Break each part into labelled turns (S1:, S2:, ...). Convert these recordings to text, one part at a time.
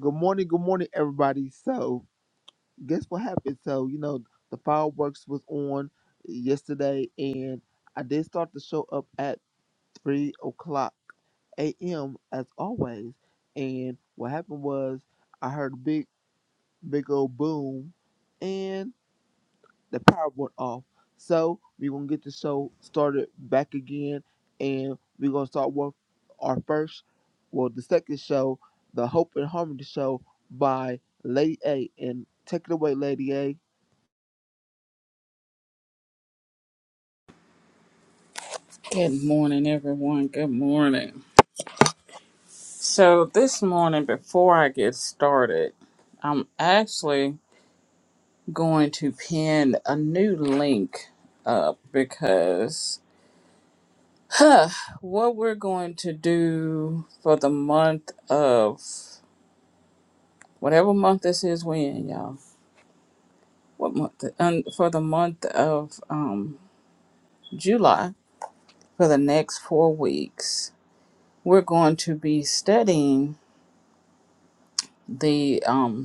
S1: Good morning, good morning, everybody. So, guess what happened? So, you know, the fireworks was on yesterday, and I did start the show up at three o'clock a.m. as always. And what happened was I heard a big, big old boom, and the power went off. So we're gonna get the show started back again, and we're gonna start with our first, well, the second show, the Hope and Harmony show by Lady A. And take it away, Lady A.
S2: Good morning, everyone. Good morning. So, this morning, before I get started, I'm actually going to pin a new link up because what we're going to do for the month of whatever month this is, when y'all, what month? Um, for the month of um, July, for the next four weeks, we're going to be studying the um,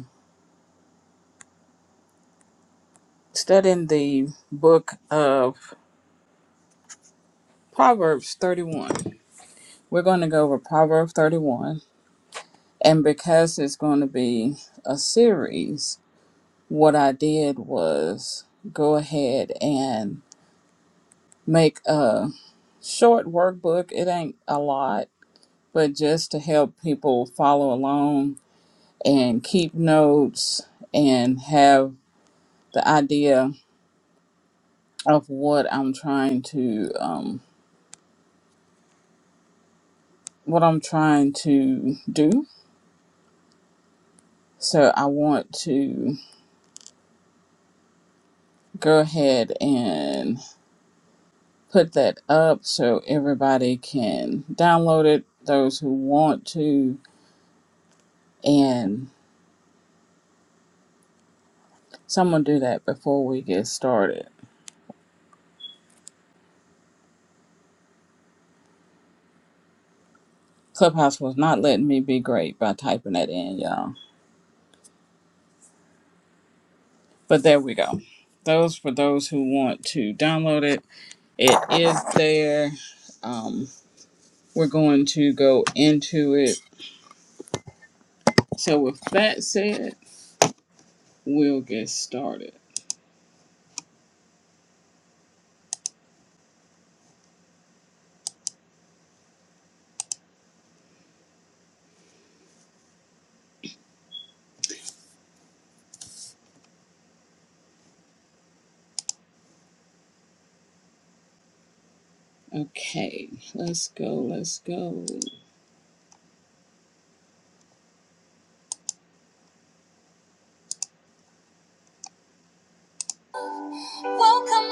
S2: studying the book of Proverbs 31. We're going to go over Proverbs 31. And because it's going to be a series, what I did was go ahead and make a short workbook. It ain't a lot, but just to help people follow along and keep notes and have the idea of what I'm trying to um, what I'm trying to do So I want to go ahead and put that up so everybody can download it, those who want to, and someone do that before we get started. Clubhouse was not letting me be great by typing that in, y'all. But there we go. Those for those who want to download it, it is there. Um, we're going to go into it. So with that said, we'll get started. Okay, let's go, let's go. Welcome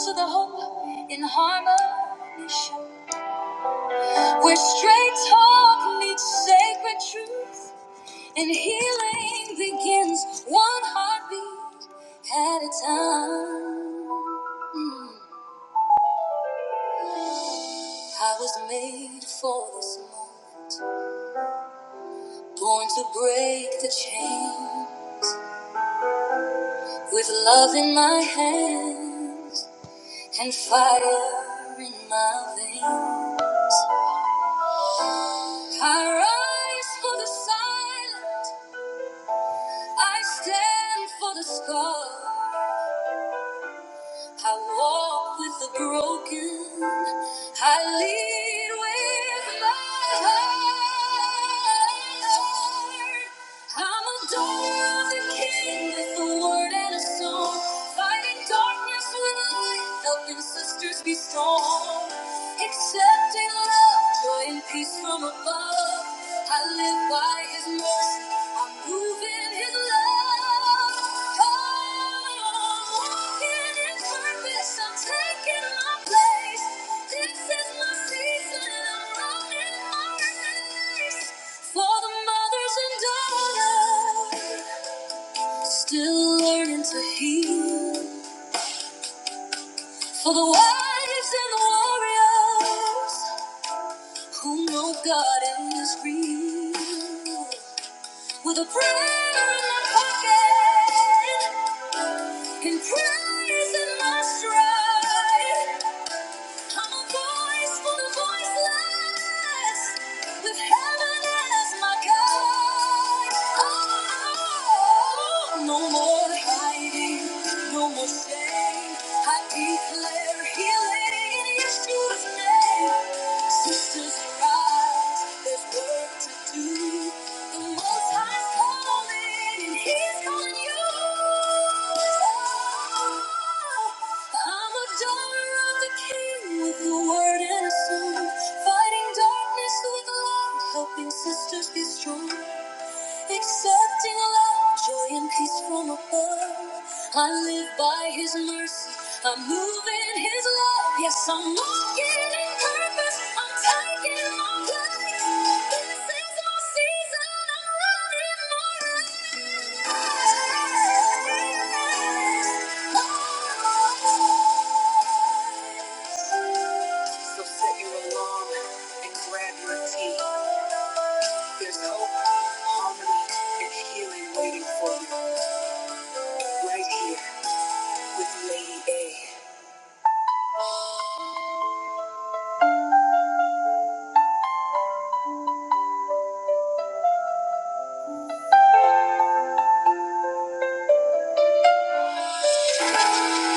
S2: to the Hope in Harmony show, where straight talk meets sacred truth, and healing begins one heartbeat at a time. I was made for this moment, born to break the chain with love in my hands. and fire in my veins. I rise for the silent, I stand for the scar. I walk with the broken, I lead with my heart. I'm a daughter of the king with a word and a song. Fighting darkness with light, helping sisters be strong. Accepting love, joy, and peace from above. I live by his mercy, I'm moving his love. Oh, I'm walking in purpose, I'm taking my place. This is my season. I'm running my race for the mothers and daughters still learning to heal. For the wives and the warriors who know God is real. With a prayer in my pocket and praise in my stride. I'm a voice for the voiceless, with heaven as my guide. Oh, no more hiding, no more shame. I declare healing in Yeshua's name. Sisters rise lives. There's work to do. The Most High's calling, and He's calling you. I'm a daughter of the King with a word and a song, fighting darkness with love, helping sisters be strong. Accepting love, joy, and peace from above. I live by His mercy. I'm moving in His love. Yes, I'm walking in purpose. I'm taking my place. This is my season. I'm running my race. So set your alarm and grab your tea. There's hope, harmony, and healing waiting for you. Right here with Lady A.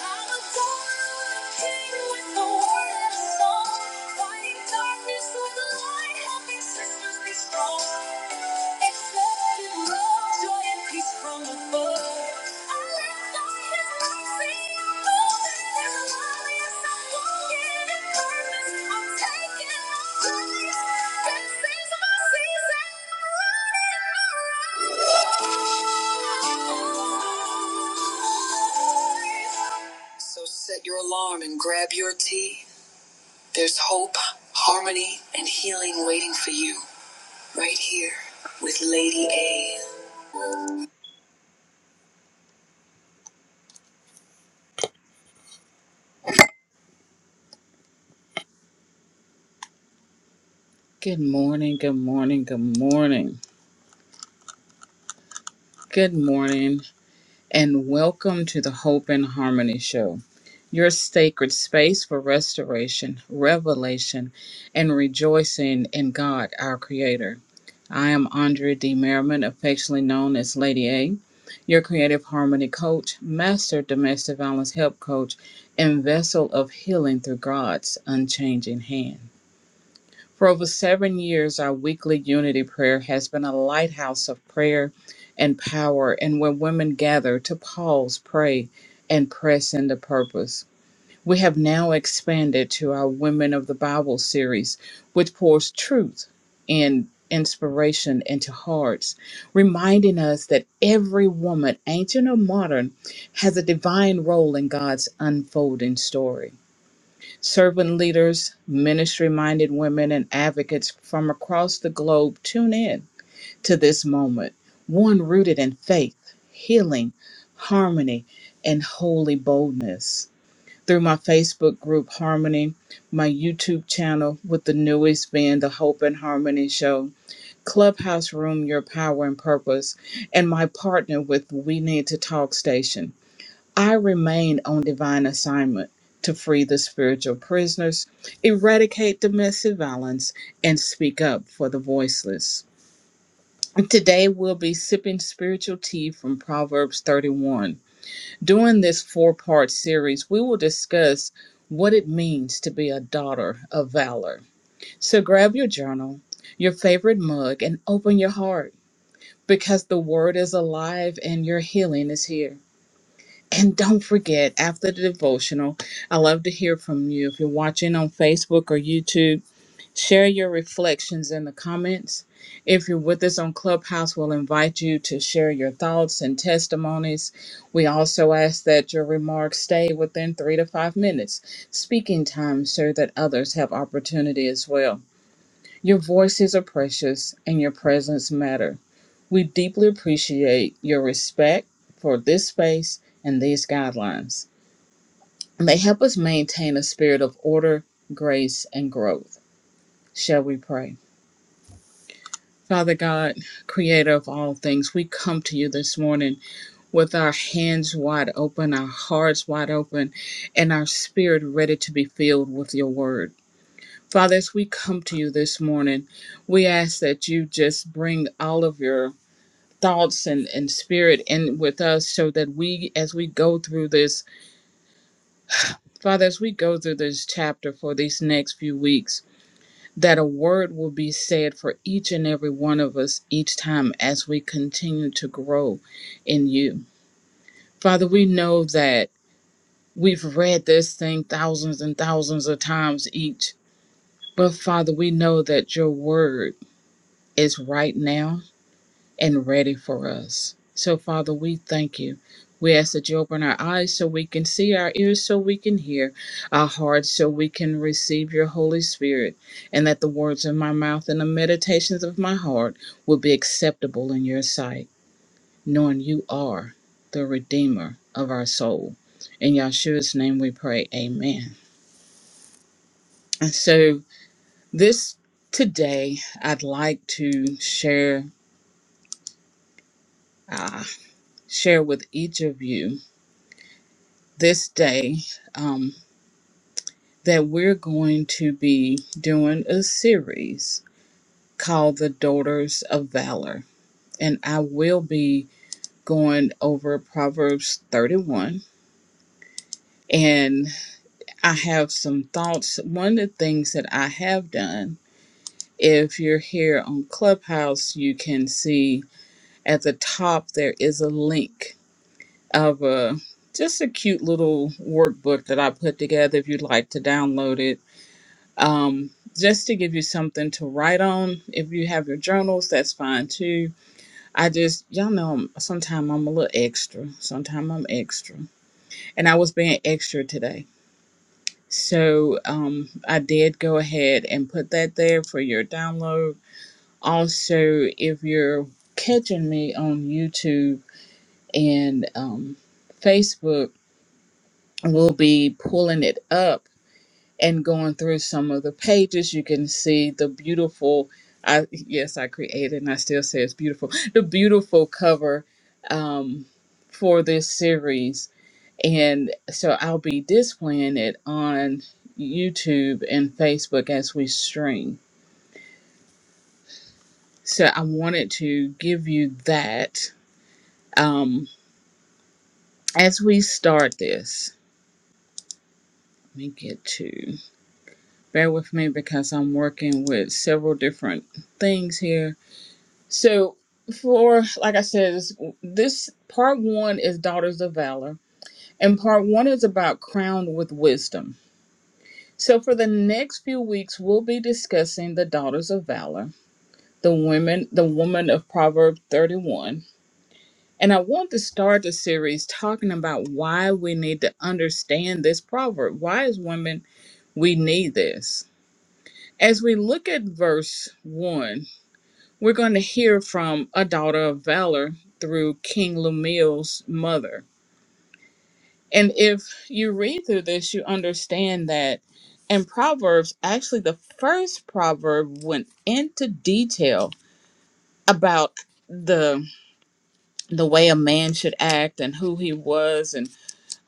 S2: Thank you. So set your alarm and grab your tea. There's hope, harmony, and healing waiting for you right here with Lady A. Good morning, good morning, good morning. Good morning, and welcome to the Hope and Harmony Show, your sacred space for restoration, revelation, and rejoicing in God, our Creator. I am Andrea D. Merriman, affectionately known as Lady A, your creative harmony coach, master domestic violence help coach, and vessel of healing through God's unchanging hand. For over seven years, our weekly unity prayer has been a lighthouse of prayer and power, and where women gather to pause, pray, and press into purpose. We have now expanded to our Women of the Bible series, which pours truth and inspiration into hearts, reminding us that every woman, ancient or modern, has a divine role in God's unfolding story. Servant leaders, ministry minded women, and advocates from across the globe tune in to this moment, one rooted in faith, healing, harmony, and holy boldness through my Facebook group Harmony, my YouTube channel with the newest being the Hope and Harmony Show, Clubhouse Room Your Power and Purpose, and my partner with We Need to Talk Station. I remain on divine assignment to free the spiritual prisoners, eradicate domestic violence, and speak up for the voiceless. Today we'll be sipping spiritual tea from Proverbs 31 during this four part series, we will discuss what it means to be a daughter of valor. So grab your journal, your favorite mug, and open your heart because the word is alive and your healing is here. And don't forget, after the devotional, I love to hear from you. If you're watching on Facebook or YouTube, Share your reflections in the comments. If you're with us on Clubhouse, we'll invite you to share your thoughts and testimonies. We also ask that your remarks stay within three to five minutes, speaking time, so that others have opportunity as well. Your voices are precious and your presence matter. We deeply appreciate your respect for this space and these guidelines. They help us maintain a spirit of order, grace, and growth. Shall we pray? Father God, creator of all things, we come to you this morning with our hands wide open, our hearts wide open, and our spirit ready to be filled with your word. Father, as we come to you this morning, we ask that you just bring all of your thoughts and, and spirit in with us so that we, as we go through this, Father, as we go through this chapter for these next few weeks, that a word will be said for each and every one of us each time as we continue to grow in you. Father, we know that we've read this thing thousands and thousands of times each, but Father, we know that your word is right now and ready for us. So, Father, we thank you. We ask that you open our eyes so we can see, our ears so we can hear, our hearts so we can receive your Holy Spirit, and that the words of my mouth and the meditations of my heart will be acceptable in your sight, knowing you are the Redeemer of our soul. In Yahshua's name we pray, Amen. And so, this today, I'd like to share. Uh, share with each of you this day um, that we're going to be doing a series called The Daughters of Valor. And I will be going over Proverbs 31. And I have some thoughts. One of the things that I have done, if you're here on Clubhouse, you can see at the top there is a link of a just a cute little workbook that I put together if you'd like to download it um, just to give you something to write on. If you have your journals, that's fine too. I just, y'all know, sometimes I'm a little extra. Sometimes I'm extra. And I was being extra today. So um, I did go ahead and put that there for your download. Also, if you're catching me on YouTube and um, Facebook, we'll be pulling it up and going through some of the pages you can see the beautiful i yes i created and i still say it's beautiful the beautiful cover um, for this series and so i'll be displaying it on youtube and facebook as we stream so i wanted to give you that um, as we start this let me get to bear with me because i'm working with several different things here So, for like I said, this, this part one is Daughters of Valor, and part one is about Crowned with Wisdom. So, for the next few weeks, we'll be discussing the Daughters of Valor, the women, the woman of Proverb 31. And I want to start the series talking about why we need to understand this proverb. Why, as women, we need this. As we look at verse 1, We're going to hear from a daughter of valor through King Lemuel's mother. And if you read through this, you understand that in Proverbs, actually, the first proverb went into detail about the the way a man should act and who he was and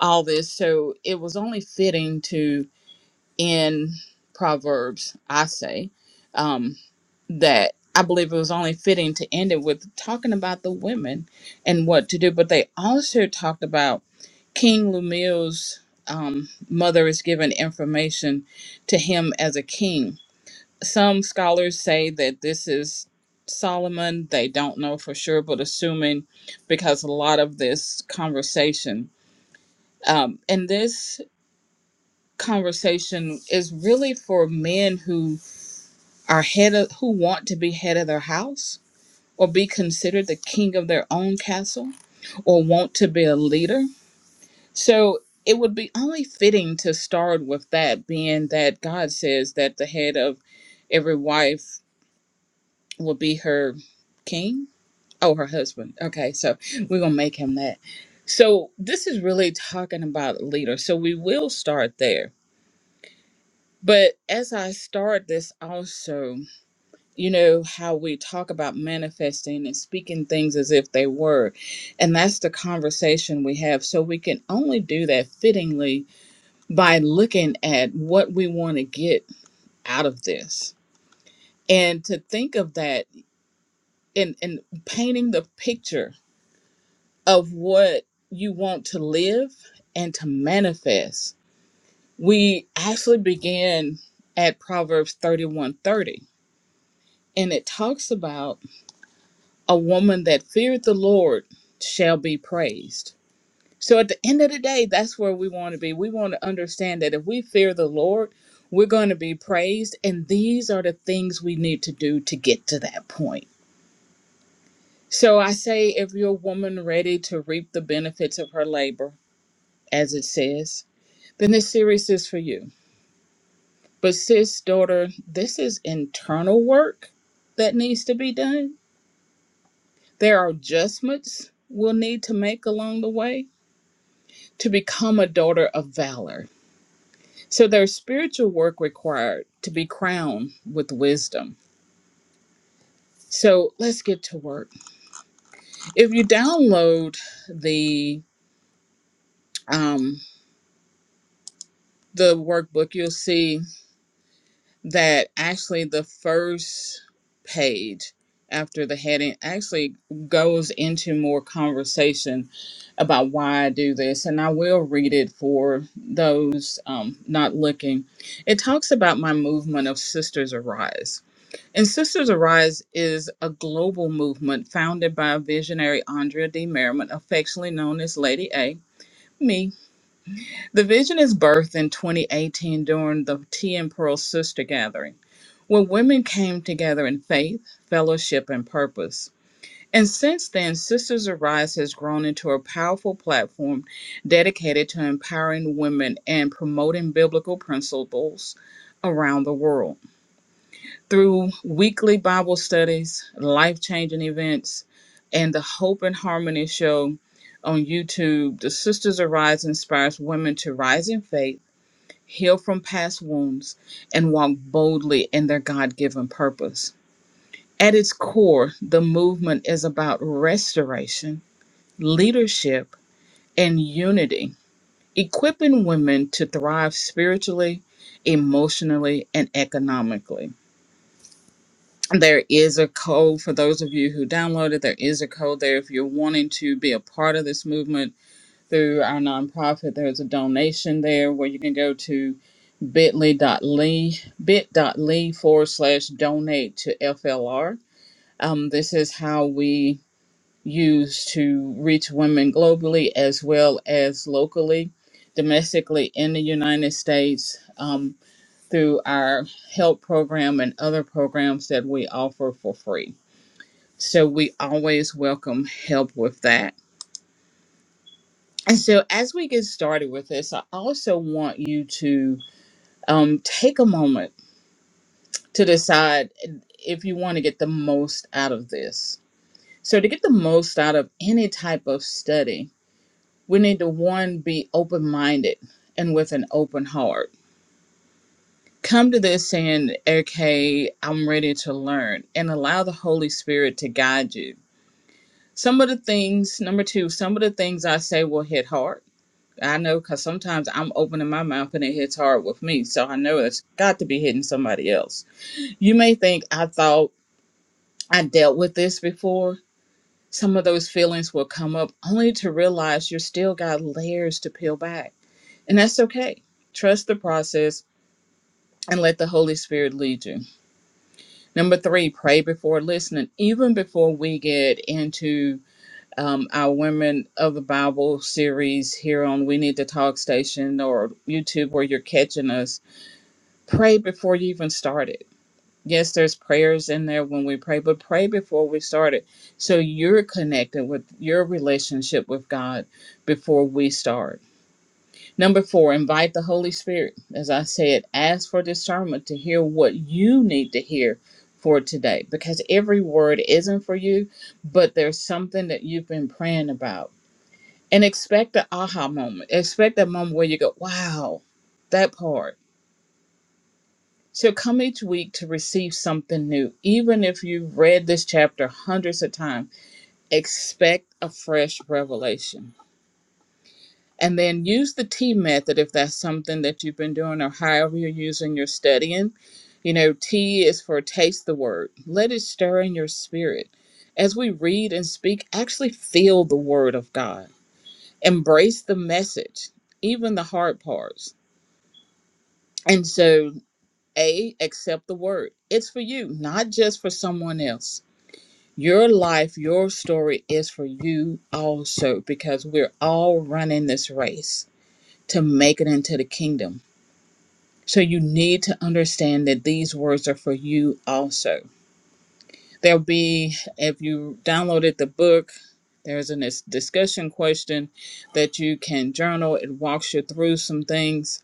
S2: all this. So it was only fitting to in Proverbs, I say, Um, that I believe it was only fitting to end it with talking about the women and what to do. But they also talked about King Lumil's um, mother is given information to him as a king. Some scholars say that this is Solomon. They don't know for sure, but assuming because a lot of this conversation um, and this conversation is really for men who are head of who want to be head of their house or be considered the king of their own castle or want to be a leader. So it would be only fitting to start with that, being that God says that the head of every wife will be her king. Oh, her husband. Okay, so we're going to make him that. So this is really talking about leader. So we will start there. But as I start this also, you know how we talk about manifesting and speaking things as if they were and that's the conversation we have so we can only do that fittingly by looking at what we want to get out of this and to think of that and and painting the picture of what you want to live and to manifest we actually began at proverbs 31 30, and it talks about a woman that feared the Lord shall be praised. So at the end of the day, that's where we want to be. We want to understand that if we fear the Lord, we're going to be praised. And these are the things we need to do to get to that point. So I say, if you're a woman ready to reap the benefits of her labor, as it says, then this series is for you. But, sis, daughter, this is internal work that needs to be done. There are adjustments we'll need to make along the way to become a daughter of valor. So there's spiritual work required to be crowned with wisdom. So let's get to work. If you download the um, the workbook, you'll see that actually the first page after the heading actually goes into more conversation about why I do this, and I will read it for those um, not looking. It talks about my movement of Sisters Arise And Sisters Arise is a global movement founded by visionary Andrea D. Merriman, affectionately known as Lady A, me. The vision is birthed in 2018 during the Tea and Pearl Sister Gathering, where women came together in faith, fellowship, and purpose. And since then, Sisters Arise has grown into a powerful platform dedicated to empowering women and promoting biblical principles around the world through weekly Bible studies, life changing events, and the Hope and Harmony show on YouTube, the Sisters Arise inspires women to rise in faith, heal from past wounds, and walk boldly in their God given purpose. At its core, the movement is about restoration, leadership, and unity, equipping women to thrive spiritually, emotionally, and economically. there is a code for those of you who downloaded. There is a code there if you're wanting to be a part of this movement through our nonprofit. There's a donation there where you can go to bit.ly bit.ly forward slash donate to FLR. Um, this is how we use to reach women globally as well as locally, domestically in the United States. Um, through our help program and other programs that we offer for free. So we always welcome help with that. And so as we get started with this, I also want you to um, take a moment to decide if you want to get the most out of this. So to get the most out of any type of study, we need to one be open-minded and with an open heart. Come to this saying, okay, I'm ready to learn and allow the Holy Spirit to guide you. Some of the things, number two, some of the things I say will hit hard I know because sometimes I'm opening my mouth and it hits hard with me. So I know it's got to be hitting somebody else. You may think I thought I dealt with this before. Some of those feelings will come up only to realize you still got layers to peel back. And that's okay. Trust the process and let the Holy Spirit lead you. Number three, pray before listening. Even before we get into um, our Women of the Bible series here on We Need to Talk Station or YouTube where you're catching us pray before you even started. Yes, there's prayers in there when we pray, but pray before we started. So you're connected with your relationship with God before we start. Number four, invite the Holy Spirit. As I said, ask for discernment to hear what you need to hear for today because every word isn't for you, but there's something that you've been praying about. And expect the aha moment. Expect that moment where you go, wow, that part. So come each week to receive something new. Even if you've read this chapter hundreds of times, expect a fresh revelation. And then use the T method if that's something that you've been doing or however you're using your studying. You know, T is for taste the word. Let it stir in your spirit. As we read and speak, actually feel the word of God. Embrace the message, even the hard parts. And so A, accept the word. It's for you, not just for someone else. Your life, your story is for you also because we're all running this race to make it into the kingdom. So you need to understand that these words are for you also. There'll be, if you downloaded the book, there's a dis- discussion question that you can journal. It walks you through some things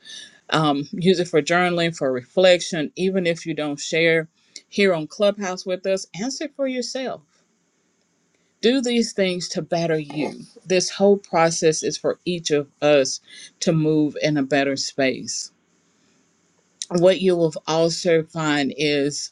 S2: um, use it for journaling, for reflection. Even if you don't share here on Clubhouse with us, answer for yourself. Do these things to better you. This whole process is for each of us to move in a better space what you will also find is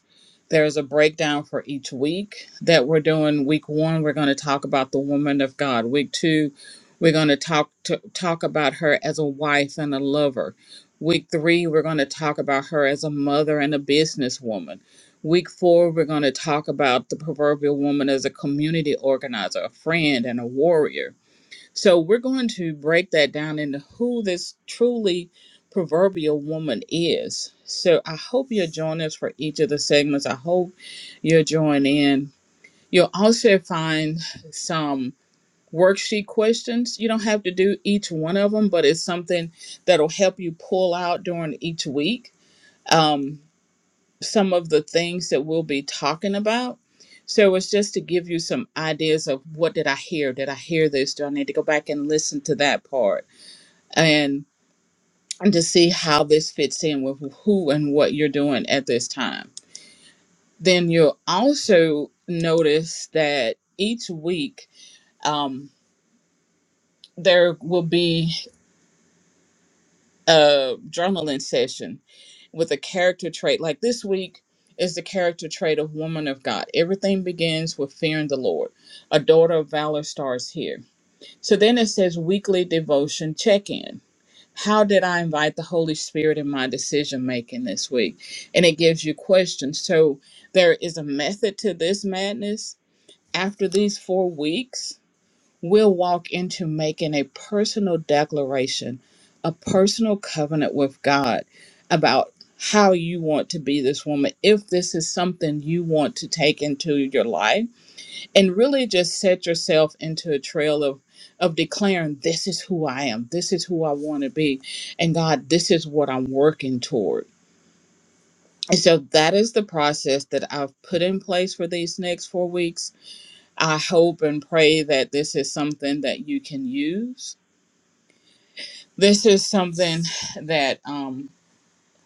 S2: there's a breakdown for each week that we're doing. Week one, we're going to talk about the woman of God. Week two, we're going to talk to talk about her as a wife and a lover. Week three, we're going to talk about her as a mother and a businesswoman. Week four, we're going to talk about the proverbial woman as a community organizer, a friend, and a warrior so we're going to break that down into who this truly proverbial woman is. So I hope you'll join us for each of the segments. I hope you'll join in. You'll also find some worksheet questions. You don't have to do each one of them, but it's something that'll help you pull out during each week. Um, some of the things that we'll be talking about. So it's just to give you some ideas of what did I hear? Did I hear this? Do I need to go back and listen to that part? And and to see how this fits in with who and what you're doing at this time. Then you'll also notice that each week um, there will be a journaling session with a character trait. Like this week is the character trait of woman of God. Everything begins with fearing the Lord. A daughter of valor starts here. So then it says weekly devotion check in. How did I invite the Holy Spirit in my decision making this week? And it gives you questions. So there is a method to this madness after these four weeks we'll walk into making a personal declaration, a personal covenant with God about how you want to be this woman, if this is something you want to take into your life, and really just set yourself into a trail of of declaring this is who I am, this is who I want to be, and God, this is what I'm working toward. And so that is the process that I've put in place for these next four weeks. I hope and pray that this is something that you can use This is something that um,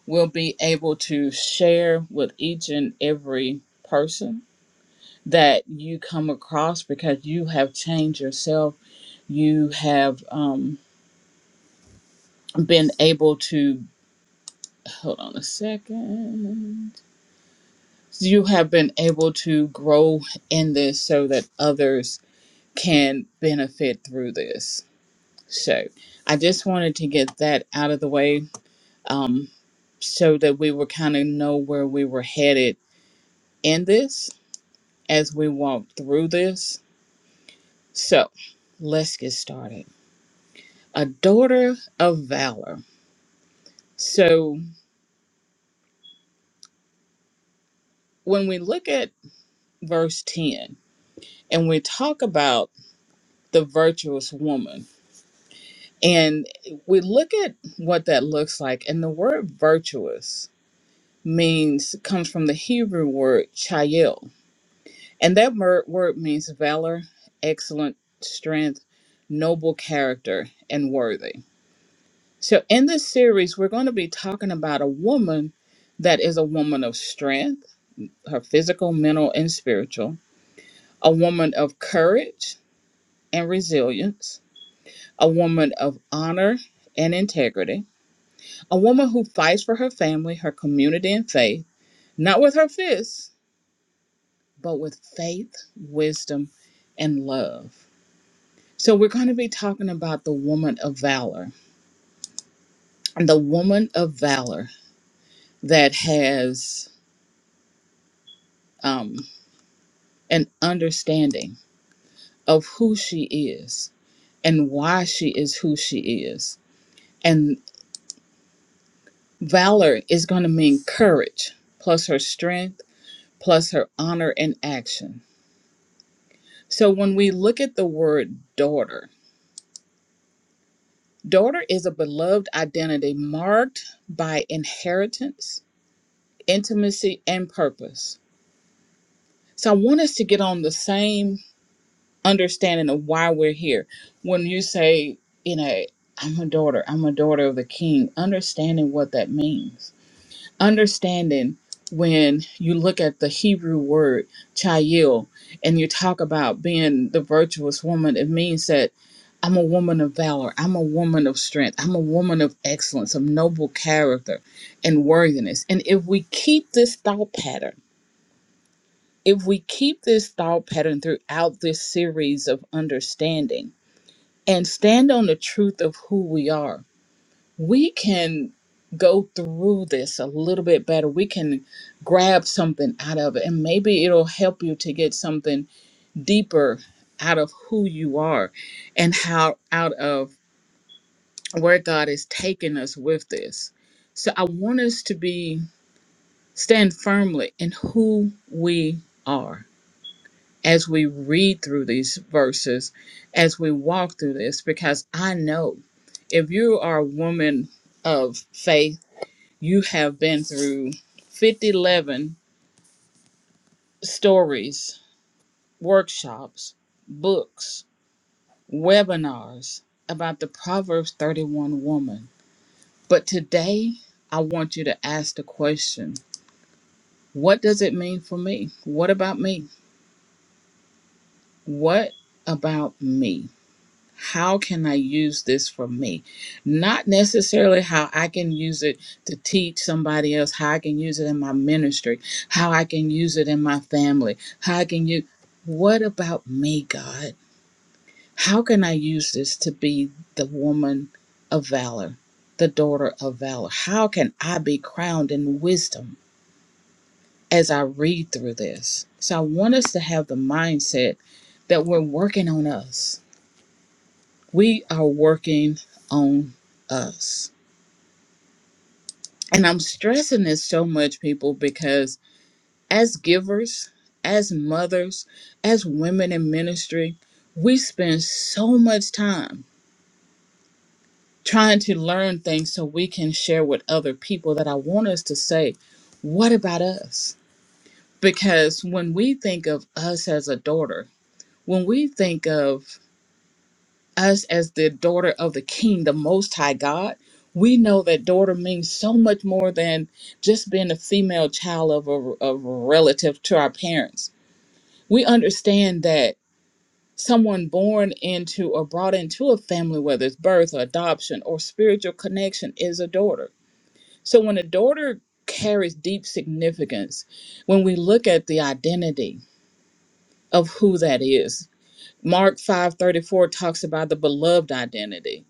S2: we'll be able to share with each and every person that you come across because you have changed yourself. You have um, been able to, hold on a second. You have been able to grow in this so that others can benefit through this. So I just wanted to get that out of the way um, so that we would kind of know where we were headed in this as we walk through this. So let's get started. A daughter of valor. So when we look at verse 10 and we talk about the virtuous woman, and we look at what that looks like, and the word virtuous means comes from the Hebrew word chayil, and that mer- word means valor, excellent strength, noble character, and worthy. So, in this series, we're going to be talking about a woman that is a woman of strength, her physical, mental, and spiritual, a woman of courage and resilience, a woman of honor and integrity, a woman who fights for her family, her community, and faith, not with her fists, but with faith, wisdom, and love. So, we're going to be talking about the woman of valor, and the woman of valor that has. um, an understanding of who she is and why she is who she is. And valor is going to mean courage, plus her strength, plus her honor and action. So when we look at the word daughter, daughter is a beloved identity marked by inheritance, intimacy, and purpose. So I want us to get on the same understanding of why we're here. When you say, you know, I'm a daughter, I'm a daughter of the king, understanding what that means. Understanding when you look at the Hebrew word chayil and you talk about being the virtuous woman, it means that I'm a woman of valor, I'm a woman of strength, I'm a woman of excellence, of noble character and worthiness. And if we keep this thought pattern, if we keep this thought pattern throughout this series of understanding, and stand on the truth of who we are. We can go through this a little bit better. We can grab something out of it, and maybe it'll help you to get something deeper out of who you are and how out of where God is taking us with this. So I want us to be stand firmly in who we are as we read through these verses, as we walk through this, because I know if you are a woman of faith, you have been through fifty eleven stories, workshops, books, webinars about the Proverbs 31 woman. But today, I want you to ask the question what does it mean for me? What about me? What about me? How can I use this for me? Not necessarily how I can use it to teach somebody else, how I can use it in my ministry, how I can use it in my family, how I can use. What about me, God? How can I use this to be the woman of valor, the daughter of valor? How can I be crowned in wisdom as I read through this? So I want us to have the mindset that we're working on us We are working on us. And I'm stressing this so much, people, because as givers, as mothers, as women in ministry, we spend so much time trying to learn things so we can share with other people that I want us to say, what about us? Because when we think of us as a daughter, when we think of us as the daughter of the King, the Most High God, we know that daughter means so much more than just being a female child of a, of a relative to our parents. We understand that someone born into or brought into a family, whether it's birth or adoption or spiritual connection, is a daughter. So when a daughter carries deep significance, when we look at the identity of who that is, Mark 5:34 talks about the beloved identity.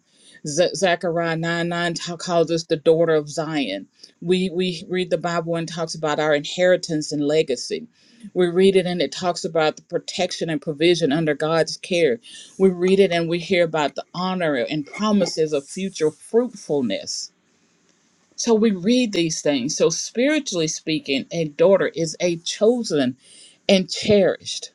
S2: Z- Zechariah 9 9 ta- calls us the daughter of Zion. We we read the Bible and talks about our inheritance and legacy. We read it and it talks about the protection and provision under God's care. We read it and we hear about the honor and promises of future fruitfulness. So we read these things. So spiritually speaking, a daughter is a chosen and cherished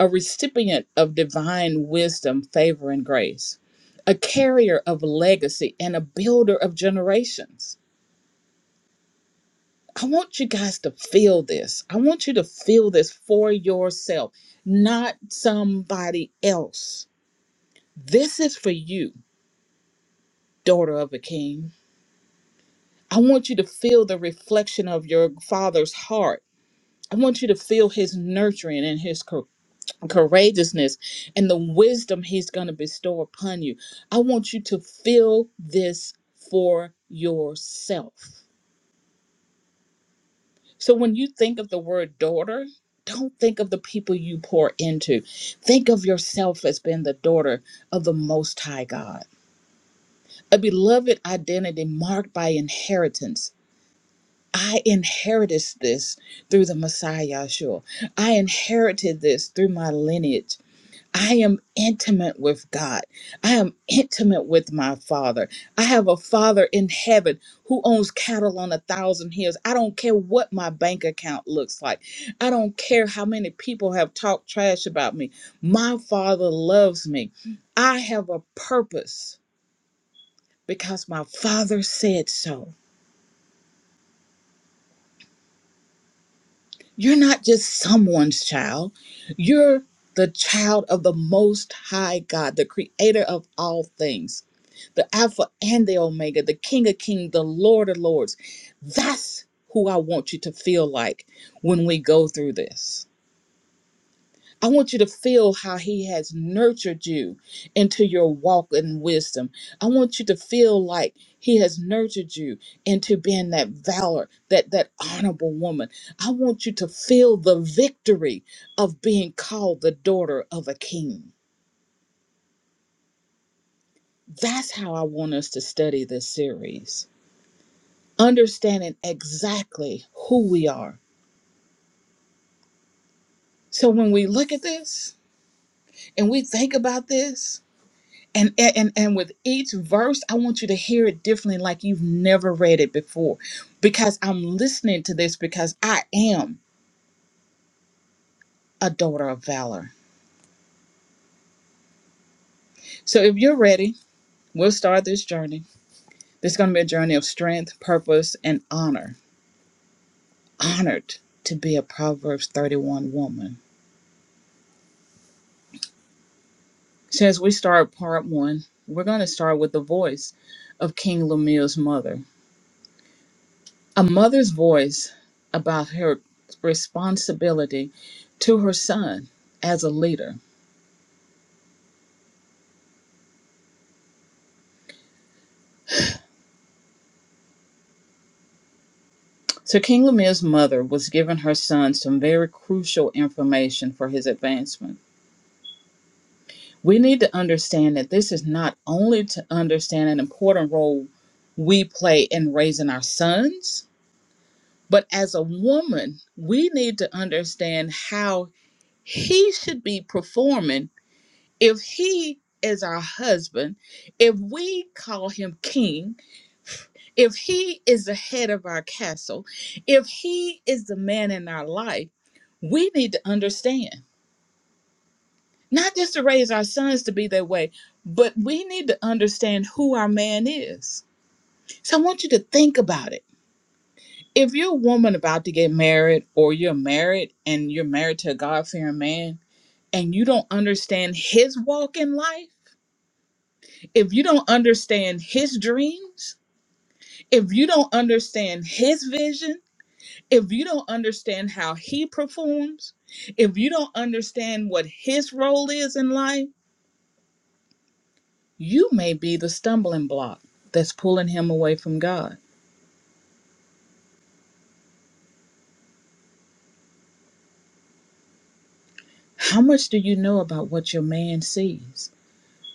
S2: a recipient of divine wisdom, favor, and grace, a carrier of legacy, and a builder of generations. I want you guys to feel this. I want you to feel this for yourself, not somebody else. This is for you, daughter of a king. I want you to feel the reflection of your father's heart. I want you to feel his nurturing and his courageousness and the wisdom he's going to bestow upon you. I want you to feel this for yourself. So when you think of the word daughter, don't think of the people you pour into. Think of yourself as being the daughter of the Most High God, a beloved identity marked by inheritance. I inherited this through the Messiah Yahshua. I inherited this through my lineage. I am intimate with God. I am intimate with my Father. I have a Father in heaven who owns cattle on a thousand hills. I don't care what my bank account looks like. I don't care how many people have talked trash about me. My Father loves me. I have a purpose because my Father said so. You're not just someone's child, you're the child of the Most High God, the creator of all things. the Alpha and the Omega, the King of Kings, the Lord of Lords. That's who I want you to feel like when we go through this. I want you to feel how He has nurtured you into your walk in wisdom. I want you to feel like He has nurtured you into being that valor, that, that honorable woman. I want you to feel the victory of being called the daughter of a king. That's how I want us to study this series. understanding exactly who we are. So when we look at this and we think about this, and, and and with each verse, I want you to hear it differently, like you've never read it before, because I'm listening to this because I am a daughter of valor. So if you're ready, we'll start this journey. This is going to be a journey of strength, purpose, and honor. Honored to be a Proverbs 31 woman Since we start part one, we're going to start with the voice of King Lemuel's mother. A mother's voice about her responsibility to her son as a leader. So, King Lemuel's mother was giving her son some very crucial information for his advancement. We need to understand that this is not only to understand an important role we play in raising our sons, but as a woman, we need to understand how he should be performing if he is our husband, if we call him king, if he is the head of our castle, if he is the man in our life, we need to understand, not just to raise our sons to be that way, but we need to understand who our man is. So I want you to think about it. If you're a woman about to get married, or you're married and you're married to a God fearing man, and you don't understand his walk in life, if you don't understand his dreams, if you don't understand his vision, if you don't understand how he performs, if you don't understand what his role is in life, you may be the stumbling block that's pulling him away from God. How much do you know about what your man sees,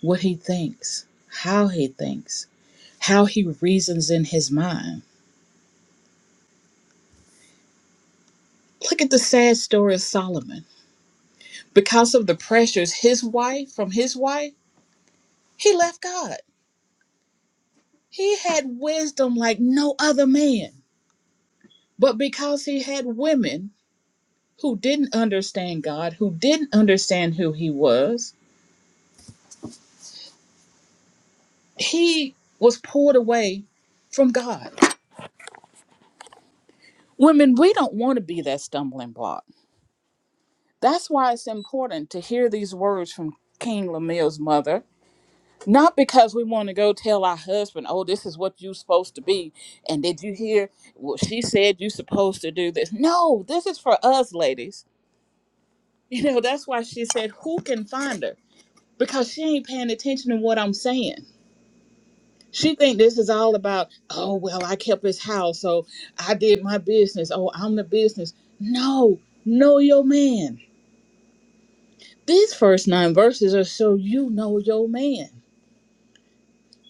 S2: what he thinks, how he thinks, how he reasons in his mind? Look at the sad story of Solomon. Because of the pressures his wife from his wife, he left God. He had wisdom like no other man. But because he had women who didn't understand God, who didn't understand who he was, he was pulled away from God. Women, we don't want to be that stumbling block. That's why it's important to hear these words from King Lemuel's mother. Not because we want to go tell our husband, oh, this is what you're supposed to be. And did you hear? Well, she said you're supposed to do this. No, this is for us, ladies You know, that's why she said, "Who can find her?" Because she ain't paying attention to what I'm saying. She think this is all about, "Oh well, I kept his house, so I did my business. Oh, I'm the business." No, know your man. These first nine verses are so you know your man.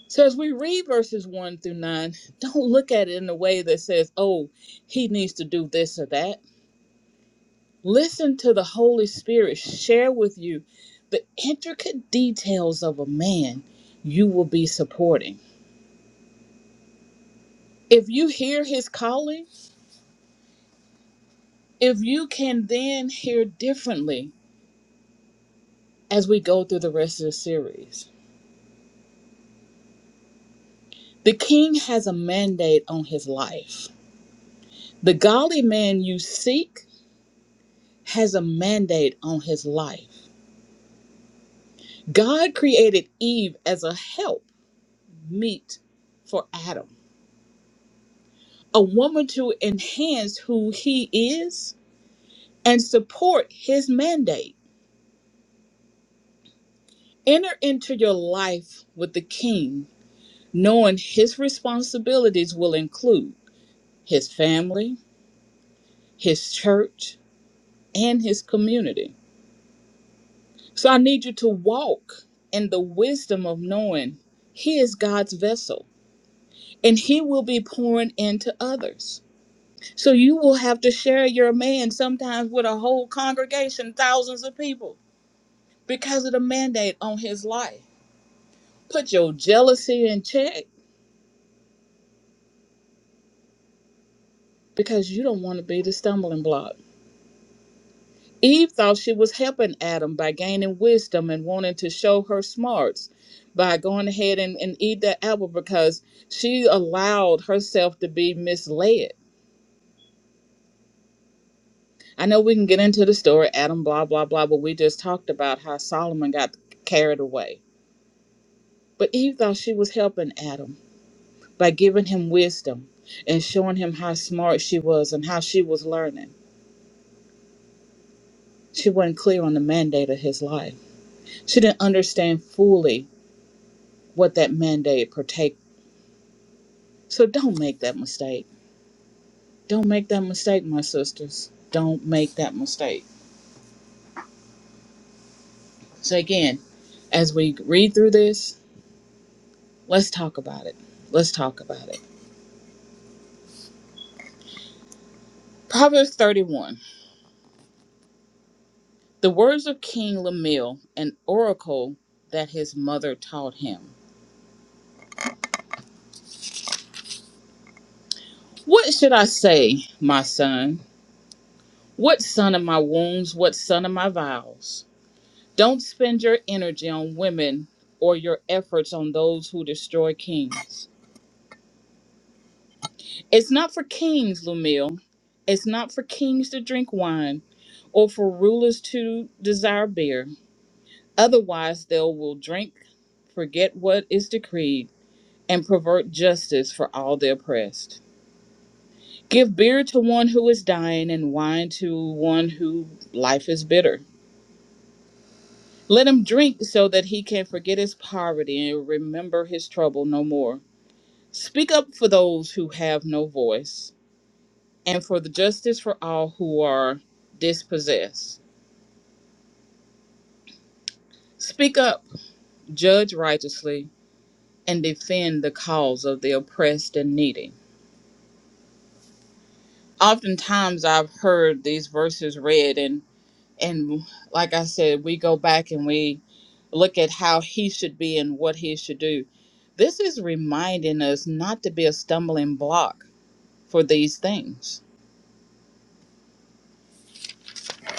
S2: So as we read verses one through nine, don't look at it in a way that says, "Oh, he needs to do this or that." Listen to the Holy Spirit share with you the intricate details of a man you will be supporting. If you hear his calling, if you can then hear differently as we go through the rest of the series, the king has a mandate on his life. The godly man you seek has a mandate on his life. God created Eve as a help meet for Adam, a woman to enhance who he is and support his mandate. Enter into your life with the king, knowing his responsibilities will include his family, his church, and his community. So I need you to walk in the wisdom of knowing he is God's vessel and he will be pouring into others. So you will have to share your man sometimes with a whole congregation, thousands of people, because of the mandate on his life. Put your jealousy in check because you don't want to be the stumbling block. Eve thought she was helping Adam by gaining wisdom and wanting to show her smarts by going ahead and, and eat that apple because she allowed herself to be misled. I know we can get into the story, Adam, blah, blah, blah, but we just talked about how Solomon got carried away. But Eve thought she was helping Adam by giving him wisdom and showing him how smart she was and how she was learning. She wasn't clear on the mandate of his life. She didn't understand fully what that mandate partake. So don't make that mistake. Don't make that mistake, my sisters. Don't make that mistake. So again, as we read through this, let's talk about it. Let's talk about it. Proverbs 31. The words of King Lemuel, an oracle that his mother taught him. What should I say, my son? What son of my wounds? What son of my vows? Don't spend your energy on women or your efforts on those who destroy kings. It's not for kings, Lumil. It's not for kings to drink wine or for rulers to desire beer. Otherwise, they will drink, forget what is decreed, and pervert justice for all the oppressed. Give beer to one who is dying and wine to one who life is bitter. Let him drink so that he can forget his poverty and remember his trouble no more. Speak up for those who have no voice and for the justice for all who are dispossessed. Speak up, judge righteously, and defend the cause of the oppressed and needy. Oftentimes, I've heard these verses read, and, and like I said, we go back and we look at how he should be and what he should do. This is reminding us not to be a stumbling block for these things.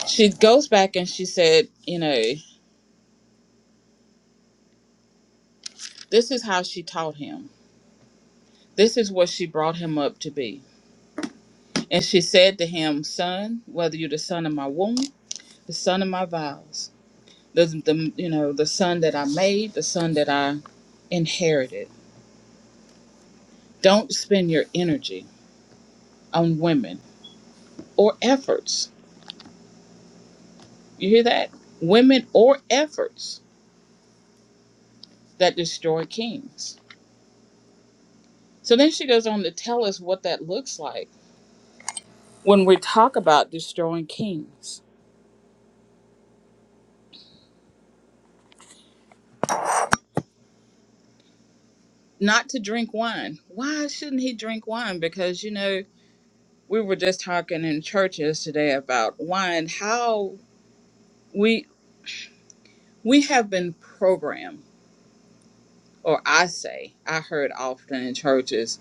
S2: She goes back and she said, you know. This is how she taught him. This is what she brought him up to be. And she said to him, Son, whether you're the son of my womb, the son of my vows, the, the you know, the son that I made, the son that I inherited. Don't spend your energy on women or efforts. You hear that? Women or efforts that destroy kings. So then she goes on to tell us what that looks like when we talk about destroying kings. not to drink wine. Why shouldn't he drink wine? Because you know, we were just talking in churches today about wine, how we we have been programmed, or I say, I heard often in churches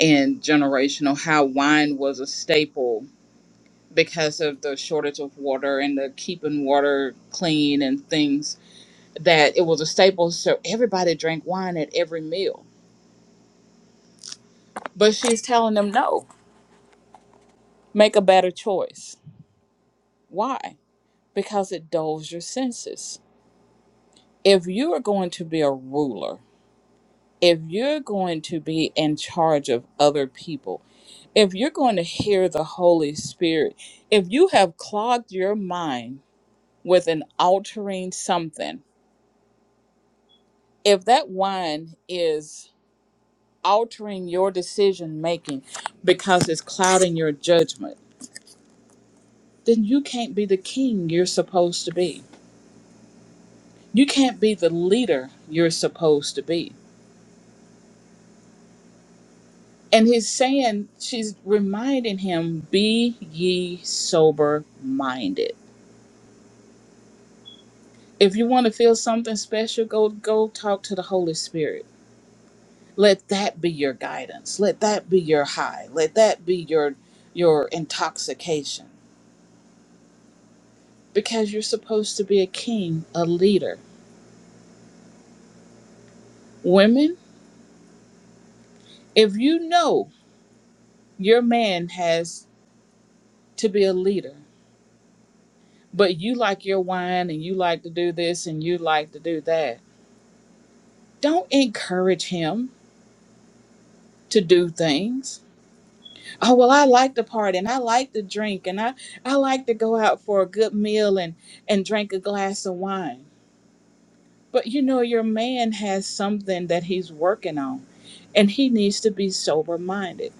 S2: and generational how wine was a staple because of the shortage of water and the keeping water clean and things that it was a staple so everybody drank wine at every meal. But she's telling them no, make a better choice. Why? because it dulls your senses. If you are going to be a ruler, if you're going to be in charge of other people, if you're going to hear the Holy Spirit, if you have clogged your mind with an altering something, if that wine is altering your decision making because it's clouding your judgment, then you can't be the king you're supposed to be. You can't be the leader you're supposed to be. And he's saying, she's reminding him, be ye sober minded. If you want to feel something special, go go talk to the Holy Spirit. Let that be your guidance. Let that be your high. Let that be your your intoxication. Because you're supposed to be a king, a leader. Women, if you know your man has to be a leader, but you like your wine and you like to do this and you like to do that, don't encourage him to do things. Oh well, I like to party and I like to drink and I I like to go out for a good meal and and drink a glass of wine. But you know your man has something that he's working on and he needs to be sober minded.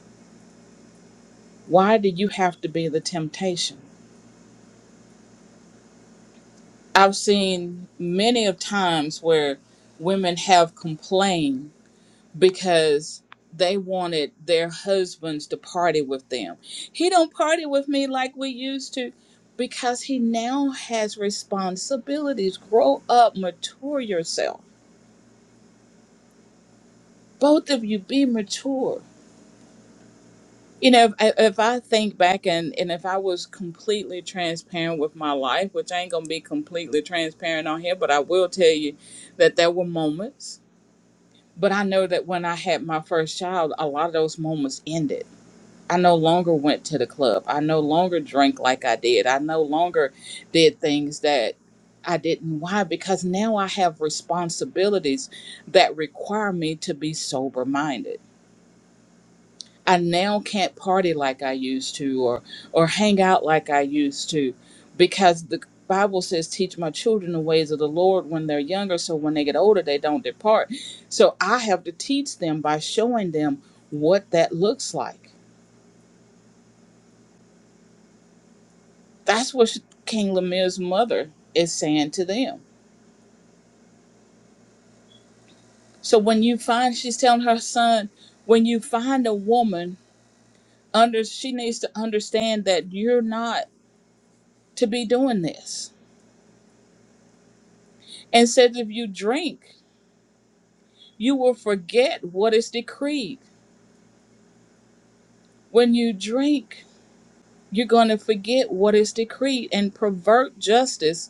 S2: Why do you have to be the temptation? I've seen many of times where women have complained because they wanted their husbands to party with them. He don't party with me like we used to because he now has responsibilities. Grow up, mature yourself. Both of you be mature. You know, if, if I think back and, and if I was completely transparent with my life, which I ain't gonna be completely transparent on here, but I will tell you that there were moments. But I know that when I had my first child, a lot of those moments ended I no longer went to the club. I no longer drank like I did. I no longer did things that I didn't. Why? Because now I have responsibilities that require me to be sober minded. I now can't party like I used to or or hang out like I used to because the Bible says teach my children the ways of the Lord when they're younger so when they get older they don't depart. So I have to teach them by showing them what that looks like That's what King Lemir's mother is saying to them. So when you find, she's telling her son, when you find a woman under, she needs to understand that you're not to be doing this. And says if you drink, you will forget what is decreed. When you drink, you're going to forget what is decreed and pervert justice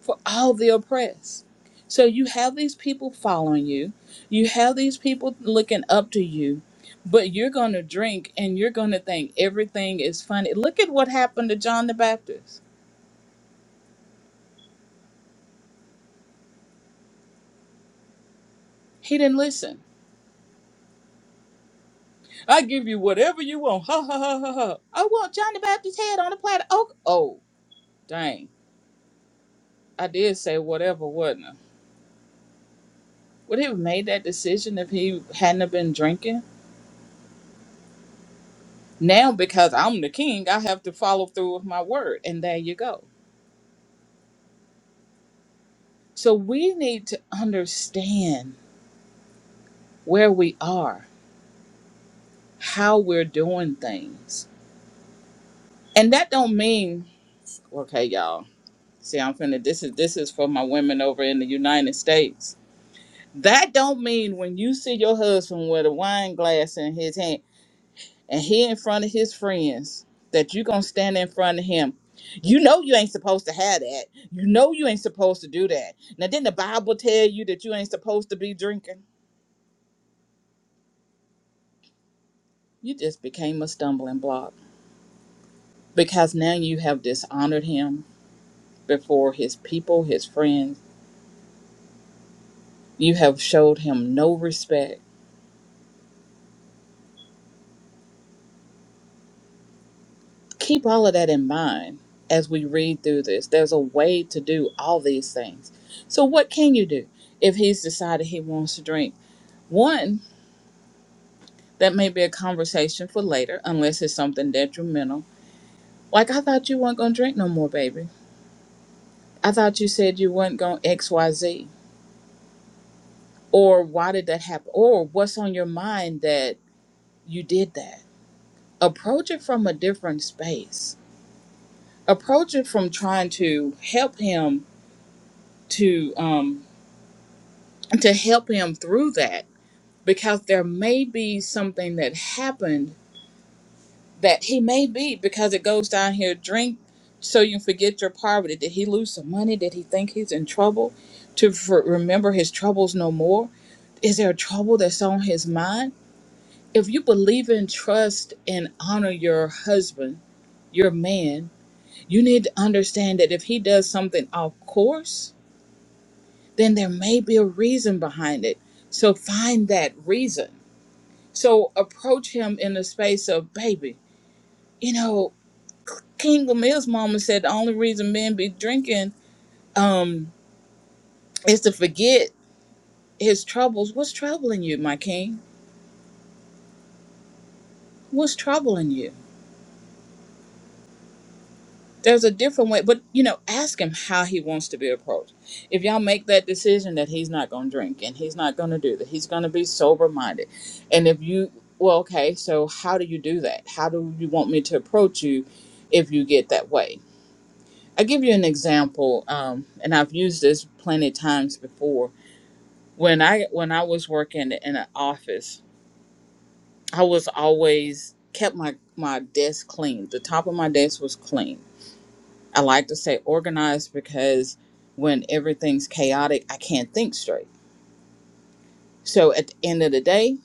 S2: for all the oppressed. So you have these people following you, you have these people looking up to you, but you're going to drink and you're going to think everything is funny. Look at what happened to John the Baptist. He didn't listen. I give you whatever you want. Ha ha ha ha ha. I want John the Baptist's head on a platter. Oh, oh, dang. I did say whatever, wasn't I? Would he have made that decision if he hadn't have been drinking? Now, because I'm the king, I have to follow through with my word. And there you go So we need to understand where we are, how we're doing things. And that don't mean, okay, y'all, see I'm finna this is this is for my women over in the United States. That don't mean when you see your husband with a wine glass in his hand and he in front of his friends that you gonna stand in front of him. You know you ain't supposed to have that. You know you ain't supposed to do that. Now didn't the Bible tell you that you ain't supposed to be drinking? You just became a stumbling block. because now you have dishonored him before his people, his friends. You have showed him no respect. Keep all of that in mind as we read through this. There's a way to do all these things. So, what can you do if he's decided he wants to drink? One, that may be a conversation for later, unless it's something detrimental. Like, I thought you weren't going to drink no more, baby. I thought you said you weren't going XYZ. Or why did that happen? Or what's on your mind that you did that? approach it from a different space approach it from trying to help him to um to help him through that because there may be something that happened that he may be because it goes down here drink so you forget your poverty did he lose some money did he think he's in trouble to for, remember his troubles no more is there a trouble that's on his mind if you believe in trust and honor your husband your man You need to understand that if he does something off course, then there may be a reason behind it. So find that reason. So approach him in the space of, baby, you know, King Gamil's mama said the only reason men be drinking um, is to forget his troubles. What's troubling you, my king? What's troubling you? there's a different way but you know ask him how he wants to be approached if y'all make that decision that he's not going to drink and he's not going to do that he's going to be sober minded and if you well okay so how do you do that how do you want me to approach you if you get that way i give you an example um, and i've used this plenty of times before when i when i was working in an office i was always kept my my desk clean the top of my desk was clean I like to say organized because when everything's chaotic, I can't think straight. So at the end of the day,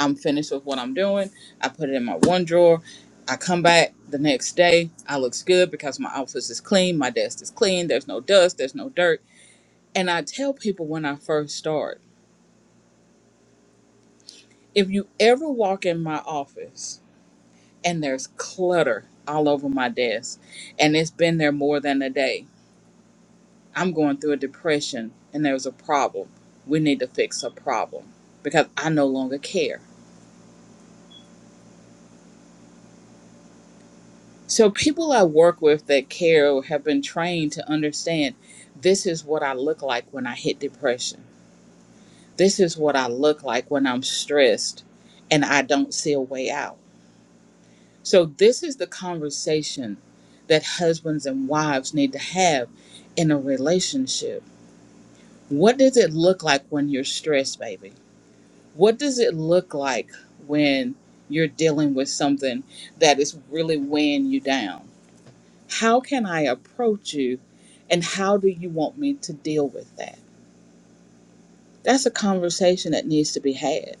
S2: I'm finished with what I'm doing. I put it in my one drawer. I come back the next day. I looks good because my office is clean, my desk is clean, there's no dust, there's no dirt. And I tell people when I first start, if you ever walk in my office and there's clutter all over my desk and it's been there more than a day, I'm going through a depression and there's a problem. We need to fix a problem because I no longer care. So, people I work with that care have been trained to understand this is what I look like when I hit depression. This is what I look like when I'm stressed and I don't see a way out. So, this is the conversation that husbands and wives need to have in a relationship. What does it look like when you're stressed, baby? what does it look like when you're dealing with something that is really weighing you down? How can I approach you and how do you want me to deal with that? That's a conversation that needs to be had.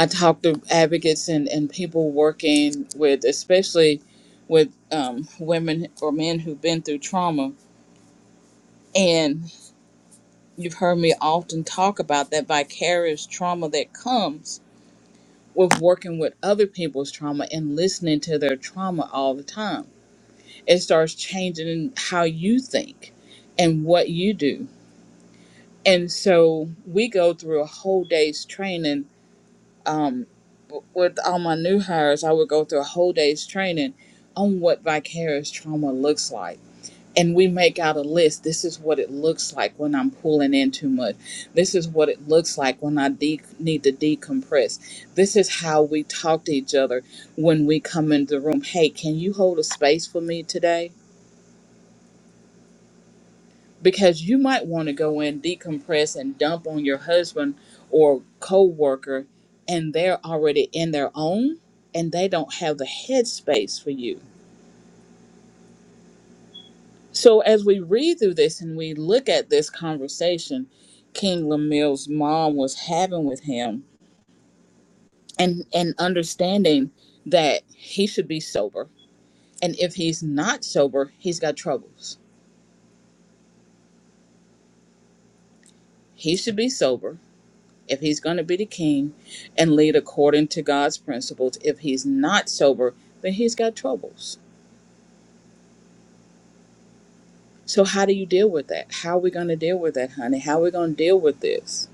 S2: I talk to advocates and, and people working with, especially with um, women or men who've been through trauma. And you've heard me often talk about that vicarious trauma that comes with working with other people's trauma and listening to their trauma all the time. It starts changing how you think and what you do. And so we go through a whole day's training. Um, w- with all my new hires, I would go through a whole day's training on what vicarious trauma looks like and we make out a list. This is what it looks like when I'm pulling in too much. This is what it looks like when I de- need to decompress. This is how we talk to each other when we come into the room. Hey, can you hold a space for me today? Because you might want to go in, decompress, and dump on your husband or coworker, and they're already in their own, and they don't have the headspace for you So as we read through this and we look at this conversation King Lemuel's mom was having with him and and understanding that he should be sober. And if he's not sober, he's got troubles. He should be sober if he's going to be the king and lead according to God's principles. If he's not sober, then he's got troubles. So how do you deal with that? How are we going to deal with that, honey? How are we going to deal with this?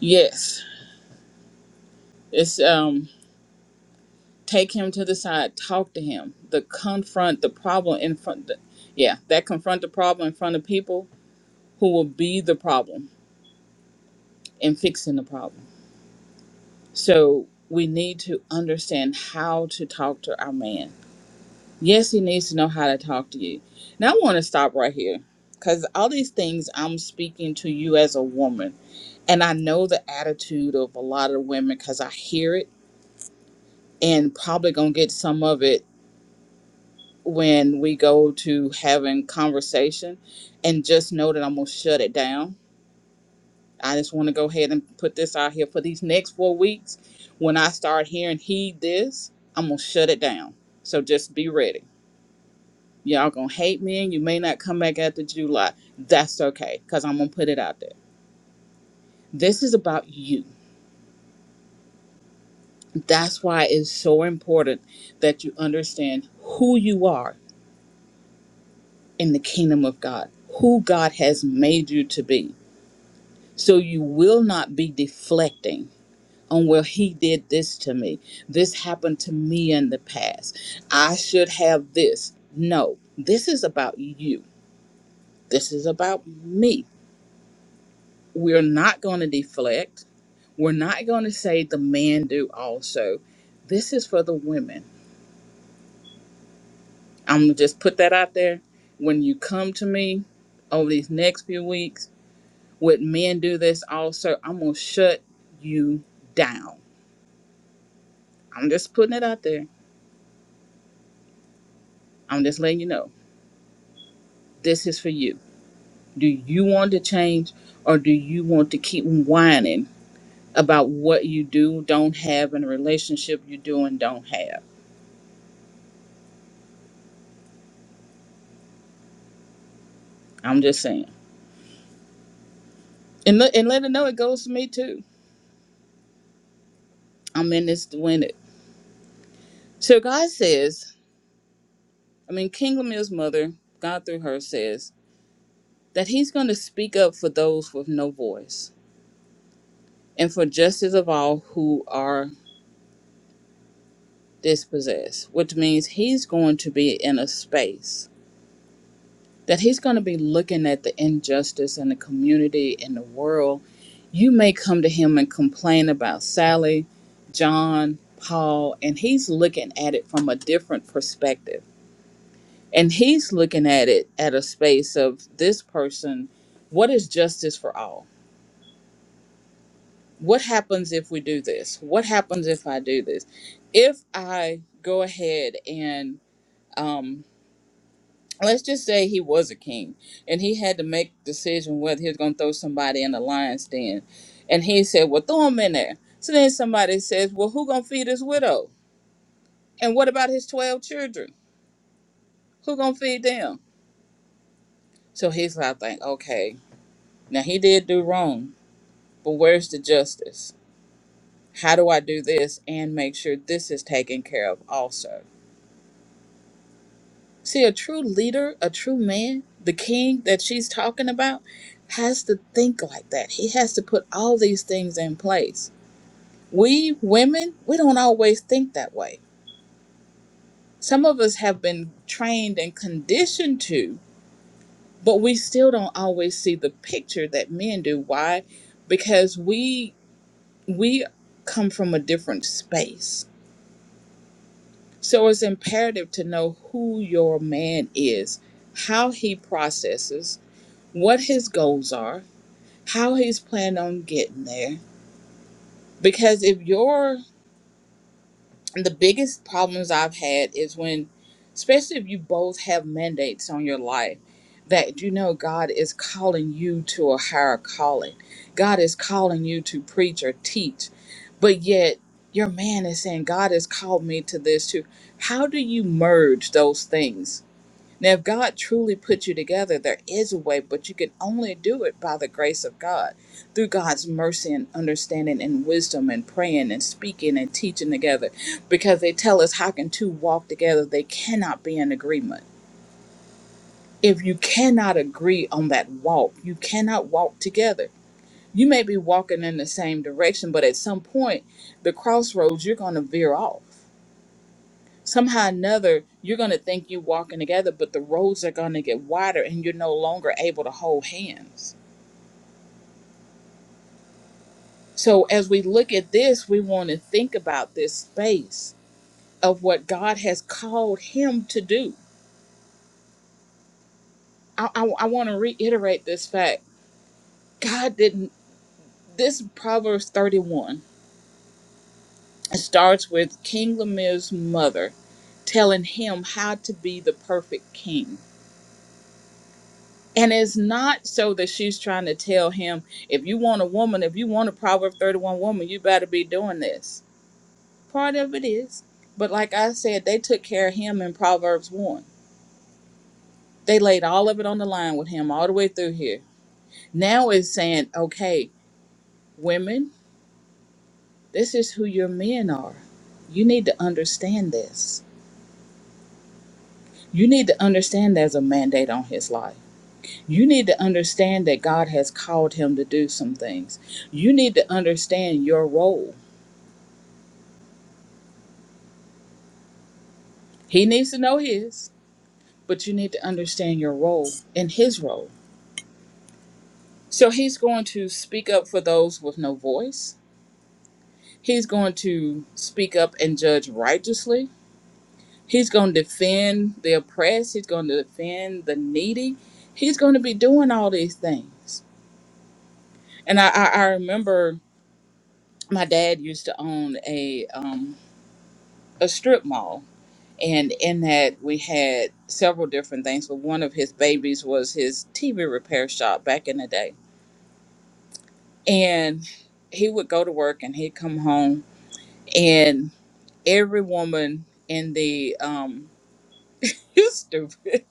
S2: Yes. It's um take him to the side talk to him the confront the problem in front the, yeah that confront the problem in front of people who will be the problem in fixing the problem so we need to understand how to talk to our man yes he needs to know how to talk to you now i want to stop right here because all these things i'm speaking to you as a woman and i know the attitude of a lot of women because i hear it and probably gonna get some of it when we go to having conversation and just know that I'm gonna shut it down. I just want to go ahead and put this out here for these next four weeks. When I start hearing heed this, I'm gonna shut it down. So just be ready. Y'all gonna hate me and you may not come back after July. That's okay, because I'm gonna put it out there. This is about you. That's why it's so important that you understand who you are in the kingdom of God, who God has made you to be So you will not be deflecting on well he did this to me. This happened to me in the past. I should have this. No, this is about you. This is about me. We're not going to deflect. We're not going to say the man do also. This is for the women. I'm gonna just put that out there. When you come to me over these next few weeks, with men do this also? I'm gonna shut you down. I'm just putting it out there I'm just letting you know this is for you. Do you want to change or do you want to keep whining about what you do, don't have, in a relationship you do and don't have? I'm just saying. And, let and let her know it goes to me too. I'm in this to win it. So God says, I mean, King Lemuel's mother, God through her says that he's going to speak up for those with no voice and for justice of all who are dispossessed, which means he's going to be in a space that he's going to be looking at the injustice in the community in the world. You may come to him and complain about Sally, John, Paul, and he's looking at it from a different perspective. And he's looking at it at a space of this person, what is justice for all? What happens if we do this? What happens if I do this? If I go ahead and um, let's just say he was a king and he had to make a decision whether he was going to throw somebody in the lion's den and he said well throw him in there so then somebody says well who going to feed his widow and what about his 12 children who going to feed them so he's like think okay now he did do wrong but where's the justice how do i do this and make sure this is taken care of also See, a true leader, a true man, the king that she's talking about, has to think like that. He has to put all these things in place. We women, we don't always think that way. Some of us have been trained and conditioned to, but we still don't always see the picture that men do. Why? Because we we come from a different space. So it's imperative to know who your man is, how he processes, what his goals are, how he's planning on getting there. Because if you're the biggest problems I've had is when, especially if you both have mandates on your life, that you know God is calling you to a higher calling. God is calling you to preach or teach, but yet your man is saying, God has called me to this too. How do you merge those things? Now, if God truly put you together, there is a way, but you can only do it by the grace of God, through God's mercy and understanding and wisdom and praying and speaking and teaching together. Because they tell us, how can two walk together? They cannot be in agreement. If you cannot agree on that walk, you cannot walk together. You may be walking in the same direction, but at some point, the crossroads, you're going to veer off somehow or another you're going to think you're walking together but the roads are going to get wider and you're no longer able to hold hands so as we look at this we want to think about this space of what god has called him to do i, I, I want to reiterate this fact god didn't this proverbs 31 it starts with king Lemuel's mother telling him how to be the perfect king And it's not so that she's trying to tell him, if you want a woman, if you want a Proverb 31 woman, you better be doing this. Part of it is. But like I said, they took care of him in Proverbs 1. They laid all of it on the line with him all the way through here. Now it's saying, okay, women, this is who your men are. You need to understand this. You need to understand there's a mandate on his life. You need to understand that God has called him to do some things. You need to understand your role He needs to know his, but you need to understand your role and his role. So he's going to speak up for those with no voice. He's going to speak up and judge righteously. He's going to defend the oppressed. He's going to defend the needy. He's going to be doing all these things. And I, I, I remember my dad used to own a um, a strip mall, and in that we had several different things. But one of his babies was his TV repair shop back in the day And he would go to work and he'd come home, and every woman in the um, you stupid,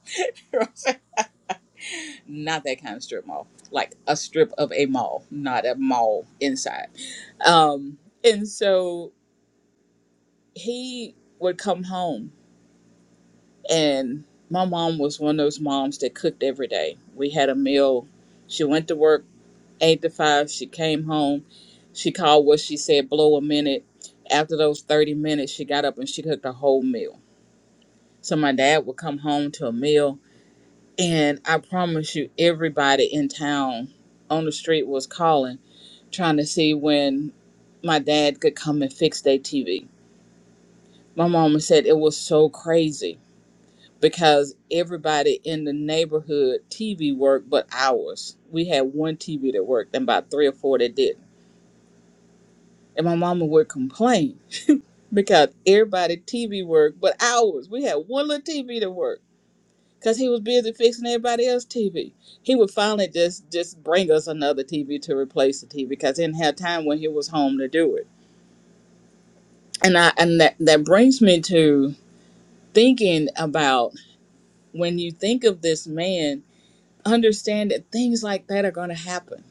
S2: not that kind of strip mall, like a strip of a mall, not a mall inside. Um, and so he would come home, and my mom was one of those moms that cooked every day. We had a meal. She went to work eight to five. She came home. She called what she said blow a minute. After those 30 minutes, she got up and she cooked a whole meal. So my dad would come home to a meal. And I promise you, everybody in town on the street was calling, trying to see when my dad could come and fix their TV. My mama said it was so crazy because everybody in the neighborhood TV worked but ours. We had one TV that worked and about three or four that didn't And my mama would complain because everybody TV work but ours. We had one little TV to work because he was busy fixing everybody else's TV. He would finally just just bring us another TV to replace the TV because he didn't have time when he was home to do it. And I and that that brings me to thinking about when you think of this man, understand that things like that are going to happen.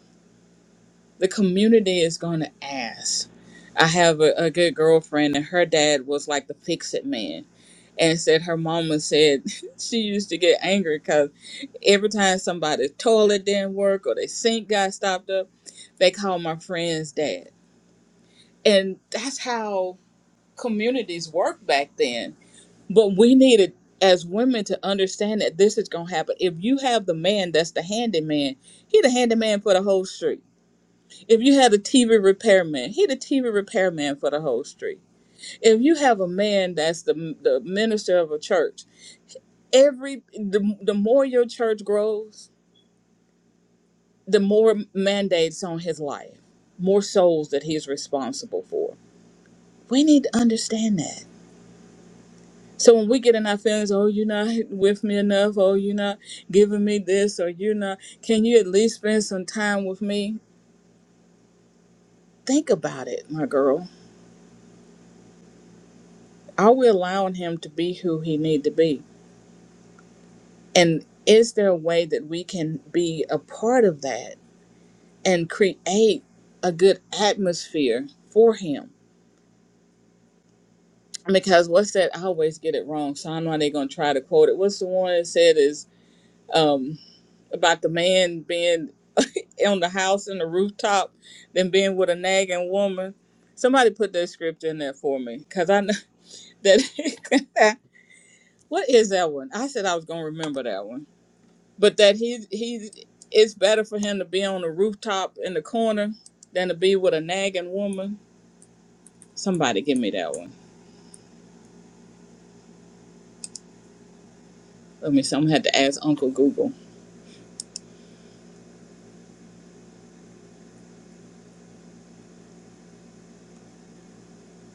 S2: The community is going to ask. I have a, a good girlfriend, and her dad was like the fix it man and said her mama said she used to get angry because every time somebody's toilet didn't work or their sink got stopped up, they called my friend's dad. And that's how communities worked back then. But we needed as women to understand that this is gonna happen. If you have the man that's the handyman, he the handyman for the whole street. If you had a TV repairman, he the TV repairman for the whole street. If you have a man that's the the minister of a church, every the, the more your church grows the more mandates on his life more souls that he's responsible for we need to understand that so when we get in our feelings oh you're not with me enough oh you're not giving me this or you're not can you at least spend some time with me think about it my girl are we allowing him to be who he need to be and is there a way that we can be a part of that and create a good atmosphere for him because what's that? I always get it wrong, so I know they are gonna try to quote it. What's the one that said is um, about the man being on the house and the rooftop than being with a nagging woman. Somebody put that script in there for me because I know that. what is that one? I said I was gonna remember that one, but that he he it's better for him to be on the rooftop in the corner than to be with a nagging woman. Somebody give me that one. Let me. see, I'm gonna have to ask Uncle Google.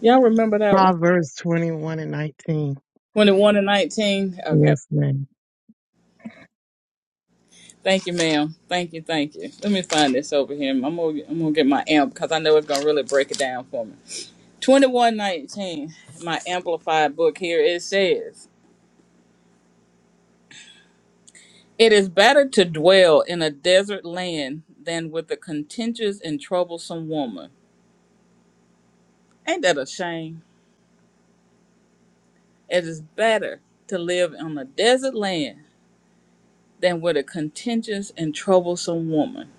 S2: Y'all remember that one?
S3: Proverbs 21 and 19.
S2: 21 and 19. Okay.
S3: Yes, ma'am.
S2: Thank you, ma'am. Thank you, thank you. Let me find this over here. I'm gonna I'm gonna get my amp because I know it's gonna really break it down for me. 2119, my amplified book here. It says, It is better to dwell in a desert land than with a contentious and troublesome woman. Ain't that a shame? It is better to live on a desert land than with a contentious and troublesome woman.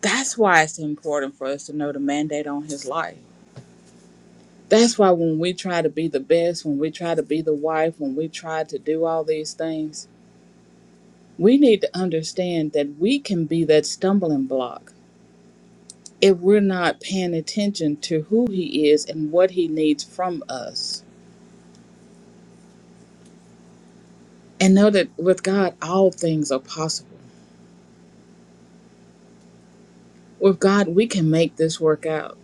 S2: That's why it's important for us to know the mandate on his life That's why when we try to be the best, when we try to be the wife, when we try to do all these things, we need to understand that we can be that stumbling block if we're not paying attention to who He is and what He needs from us. And know that with God, all things are possible. With God, we can make this work out.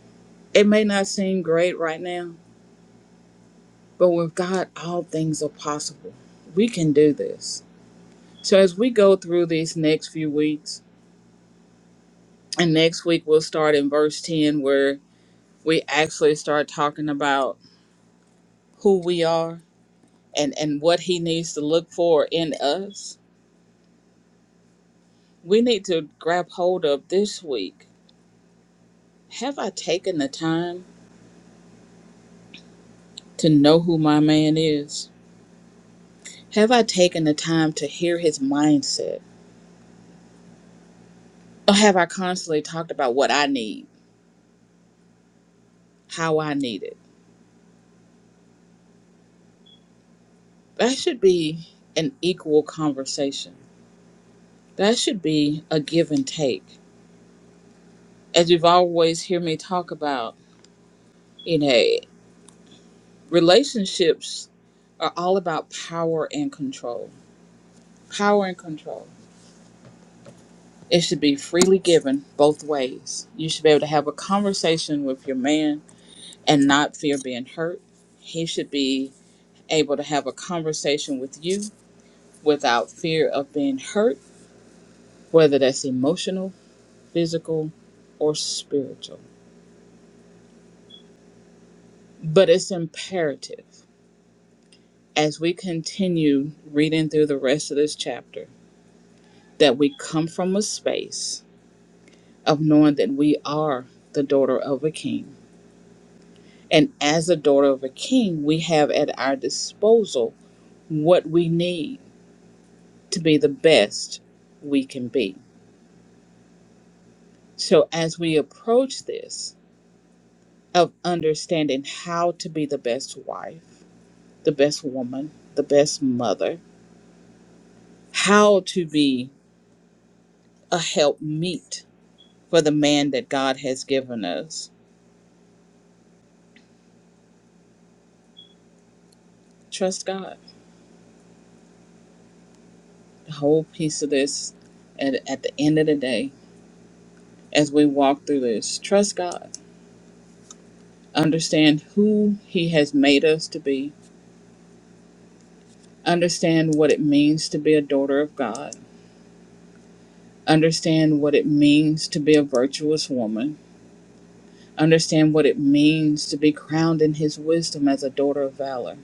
S2: It may not seem great right now, but with God, all things are possible. We can do this. So as we go through these next few weeks, And next week we'll start in verse 10 where we actually start talking about who we are and, and what he needs to look for in us. We need to grab hold of this week. Have I taken the time to know who my man is? Have I taken the time to hear his mindset? Or have I constantly talked about what I need, how I need it? That should be an equal conversation. That should be a give and take. As you've always heard me talk about, You know, relationships are all about power and control. Power and control. It should be freely given both ways. You should be able to have a conversation with your man and not fear being hurt. He should be able to have a conversation with you without fear of being hurt, whether that's emotional, physical, or spiritual. But it's imperative as we continue reading through the rest of this chapter that we come from a space of knowing that we are the daughter of a king. And as a daughter of a king, we have at our disposal what we need to be the best we can be. So as we approach this of understanding how to be the best wife, the best woman, the best mother, how to be a helpmeet for the man that God has given us, trust God. The whole piece of this at, at the end of the day as we walk through this. Trust God. Understand who He has made us to be. Understand what it means to be a daughter of God. Understand what it means to be a virtuous woman. Understand what it means to be crowned in His wisdom as a daughter of valor.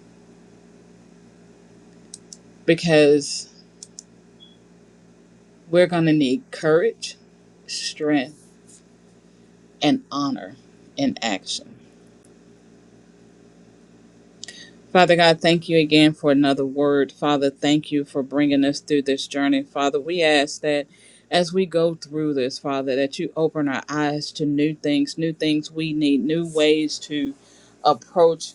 S2: Because we're going to need courage, strength, and honor in action. Father God, thank you again for another word. Father, thank you for bringing us through this journey. Father, we ask that as we go through this, Father, that you open our eyes to new things, new things we need, new ways to approach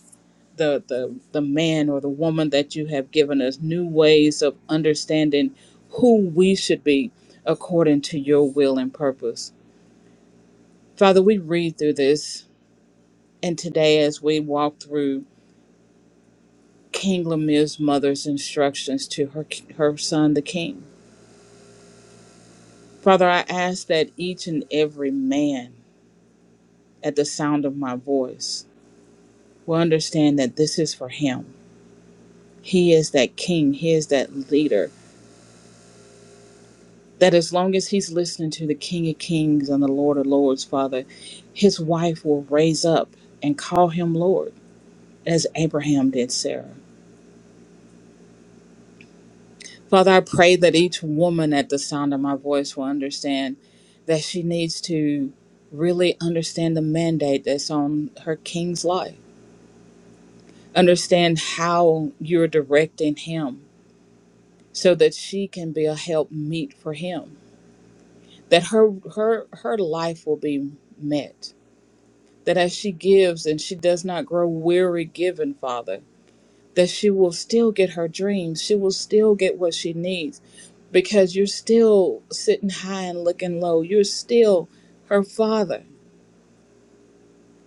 S2: the the, the man or the woman that you have given us, new ways of understanding who we should be according to your will and purpose. Father, we read through this and today as we walk through King Lemir's mother's instructions to her, her son, the king. Father, I ask that each and every man at the sound of my voice will understand that this is for him. He is that king, he is that leader. That as long as he's listening to the King of Kings and the Lord of Lords, Father, his wife will raise up and call him Lord, as Abraham did Sarah. Father, I pray that each woman at the sound of my voice will understand that she needs to really understand the mandate that's on her king's life, understand how you're directing him so that she can be a help meet for him, that her her her life will be met, that as she gives and she does not grow weary giving, Father, that she will still get her dreams, she will still get what she needs because you're still sitting high and looking low. You're still her father.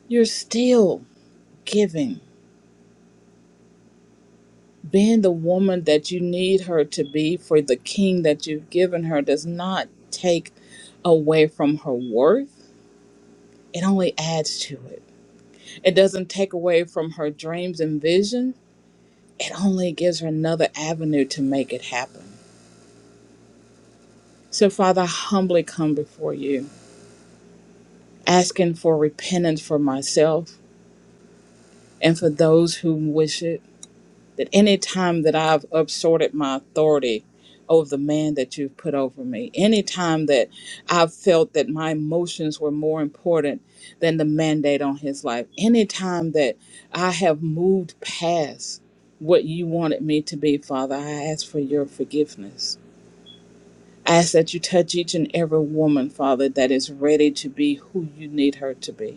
S2: You're still giving. Being the woman that you need her to be for the king that you've given her does not take away from her worth, it only adds to it. It doesn't take away from her dreams and vision, it only gives her another avenue to make it happen. So, Father, I humbly come before you, asking for repentance for myself and for those who wish it that any time that I've upsorted my authority over the man that you've put over me, any time that I've felt that my emotions were more important than the mandate on his life, any time that I have moved past what you wanted me to be, Father, I ask for your forgiveness. I ask that you touch each and every woman, Father, that is ready to be who you need her to be.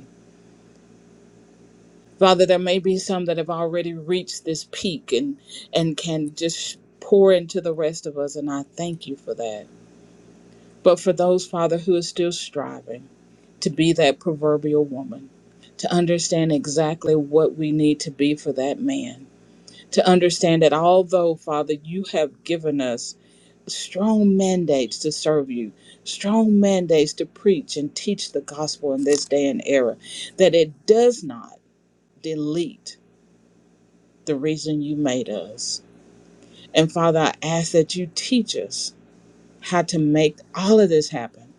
S2: Father, there may be some that have already reached this peak and and can just pour into the rest of us, and I thank you for that. But for those, Father, who are still striving to be that proverbial woman, to understand exactly what we need to be for that man, to understand that although, Father, you have given us strong mandates to serve you, strong mandates to preach and teach the gospel in this day and era, that it does not delete the reason you made us. And Father, I ask that you teach us how to make all of this happen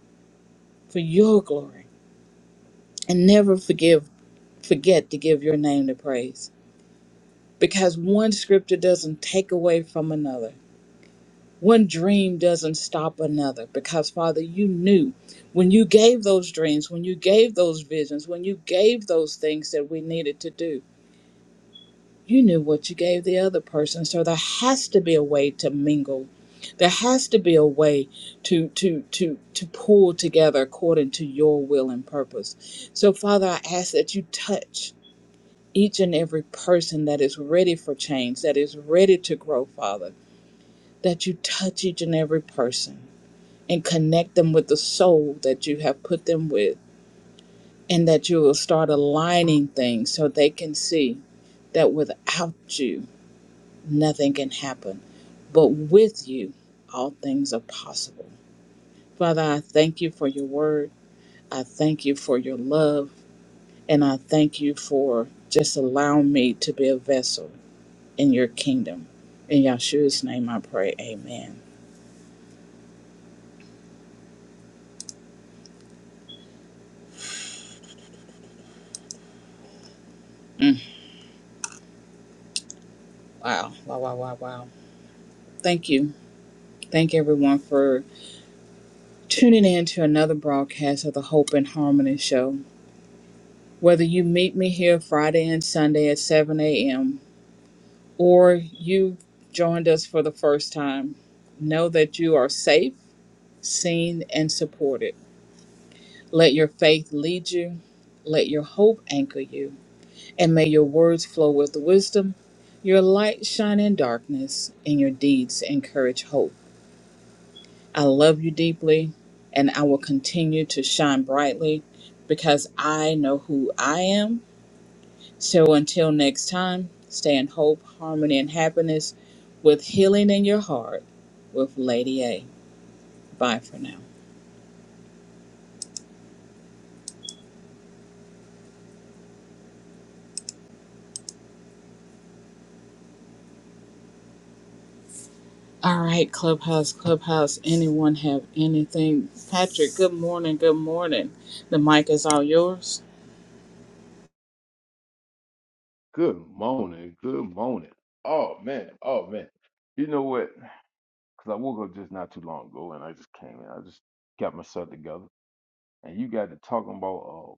S2: for your glory and never forgive forget to give your name the praise. Because one scripture doesn't take away from another. One dream doesn't stop another. Because Father, you knew when you gave those dreams, when you gave those visions, when you gave those things that we needed to do you knew what you gave the other person so there has to be a way to mingle there has to be a way to to to to pull together according to your will and purpose so father i ask that you touch each and every person that is ready for change that is ready to grow father that you touch each and every person and connect them with the soul that you have put them with and that you will start aligning things so they can see that without you nothing can happen but with you all things are possible. Father, I thank you for your word. I thank you for your love. And I thank you for just allowing me to be a vessel in your kingdom. In Yahshua's name I pray, amen. Mm, Wow, wow, wow, wow, wow. Thank you. Thank everyone for tuning in to another broadcast of the Hope and Harmony Show. Whether you meet me here Friday and Sunday at 7 a.m., or you joined us for the first time, know that you are safe, seen, and supported. Let your faith lead you, let your hope anchor you, and may your words flow with wisdom, your light shine in darkness, and your deeds encourage hope. I love you deeply, and I will continue to shine brightly because I know who I am So until next time, stay in hope, harmony, and happiness with healing in your heart with Lady A. Bye for now. All right, Clubhouse, Clubhouse. Anyone have anything? Patrick, good morning, good morning. The mic is all yours.
S4: Good morning. Good morning. Oh man. Oh man. You know what? Because I woke up just not too long ago, and I just came in. I just got myself together, and you got to talking about uh,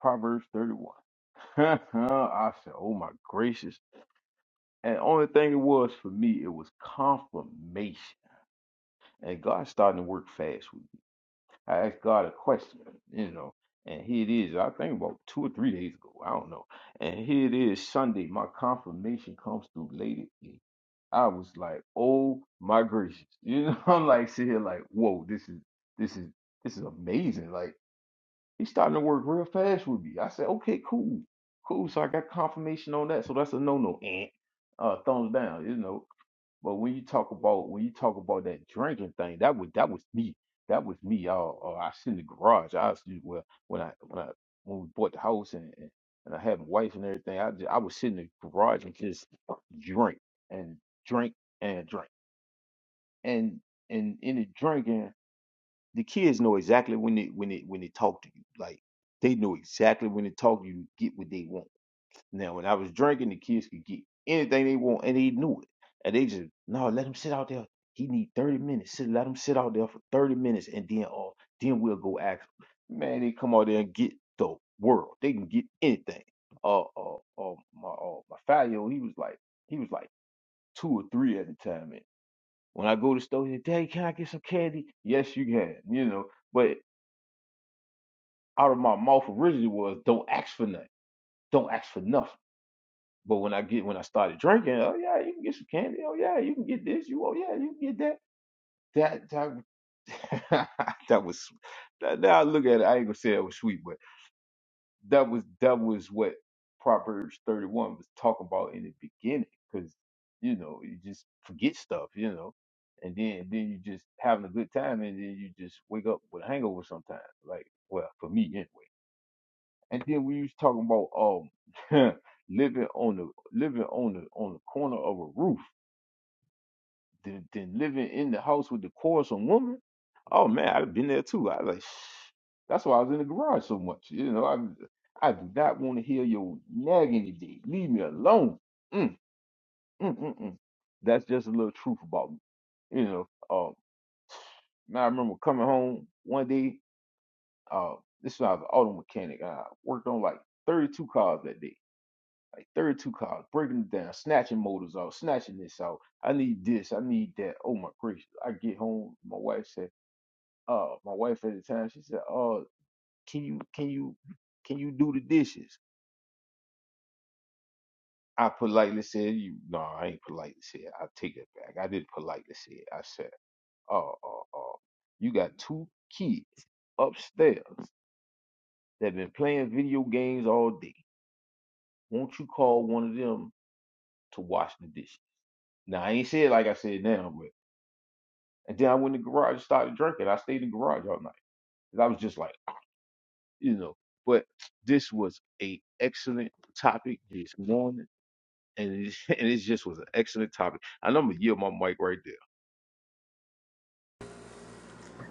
S4: Proverbs thirty-one. I said, "Oh my gracious!" And only thing it was for me, it was confirmation. And God's starting to work fast with me. I asked God a question, you know, and here it is. I think about two or three days ago. I don't know. And here it is Sunday. My confirmation comes through late. at night. I was like, oh my gracious. You know, I'm like sitting here like, whoa, this is this is this is amazing. Like he's starting to work real fast with me. I said, okay, cool. Cool. So I got confirmation on that. So that's a no no. Eh. Uh thumbs down, you know. But when you talk about when you talk about that drinking thing, that was that was me. That was me. I, uh, I sit in the garage. I was well when I when I when we bought the house and and, and I had my wife and everything. I just, I was sitting in the garage and just drink and drink and drink and and in the drinking, the kids know exactly when they when they when they talk to you. Like they know exactly when they talk to you to get what they want now, when I was drinking, the kids could get anything they want, and they knew it. And they just no, let him sit out there. He need thirty minutes. Sit, let him sit out there for thirty minutes, and then oh, then we'll go ask. Him. Man, they come out there and get the world. They can get anything. Uh, uh, uh my uh, my five year old, he was like, he was like two or three at the time. And when I go to the store, he said, Daddy, can I get some candy? Yes, you can. You know, but out of my mouth originally was, don't ask for nothing. Don't ask for nothing. But when I get when I started drinking, oh yeah, you can get some candy. Oh yeah, you can get this. You oh yeah, you can get that. That that that was that, now I look at it. I ain't gonna say it was sweet, but that was that was what Proverbs thirty one was talking about in the beginning, because you know you just forget stuff, you know, and then then you just having a good time, and then you just wake up with a hangover sometimes. Like well, for me anyway. And then we was talking about um living on the living on the on the corner of a roof, then, then living in the house with the quarrelsome woman. Oh man, I've been there too. I like that's why I was in the garage so much. You know, I I do not want to hear your nagging today. Leave me alone. Mm, mm, mm, mm. That's just a little truth about me. You know, uh, now I remember coming home one day. Uh, this was I was an auto mechanic. I worked on like 32 cars that day Like 32 cars, breaking it down, snatching motors out, snatching this out. I need this, I need that. Oh my gracious. I get home, my wife said, uh, my wife at the time, she said, Oh, can you can you can you do the dishes? I politely said, You no, I ain't politely said. I take it back. I didn't politely say it. I said, Oh, oh, oh, you got two kids upstairs that been playing video games all day. Won't you call one of them to wash the dishes? Now I ain't said like I said now, but. And then I went in the garage and started drinking. I stayed in the garage all night. 'Cause I was just like, you know. But this was a excellent topic this morning. And it, and it just was an excellent topic. And I'm gonna yield my mic right there.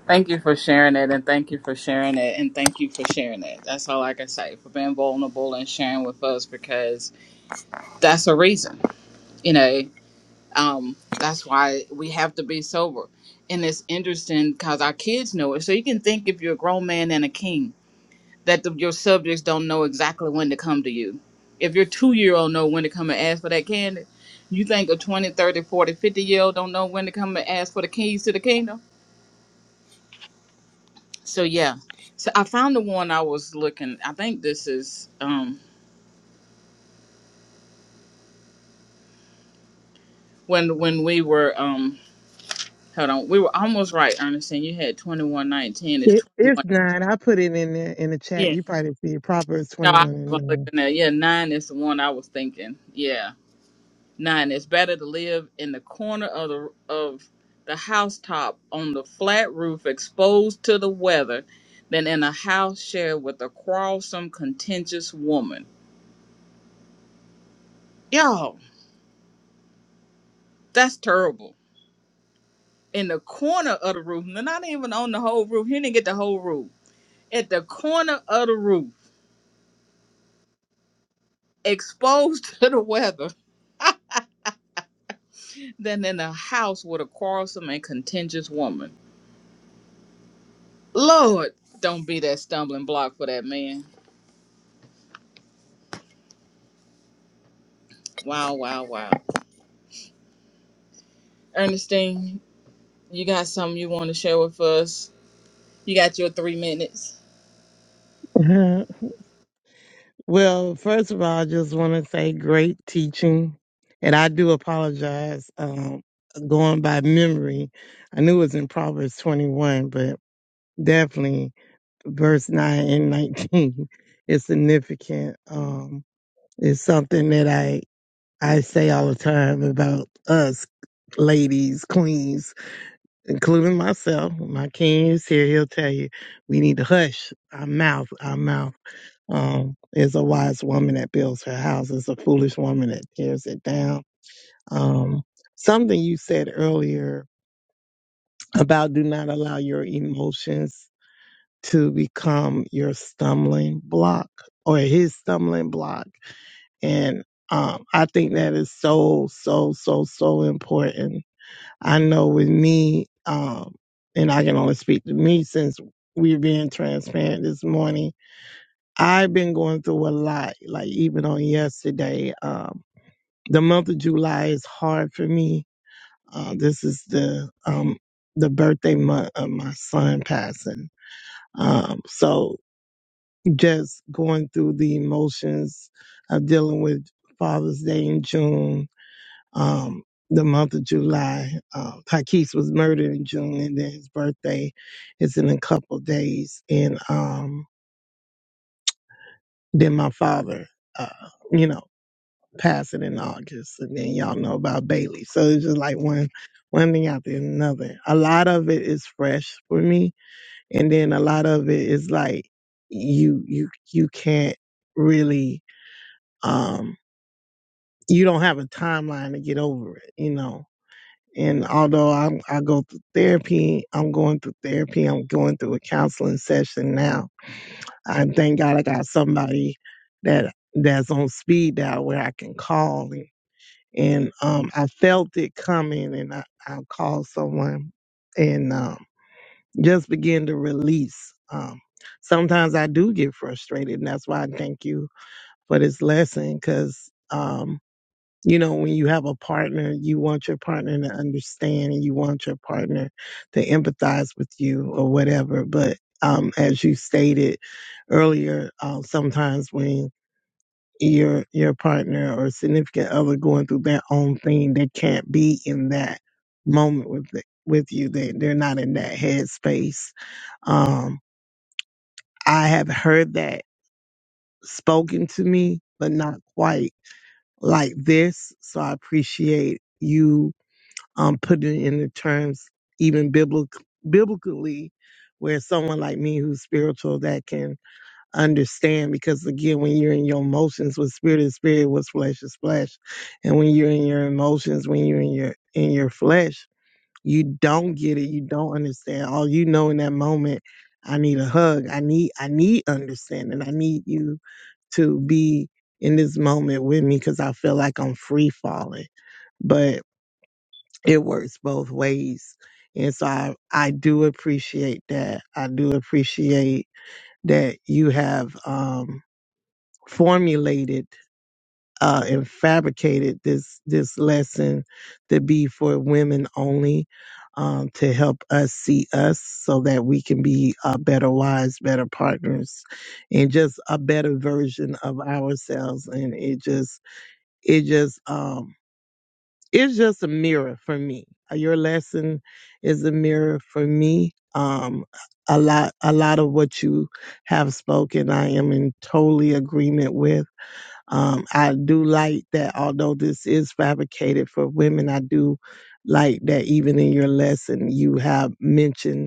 S2: Thank you for sharing it, and thank you for sharing it, and thank you for sharing it. That's all I can say for being vulnerable and sharing with us because that's a reason. You know, Um, that's why we have to be sober. And it's interesting because our kids know it. So you can think if you're a grown man and a king that the, your subjects don't know exactly when to come to you. If your two year old know when to come and ask for that candy, you think a 20, 30, 40, 50 year old don't know when to come and ask for the keys to the kingdom? So yeah. So I found the one I was looking. I think this is um when when we were um hold on, we were almost right, Ernestine. You had twenty one nineteen. It's
S3: It,
S2: twenty
S3: it's
S2: one.
S3: nine. I put it in there in the chat. You probably see it. Proverbs
S2: No, I
S3: 21 and
S2: haven't looked in there. Yeah, nine is the one I was thinking. Yeah, nine. It's better to live in the corner of the of the housetop on the flat roof, exposed to the weather, than in a house shared with a quarrelsome, contentious woman. Yo, that's terrible. In the corner of the roof, and not even on the whole roof. He didn't get the whole roof. At the corner of the roof, exposed to the weather, than in a house with a quarrelsome and contentious woman. Lord, don't be that stumbling block for that man. Wow, wow, wow. Ernestine, you got something you want to share with us? You got your three minutes.
S3: 9. Uh-huh. well, first of all, I just want to say great teaching. And I do apologize um, going by memory. I knew it was in Proverbs 21, but definitely verse 9 and 19 is significant. Um, it's something that I I say all the time about us ladies, queens, including myself. My king is here. He'll tell you we need to hush our mouth. Our mouth um, is a wise woman that builds her house. It's a foolish woman that tears it down. Um, something you said earlier about do not allow your emotions to become your stumbling block or his stumbling block. And um, I think that is so, so, so, so important I know with me, um, and I can only speak to me since we're being transparent this morning. I've been going through a lot, like even on yesterday. Um, the month of July is hard for me. Uh, this is the um, the birthday month of my son passing. Um, so just going through the emotions of dealing with Father's Day in June, um, the month of July. Um, Takis was murdered in June, and then his birthday is in a couple of days. And um, then my father, uh, you know, passing in August, and then y'all know about Bailey. So it's just like one one thing after another. A lot of it is fresh for me, and then a lot of it is like you you you can't really um you don't have a timeline to get over it you know And although I, I go through therapy, I'm going through therapy, I'm going through a counseling session now. I thank God I got somebody that that's on speed dial where I can call. And, and um, I felt it coming and I, I called someone and um, just begin to release. Um, sometimes I do get frustrated and that's why I thank you for this lesson because you know, when you have a partner, you want your partner to understand and you want your partner to empathize with you or whatever. But um, as you stated earlier, um, sometimes when your your partner or significant other going through their own thing, they can't be in that moment with the, with you. They they're not in that headspace. Um, I have heard that spoken to me, but not quite like this. So I appreciate you um, put it in the terms even biblic, biblically where someone like me who's spiritual that can understand because again when you're in your emotions with spirit is spirit with flesh is flesh and when you're in your emotions when you're in your in your flesh you don't get it you don't understand all you know in that moment i need a hug i need i need understanding i need you to be in this moment with me because i feel like i'm free falling But it works both ways. And so I, I do appreciate that. I do appreciate that you have um, formulated uh, and fabricated this this lesson to be for women only, um, to help us see us so that we can be uh, better wives, better partners, and just a better version of ourselves. And it just it just um, it's just a mirror for me. Uh, Your lesson is a mirror for me. Um, a lot, a lot of what you have spoken, I am in totally agreement with. Um, I do like that, although this is fabricated for women, I do like that even in your lesson, you have mentioned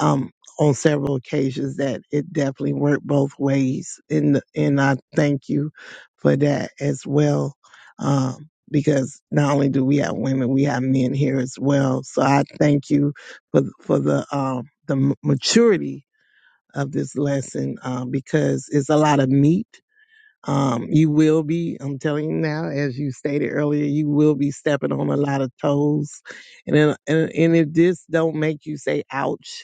S3: um, on several occasions that it definitely worked both ways, and and I thank you for that as well, um, because not only do we have women, we have men here as well. So I thank you for for the um, the m- maturity of this lesson uh, because it's a lot of meat. Um, you will be, I'm telling you now, as you stated earlier, you will be stepping on a lot of toes, and it- and, and if this don't make you say ouch,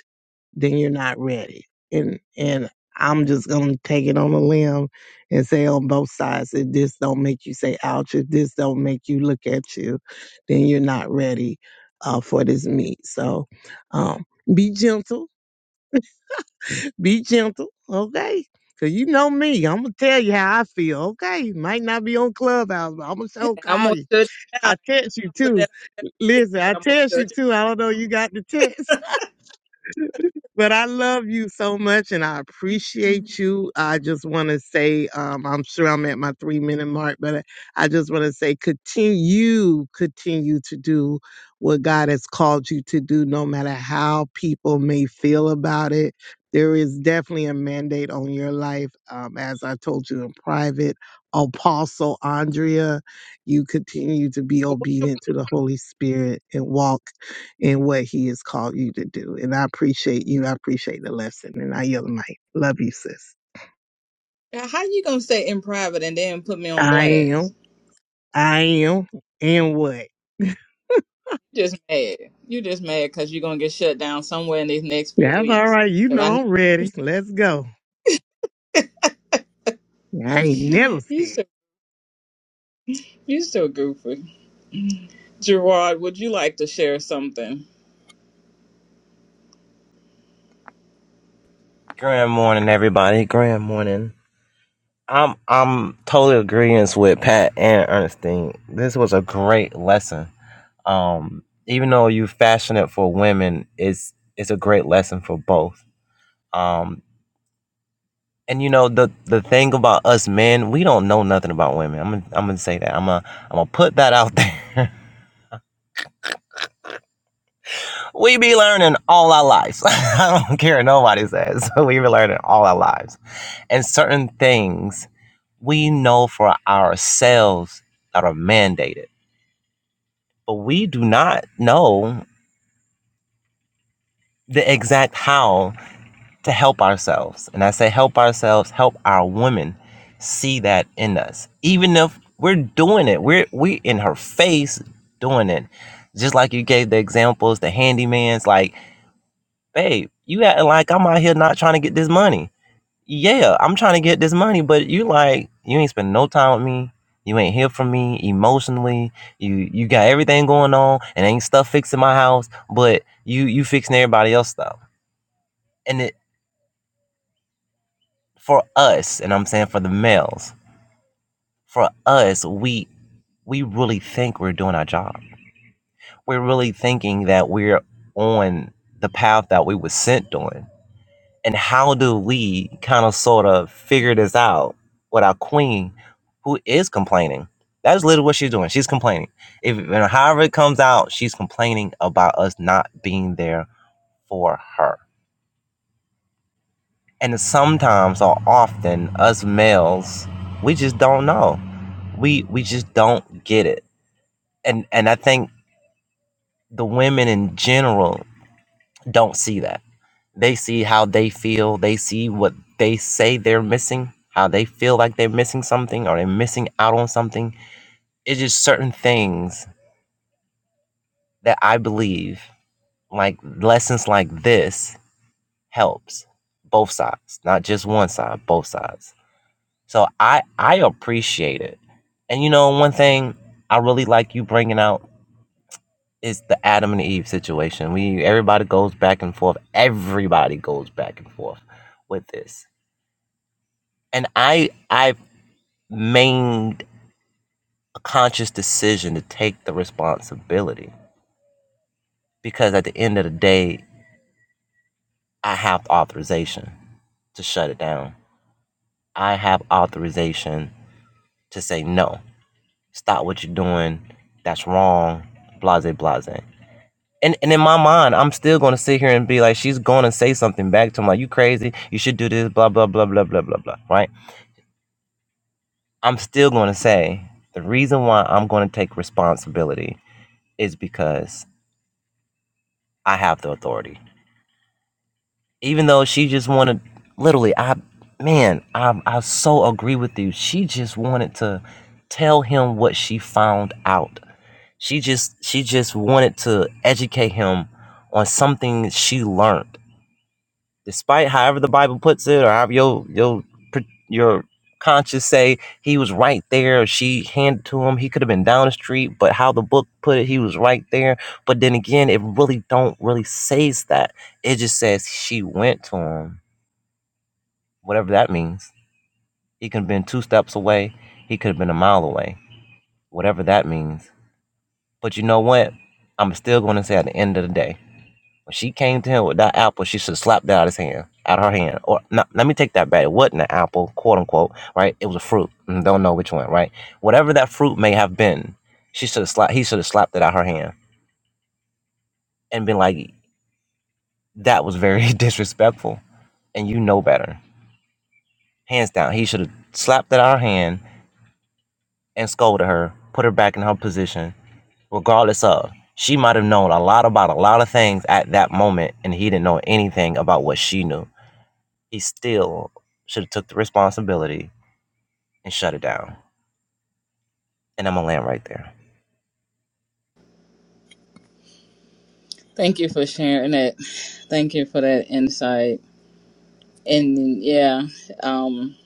S3: then you're not ready. And and I'm just gonna take it on a limb and say on both sides, if this don't make you say ouch, if this don't make you look at you, then you're not ready uh, for this meet. So um, be gentle, be gentle, okay? Cause you know me, I'm gonna tell you how I feel, okay? Might not be on Clubhouse, but I'm gonna show
S2: And I'm
S3: call
S2: gonna
S3: you.
S2: shut you down.
S3: I text you
S2: Put
S3: too.
S2: that out there.
S3: Listen, I
S2: I'm gonna
S3: text you
S2: shut you
S3: too. I don't know you got the text. But I love you so much and I appreciate you. I just want to say, um, I'm sure I'm at my three minute mark, but I just want to say continue, continue to do what God has called you to do, no matter how people may feel about it. There is definitely a mandate on your life. Um, as I told you in private, Apostle Andrea, you continue to be
S2: down.
S3: obedient to the Holy Spirit and walk in what he has called you to do. And I appreciate you. I appreciate the lesson. And I yell my love you, sis.
S2: What- How you gonna say in private and then put me on
S3: I
S2: blast?
S3: am. I am. And what?
S2: You just mad. You just mad because you're gonna get shut down somewhere in these next few
S3: That's all
S2: weeks.
S3: right. You
S2: Cause I know
S3: know I'm ready. Let's go. I ain't never
S2: you
S3: scared.
S2: so you so goofy. Gerard, would you like to share something?
S5: Grand morning, everybody. Grand morning. I'm I'm totally agreeing with Pat and Ernestine. This was a great lesson. Um, even though you fashion it for women, it's it's a great lesson for both. Um, and you know the the thing about us men, we don't know nothing about women. I'm gonna, I'm gonna say that. I'm gonna I'm gonna put that out there. we be learning all our lives. I don't care what nobody says. we be learning all our lives and certain things we know for ourselves that are mandated, but we do not know the exact how to help ourselves. And I say help ourselves, help our women see that in us. Even if we're doing it, we're we in her face doing it. Just like you gave the examples, the handyman's like, babe, you acting like I'm out here not trying to get this money yeah, I'm trying to get this money, but you like you ain't spend no time with me. You ain't here for me emotionally. You you got everything going on and ain't stuff fixing my house, but you you fixing everybody else stuff. And it for us, and I'm saying for the males, for us, we we really think we're doing our job. We're really thinking that we're on the path that we were sent on And how do we kind of sort of figure this out with our queen who is complaining? That is literally what she's doing. She's complaining. If and however it comes out, she's complaining about us not being there for her. And sometimes or often us males, we just don't know. We we just don't get it. And and I think the women in general don't see that They see how they feel. They see what they say they're missing, how they feel like they're missing something or they're missing out on something. It's just certain things that I believe, like lessons like this, helps both sides, not just one side, both sides. So I I appreciate it. And you know, one thing I really like you bringing out is the Adam and Eve situation. We everybody goes back and forth. Everybody goes back and forth with this. And I I made a conscious decision to take the responsibility because at the end of the day, I have authorization to shut it down. I have authorization to say no. Stop what you're doing. That's wrong. Blase blase. And and in my mind, I'm still gonna sit here and be like, she's gonna say something back to me like, you crazy, you should do this, blah, blah, blah, blah, blah, blah, blah. Right? I'm still gonna say the reason why I'm gonna take responsibility is because I have the authority. even though she just wanted literally i man i i so agree with you she just wanted to tell him what she found out she just she just wanted to educate him on something she learned despite however the bible puts it or however your your your conscience say he was right there she handed to him he could have been down the street but how the book put it he was right there but then again it really don't really says that it just says she went to him whatever that means. He could have been two steps away. He could have been a mile away, whatever that means. But you know what? I'm still going to say at the end of the day, when she came to him with that apple, she should have slapped that out of his hand, out of her hand. Or no, let me take that back. It wasn't an apple, quote unquote, right? It was a fruit. Mm, Don't know which one, right? Whatever that fruit may have been, she should have slapped. He should have slapped it out of her hand and been like, "That was very disrespectful, and you know better." Hands down, he should have slapped it out of her hand and scolded her, put her back in her position, regardless of. She might have known a lot about a lot of things at that moment, and he didn't know anything about what she knew. He still should have took the responsibility and shut it down. And I'm gonna land right there.
S2: Thank you for sharing that. Thank you for that insight. and then, yeah, um,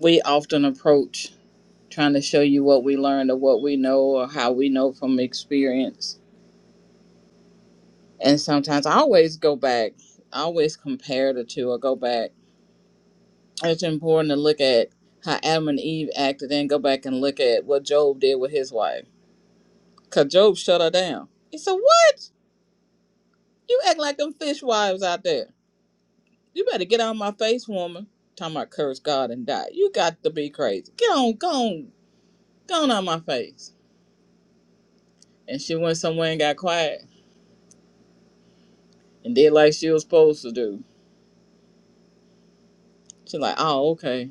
S2: we often approach trying to show you what we learned or what we know or how we know from experience. And sometimes I always go back, I always compare the two or go back. It's important to look at how Adam and Eve acted and go back and look at what Job did with his wife. Because Job shut her down. He said, What? You act like them fish wives out there. You better get out of my face, woman. Talking about curse God and die. You got to be crazy. Get on, go on, go on out of my face And she went somewhere and got quiet and did like she was supposed to do. She like, oh, okay.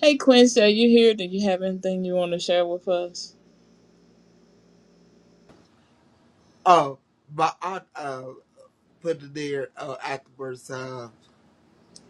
S2: Hey, Quincy, are you here? Do you have anything you want to share with us?
S6: Oh, my aunt uh, put it there uh, afterwards. Uh,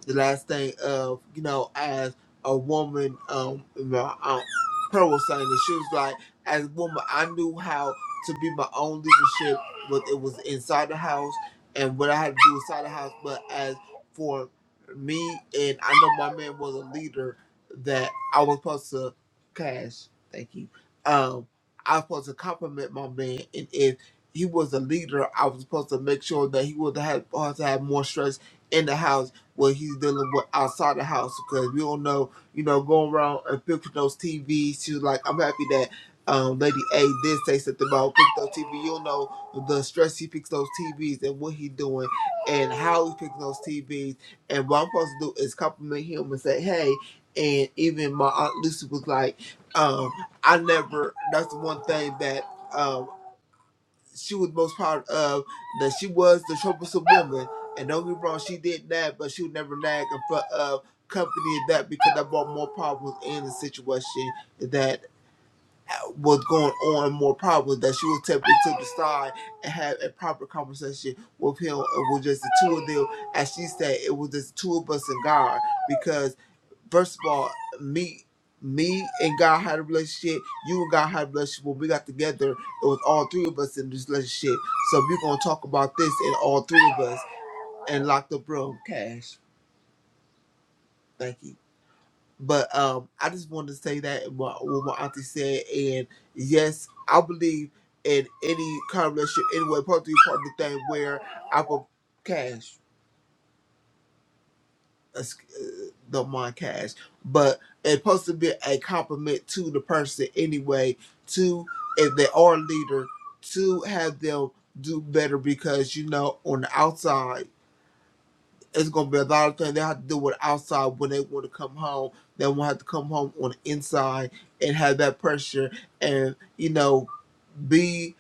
S6: the last thing of you know as a woman um my aunt Pearl was saying that she was like as a woman I knew how to be my own leadership but it was inside the house and what I had to do inside the house but as for me and I know my man was a leader that I was supposed to cash thank you um I was supposed to compliment my man and if he was a leader I was supposed to make sure that he would have, have to have more stress in the house what he's dealing with outside the house because we don't know, you know, going around and picking those TVs. She was like, I'm happy that um, Lady A did say something about picking those TV. You don't know the stress he picks those TVs and what he's doing and how he picking those TVs. And what I'm supposed to do is compliment him and say, hey. And even my aunt Lucy was like, um, I never. That's the one thing that. um, she was most proud of that she was the troublesome woman. And don't get me wrong, she did that, but she would never nag in front of company and that because that brought more problems in the situation that was going on and more problems that she was tempted to the side and have a proper conversation with him. It was just the two of them. As she said, it was just the two of us and God because first of all, me me and God had a relationship, you and God had a relationship. When we got together, it was all three of us in this relationship. So we're gonna talk about this in all three of us and locked up room. Cash. Thank you. But um I just wanted to say that and what, what my auntie said and yes, I believe in any kind of relationship anyway, probably part of the thing where I will cash. uh, don't mind cash, but it's supposed to be a compliment to the person anyway. To if they are a leader, to have them do better because you know on the outside it's gonna be a lot of things they have to do with outside when they want to come home. They will not have to come home on the inside and have that pressure and you know be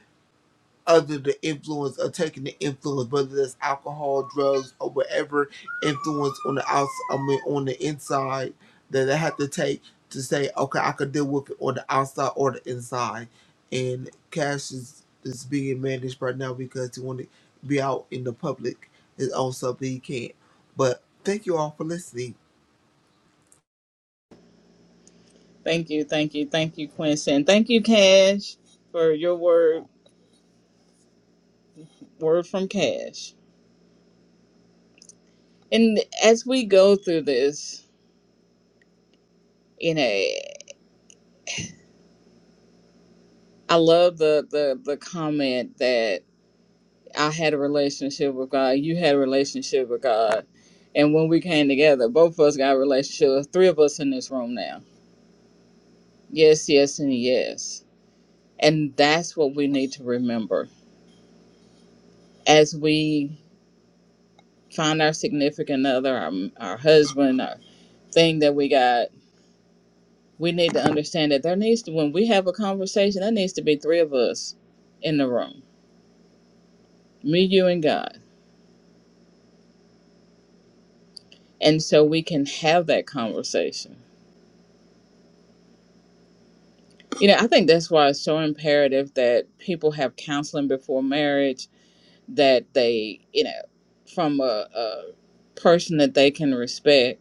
S6: under the influence or taking the influence, whether that's alcohol, drugs, or whatever influence on the outside, I mean, on the inside that they have to take to say, okay, I could deal with it on the outside or the inside. And Cash is, is being managed right now because he want to be out in the public, his own stuff, but he can't. But thank you all for listening.
S2: Thank you, thank you, thank you, Quincy. And thank you, Cash, for your word, word from Cash. And as we go through this, you know, I love the, the, the comment that I had a relationship with God, you had a relationship with God. And when we came together, both of us got a relationship, three of us in this room now Yes, yes, and yes. And that's what we need to remember as we find our significant other, our, our husband, our thing that we got. We need to understand that there needs to, when we have a conversation, there needs to be three of us in the room me, you, and God. And so we can have that conversation. You know, I think that's why it's so imperative that people have counseling before marriage, that they, you know, from a, a person that they can respect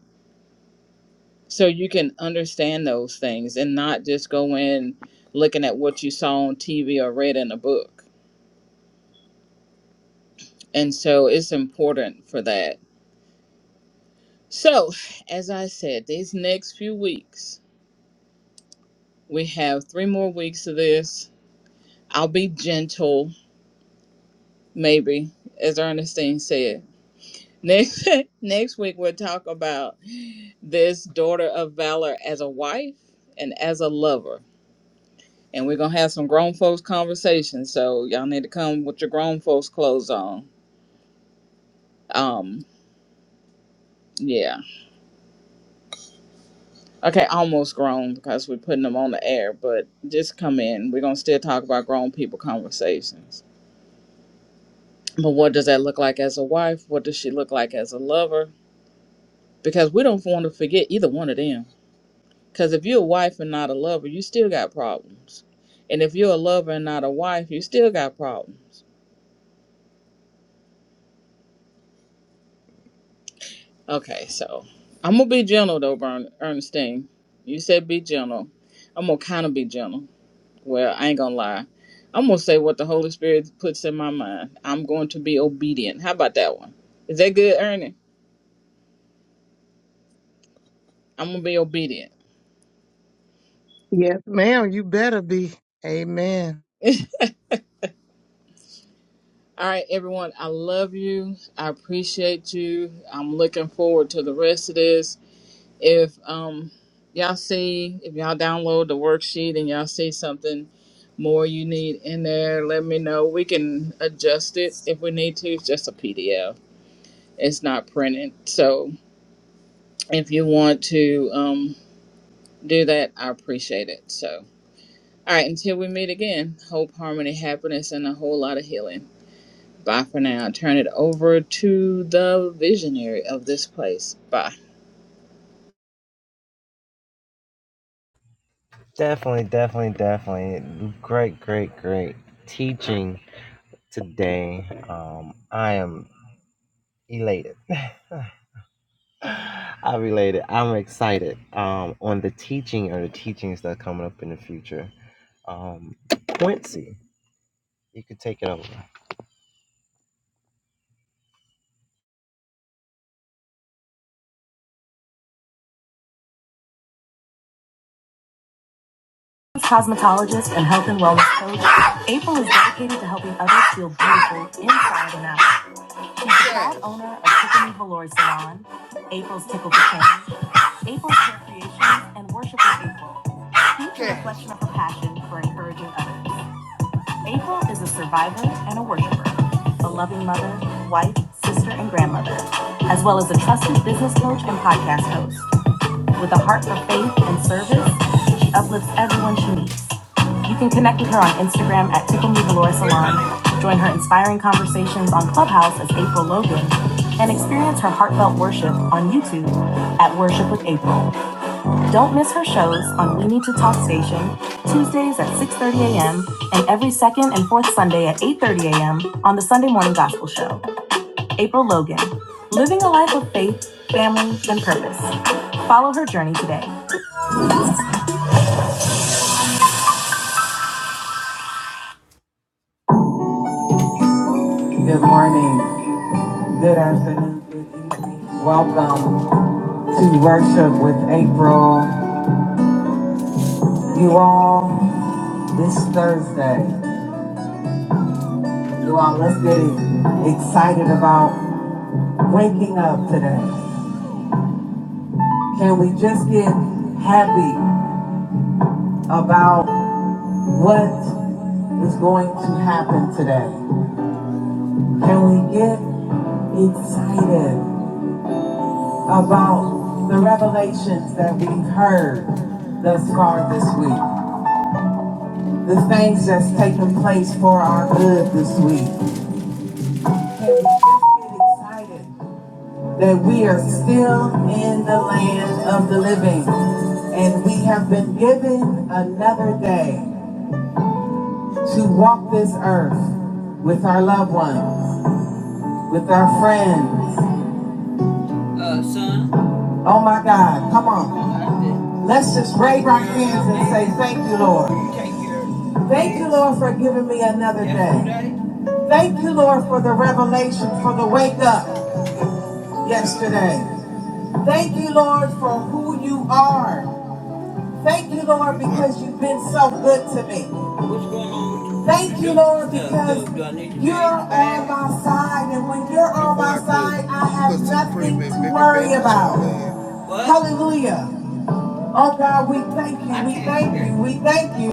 S2: so you can understand those things and not just go in looking at what you saw on TV or read in a book. And so it's important for that. So, as I said, these next few weeks, we have three more weeks of this. I'll be gentle, maybe, as Ernestine said. Next, next week, we'll talk about this daughter of valor as a wife and as a lover and we're gonna have some grown folks conversations. So y'all need to come with your grown folks clothes on. Um, yeah, okay, almost grown because we're putting them on the air, but just come in. We're gonna still talk about grown people conversations. But what does that look like as a wife? What does she look like as a lover? Because we don't want to forget either one of them. Because if you're a wife and not a lover, you still got problems. And if you're a lover and not a wife, you still got problems. Okay, so I'm gonna be gentle though, Bern- Ernestine. You said be gentle. I'm gonna kind of be gentle. Well, I ain't gonna lie. I'm gonna say what the Holy Spirit puts in my mind. I'm going to be obedient. How about that one? Is that good, Ernie? I'm gonna be obedient.
S3: Yes, ma'am. You better be. Amen.
S2: All right, everyone. I love you. I appreciate you. I'm looking forward to the rest of this. If um y'all see if y'all download the worksheet and y'all see something more you need in there, let me know. We can adjust it if we need to. It's just a PDF. It's not printed. So if you want to um do that, I appreciate it. So all right, until we meet again, hope, harmony, happiness, and a whole lot of healing. Bye for now. I Turn it over to the visionary of this place. Bye.
S5: Definitely, definitely, definitely. Great, great, great teaching today. Um, I am elated. I'm elated. I'm excited. Um, on the teaching or the teachings that are coming up in the future. Um, Quincy, you could take it over.
S6: Cosmetologist and health and wellness coach, April is dedicated to helping others feel beautiful inside and out. Is Brad owner of Tiffany Velour Salon, April's Tickle Bouquet, April's Hair Creations, and Worship with April. Each a reflection of her passion for encouraging others. April is a survivor and a worshiper, a loving mother, wife, sister, and grandmother, as well as a trusted business coach and podcast host. With a heart for faith and service, she uplifts everyone she meets. You can connect with her on Instagram at Tickle Me Valora Salon, join her inspiring conversations on Clubhouse as April Logan, and experience her heartfelt worship on YouTube at Worship with April. Don't miss her shows on We Need to Talk Station, Tuesdays at 6.30 a.m., and every second and fourth Sunday at 8.30 a.m. on the Sunday Morning Gospel Show. April Logan, living a life of faith, family, and purpose. Follow her journey today. Good morning, good afternoon, good evening. Welcome to worship with April. You all, this Thursday, you all, let's get excited about waking up today. Can we just get happy about what is going to happen today? Can we get excited about the revelations that we've heard thus far this week? the things that's taking place for our good this week. Can we just get excited that we are still in the land of the living and we have been given another day to walk this earth with our loved ones, with our friends. Uh, son? Oh my God, come on. Let's just raise our hands and say, Thank you, Lord. Thank you, Lord, for giving me another day. Thank you, Lord, for the revelation, for the wake up yesterday. Thank you, Lord, for who you are. Thank you, Lord, because you've been so good to me. Thank you, Lord, because you're on my side, and when you're on my side, I have nothing to worry about. Hallelujah. Oh God, we thank you, we thank you, we thank you.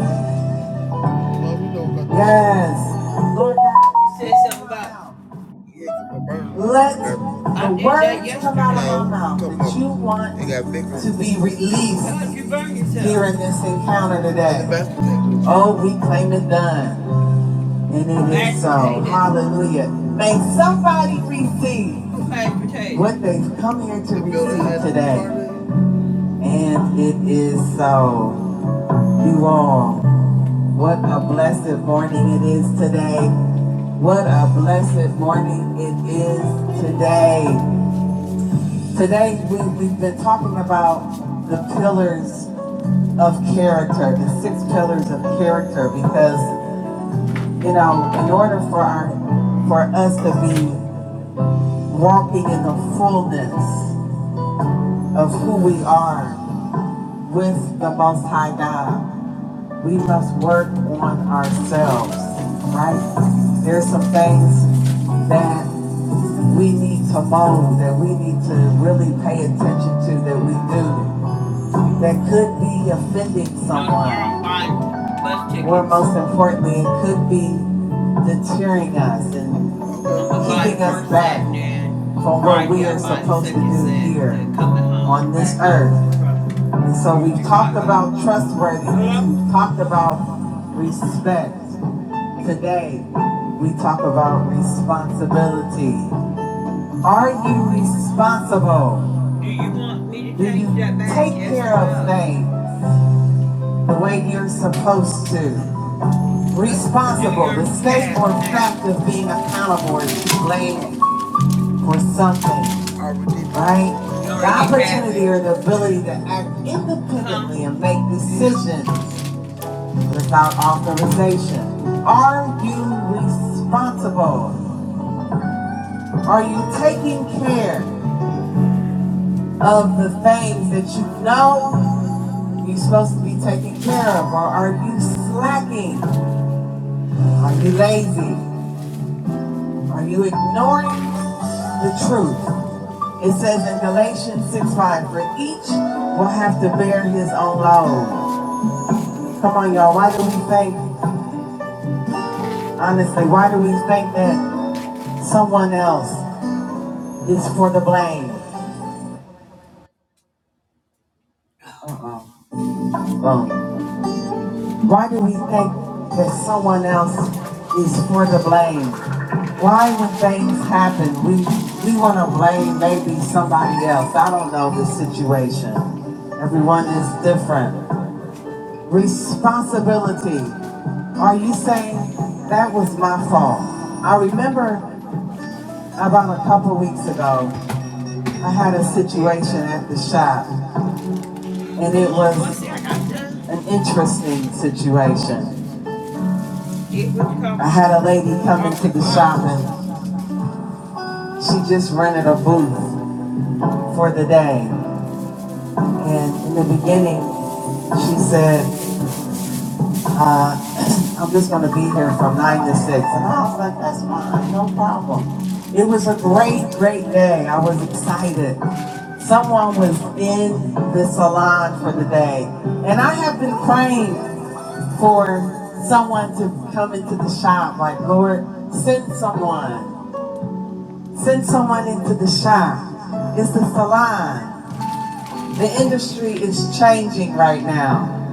S6: Yes. Lord God, you said something about let the words come out of our mouth that you want to be released here in this encounter today. Oh, we claim it done. And it is so. Hallelujah. May somebody receive what they've come here to receive today. And it is so you all. What a blessed morning it is today. What a blessed morning it is today. Today we, we've been talking about the pillars of character, the six pillars of character, because you know, in order for our for us to be walking in the fullness of who we are, with the Most High God. We must work on ourselves, right? There's some things that we need to mold, that we need to really pay attention to, that we do, that could be offending someone. or most importantly, it could be deterring us and Keeping us back from right what we are supposed to do here on this earth. And so we've talked about trustworthiness, we've talked about respect. Today, we talk about responsibility. Are you responsible? Do you want me to take that back? take Yes care of no? things the way you're supposed to? Responsible, the state or fact of being accountable is blamed for something. right? The opportunity or the ability to act independently and make decisions without authorization. Are you responsible? Are you taking care of the things that you know you're supposed to be taking care of? Or are you slacking? Are you lazy? Are you ignoring the truth. It says in Galatians 6 5, for each will have to bear his own load. Come on, y'all. Why do we think, honestly, why do we think that someone else is for the blame? Uh-uh. Wrong. Why do we think that someone else is for the blame? Why, when things happen, we we want to blame maybe somebody else? I don't know the situation. Everyone is different. Responsibility. Are you saying that was my fault? I remember about a couple weeks ago. I had a situation at the shop, and it was an interesting situation. I had a lady come into the shop, and she just rented a booth for the day. And in the beginning, she said, uh, I'm just going to be here from 9 to 6. And I was like, that's fine, no problem. It was a great, great day. I was excited. Someone was in the salon for the day. And I have been praying for someone to come into the shop. Like, Lord, send someone. Send someone into the shop. It's the salon. The industry is changing right now.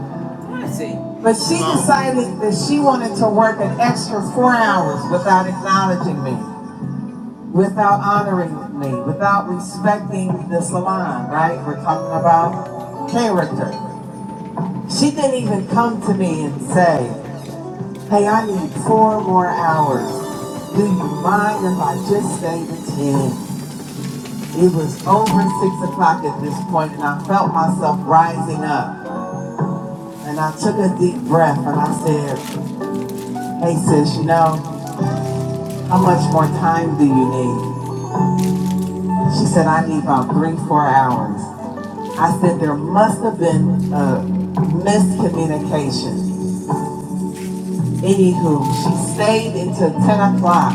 S6: But she decided that she wanted to work an extra four hours without acknowledging me, without honoring me, without respecting the salon, right? We're talking about character. She didn't even come to me and say, Hey, I need four more hours. Do you mind if I just stay to 10? It was over 6 o'clock at this point, and I felt myself rising up. And I took a deep breath and I said, Hey, sis, you know, how much more time do you need? She said, I need about three, four hours. I said, There must have been a miscommunication. Anywho, she stayed until 10 o'clock.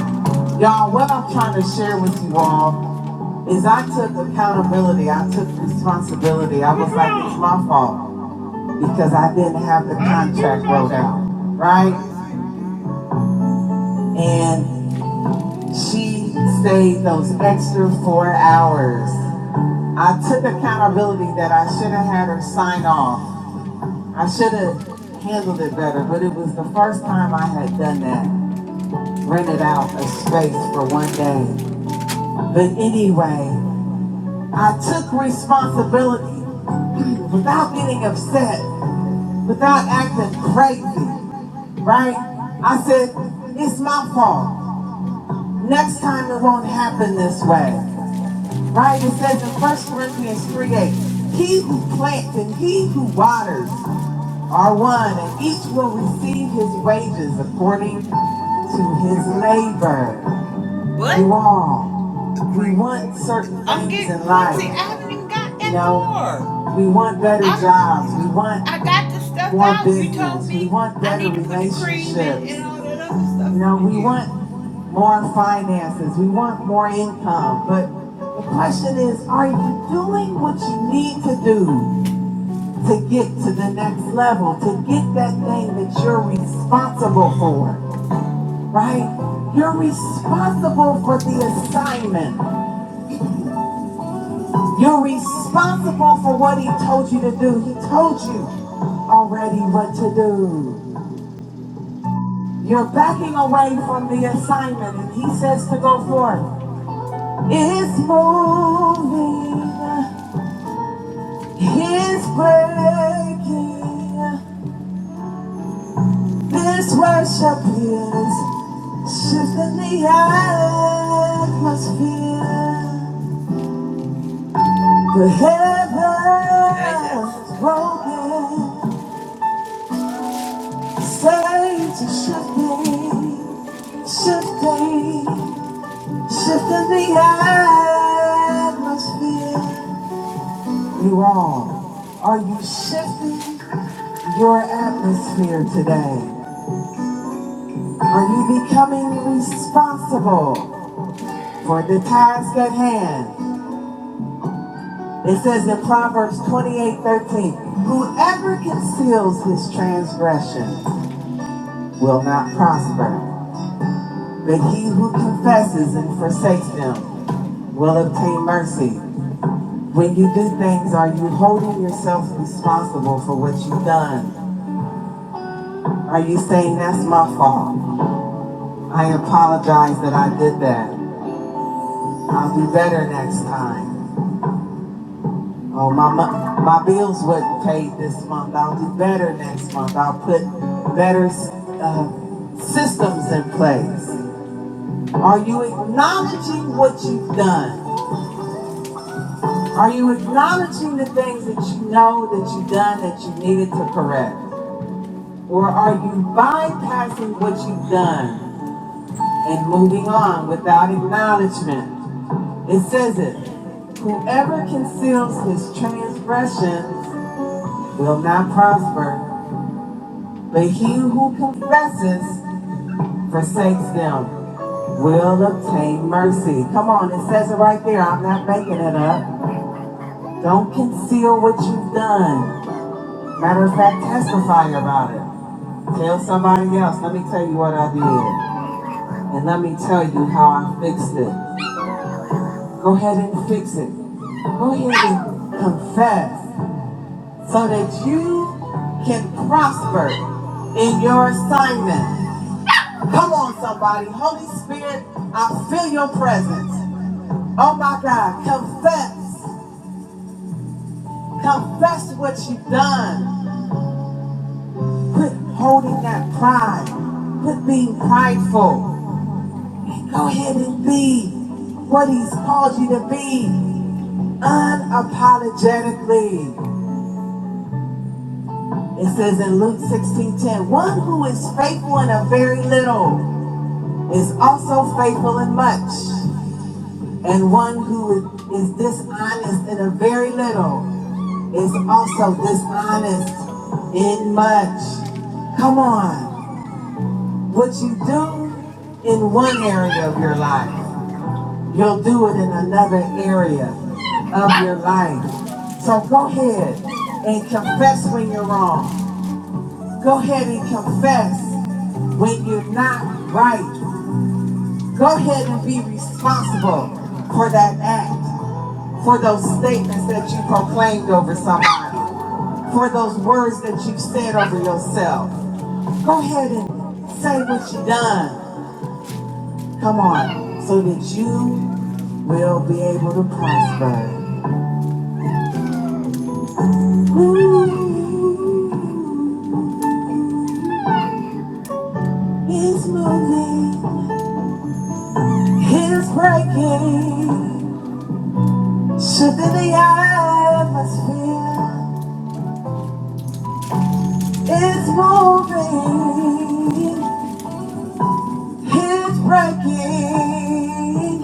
S6: Y'all, what I'm trying to share with you all is I took accountability. I took responsibility. I was like, it's my fault because I didn't have the contract wrote out, right? And she stayed those extra four hours. I took accountability that I should have had her sign off. I should have handled it better, but it was the first time I had done that. rented out a space for one day. But anyway, I took responsibility without getting upset, without acting crazy, right? I said, it's my fault. Next time it won't happen this way, right? It says in First Corinthians 3 8, he who plants and he who waters are one, and each will receive his wages according to his labor. What? You all. We want certain I'm things getting in life. see, I haven't even got that You know, far. we want better I jobs. We want I got the stuff more out. You told business. We me we want I better I need to put cream in relationships. and all that other stuff. You know, with we you. want more finances. We want more income. But the question is, are you doing what you need to do to get to the next level, to get that thing that you're responsible for, right? You're responsible for the assignment. You're responsible for what he told you to do. He told you already what to do. You're backing away from the assignment, and he says to go forth. It's moving, it's breaking. This worship is shifting the atmosphere. The heavens broken. Birds are shifting, shifting, shifting the atmosphere. You all, are you shifting your atmosphere today? Are you becoming responsible for the task at hand? It says in Proverbs 28:13, whoever conceals his transgression will not prosper. But he who confesses and forsakes them will obtain mercy. When you do things, are you holding yourself responsible for what you've done? Are you saying, that's my fault? I apologize that I did that. I'll do better next time. Oh, my, my bills wasn't paid this month. I'll do better next month. I'll put better uh, systems in place. Are you acknowledging what you've done? Are you acknowledging the things that you know that you've done that you needed to correct? Or are you bypassing what you've done and moving on without acknowledgement? It says it Whoever conceals his transgressions will not prosper, but he who confesses forsakes them will obtain mercy. Come on, it says it right there. I'm not making it up. Don't conceal what you've done. Matter of fact, testify about it. Tell somebody else. Let me tell you what I did. And let me tell you how I fixed it. Go ahead and fix it. Go ahead and confess so that you can prosper in your assignment. Come on, somebody. Holy Spirit, I feel your presence. Oh my God, confess. Confess what you've done. Quit holding that pride. Quit being prideful. Go ahead and be what He's called you to be unapologetically. It says in Luke sixteen ten, one who is faithful in a very little is also faithful in much. And one who is dishonest in a very little is also dishonest in much. Come on. What you do in one area of your life You'll do it in another area of your life. So go ahead and confess when you're wrong. Go ahead and confess when you're not right. Go ahead and be responsible for that act, for those statements that you proclaimed over somebody for those words that you've said over yourself. Go ahead and say what you done. Come on, so that you will be able to prosper. Ooh, He's moving, he's breaking, shifting the atmosphere. It's moving, he's breaking.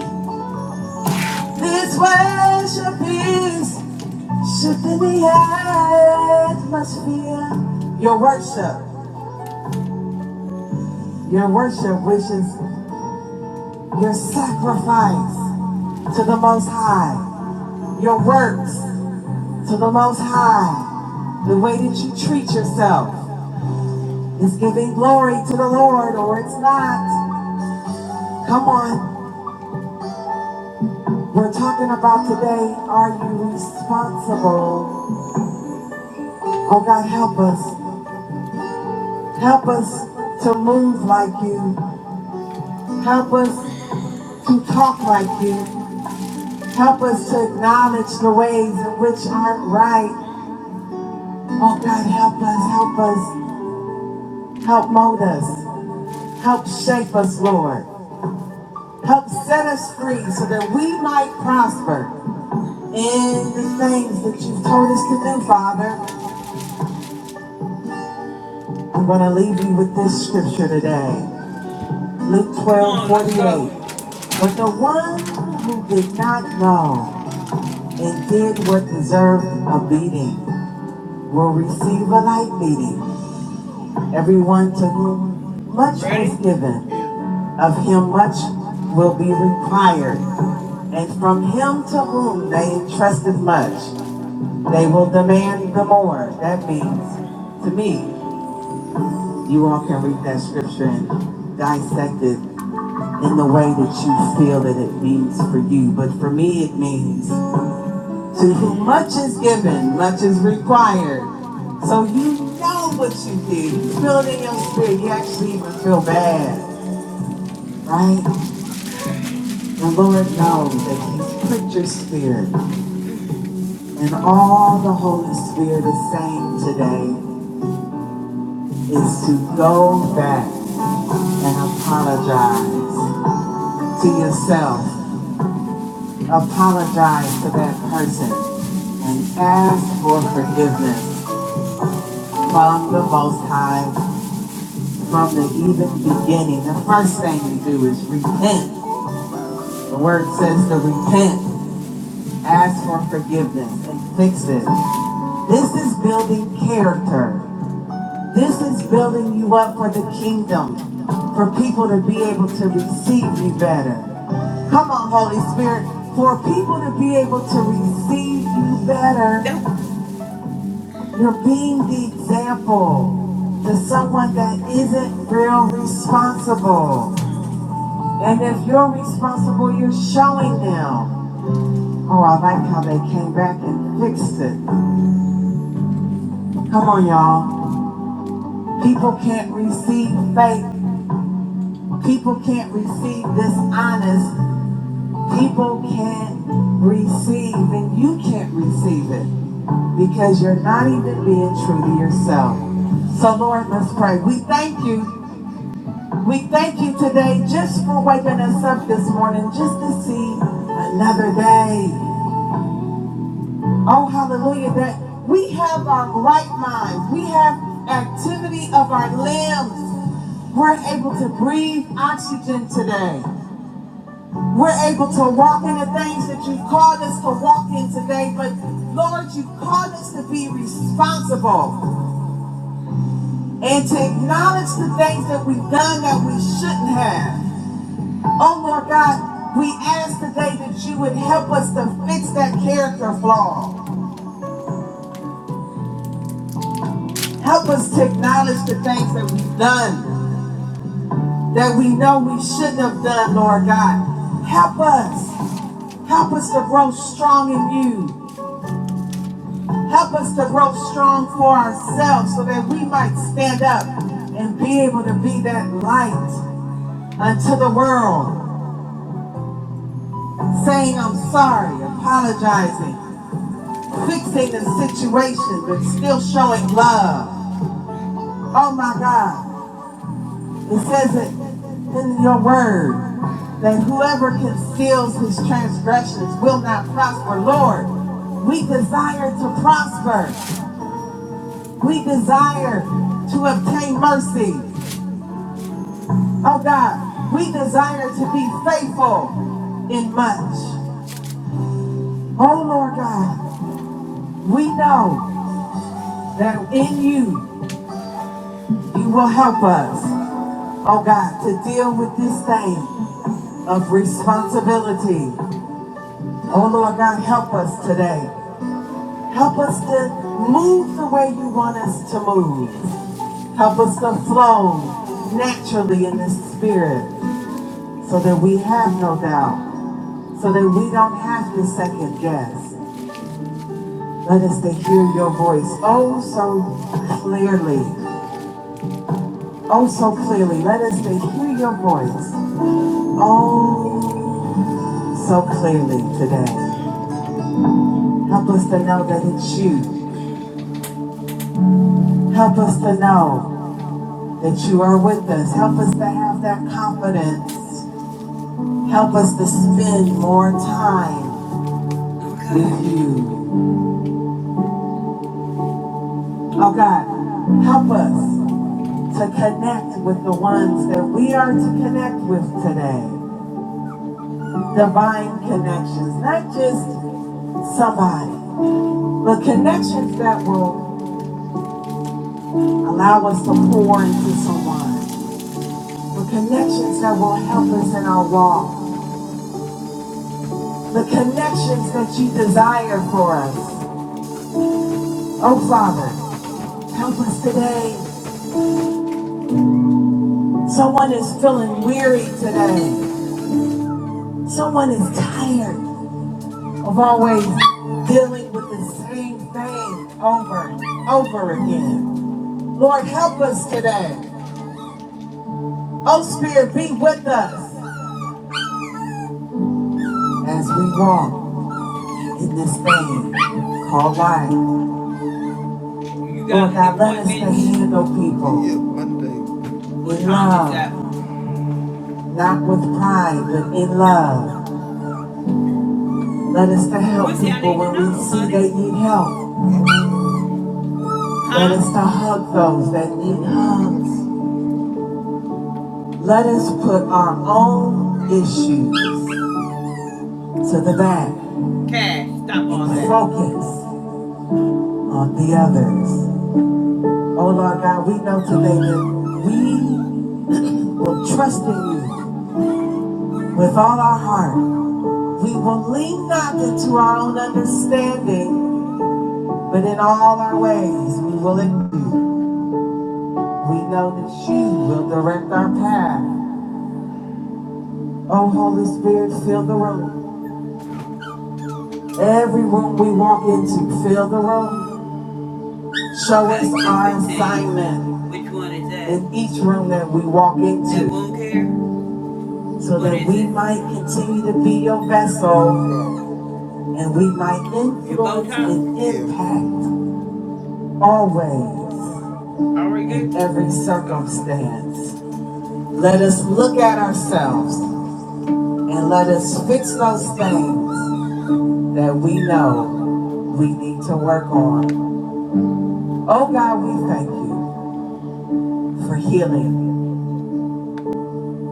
S6: This worship is shifting the atmosphere. Your worship, your worship, which is your sacrifice to the Most High, your works. to the Most High. The way that you treat yourself is giving glory to the Lord, or it's not. Come on, we're talking about today. Are you responsible? Oh God, help us. Help us to move like you. Help us to talk like you. Help us to acknowledge the ways in which aren't right. Oh God, help us, help us, help mold us, help shape us, Lord. Help set us free so that we might prosper in the things that you've told us to do, Father. I'm going to leave you with this scripture today Luke 12:48. But the one who did not know and did what deserved a beating will receive a light beating. Everyone to whom much is given, of him much will be required. And from him to whom they entrusted much, They will demand the more. That means, to me, you all can read that scripture and dissect it in the way that you feel that it means for you. But for me, it means to whom much is given, much is required. So you know what you did. You feel it in your spirit. You actually even feel bad, right? The Lord knows that He's pricked your spirit. And all the Holy Spirit is saying today is to go back and apologize to yourself. Apologize to that person and ask for forgiveness from the Most High from the even beginning. The first thing you do is repent. The word says to repent, ask for forgiveness, and fix it. This is building character. This is building you up for the kingdom, for people to be able to receive you better. Come on, Holy Spirit, for people to be able to receive you better. You're being the example to someone that isn't real responsible. And if you're responsible, you're showing them. Oh, I like how they came back and fixed it. Come on, y'all. People can't receive faith. People can't receive this honest People can't receive, and you can't receive it because you're not even being true to yourself. So, Lord, let's pray. We thank you. We thank you today just for waking us up this morning, just to see another day. Oh, hallelujah, that we have our right minds, we have activity of our limbs. We're able to breathe oxygen today. We're able to walk in the things that you've called us to walk in today, but Lord, you've called us to be responsible and to acknowledge the things that we've done that we shouldn't have. Oh Lord God, we ask today that you would help us to fix that character flaw. Help us to acknowledge the things that we've done that we know we shouldn't have done, Lord God. Help us. Help us to grow strong in you. Help us to grow strong for ourselves so that we might stand up and be able to be that light unto the world, saying I'm sorry, apologizing, fixing the situation, but still showing love. Oh my God. It says it in your word that whoever conceals his transgressions will not prosper. Lord, we desire to prosper. We desire to obtain mercy. Oh God, we desire to be faithful in much. Oh Lord God, we know that in you, you will help us, oh God, to deal with this thing of responsibility. Oh Lord God, help us today. Help us to move the way you want us to move. Help us to flow naturally in the spirit. so that we have no doubt, so that we don't have to second guess. Let us to hear your voice oh so clearly, oh so clearly. Let us to hear your voice oh so clearly today. Help us to know that it's you. Help us to know that you are with us. Help us to have that confidence. Help us to spend more time with you. Oh God, help us to connect with the ones that we are to connect with today. Divine connections, not just somebody, but connections that will allow us to pour into someone, the connections that will help us in our walk, the connections that you desire for us. Oh, Father, help us today. Someone is feeling weary today, someone is tired. of always dealing with the same thing over and over again. Lord, help us today. Oh, Spirit, be with us as we walk in this thing called life. Lord, God, let us stay handle people Yeah, in love, not with pride, but in love. Let us to help people when we see they need help. Let us to hug those that need hugs. Let us put our own issues to the back Okay, stop all and that. focus on the others. Oh Lord God, we know today that we will trust in you with all our heart. We will lean not into our own understanding, but in all our ways we will acknowledge you. We know that you will direct our path. Oh Holy Spirit, fill the room. Every room we walk into, fill the room. Show us our assignment. In each room that we walk into. So that we might continue to be your vessel and we might influence and impact always in every circumstance. Let us look at ourselves and let us fix those things that we know we need to work on. Oh God, we thank you for healing.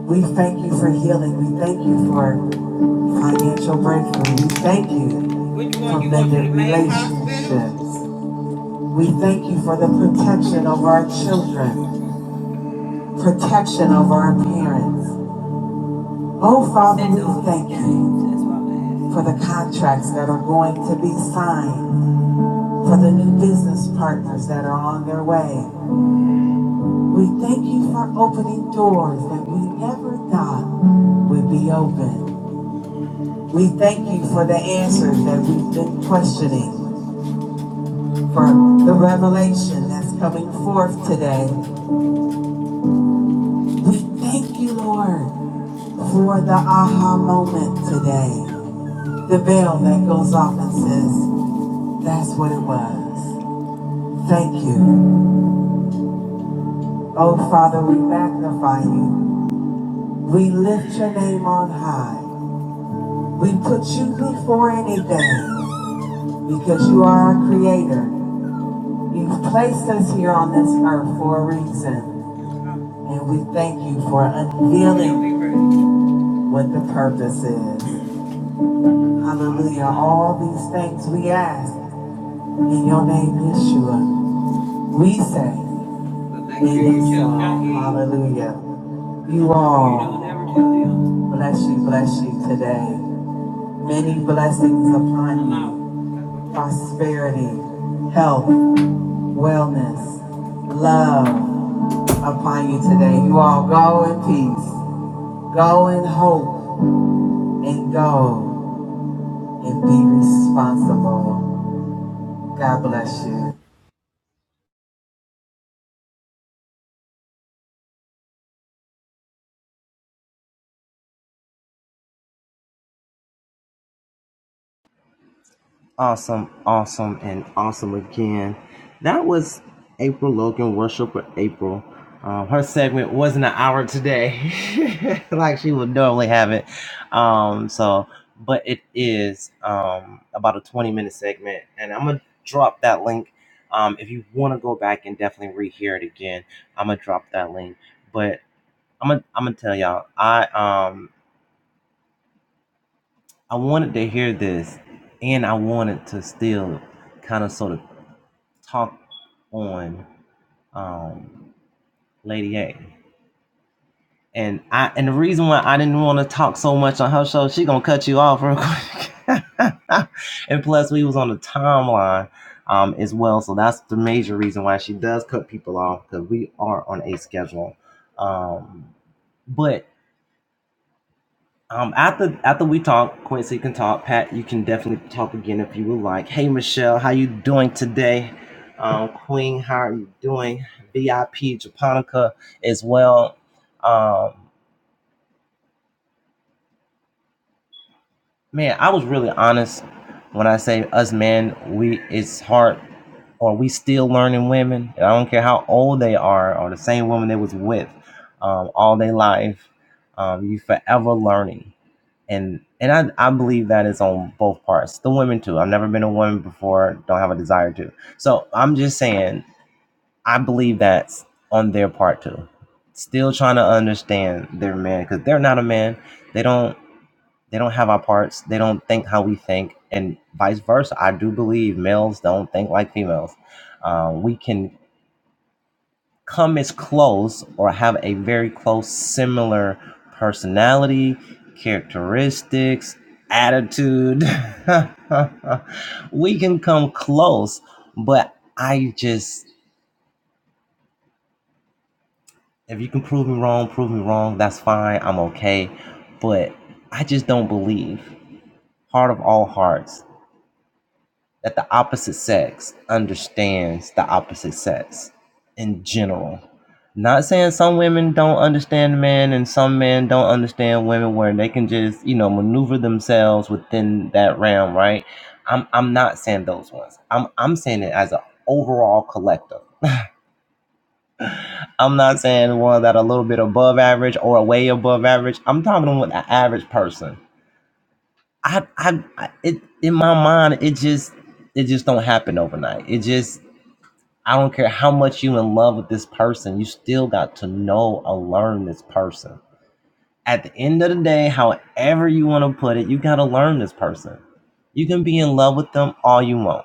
S6: We thank you for healing. We thank you for financial breakthrough. We thank you for one mended relationships. We thank you for the protection of our children, protection of our parents. Oh, Father, we thank you for the contracts that are going to be signed, for the new business partners that are on their way. We thank you for opening doors that we never thought would be open. We thank you for the answers that we've been questioning, for the revelation that's coming forth today. We thank you, Lord, for the aha moment today. The bell that goes off and says, that's what it was. Thank you. Oh, Father, we magnify you. We lift your name on high. We put you before anything because you are our creator. You've placed us here on this earth for a reason. And we thank you for unveiling what the purpose is. Hallelujah. All these things we ask in your name, Yeshua. We say in this song, hallelujah. You all, bless you, bless you today. Many blessings upon you. Prosperity, health, wellness, love upon you today. You all go in peace. Go in hope. and go and be responsible. God bless you.
S5: Awesome, awesome, and awesome again. That was April Logan, worshiper April. Um, her segment wasn't an hour today, like she would normally have it. Um, so, but it is um, about a 20 minute segment, and I'm gonna drop that link. Um, if you want to go back and definitely rehear it again, I'm gonna drop that link. But I'm gonna I'm gonna tell y'all, I um I wanted to hear this, and I wanted to still kind of sort of talk on um Lady A. And I and the reason why I didn't want to talk so much on her show, she gonna cut you off real quick. and plus we was on the timeline um as well. So that's the major reason why she does cut people off because we are on a schedule. Um but Um, after after we talk, Quincy can talk. Pat, you can definitely talk again if you would like. Hey, Michelle, how you doing today? Um, Queen, how are you doing? VIP Japonica as well. Um, man, I was really honest when I say us men. We it's hard, or we still learning women. And I don't care how old they are, or the same woman they was with um, all their life. Um, you forever learning and and I, I believe that is on both parts the women too i've never been a woman before don't have a desire to so i'm just saying i believe that's on their part too still trying to understand their man because they're not a man they don't they don't have our parts they don't think how we think and vice versa i do believe males don't think like females uh, we can come as close or have a very close similar personality, characteristics, attitude. we can come close, but I just if you can prove me wrong, prove me wrong, that's fine. I'm okay. But I just don't believe. Heart of all hearts. that the opposite sex understands the opposite sex in general. Not saying some women don't understand men and some men don't understand women where they can just, you know, maneuver themselves within that realm, right? I'm I'm not saying those ones. I'm I'm saying it as an overall collective. I'm not saying the ones that are a little bit above average or way above average. I'm talking about the average person. I, I, I it in my mind, it just it just don't happen overnight. It just I don't care how much you in love with this person, you still got to know or learn this person. At the end of the day, however you want to put it, you got to learn this person. You can be in love with them all you want.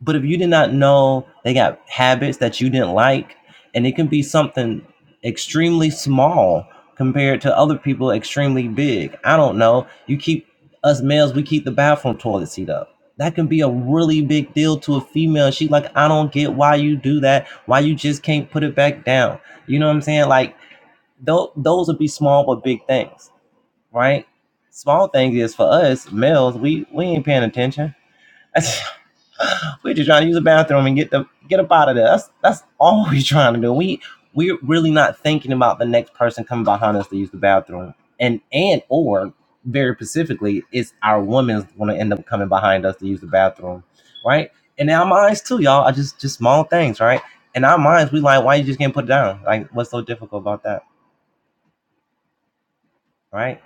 S5: But if you did not know they got habits that you didn't like, and it can be something extremely small compared to other people extremely big. I don't know. You keep us males, we keep the bathroom toilet seat up. That can be a really big deal to a female. She's like, I don't get why you do that. Why you just can't put it back down. You know what I'm saying? Like, th- those would be small but big things, right? Small thing is for us males, we, we ain't paying attention. We're just trying to use the bathroom and get the get up out of there. That's that's all we're trying to do. We we're really not thinking about the next person coming behind us to use the bathroom. And and or very specifically, it's our woman's gonna end up coming behind us to use the bathroom. Right? And our minds too, y'all, are just just small things, right? In our minds, we like, why you just can't put it down? Like, what's so difficult about that? Right?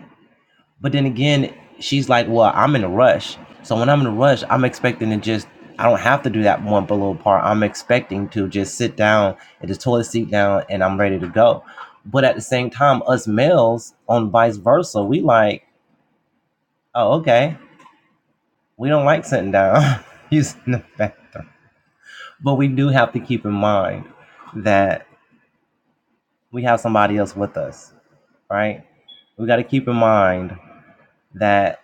S5: But then again, she's like, well, I'm in a rush. So when I'm in a rush, I'm expecting to just, I don't have to do that one below part. I'm expecting to just sit down at the toilet seat down and I'm ready to go. But at the same time, us males on vice versa, we like, oh, okay, we don't like sitting down using the bathroom. But we do have to keep in mind that we have somebody else with us, right? We got to keep in mind that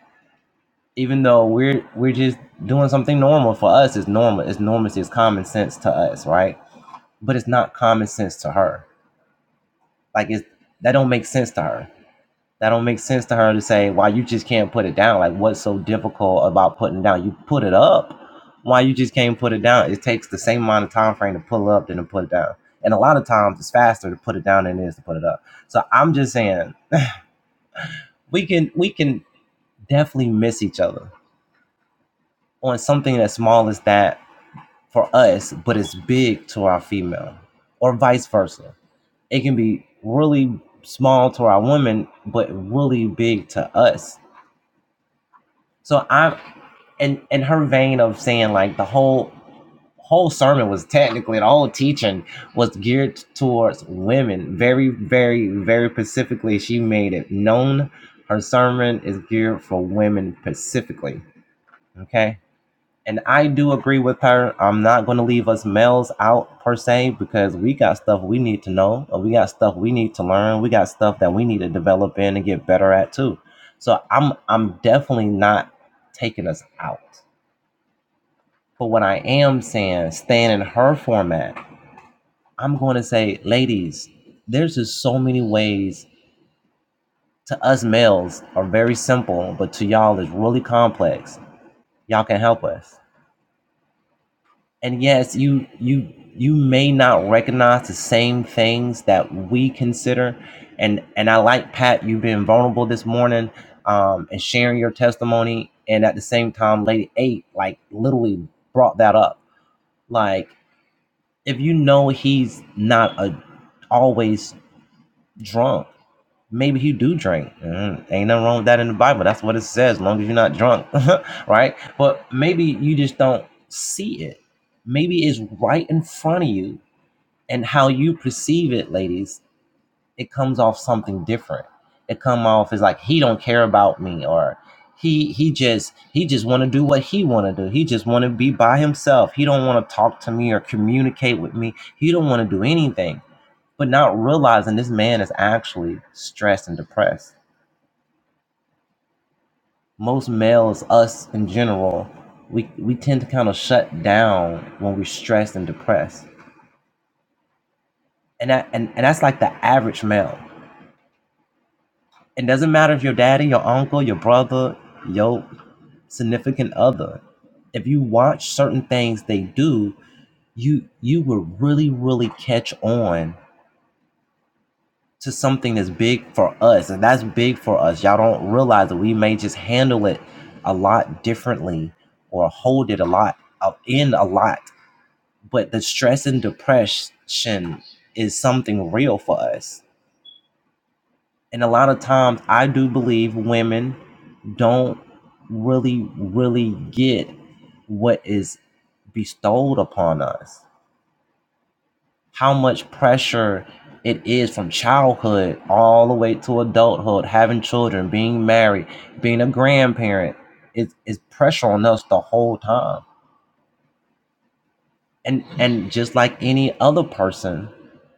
S5: even though we're we're just doing something normal for us it's normal it's normalcy, it's common sense to us right but it's not common sense to her like it's that don't make sense to her that don't make sense to her to say why you just can't put it down like what's so difficult about putting it down you put it up why you just can't put it down it takes the same amount of time frame to pull up than to put it down and a lot of times it's faster to put it down than it is to put it up so i'm just saying we can we can definitely miss each other on something as small as that for us, but it's big to our female, or vice versa. It can be really small to our woman, but really big to us. So I'm in in her vein of saying like the whole whole sermon was technically the whole teaching was geared towards women very very very specifically she made it known her sermon is geared for women specifically okay And I do agree with her. I'm not going to leave us males out per se because we got stuff we need to know. Or we got stuff we need to learn. We got stuff that we need to develop in and get better at too. So I'm I'm definitely not taking us out. But what I am saying, staying in her format, I'm going to say, ladies, there's just so many ways to us males are very simple, but to y'all is really complex. Y'all can help us and yes you you you may not recognize the same things that we consider and and i like pat you being vulnerable this morning um and sharing your testimony and at the same time lady eight like literally brought that up like if you know he's not a always drunk maybe he do drink. Mm, ain't nothing wrong with that in the Bible. That's what it says, as long as you're not drunk, right? But maybe you just don't see it. Maybe it's right in front of you, and how you perceive it, ladies, it comes off something different. It come off as like he don't care about me, or he he just he just want to do what he want to do. He just want to be by himself. He don't want to talk to me or communicate with me. He don't want to do anything. But not realizing this man is actually stressed and depressed most males, us in general, we we tend to kind of shut down when we're stressed and depressed, and that and, and that's like the average male. It doesn't matter if your daddy, your uncle, your brother, your significant other. If you watch certain things they do, you you will really really catch on to something that's big for us, and that's big for us. Y'all don't realize that we may just handle it a lot differently or hold it a lot uh, in a lot but the stress and depression is something real for us. And a lot of times, I do believe women don't really, really get what is bestowed upon us, how much pressure it is from childhood all the way to adulthood, having children, being married, being a grandparent. It, it's pressure on us the whole time. and and just like any other person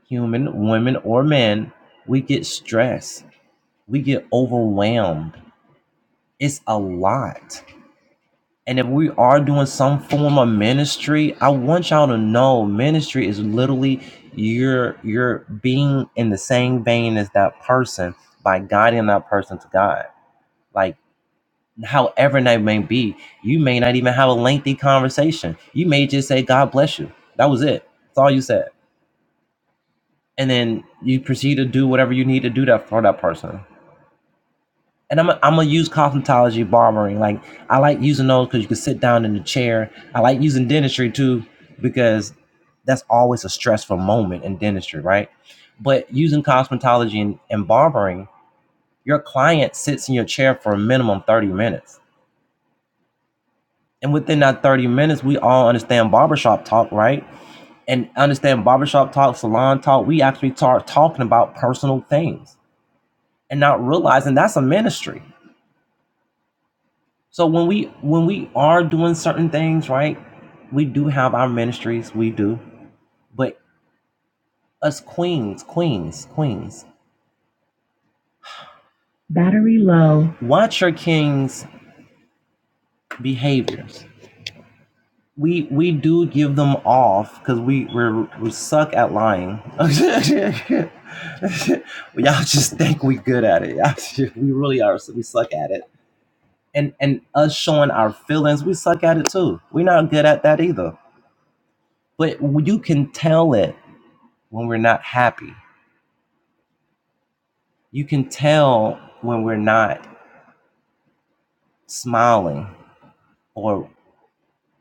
S5: human women or men we get stressed we get overwhelmed it's a lot and if we are doing some form of ministry i want y'all to know ministry is literally you're you're being in the same vein as that person by guiding that person to god like however that may be you may not even have a lengthy conversation you may just say god bless you that was it that's all you said and then you proceed to do whatever you need to do that for that person. And I'm i am i gonna use cosmetology, barbering. Like I like using those because you can sit down in the chair. I like using dentistry too because that's always a stressful moment in dentistry, right? But using cosmetology and, and barbering, your client sits in your chair for a minimum 30 minutes. And within that 30 minutes, we all understand barbershop talk, right? And understand barbershop talk, salon talk. We actually start talking about personal things and not realizing that's a ministry. So when we when we are doing certain things, right? We do have our ministries, we do. But us queens, queens, queens, Battery low. watch your king's behaviors. We we do give them off because we we're, we suck at lying. Y'all just think we good at it. Y'all- we really are. so We suck at it. And and us showing our feelings, we suck at it too. We're not good at that either. But you can tell it when we're not happy. You can tell when we're not smiling or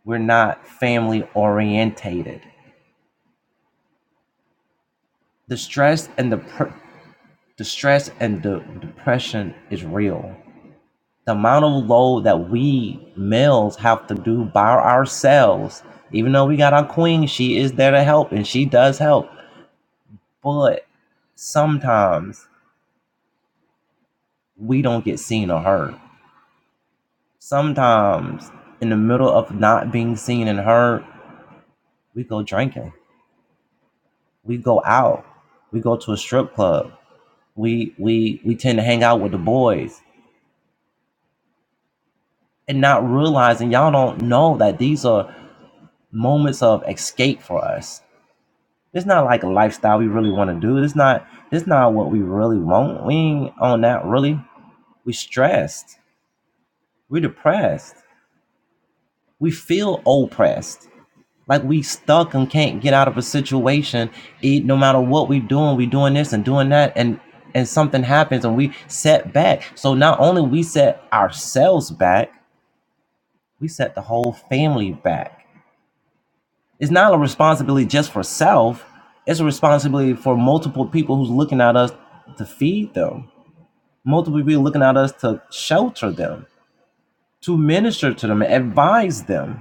S5: we're not family orientated. The stress and the pr- the stress and the depression is real. The amount of load that we males have to do by ourselves, even though we got our queen, she is there to help and she does help. But sometimes we don't get seen or heard Sometimes, in the middle of not being seen and heard, we go drinking. We go out. We go to a strip club. We we we tend to hang out with the boys and not realizing y'all don't know that these are moments of escape for us. It's not like a lifestyle we really want to do. It's not it's not what we really want. We ain't on that really. We stressed. We depressed. We feel oppressed Like we stuck and can't get out of a situation. It, no matter what we doing, we doing this and doing that, and and something happens and we set back. So not only we set ourselves back, we set the whole family back. It's not a responsibility just for self. It's a responsibility for multiple people who's looking at us to feed them, multiple people looking at us to shelter them, to minister to them, advise them.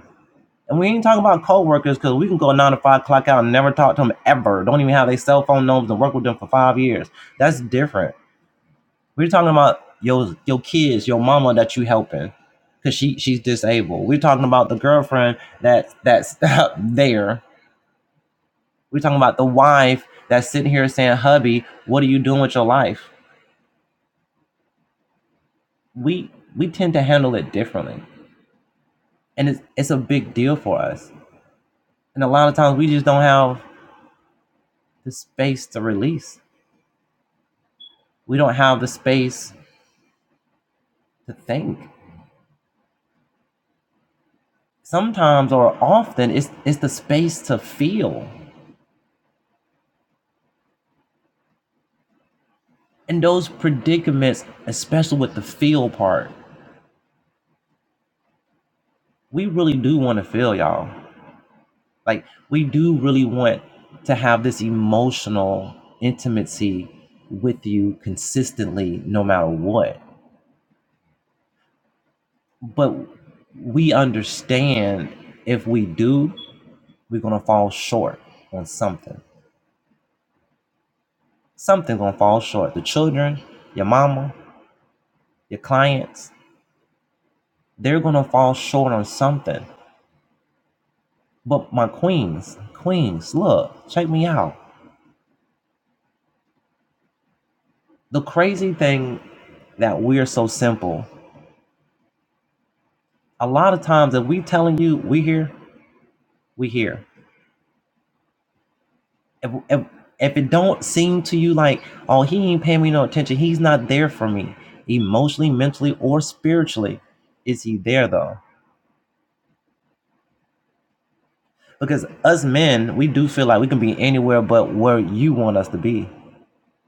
S5: And we ain't talking about coworkers because we can go nine to five clock out and never talk to them ever. Don't even have their cell phone numbers and work with them for five years. That's different. We're talking about your your kids, your mama that you helping because she she's disabled. We're talking about the girlfriend that that's there. We're talking about the wife that's sitting here saying, "Hubby, what are you doing with your life?" We we tend to handle it differently, and it's it's a big deal for us. And a lot of times we just don't have the space to release we don't have the space to think. Sometimes or often it's it's the space to feel. And those predicaments, especially with the feel part, we really do want to feel, y'all. Like we do really want to have this emotional intimacy with you consistently no matter what. But we understand if we do, we're gonna fall short on something. Something's gonna fall short. The children, your mama, your clients, they're gonna fall short on something. But my queens, queens, look, check me out. The crazy thing that we're so simple. A lot of times, if we telling you we here, we here. If, if if it don't seem to you like, oh, he ain't paying me no attention, he's not there for me, emotionally, mentally, or spiritually, is he there though? Because us men, we do feel like we can be anywhere but where you want us to be.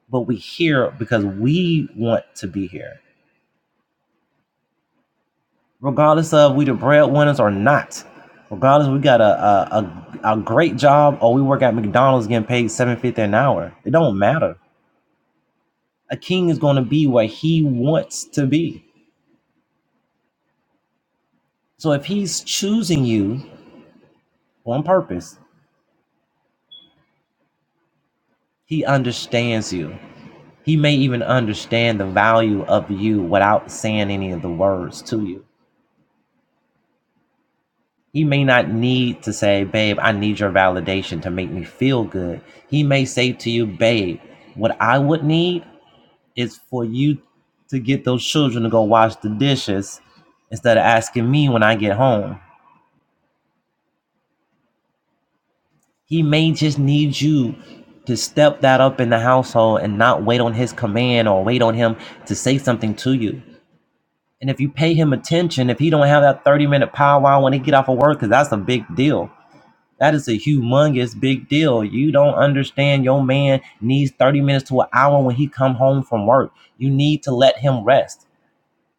S5: but we here because we want to be here, regardless of we the breadwinners or not. Regardless, we got a a, a, a great job or we work at McDonald's getting paid seven fifty an hour. It don't matter. A king is going to be where he wants to be. So if he's choosing you on purpose, he understands you. He may even understand the value of you without saying any of the words to you He may not need to say, babe, I need your validation to make me feel good. He may say to you, babe, what I would need is for you to get those children to go wash the dishes instead of asking me when I get home. He may just need you to step that up in the household and not wait on his command or wait on him to say something to you. And if you pay him attention, if he don't have that 30 minute powwow when he get off of work, because that's a big deal That is a humongous big deal. You don't understand your man needs 30 minutes to an hour when he come home from work. You need to let him rest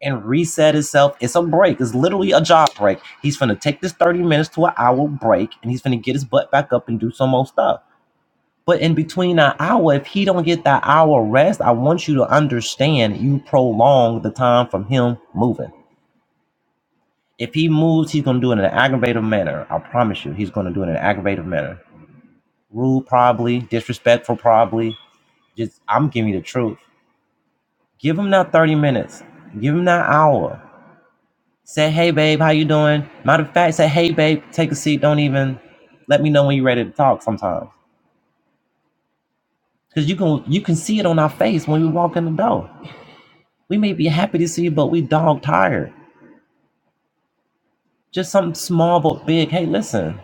S5: and reset himself. It's a break. It's literally a job break. He's gonna take this 30 minutes to an hour break and he's gonna get his butt back up and do some more stuff. But in between that hour, if he don't get that hour rest, I want you to understand you prolong the time from him moving. If he moves, he's gonna do it in an aggravative manner. I promise you, he's gonna do it in an aggravative manner rude probably, disrespectful probably. Just I'm giving you the truth. Give him that 30 minutes. Give him that hour. Say, hey babe, how you doing? Matter of fact, say, hey babe, take a seat. Don't even let me know when you're ready to talk sometimes. Cause you can you can see it on our face when we walk in the door. We may be happy to see you, but we dog tired. Just something small but big. Hey, listen,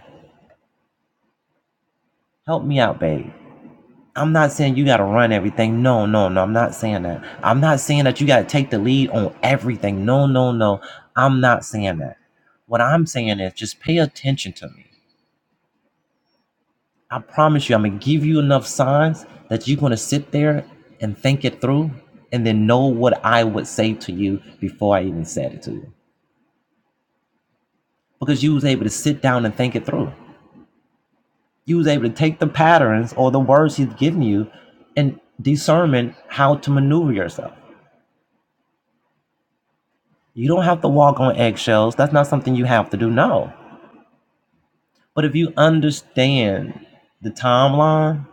S5: help me out, babe. I'm not saying you got to run everything. No, no, no. I'm not saying that. I'm not saying that you got to take the lead on everything. No, no, no. I'm not saying that. What I'm saying is just pay attention to me. I promise you, I'm going to give you enough signs that you're going to sit there and think it through and then know what I would say to you before I even said it to you. Because you was able to sit down and think it through. You was able to take the patterns or the words he's given you and discern how to maneuver yourself. You don't have to walk on eggshells. That's not something you have to do. No. But if you understand the timeline,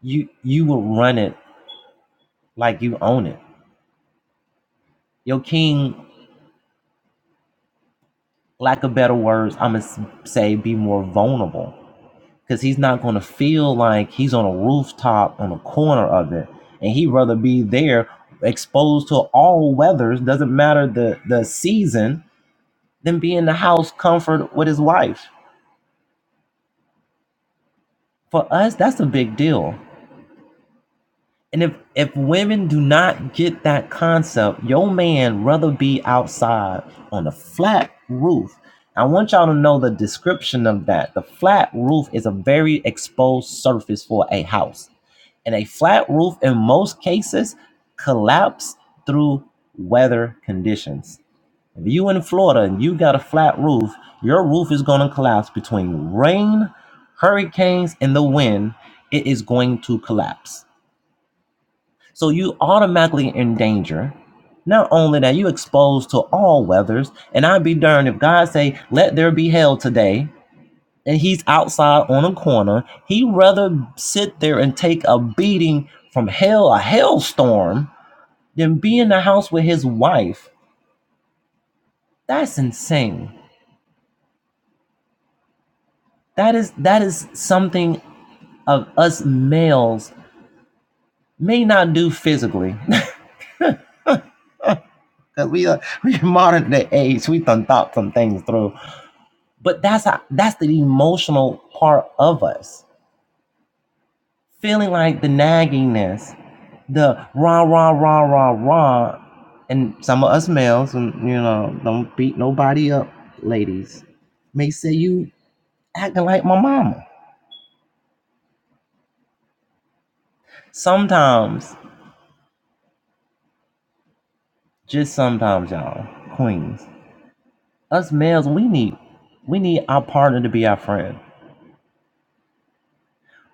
S5: you you will run it like you own it. Your king, lack of better words, I'm gonna say, be more vulnerable because he's not gonna feel like he's on a rooftop on a corner of it, and he'd rather be there exposed to all weathers, doesn't matter the the season, than be in the house comfort with his wife. For us, that's a big deal And if if women do not get that concept, your man rather be outside on a flat roof. I want y'all to know the description of that. The flat roof is a very exposed surface for a house. And a flat roof in most cases collapse through weather conditions. If you in Florida and you got a flat roof, your roof is going to collapse between rain, hurricanes and the wind. It is going to collapse so you automatically in danger. Not only that, you exposed to all weathers. And I'd be darned if God say, "Let there be hell today," and He's outside on a corner. He'd rather sit there and take a beating from hell, a hailstorm, than be in the house with his wife. That's insane. That is that is something of us males may not do physically. Cause we are we modern day age, we done thought some things through But that's a- that's the emotional part of us. Feeling like the naggingness, the rah rah rah rah rah, and some of us males, and you know, don't beat nobody up, ladies, may say you acting like my mama. Sometimes, just sometimes, y'all, queens, us males, we need we need our partner to be our friend.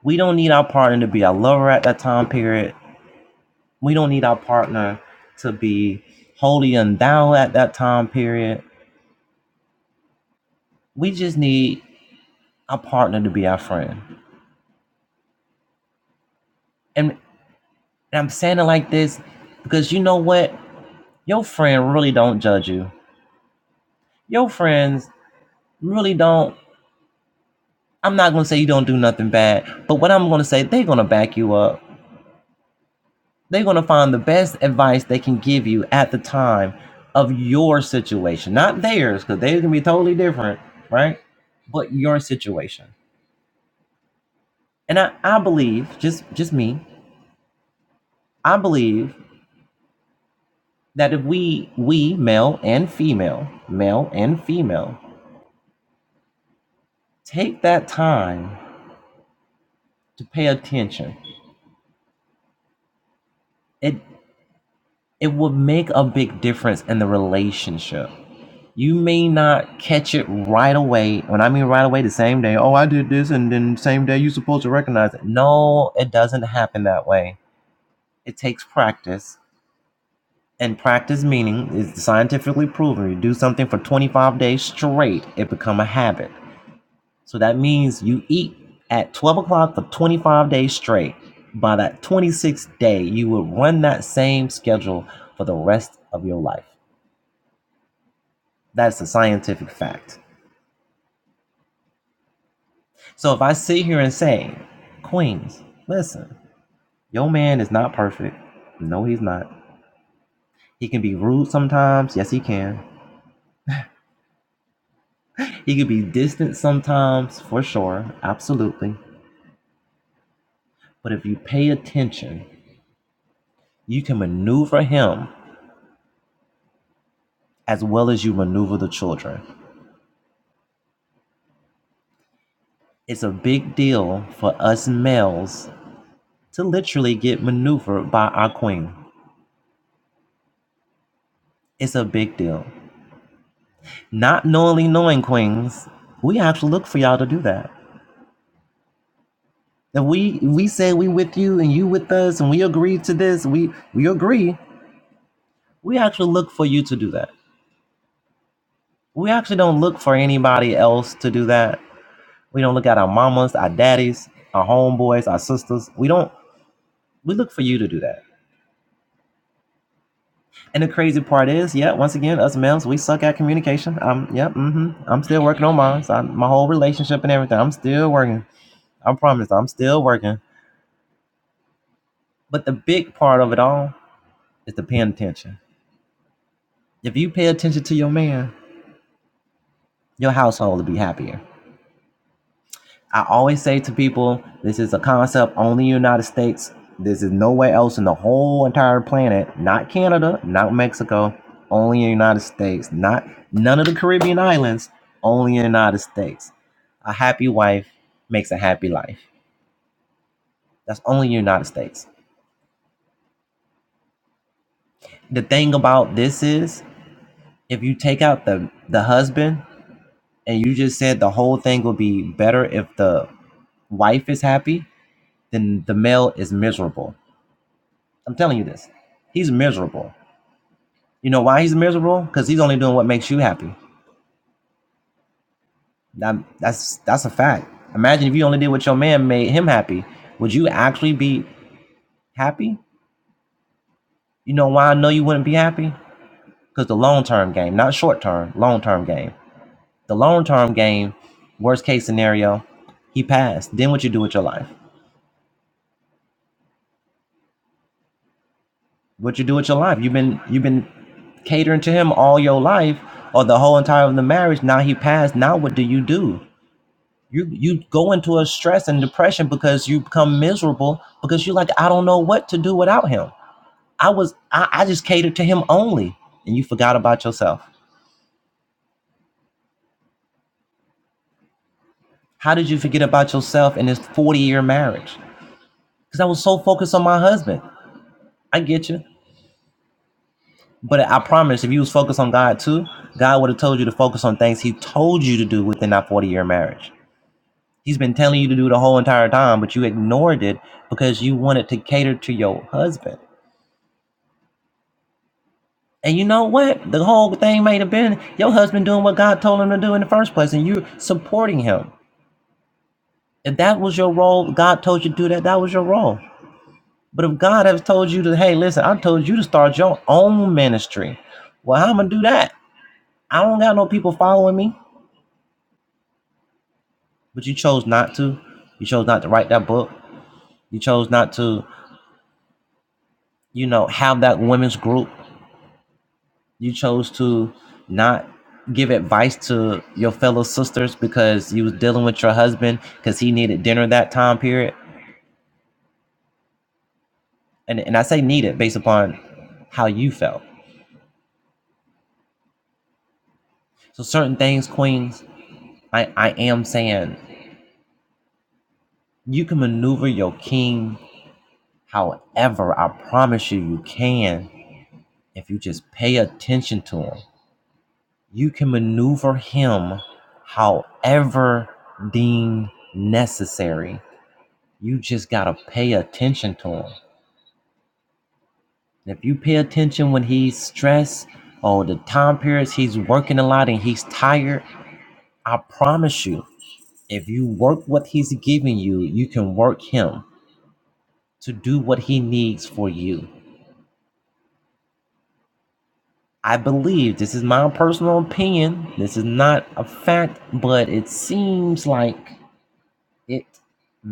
S5: We don't need our partner to be our lover at that time period. We don't need our partner to be wholly and down at that time period. We just need our partner to be our friend. And, and I'm saying it like this because you know what? Your friend really don't judge you. Your friends really don't. I'm not gonna say you don't do nothing bad, but what I'm gonna say, they're gonna back you up. They're gonna find the best advice they can give you at the time of your situation, not theirs, because they can be totally different, right? But your situation. And I, I believe, just just me, I believe that if we we male and female, male and female, take that time to pay attention, it it would make a big difference in the relationship. You may not catch it right away. When I mean right away, the same day. Oh, I did this, and then same day you're supposed to recognize it. No, it doesn't happen that way. It takes practice In practice, meaning is scientifically proven. You do something for 25 days straight, it become a habit. So that means you eat at 12 o'clock for 25 days straight. By that 26th day, you will run that same schedule for the rest of your life. That's a scientific fact. So if I sit here and say, Queens, listen, your man is not perfect. No, he's not. He can be rude sometimes. Yes, he can. He can be distant sometimes, for sure. Absolutely. But if you pay attention, you can maneuver him as well as you maneuver the children. It's a big deal for us males to literally get maneuvered by our queen. It's a big deal. Not knowingly knowing queens, we actually look for y'all to do that. If we we say we with you and you with us and we agree to this, we we agree. We actually look for you to do that. We actually don't look for anybody else to do that We don't look at our mamas, our daddies, our homeboys, our sisters. We don't. We look for you to do that. And the crazy part is, yeah, once again, us males, we suck at communication. Um, yep, mm-hmm. I'm still working on mine. So I'm- my whole relationship and everything, I'm still working. I promise, I'm still working. But the big part of it all is the paying attention. If you pay attention to your man, your household will be happier. I always say to people, this is a concept only in the United States. This is nowhere else in the whole entire planet. Not Canada, not Mexico, only in the United States. Not none of the Caribbean islands, only in the United States. A happy wife makes a happy life. That's only in the United States. The thing about this is, if you take out the the husband and you just said the whole thing will be better if the wife is happy, then the male is miserable I'm telling you this. He's miserable. You know why he's miserable? Because he's only doing what makes you happy. That- that's that's a fact. Imagine if you only did what your man made him happy. Would you actually be happy? You know why I know you wouldn't be happy? Because the long term game, not short term, long term game. The long term game, worst case scenario, he passed. Then what you do with your life? What you do with your life? You've been you've been catering to him all your life or the whole entire of the marriage. Now he passed. Now what do you do? You you go into a stress and depression because you become miserable because you're like, I don't know what to do without him. I was I, I just catered to him only. And you forgot about yourself. How did you forget about yourself in this 40 year marriage? Because I was so focused on my husband. I get you. But I promise if you was focused on God too, God would have told you to focus on things he told you to do within that 40 year marriage. He's been telling you to do the whole entire time, but you ignored it because you wanted to cater to your husband And you know what? The whole thing might have been your husband doing what God told him to do in the first place, and you supporting him. If that was your role, God told you to do that, that was your role. But if God has told you to, hey, listen, I told you to start your own ministry. Well, how am I gonna do that? I don't got no people following me. But you chose not to. You chose not to write that book. You chose not to, you know, have that women's group. You chose to not give advice to your fellow sisters because you was dealing with your husband because he needed dinner that time period. And and I say needed based upon how you felt. So certain things, queens, I, I am saying you can maneuver your king however I promise you you can if you just pay attention to him. You can maneuver him however deemed necessary You just gotta pay attention to him. And if you pay attention when he's stressed or the time periods he's working a lot and he's tired, I promise you, if you work what he's giving you, you can work him to do what he needs for you. I believe this is my personal opinion. This is not a fact, but it seems like it.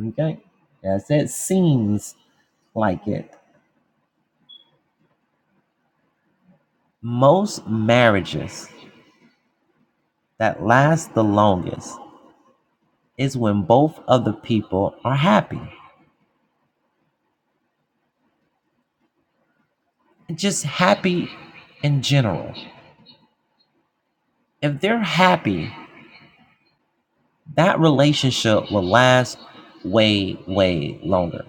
S5: Okay? Yes, it seems like it. Most marriages that last the longest is when both of the people are happy, just happy in general. If they're happy, that relationship will last way, way longer.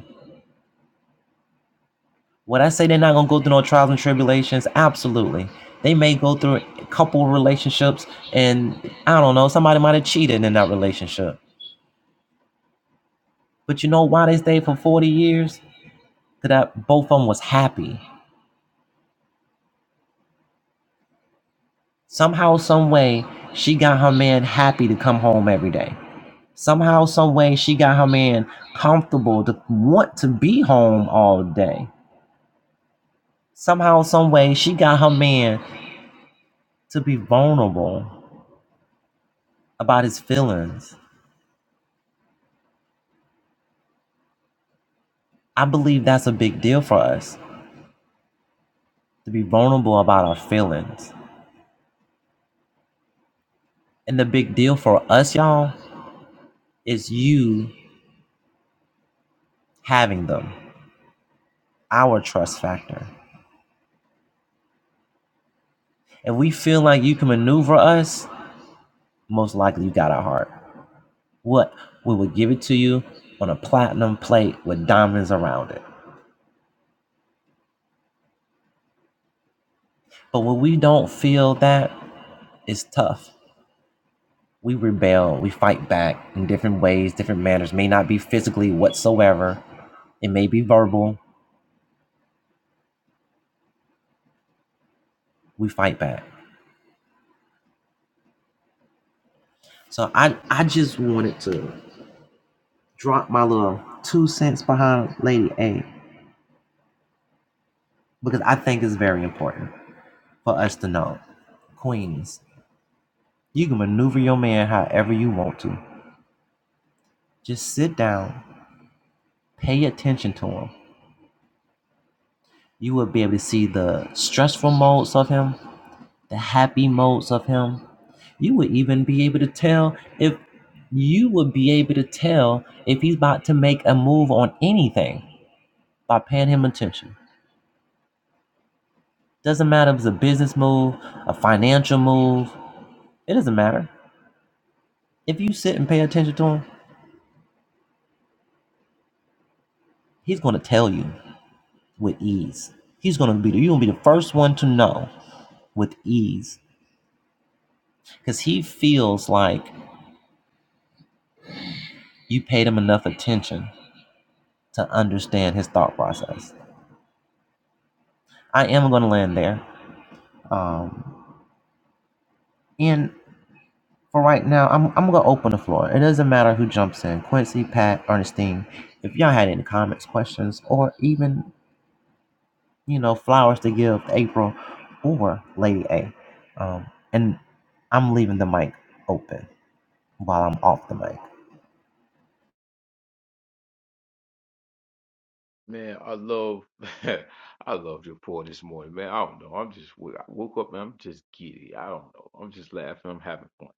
S5: Would I say they're not gonna go through no trials and tribulations? Absolutely. They may go through a couple relationships and I don't know, somebody might have cheated in that relationship. But you know why they stayed for 40 years? Cause that both of them was happy. Somehow, some way, she got her man happy to come home every day. Somehow, some way, she got her man comfortable to want to be home all day. Somehow, some way, she got her man to be vulnerable about his feelings. I believe that's a big deal for us to be vulnerable about our feelings. And the big deal for us, y'all, is you having them, our trust factor. If we feel like you can maneuver us, most likely you got our heart. What? We would give it to you on a platinum plate with diamonds around it. But when we don't feel that, it's tough. We rebel, we fight back in different ways, different manners, may not be physically whatsoever. It may be verbal. We fight back. So I, I just wanted to drop my little two cents behind Lady A because I think it's very important for us to know. Queens, you can maneuver your man however you want to. Just sit down, pay attention to him. You will be able to see the stressful modes of him the happy modes of him you would even be able to tell if you would be able to tell if he's about to make a move on anything by paying him attention doesn't matter if it's a business move a financial move it doesn't matter if you sit and pay attention to him he's going to tell you with ease he's going to be you're going to be the first one to know with ease because he feels like you paid him enough attention to understand his thought process i am going to land there Um, and for right now, I'm, I'm gonna open the floor. It doesn't matter who jumps in, Quincy, Pat, Ernestine. If y'all had any comments, questions, or even you know flowers to give to April or Lady A, um, and I'm leaving the mic open while I'm off the mic.
S4: Man, I love, I loved your pour this morning, man. I don't know. I'm just, w- I woke up and I'm just giddy. I don't know. I'm just laughing. I'm having fun.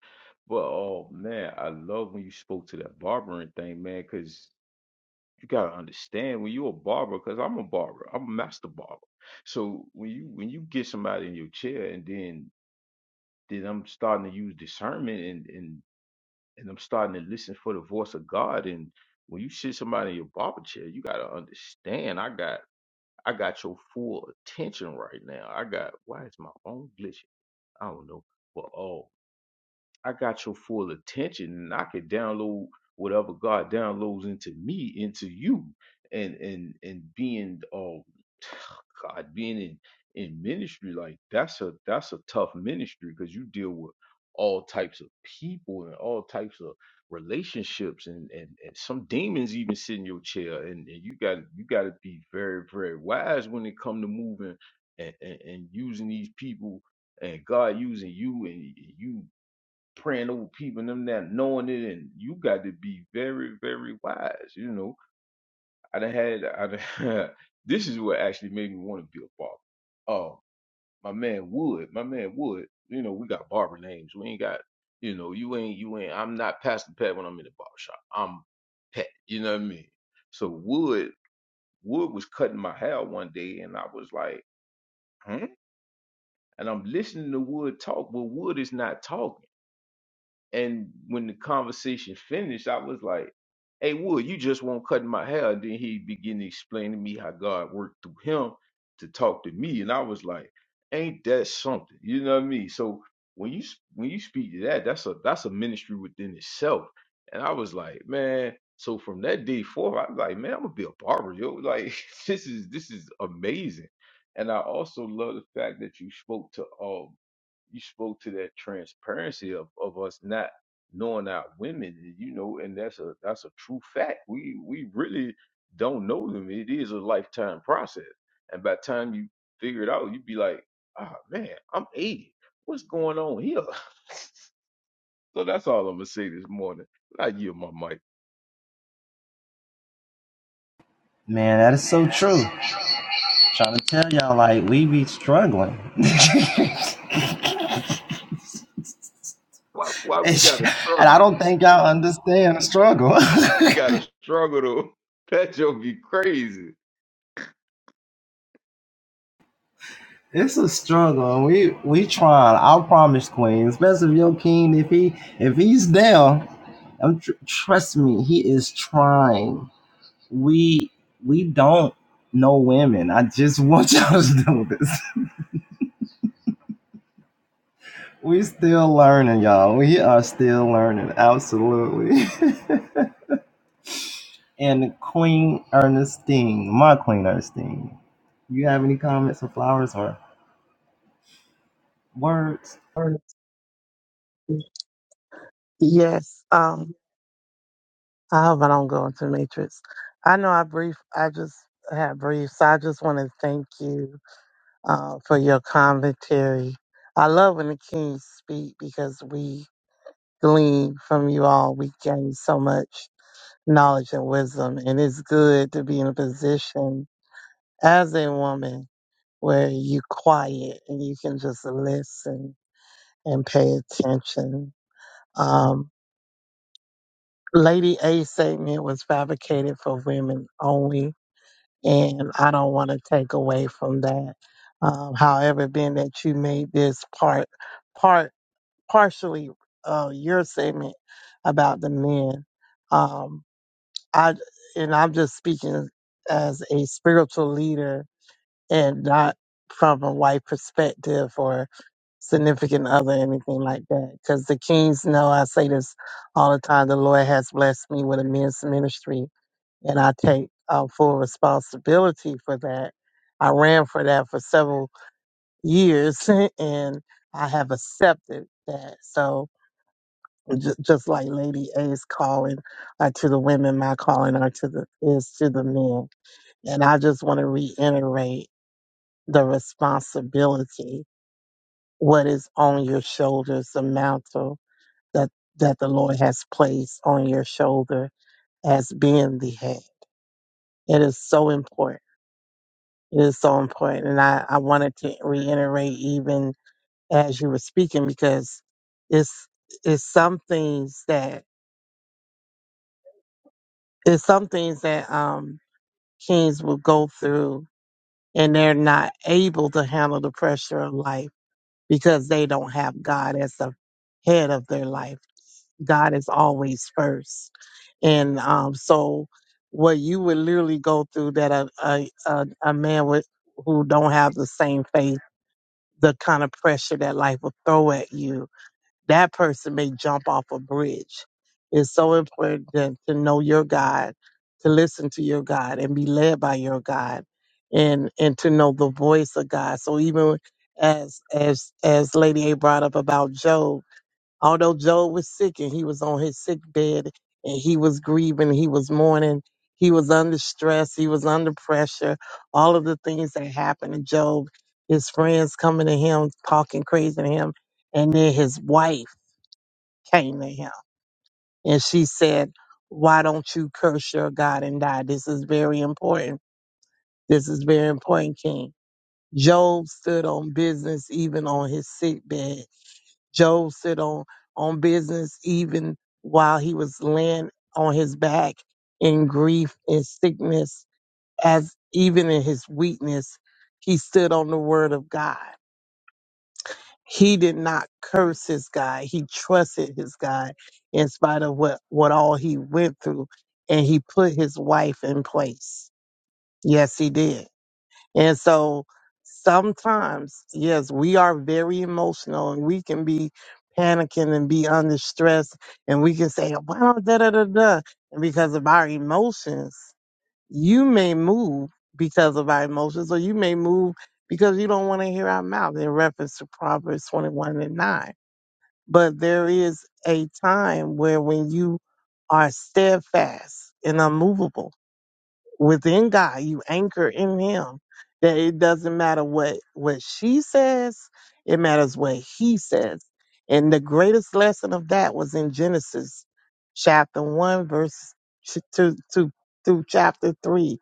S4: But oh man, I love when you spoke to that barbering thing, man. because. you gotta understand when you're a barber, because I'm a barber, I'm a master barber. So when you when you get somebody in your chair and then then I'm starting to use discernment and and and I'm starting to listen for the voice of God. And when you sit somebody in your barber chair, you gotta understand I got I got your full attention right now. I got why is my phone glitching? I don't know. But oh. I got your full attention and I can download whatever God downloads into me, into you. And and and being um God, being in, in ministry, like that's a that's a tough ministry because you deal with all types of people and all types of relationships and, and, and some demons even sit in your chair and, and you got you gotta be very, very wise when it come to moving and, and, and using these people and God using you and you praying over people and them that knowing it and you got to be very very wise you know i done had i done, this is what actually made me want to be a barber oh my man wood my man wood you know we got barber names we ain't got you know you ain't you ain't i'm not pastor pat when i'm in the barber shop i'm pet you know what i mean so wood wood was cutting my hair one day and i was like hmm and i'm listening to wood talk but wood is not talking And when the conversation finished, I was like, "Hey, Wood, you just won't cut my hair." And then he began to explain to me how God worked through him to talk to me, and I was like, "Ain't that something?" You know what I mean? So when you s- when you speak to that, that's a that's a ministry within itself. And I was like, man. So from that day forth, I was like, man, I'm gonna be a barber, yo. Like this is this is amazing. And I also love the fact that you spoke to uh, you spoke to that transparency of, of us not knowing our women, you know, and that's a that's a true fact. We we really don't know them. It is a lifetime process. And by the time you figure it out, you'd be like, ah man, I'm 80. What's going on here? So that's all I'm gonna say this morning. I yield my mic.
S5: Man, that is so true. Trying to tell y'all, like we be struggling,
S4: Why why we
S5: and
S4: gotta
S5: I
S4: struggle?
S5: don't think y'all understand the struggle.
S4: Why we gotta struggle to that joke be crazy.
S5: It's a struggle, and we we trying. I promise, Queen. Especially if your king, if he if he's down, I'm tr- trust me, he is trying. We we don't know women. I just want y'all to know this. We still learning, y'all. We are still learning, absolutely. and Queen Ernestine, my Queen Ernestine, you have any comments or flowers or words?
S3: Yes. Um, I hope I don't go into matrix. I know I brief I just had brief, so I just want to thank you uh, for your commentary. I love when the kings speak because we glean from you all. We gain so much knowledge and wisdom, and it's good to be in a position as a woman where you quiet and you can just listen and pay attention. Um, Lady A's statement was fabricated for women only, and I don't want to take away from that. Um, however, being that you made this part, part partially uh, your statement about the men. Um, I and I'm just speaking as a spiritual leader and not from a white perspective or significant other anything like that. Because the kings know I say this all the time. The Lord has blessed me with a men's ministry, and I take uh, full responsibility for that. I ran for that for several years, and I have accepted that. So Ju- Just like Lady A's calling uh, to the women, my calling are to the is to the men. And I just want to reiterate the responsibility, what is on your shoulders, the mantle that that the Lord has placed on your shoulder as being the head. It is so important. It is so important. And I, I wanted to reiterate even as you were speaking because it's it's some things that it's some things that um kings will go through and they're not able to handle the pressure of life because they don't have God as the head of their life. God is always first. And um, so what you would literally go through that a, a, a, a man with, who don't have the same faith, the kind of pressure that life will throw at you that person may jump off a bridge. It's so important to, to know your God, to listen to your God and be led by your God and and to know the voice of God. So even as as as Lady A brought up about Job, although Job was sick and he was on his sick bed and he was grieving, he was mourning, he was under stress, he was under pressure, all of the things that happened to Job, his friends coming to him, talking crazy to him, and then his wife came to him. And she said, Why don't you curse your God and die? This is very important. This is very important, King. Job stood on business even on his sick bed. Job stood on, on business even while he was laying on his back in grief and sickness, as even in his weakness, he stood on the word of God. he did not curse his God. He trusted his God in spite of what, what all he went through. And he put his wife in place. Yes, he did. And so sometimes, yes, we are very emotional and we can be panicking and be under stress and we can say, wow, da da da da. And because of our emotions, you may move because of our emotions, or you may move because you don't want to hear our mouth in reference to Proverbs 21 and 9. But there is a time where when you are steadfast and unmovable within God, you anchor in Him, that it doesn't matter what, what she says, it matters what He says. And the greatest lesson of that was in Genesis chapter 1, verse two to, through chapter 3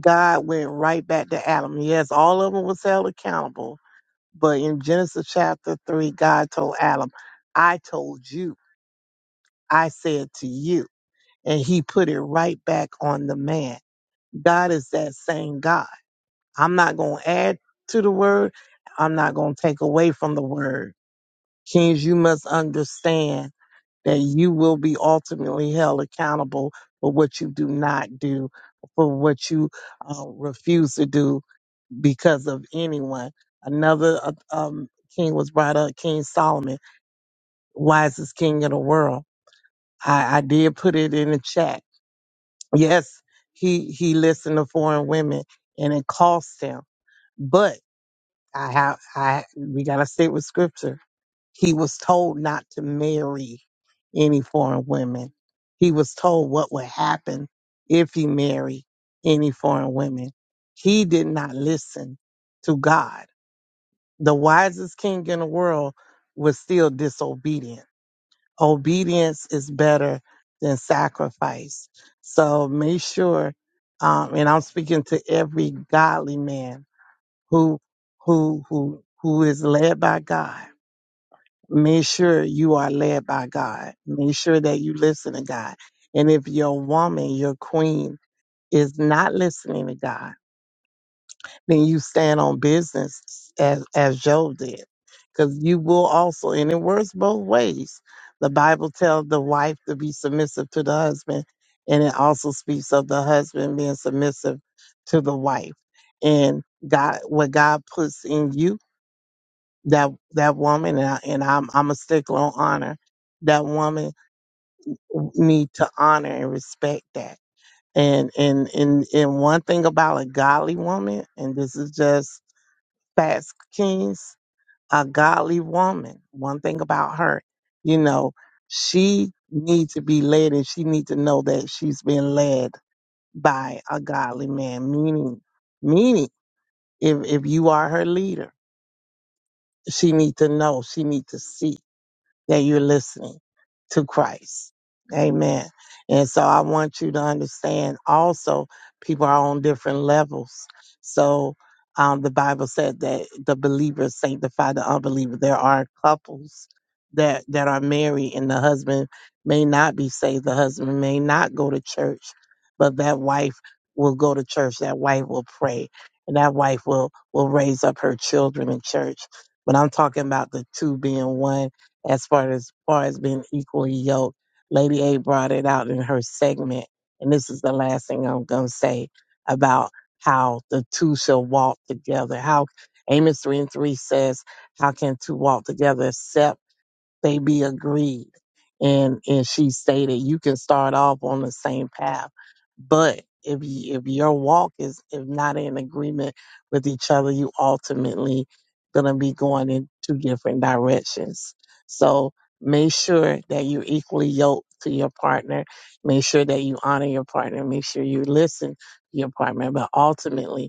S3: God went right back to Adam. Yes, all of them was held accountable, but in Genesis chapter three, God told Adam, "I told you, I said to you," and He put it right back on the man. God is that same God. I'm not going to add to the word. I'm not going to take away from the word. Kings, you must understand that you will be ultimately held accountable for what you do not do, for what you uh, refuse to do, because of anyone. Another uh, um, king was brought up, King Solomon, wisest king of the world. I, I did put it in the chat. Yes, he he listened to foreign women, and it cost him. But I have I we gotta stay with scripture. He was told not to marry any foreign women. He was told what would happen if he married any foreign women. He did not listen to God the wisest king in the world was still disobedient. Obedience is better than sacrifice. So make sure, um, and I'm speaking to every godly man who who who who is led by God. Make sure you are led by God. Make sure that you listen to God. And if your woman, your queen, is not listening to God, than you stand on business as as Job did, because you will also, and it works both ways. The Bible tells the wife to be submissive to the husband, and it also speaks of the husband being submissive to the wife. And God, what God puts in you, that that woman, and, I, and I'm I'm a stickler on honor. That woman need to honor and respect that. And and and and one thing about a godly woman, and this is just Fast Kings, a godly woman. One thing about her, you know, she needs to be led and she needs to know that she's been led by a godly man. Meaning, meaning, if, if you are her leader, she needs to know, she needs to see that you're listening to Christ. Amen. And so I want you to understand also people are on different levels. So um, the Bible said that the believers sanctify the unbeliever. There are couples that, that are married and the husband may not be saved. The husband may not go to church, but that wife will go to church. That wife will pray and that wife will, will raise up her children in church. But I'm talking about the two being one as far as far as being equally yoked. Lady A brought it out in her segment, and this is the last thing I'm gonna say about how the two shall walk together. How Amos three and three says, "How can two walk together except?" They be agreed. And and she stated you can start off on the same path. But if you, if your walk is if not in agreement with each other, you ultimately gonna be going in two different directions. So make sure that you equally yoked to your partner. Make sure that you honor your partner. Make sure you listen to your partner. But ultimately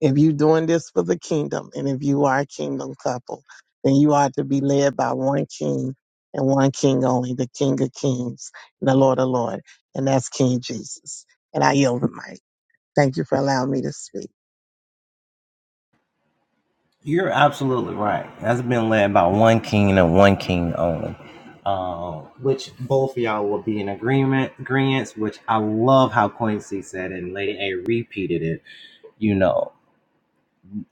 S3: if you're doing this for the kingdom, and if you are a kingdom couple, then you are to be led by one king and one king only, the King of Kings and the Lord of Lords, and that's King Jesus. And I yield the mic. Thank you for allowing me to speak.
S5: You're absolutely right. That's been led by one king and one king only. Uh, which both of y'all will be in agreement, agreements, which I love how Quincy said it and Lady A repeated it. You know,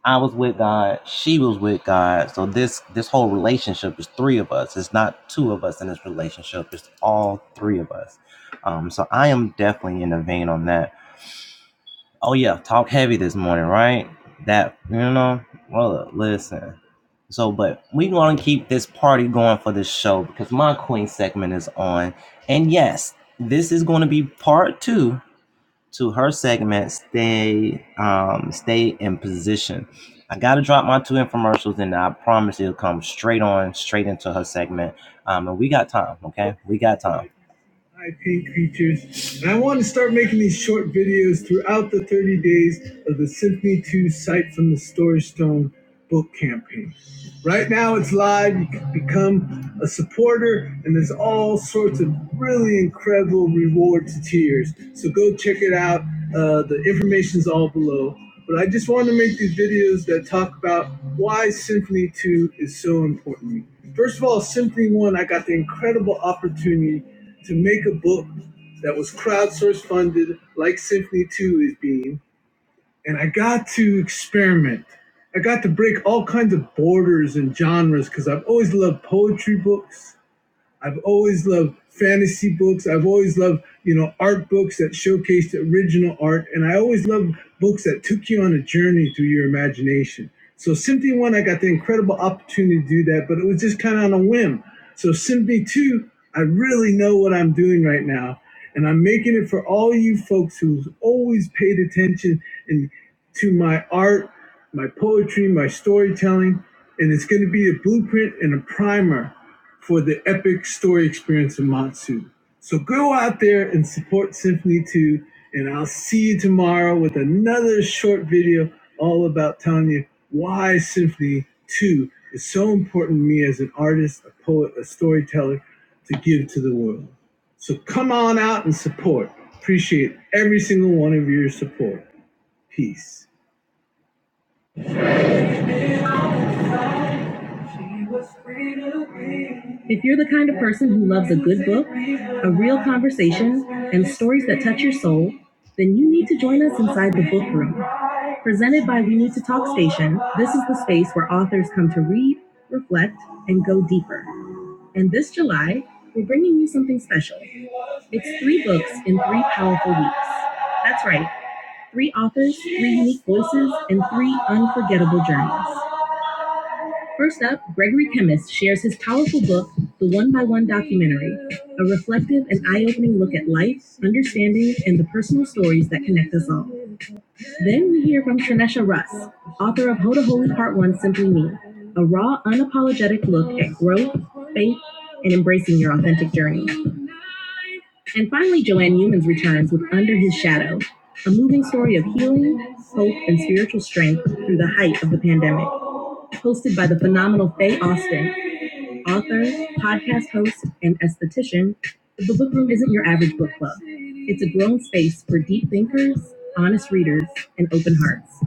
S5: I was with God, she was with God. So this this whole relationship is three of us. It's not two of us in this relationship, it's all three of us. Um, so I am definitely in the vein on that. Oh yeah, talk heavy this morning, right? That you know, Well, listen. So, but we gonna keep this party going for this show because my queen segment is on, and yes, this is gonna be part two to her segment. Stay, um, stay in position. I gotta drop my two infomercials, and I promise it'll come straight on, straight into her segment. Um, and we got time, okay? We got time. IP creatures, and I want to start making these short videos throughout the 30 days of the Symphony 2 Sight from the Storage Stone book campaign. Right now it's live, you can become a supporter, and there's all sorts of really incredible rewards and tiers. So go check it out. Uh, the information's all below. But I just want to make these videos that talk about why Symphony 2 is so important to me. First of all, Symphony 1, I got the incredible opportunity to make a book that was crowdsource funded like Symphony 2 is being. And I got to experiment. I got to break all kinds of borders and genres because I've always loved poetry books. I've always loved fantasy books. I've always loved, you know, art books that showcased original art. And I always loved books that took you on a journey through your imagination. So Symphony 1, I got the incredible opportunity to do that, but it was just kind of on a whim. So Symphony 2, I really know what I'm doing right now. And I'm making it for all you folks who's always paid attention and to my art, my poetry, my storytelling. And it's going to be a blueprint and a primer for the epic story experience in Matsu. So go out there and support Symphony 2, and I'll see you tomorrow with another short video all about telling you why Symphony 2 is so important to me as an artist, a poet, a storyteller to give to the world. So come on out and support. Appreciate every single one of your support. Peace. If you're the kind of person who loves a good book, a real conversation, and stories that touch your soul, then you need to join us inside the book room. Presented by We Need to Talk Station, this is the space where authors come to read, reflect, and go deeper. And this July, we're bringing you something special. It's three books in three powerful weeks. That's right, three authors, three unique voices, and three unforgettable journeys. First up, Gregory Chemis shares his powerful book, The One by One Documentary, a reflective and eye opening look at life, understanding, and the personal stories that connect us all. Then we hear from Shanesha Russ, author of Hoda Holy Part 1 Simply Me, a raw, unapologetic look at growth, faith, and embracing your authentic journey. And finally, Joanne Humans returns with Under His Shadow, a moving story of healing, hope, and spiritual strength through the height of the pandemic. Hosted by the phenomenal Faye Austin, author, podcast host, and esthetician, the Book Room isn't your average book club. It's a grown space for deep thinkers, honest readers, and open hearts.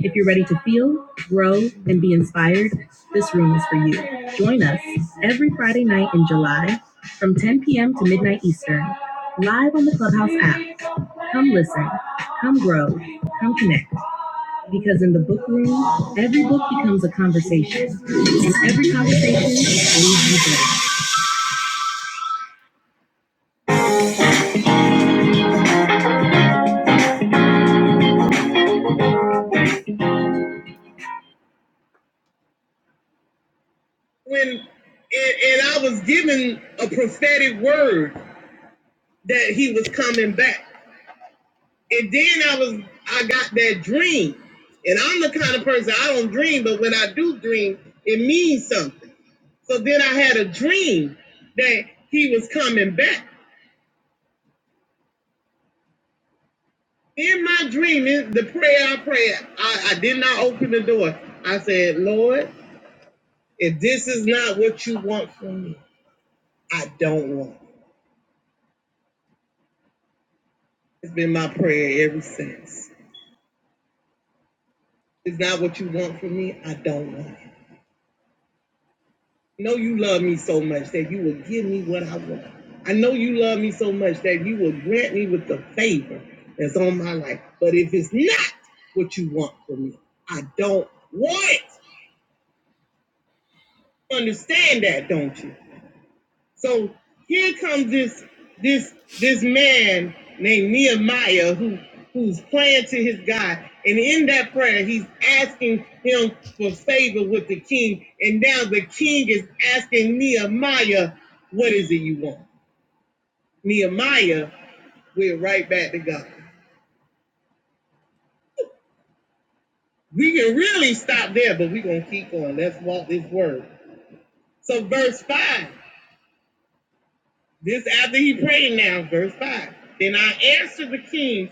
S5: If you're ready to feel, grow, and be inspired, this room is for you. Join us every Friday night in July from 10 p.m. to midnight Eastern, live on the Clubhouse app. Come listen, come grow, come connect. Because in the book room, every book becomes a conversation, and every conversation leads you better. When and, and I was given a prophetic word that he was coming back, and then I was I got that dream, and I'm the kind of person I don't dream, but when I do dream, it means something. So then I had a dream that he was coming back. In my dream, the prayer I prayed, I, I did not open the door. I said, Lord. If this is not what you want from me, I don't want it. It's been my prayer ever since. If it's not what you want from me, I don't want it. I know you love me so much that you will give me what I want. I know you love me so much that you will grant me with the favor that's on my life. But if it's not what you want from me, I don't want it. You understand that, don't you? So here comes this this this man named Nehemiah who who's praying to his God, and in that prayer he's asking him for favor with the king, and now the king is asking Nehemiah, "What is it you want?" Nehemiah, we're right back to God. We can really stop there, but we're gonna keep going. Let's walk this word. So verse five. This after he prayed now, verse 5. Then I answered the king,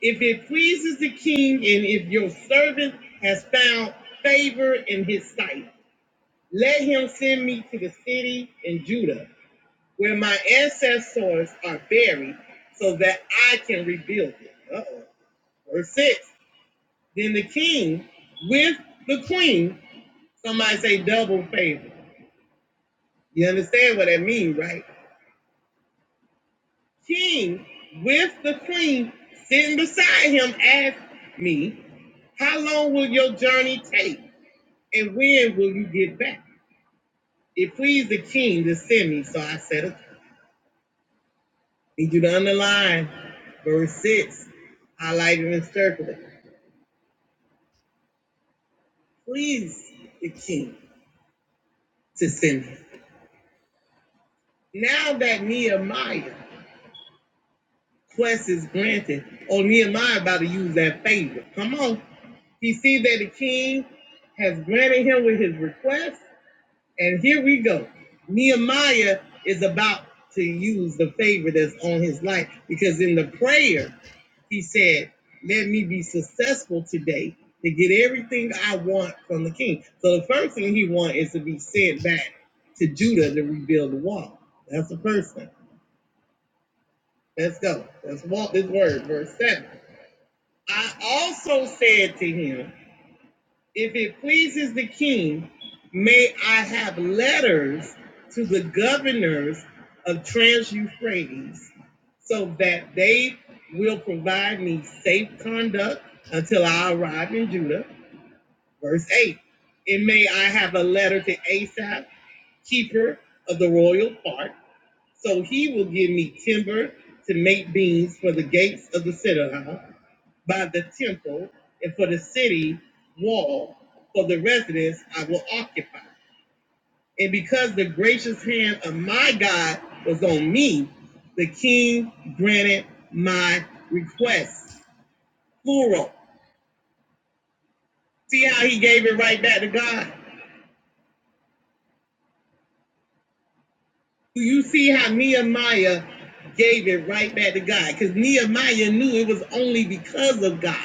S5: if it pleases the king and if your servant has found favor in his sight, let him send me to the city in Judah where my ancestors are buried so that I can rebuild it. Uh-oh. Verse 6. Then the king with the queen, somebody say double favor. You understand what that means, right? King with the queen sitting beside him asked me, How long will your journey take? And when will you get back? It pleased the king to send me, so I said, okay. Need you to underline verse 6, highlight it and circle it. Please the king to send me. Now that Nehemiah quest is granted, oh Nehemiah about to use that favor. Come on. He sees that the king has granted him with his request. And here we go. Nehemiah is about to use the favor that's on his life because in the prayer, he said, Let me be successful today to get everything I want from the king. So the first thing he wants is to be sent back to Judah to rebuild the wall. That's the first thing. Let's go. Let's walk this word, verse 7. I also said to him, If it pleases the king, may I have letters to the governors of Trans Euphrates, so that they will provide me safe conduct until I arrive in Judah. Verse 8. And may I have a letter to Asaph, keeper of the royal part, so he will give me timber to make beams for the gates of the citadel by the temple and for the city wall for the residence I will occupy. And because the gracious hand of my God was on me, the king granted my request. Plural. See how he gave it right back to God? Do you see how Nehemiah gave it right back to God? Because Nehemiah knew it was only because of God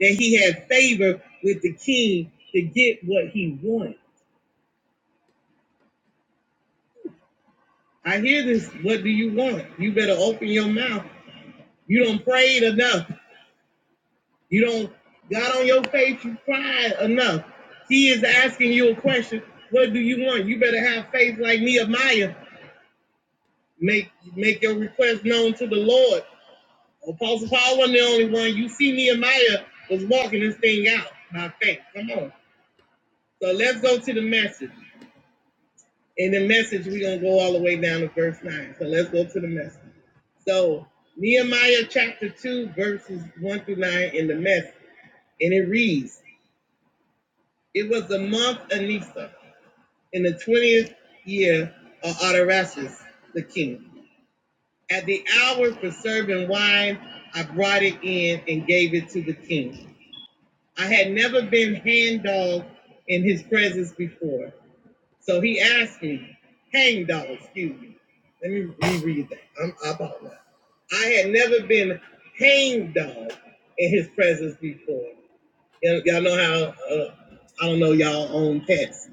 S5: that he had favor with the king to get what he wanted. I hear this. What do you want? You better open your mouth. You don't pray enough. You don't got on your face. You cried enough. He is asking you a question. What do you want? You better have faith like Nehemiah. Make make your request known to the Lord. Apostle Paul wasn't the only one. You see, Nehemiah was walking this thing out by faith. Come on. So let's go to the message. In the message, we're going to go all the way down to verse 9. So let's go to the message. So, Nehemiah chapter 2, verses 1 through 9 in the message. And it reads It was the month Anisa in the 20th year of Artaxerxes the king. At the hour for serving wine, I brought it in and gave it to the king. I had never been hand dogged in his presence before. So he asked me, hang dog, excuse me. Let me reread that. I'm eyeballing that. I had never been hang dog in his presence before. Y'all, y'all know how, uh, I don't know y'all own pets,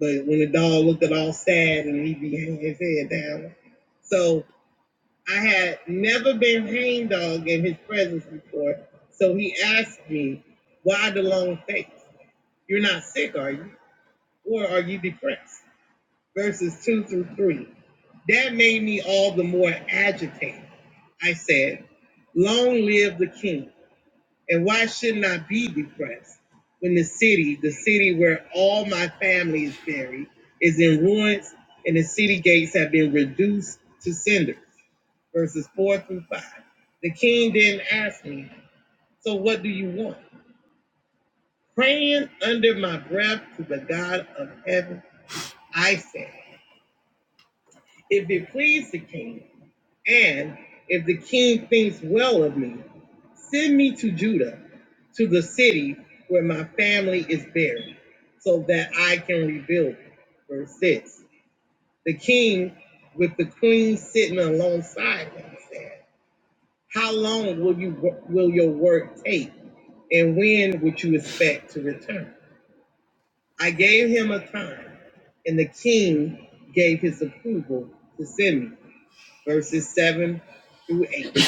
S5: but when the dog looked at all sad and he'd be hanging his head down. So I had never been hang dog in his presence before. So he asked me, why the long face? You're not sick, are you? Or are you depressed? verses 2 through 3. That made me all the more agitated. I said, Long live the king, and why shouldn't I be depressed when the city, the city where all my family is buried, is in ruins and the city gates have been reduced to cinders? verses 4 through 5. The king then asked me, So what do you want? Praying under my breath to the God of heaven, I said, If it please the king, And if the king thinks well of me, send me to Judah, to the city where my family is buried, so that I can rebuild it. Verse 6. The king, with the queen sitting alongside him, said, How long will you will your work take? And when would you expect to return? I gave him a time, and the king gave his approval to send me. Verses 7 through 8.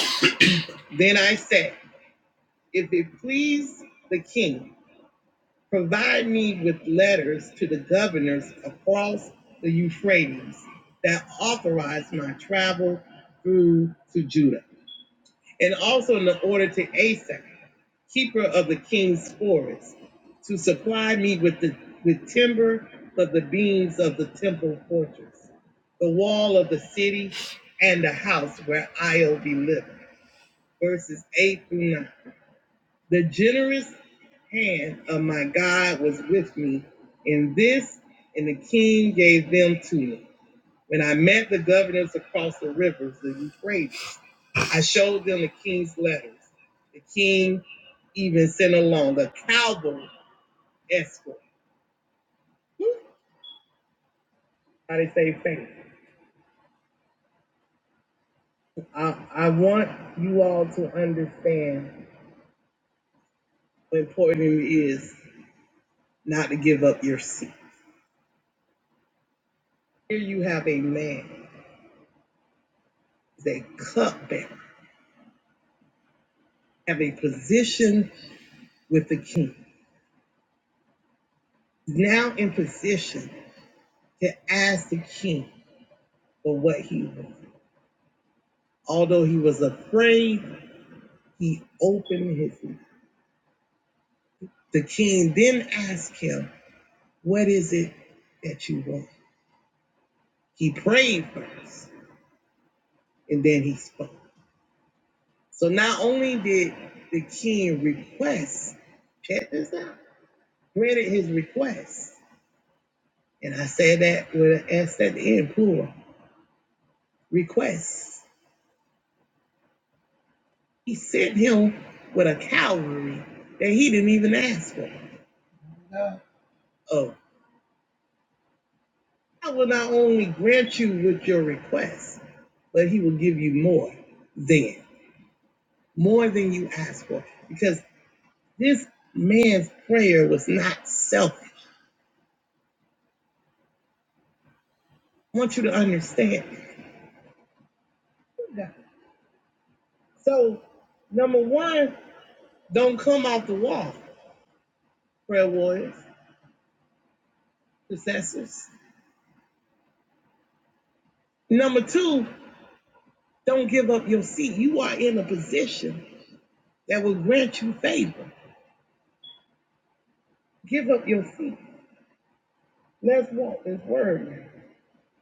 S5: Then I said, If it please the king, provide me with letters to the governors across the Euphrates that authorize my travel through to Judah, and also an order to Asaph, keeper of the king's forest, to supply me with the with timber for the beams of the temple fortress, the wall of the city, and the house where I'll be living. Verses 8 through 9. The generous hand of my God was with me in this, and the king gave them to me. When I met the governors across the rivers, the Euphrates, I showed them the king's letters. The king even sent along the cavalry escort. How they say faith. I, I want you all to understand how important it is not to give up your seat. Here you have a man, a cupbearer, have a position with the king. He's now in position to ask the king for what he wanted. Although he was afraid, he opened his mouth. The king then asked him, What is it that you want? He prayed first and then he spoke. So not only did the king request, check this out, granted his request. And I said that with an S at the end, plural, request. He sent him with a cavalry that he didn't even ask for. Oh, I will not only grant you with your request, but he will give you more than, more than you ask for. Because this man's prayer was not selfish. I want you to understand. So, number one, don't come off the wall, prayer warriors, intercessors. Number two, don't give up your seat. You are in a position that will grant you favor. Give up your seat. Let's walk this word now.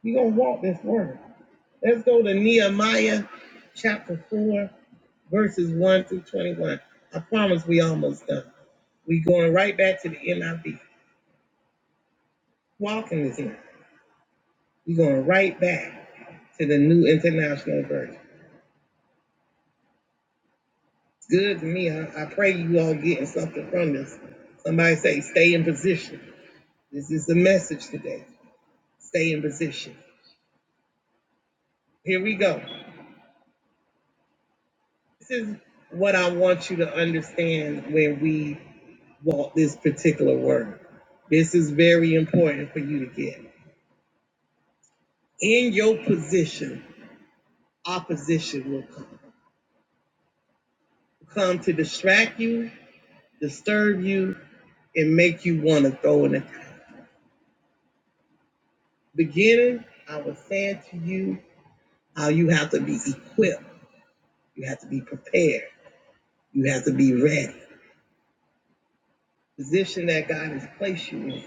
S5: You're going to walk this word. Let's go to Nehemiah chapter 4, verses 1 through 21. I promise we almost done. We're going right back to the NIV. Walking is here. We're going right back to the New International Version. It's good to me. I, I pray you all getting something from this. Somebody say, stay in position. This is the message today. Stay in position. Here we go. This is what I want you to understand when we walk this particular word. This is very important for you to get. In your position, opposition will come. Come to distract you, disturb you, and make you want to throw in the towel. Beginning, I was saying to you how you have to be equipped, you have to be prepared, you have to be ready. Position that God has placed you in.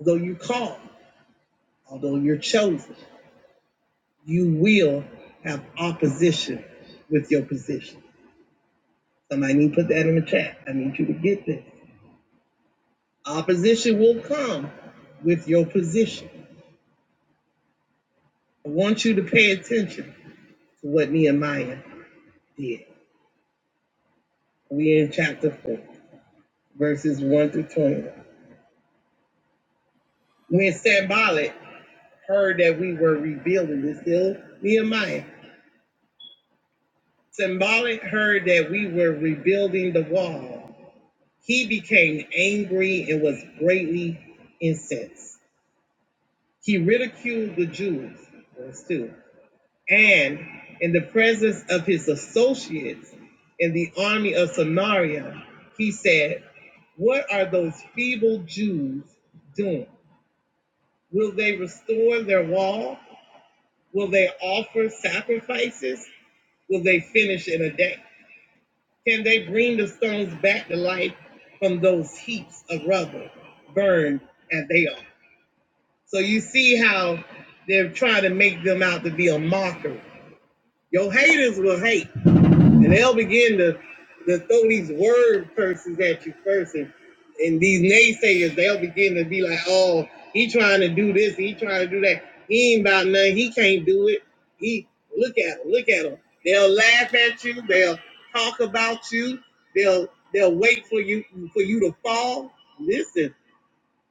S5: Although you called, although you're chosen. You will have opposition with your position. Somebody need to put that in the chat. I need you to get this. Opposition will come with your position. I want you to pay attention to what Nehemiah did. We're in chapter 4, verses 1 through 21. When Sambalit heard that we were rebuilding, this still Nehemiah. Sambalit heard that we were rebuilding the wall. He became angry and was greatly incensed. He ridiculed the Jews, verse 2, and in the presence of his associates in the army of Samaria, he said, What are those feeble Jews doing? Will they restore their wall? Will they offer sacrifices? Will they finish in a day? Can they bring the stones back to life from those heaps of rubble burned as they are? So you see how they're trying to make them out to be a mockery. Your haters will hate, and they'll begin to, to throw these word curses at you first, and, and these naysayers they'll begin to be like, "Oh, he trying to do this, he trying to do that. He ain't about nothing. He can't do it. He look at him, look at him." They'll laugh at you. They'll talk about you. They'll they'll wait for you for you to fall. Listen.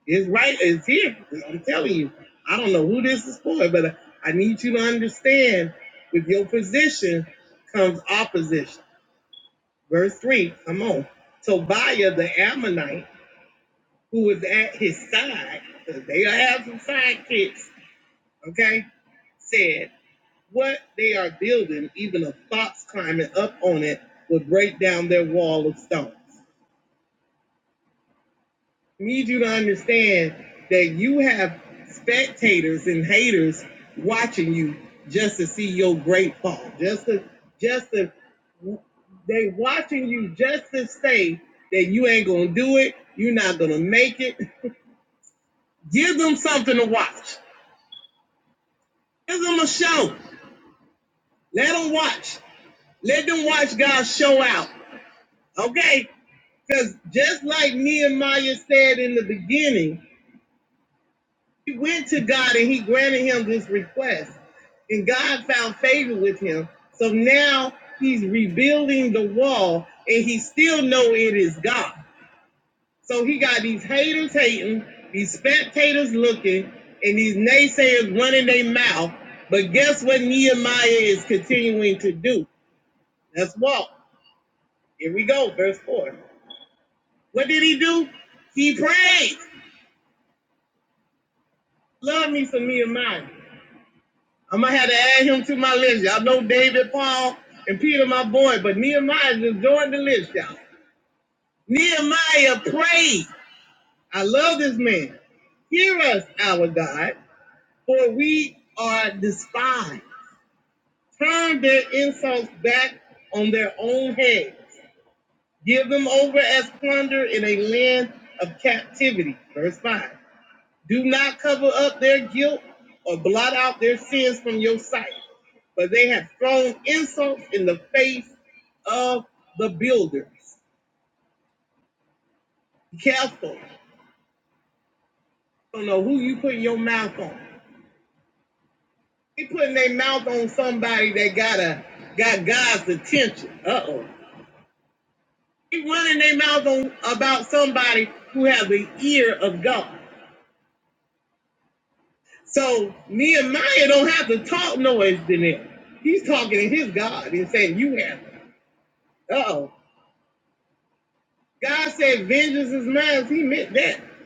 S5: His right is here. I'm telling you. I don't know who this is for, but I need you to understand with your position comes opposition. Verse 3, come on. Tobiah the Ammonite, who was at his side, 'cause they have some sidekicks, okay, said, What they are building, even a fox climbing up on it, would break down their wall of stones. need you to understand that you have spectators and haters watching you just to see your great fall. Just to, just to, they watching you just to say that you ain't gonna do it. You're not gonna make it. Give them something to watch. Give them a show. Let them watch. Let them watch God show out. Okay? Because just like Nehemiah said in the beginning. He went to God and he granted him this request. And God found favor with him. So now he's rebuilding the wall and he still know it is God. So he got these haters hating, these spectators looking, and these naysayers running their mouth. But guess what Nehemiah is continuing to do? Let's walk. Here we go, verse 4. What did he do? He prayed. Love me some Nehemiah. I'm gonna have to add him to my list. Y'all know David, Paul, and Peter, my boy, but Nehemiah just joined the list, y'all. Nehemiah prayed. I love this man. Hear us, our God, for we are despised. Turn their insults back on their own heads. Give them over as plunder in a land of captivity. Verse 5. Do not cover up their guilt or blot out their sins from your sight, but they have thrown insults in the face of the builders. Be careful. I Don't know who you putting your mouth on. They putting their mouth on somebody that got a got God's attention. Uh oh. They running their mouth on about somebody who has the ear of God. So Nehemiah don't have to talk noise to them. He's talking to his God and saying, "You have." Uh oh. God said, "Vengeance is mine." He meant that. Here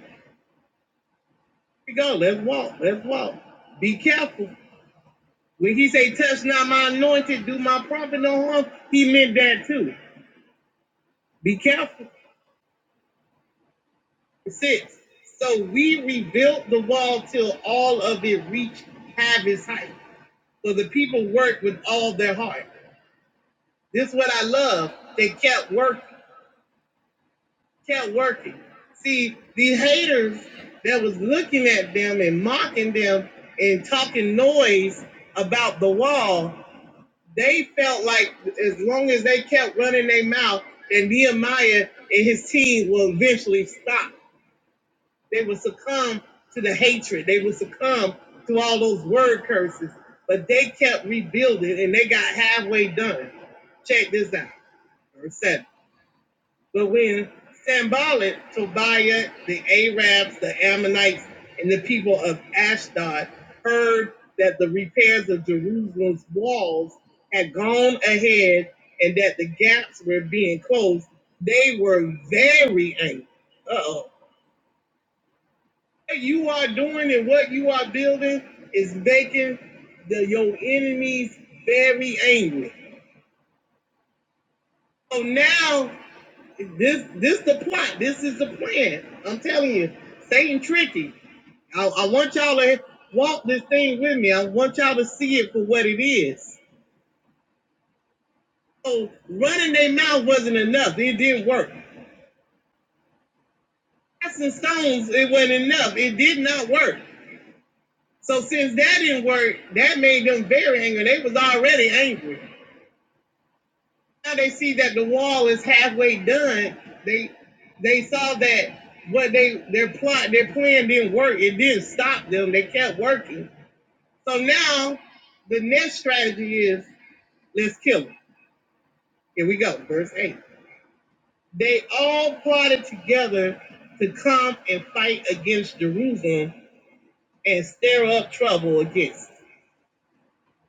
S5: we go. Let's walk. Let's walk. Be careful. When He say, "Touch not my anointed, do my prophet no harm," He meant that too. Be careful. Six. So we rebuilt the wall till all of it reached half its height. So the people worked with all their heart. This is what I love. They kept working. kept working. See, the haters that was looking at them and mocking them and talking noise about the wall, they felt like as long as they kept running their mouth, then Nehemiah and his team will eventually stop. They will succumb to the hatred. They will succumb to all those word curses. But they kept rebuilding and they got halfway done. Check this out. Verse 7. But when Sambalit, Tobiah, the Arabs, the Ammonites, and the people of Ashdod heard that the repairs of Jerusalem's walls had gone ahead and that the gaps were being closed, they were very angry. Uh oh. What you are doing and what you are building is making the, your enemies very angry. So now This this the plot. This is the plan. I'm telling you, Satan tricky. I, I want y'all to walk this thing with me. I want y'all to see it for what it is. So running their mouth wasn't enough. It didn't work. Casting stones, it wasn't enough. It did not work. So since that didn't work, that made them very angry. They was already angry. now they see that the wall is halfway done. They they saw that what they their plot their plan didn't work. It didn't stop them. They kept working. So now the next strategy is let's kill them. Here we go, verse eight. They all plotted together to come and fight against Jerusalem and stir up trouble against. it.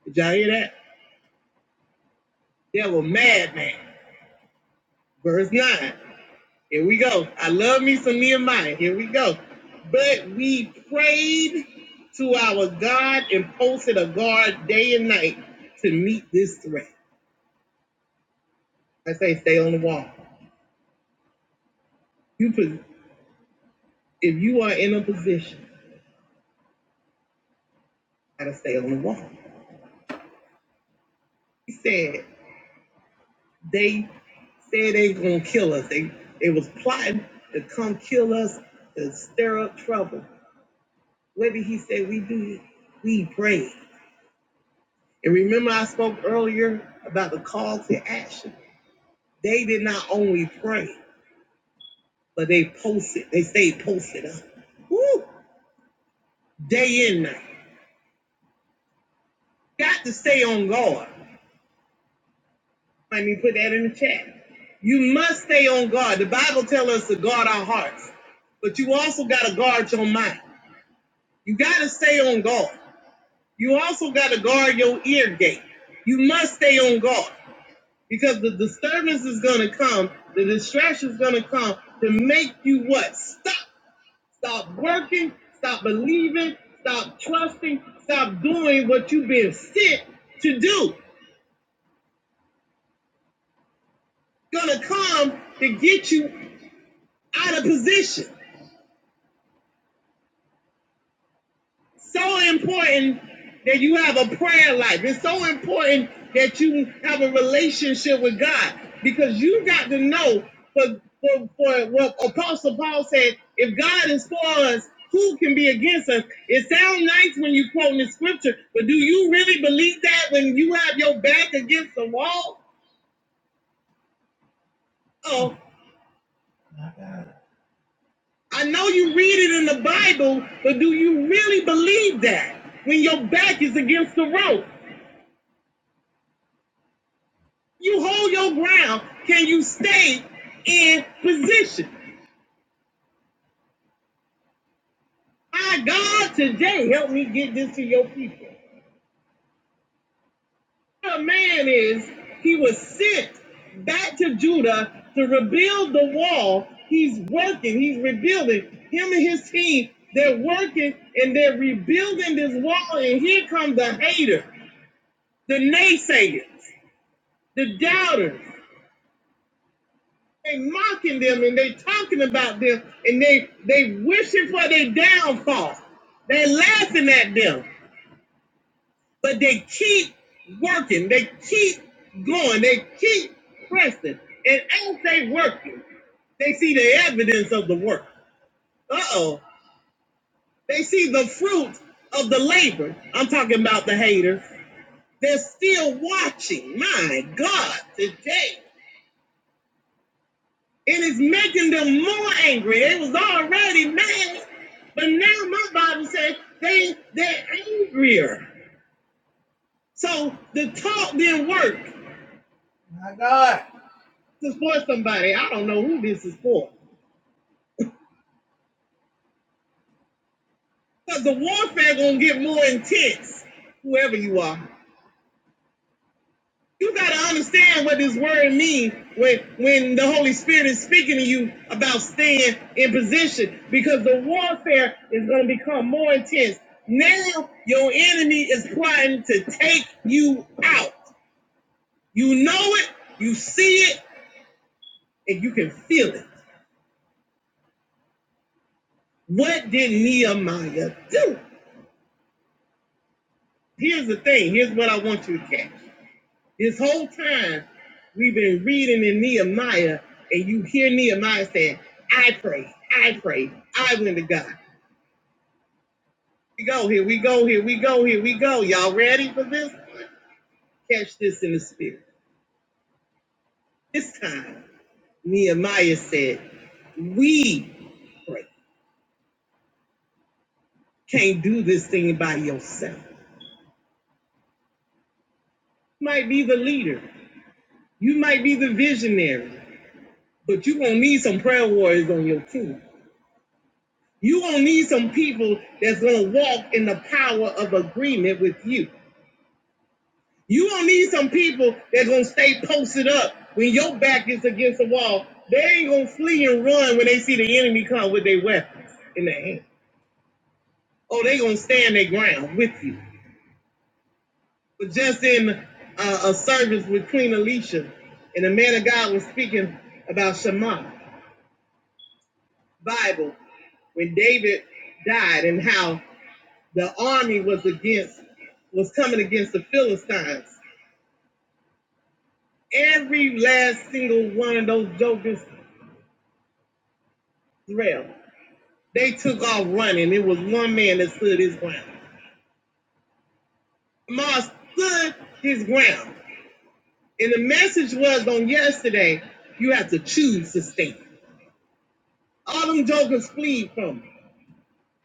S5: Did y'all hear that? They were madmen. Verse 9. Here we go. I love me some Nehemiah. Here we go. But we prayed to our God and posted a guard day and night to meet this threat. I say, stay on the wall. You pos- if you are in a position, you gotta stay on the wall. He said they said they gonna kill us. They they was plotting to come kill us to stir up trouble. What did he say we did, We prayed. And remember, I spoke earlier about the call to action. They did not only pray, but they posted. They stayed posted up. Woo! Day and night. Got to stay on guard. Let me put that in the chat. You must stay on guard. The Bible tells us to guard our hearts, but you also got to guard your mind. You got to stay on guard. You also got to guard your ear gate. You must stay on guard because the disturbance is going to come, the distraction is going to come to make you what? Stop Stop working, stop believing, stop trusting, stop doing what you've been sent to do. Gonna come to get you out of position. so important that you have a prayer life. It's so important that you have a relationship with God because you got to know for, for, for what Apostle Paul said if God is for us, who can be against us? It sounds nice when you quote in the scripture, but do you really believe that when you have your back against the wall? Oh, I know you read it in the Bible, but do you really believe that when your back is against the rope? you hold your ground, can you stay in position? My God, today, help me get this to your people. A man is, he was sent back to Judah to rebuild the wall. He's working, he's rebuilding. Him and his team, they're working and they're rebuilding this wall. And here come the hater, the naysayers, the doubters. They mocking them and they talking about them and they they wishing for their downfall. They laughing at them, but they keep working. They keep going. They keep pressing. And as they working, they see the evidence of the work. Uh oh. They see the fruit of the labor. I'm talking about the haters. They're still watching. My God, today. It is making them more angry. They was already mad, but now my Bible says they they're angrier. So the talk didn't work. My God. This is for somebody. I don't know who this is for. But the warfare gonna get more intense, whoever you are. You gotta understand what this word means when when the Holy Spirit is speaking to you about staying in position because the warfare is gonna become more intense. Now your enemy is plotting to take you out. You know it, you see it, and you can feel it. What did Nehemiah do? Here's the thing, here's what I want you to catch. This whole time we've been reading in Nehemiah, and you hear Nehemiah saying, I pray, I pray, I went to God. We go, here we go, here we go, here we go. Y'all ready for this? Catch this in the spirit. This time, Nehemiah said, We pray. Can't do this thing by yourself. You might be the leader, you might be the visionary, but you're gonna need some prayer warriors on your team. You're gonna need some people that's gonna walk in the power of agreement with you. You gonna need some people that's gonna stay posted up when your back is against the wall. They ain't gonna flee and run when they see the enemy come with their weapons in their hand. Oh, they gonna stand their ground with you. But just in uh, a service with Queen Alicia, and the man of God was speaking about Shema Bible when David died and how the army was against was coming against the Philistines. Every last single one of those jokers left. They took off running. It was one man that stood his ground. Mar stood his ground. And the message was on yesterday, you have to choose to stand. All them jokers fled from him.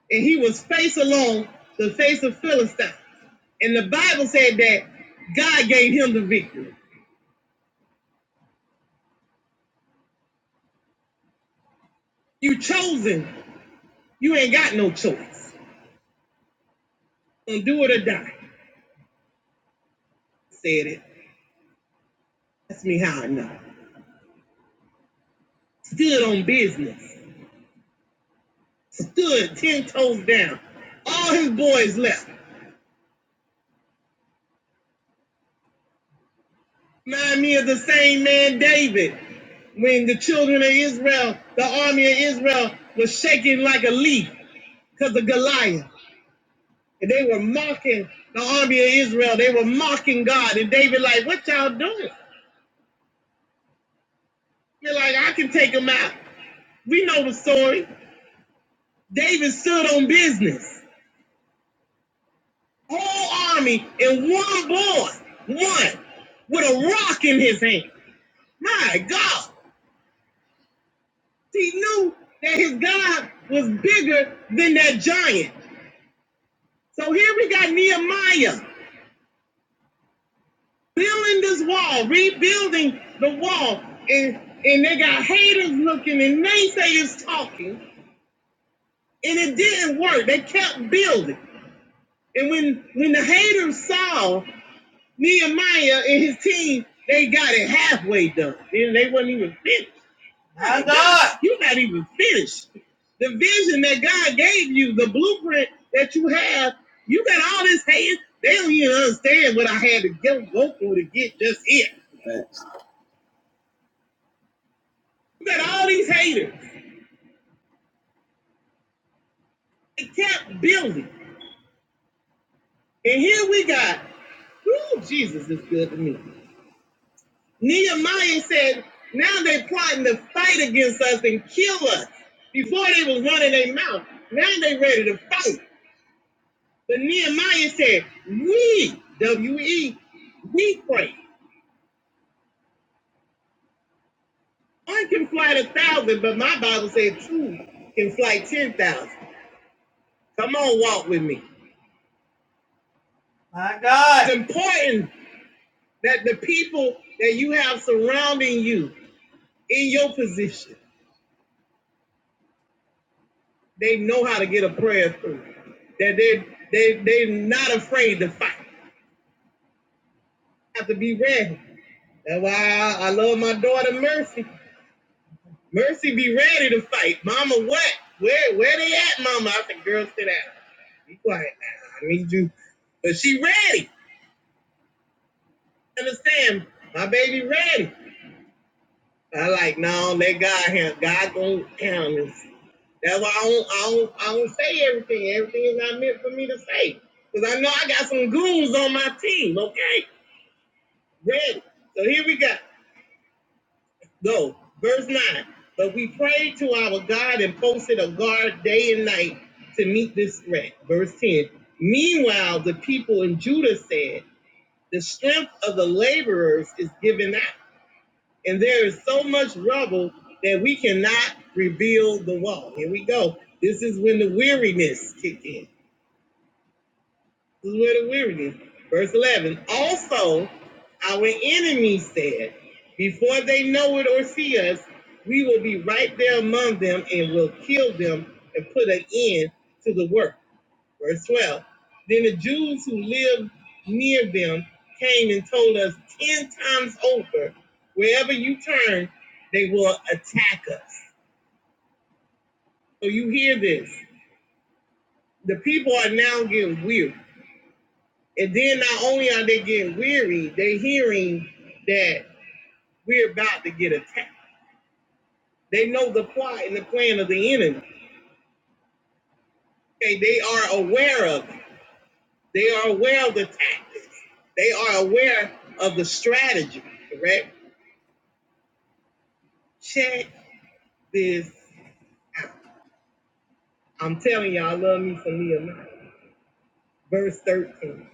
S5: And he was face alone, the face of Philistines. And the Bible said that God gave him the victory. You chosen, you ain't got no choice. and do it or die. Said it. That's me how I know. Stood on business. Stood ten toes down. All his boys left. Remind me of the same man David when the children of Israel, the army of Israel was shaking like a leaf because of Goliath. And they were mocking the army of Israel. They were mocking God. And David, like, what y'all doing? They're like, I can take them out. We know the story. David stood on business. whole army in one boy, one, with a rock in his hand. My God. He knew that his God was bigger than that giant. So here we got Nehemiah building this wall, rebuilding the wall, and, and they got haters looking and naysayers talking, and it didn't work. They kept building. And when, when the haters saw Nehemiah and his team, they got it halfway done. Then they wasn't even 50. My God. You're not even finished. The vision that God gave you, the blueprint that you have, you got all this hate. They don't even understand what I had to go, go through to get just it. You got all these haters. They kept building. And here we got, ooh, Jesus is good to me. Nehemiah said, now they're plotting to fight against us and kill us. Before they was running their mouth. Now they ready to fight. But Nehemiah said, We, W E, we pray. One can fly a thousand, but my Bible said two can fly 10,000. Come on, walk with me. It's important that the people that you have surrounding you in your position, they know how to get a prayer through. That they, they, they're not afraid to fight. Have to be ready. That's why I, I love my daughter, Murphy. Mercy be ready to fight. Mama, what? Where where they at, mama? I said, girl, sit down. Be quiet now. I need you. But she ready. Understand? My baby ready. I like, no, let God handle. God gonna handle this. That's why I don't, I don't, I don't say everything. Everything is not meant for me to say. Because I know I got some goons on my team, okay? Ready. So here we go. Go. Verse 9. But we prayed to our God and posted a guard day and night to meet this threat. Verse 10. Meanwhile, the people in Judah said, The strength of the laborers is given out, and there is so much rubble that we cannot rebuild the wall. Here we go. This is when the weariness kicked in. This is where the word of weariness. Verse 11. Also, our enemies said, Before they know it or see us, we will be right there among them and will kill them and put an end to the work. Verse 12. Then the Jews who lived near them came and told us 10 times over, wherever you turn, they will attack us. So you hear this. The people are now getting weary. And then not only are they getting weary, they are hearing that we're about to get attacked. They know the plot and the plan of the enemy. Okay, they are aware of it. They are aware of the tactics. They are aware of the strategy. Correct? Check this out. I'm telling y'all, I love me some Nehemiah. Verse 13.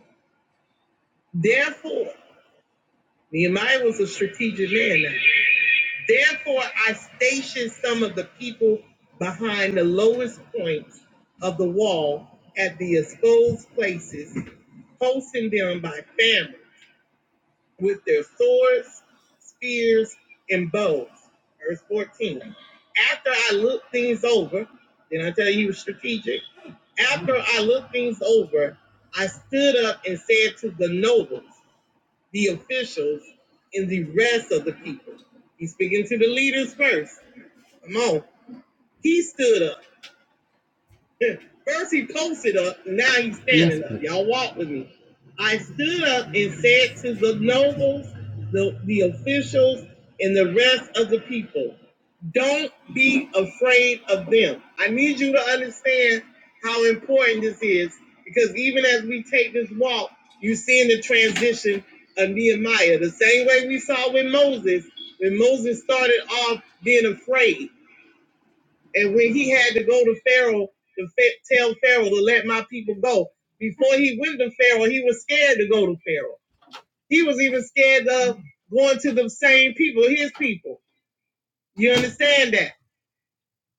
S5: Therefore, Nehemiah was a strategic man now. Therefore, I stationed some of the people behind the lowest points of the wall at the exposed places, posting them by families with their swords, spears, and bows. Verse 14. After I looked things over, did I tell you he was strategic? After I looked things over, I stood up and said to the nobles, the officials and the rest of the people. He's speaking to the leaders first. Come on. He stood up. First he posted up, now he's Yes, standing yes, up. Y'all walk with me. I stood up and said to the nobles, the, the officials, and the rest of the people, don't be afraid of them. I need you to understand how important this is because even as we take this walk, you're seeing the transition of Nehemiah. The same way we saw with Moses, when Moses started off being afraid. And when he had to go to Pharaoh to fa- tell Pharaoh to let my people go, before he went to Pharaoh, he was scared to go to Pharaoh. He was even scared of going to the same people, his people. You understand that?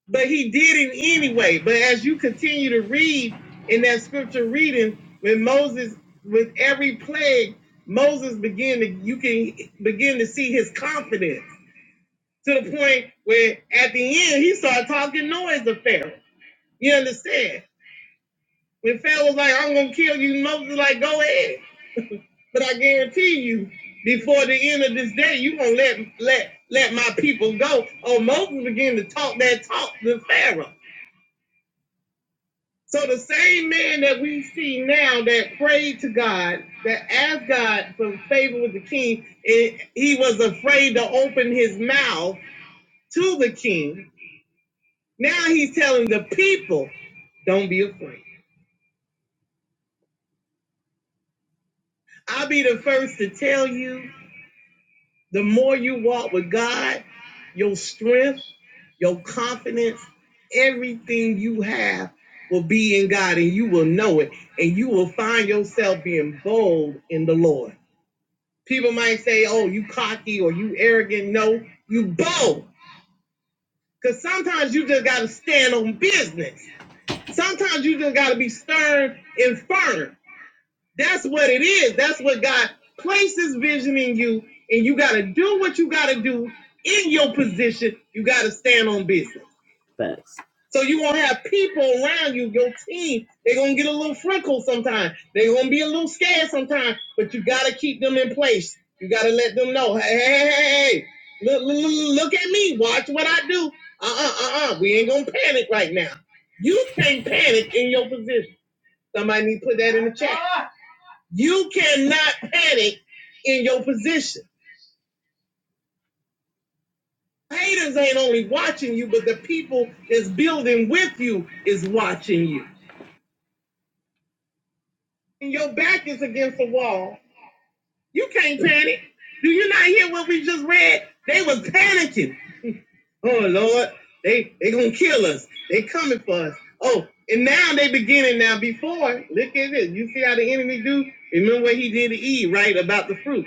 S5: But he did it anyway. But as you continue to read in that scripture reading, when Moses, with every plague, Moses began to, you can begin to see his confidence to the point where at the end he started talking noise to Pharaoh. You understand? When Pharaoh was like, I'm gonna kill you, Moses was like, go ahead. But I guarantee you, before the end of this day, you gonna let let let my people go. Oh, Moses began to talk that talk to Pharaoh. So the same man that we see now that prayed to God, that asked God for favor with the king, and he was afraid to open his mouth to the king. Now he's telling the people, don't be afraid. I'll be the first to tell you The more you walk with God, your strength, your confidence, everything you have will be in God and you will know it. And you will find yourself being bold in the Lord. People might say, oh, you cocky or you arrogant. No, you bold. Because sometimes you just got to stand on business. Sometimes you just got to be stern and firm. That's what it is. That's what God places vision in you, and you got to do what you got to do in your position. You got to stand on business. So you gonna have people around you, your team. They're gonna get a little freckled sometimes. They're gonna be a little scared sometimes, but you gotta keep them in place. You gotta let them know, hey, hey, hey, hey, hey. look, look, look look at me. Watch what I do. Uh, uh, uh, uh. We ain't gonna panic right now. You can't panic in your position. Somebody need to put that in the chat. You cannot panic in your position. Haters ain't only watching you, but the people that's building with you is watching you. When your back is against the wall, you can't panic. Do you not hear what we just read? They was panicking. Oh Lord, they they gonna kill us. They coming for us. Oh, and now they beginning now. Before, look at this. You see how the enemy do? Remember what he did to Eve, right? About the fruit.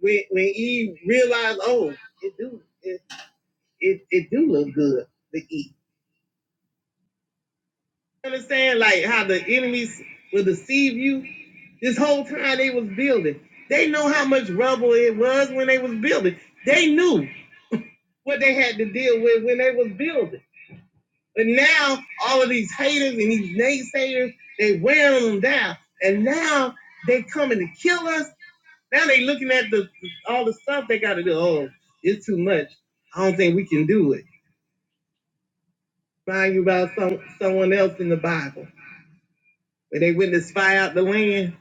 S5: When when Eve realized, oh, it do. it, it do look good to eat. You understand? Like how the enemies will deceive you. This whole time they was building. They know how much rubble it was when they was building. They knew what they had to deal with when they was building. But now all of these haters and these naysayers, they wearing them down. And now they coming to kill us. Now they looking at the all the stuff they got to do. Oh, it's too much. I don't think we can do it. Remind you about some someone else in the Bible. when they went to spy out the land,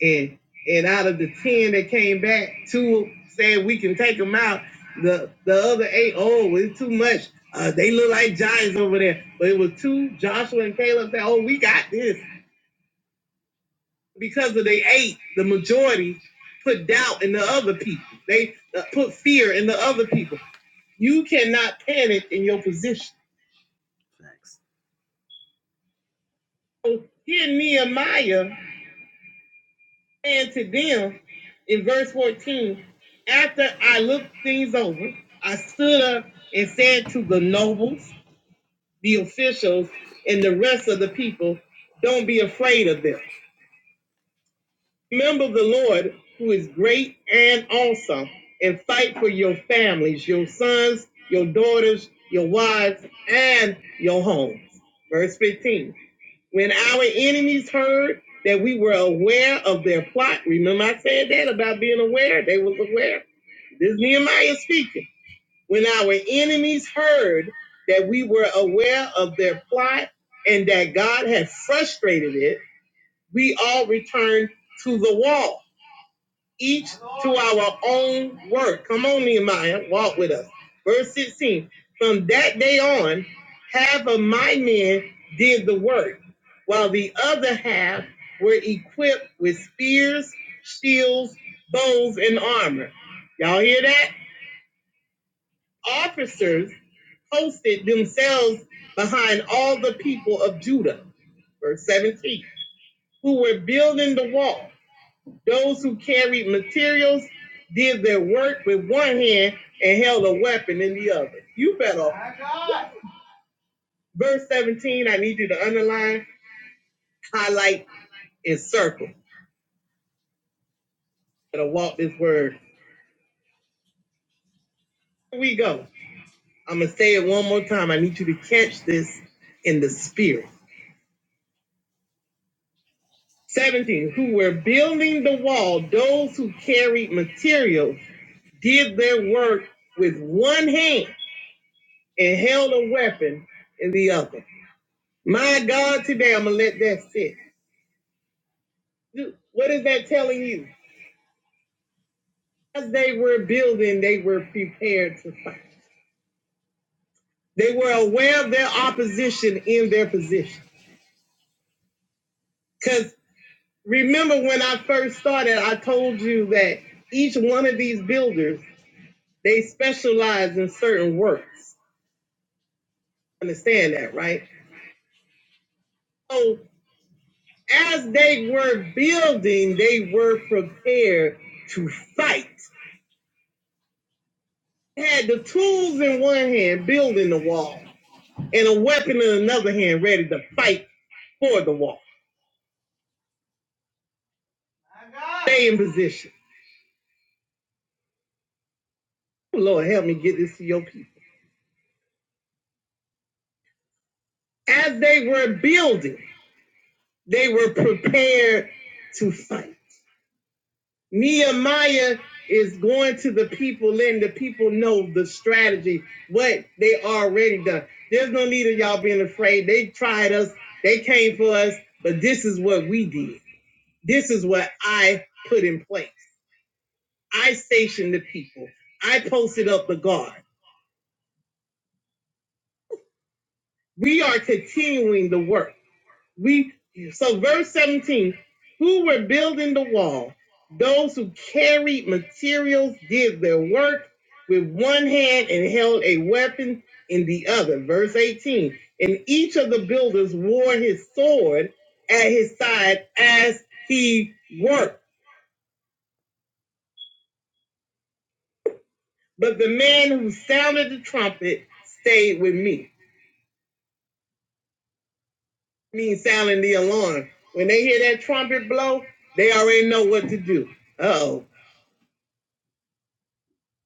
S5: and and out of the ten that came back, two said we can take them out. The the other eight, oh, well, it's too much. Uh, they look like giants over there. But it was two, Joshua and Caleb said, oh, we got this because of the eight. The majority put doubt in the other people. They uh, put fear in the other people. You cannot panic in your position. So Here, Nehemiah And to them in verse 14, after I looked things over, I stood up and said to the nobles, the officials, and the rest of the people, don't be afraid of them. Remember the Lord who is great and awesome, and fight for your families, your sons, your daughters, your wives, and your homes. Verse 15. When our enemies heard that we were aware of their plot, remember I said that about being aware? They was aware. This is Nehemiah speaking. When our enemies heard that we were aware of their plot and that God had frustrated it, we all returned to the wall each to our own work. Come on, Nehemiah, walk with us. Verse 16 From that day on, half of my men did the work, while the other half were equipped with spears, shields, bows, and armor. Y'all hear that? Officers posted themselves behind all the people of Judah. Verse 17 Who were building the wall. Those who carried materials did their work with one hand and held a weapon in the other. You better. Verse 17, I need you to underline, highlight, and circle. Better walk this word. Here we go. I'm going to say it one more time. I need you to catch this in the spirit. 17, who were building the wall, those who carried materials did their work with one hand and held a weapon in the other. My God, today I'm gonna let that sit. What is that telling you? As they were building, they were prepared to fight. They were aware of their opposition in their position. Because remember when I first started, I told you that each one of these builders, they specialize in certain works. Understand that, right? So as they were building, they were prepared to fight. Had the tools in one hand, building the wall and a weapon in another hand ready to fight for the wall. Stay in position. Lord, help me get this to your people. As they were building, they were prepared to fight. Nehemiah is going to the people, letting the people know the strategy, what they already done. There's no need of y'all being afraid. They tried us, they came for us, but this is what we did. This is what I put in place. I stationed the people. I posted up the guard. We are continuing the work. We so verse 17, who were building the wall, those who carried materials did their work with one hand and held a weapon in the other. Verse 18, and each of the builders wore his sword at his side as he worked. But the man who sounded the trumpet stayed with me. Means sounding the alarm. When they hear that trumpet blow, they already know what to do. Oh,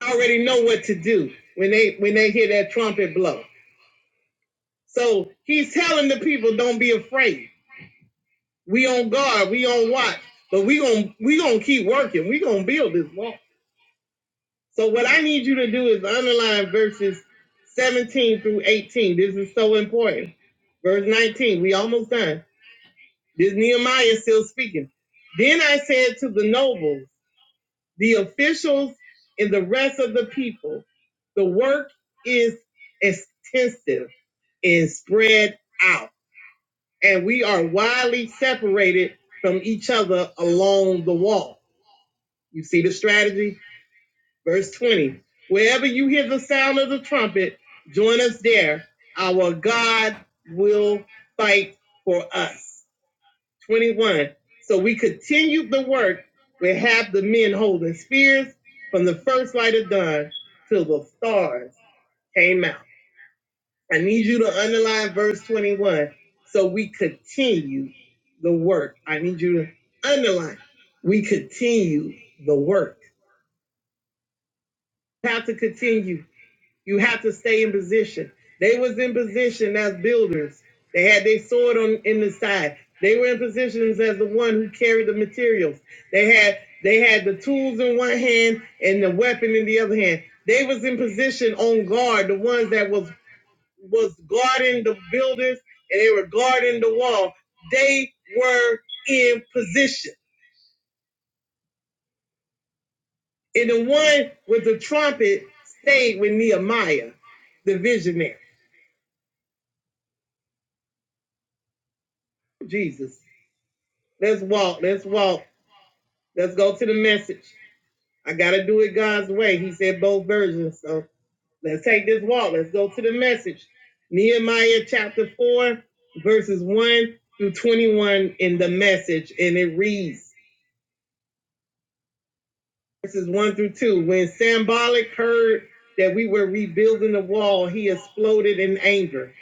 S5: already know what to do when they when they hear that trumpet blow. So he's telling the people, don't be afraid. We on guard, we on watch, but we gonna we gonna keep working. We gonna build this wall. So what I need you to do is underline verses 17 through 18. This is so important. Verse 19, we almost done. This Nehemiah is still speaking. Then I said to the nobles. the officials and the rest of the people. The work is extensive and spread out, and we are widely separated from each other along the wall. You see the strategy? Verse 20 Wherever you hear the sound of the trumpet, join us there. Our God will fight for us. 21. So we continued the work with half the men holding spears from the first light of dawn till the stars came out. I need you to underline verse 21. So we continue the work. I need you to underline. We continue the work. How to continue? You have to stay in position. They was in position as builders. They had their sword on in the side. They were in positions as the one who carried the materials. They had they had the tools in one hand and the weapon in the other hand. They was in position on guard, the ones that was was guarding the builders and they were guarding the wall. They were in position. And the one with the trumpet stayed with Nehemiah, the visionary. Jesus. Let's walk. Let's walk. Let's go to the message. I gotta do it God's way. He said both versions. So let's take this walk. Let's go to the message. Nehemiah chapter 4, verses 1 through 21 in the message. And it reads verses 1 through 2. When Sambolic heard that we were rebuilding the wall, he exploded in anger,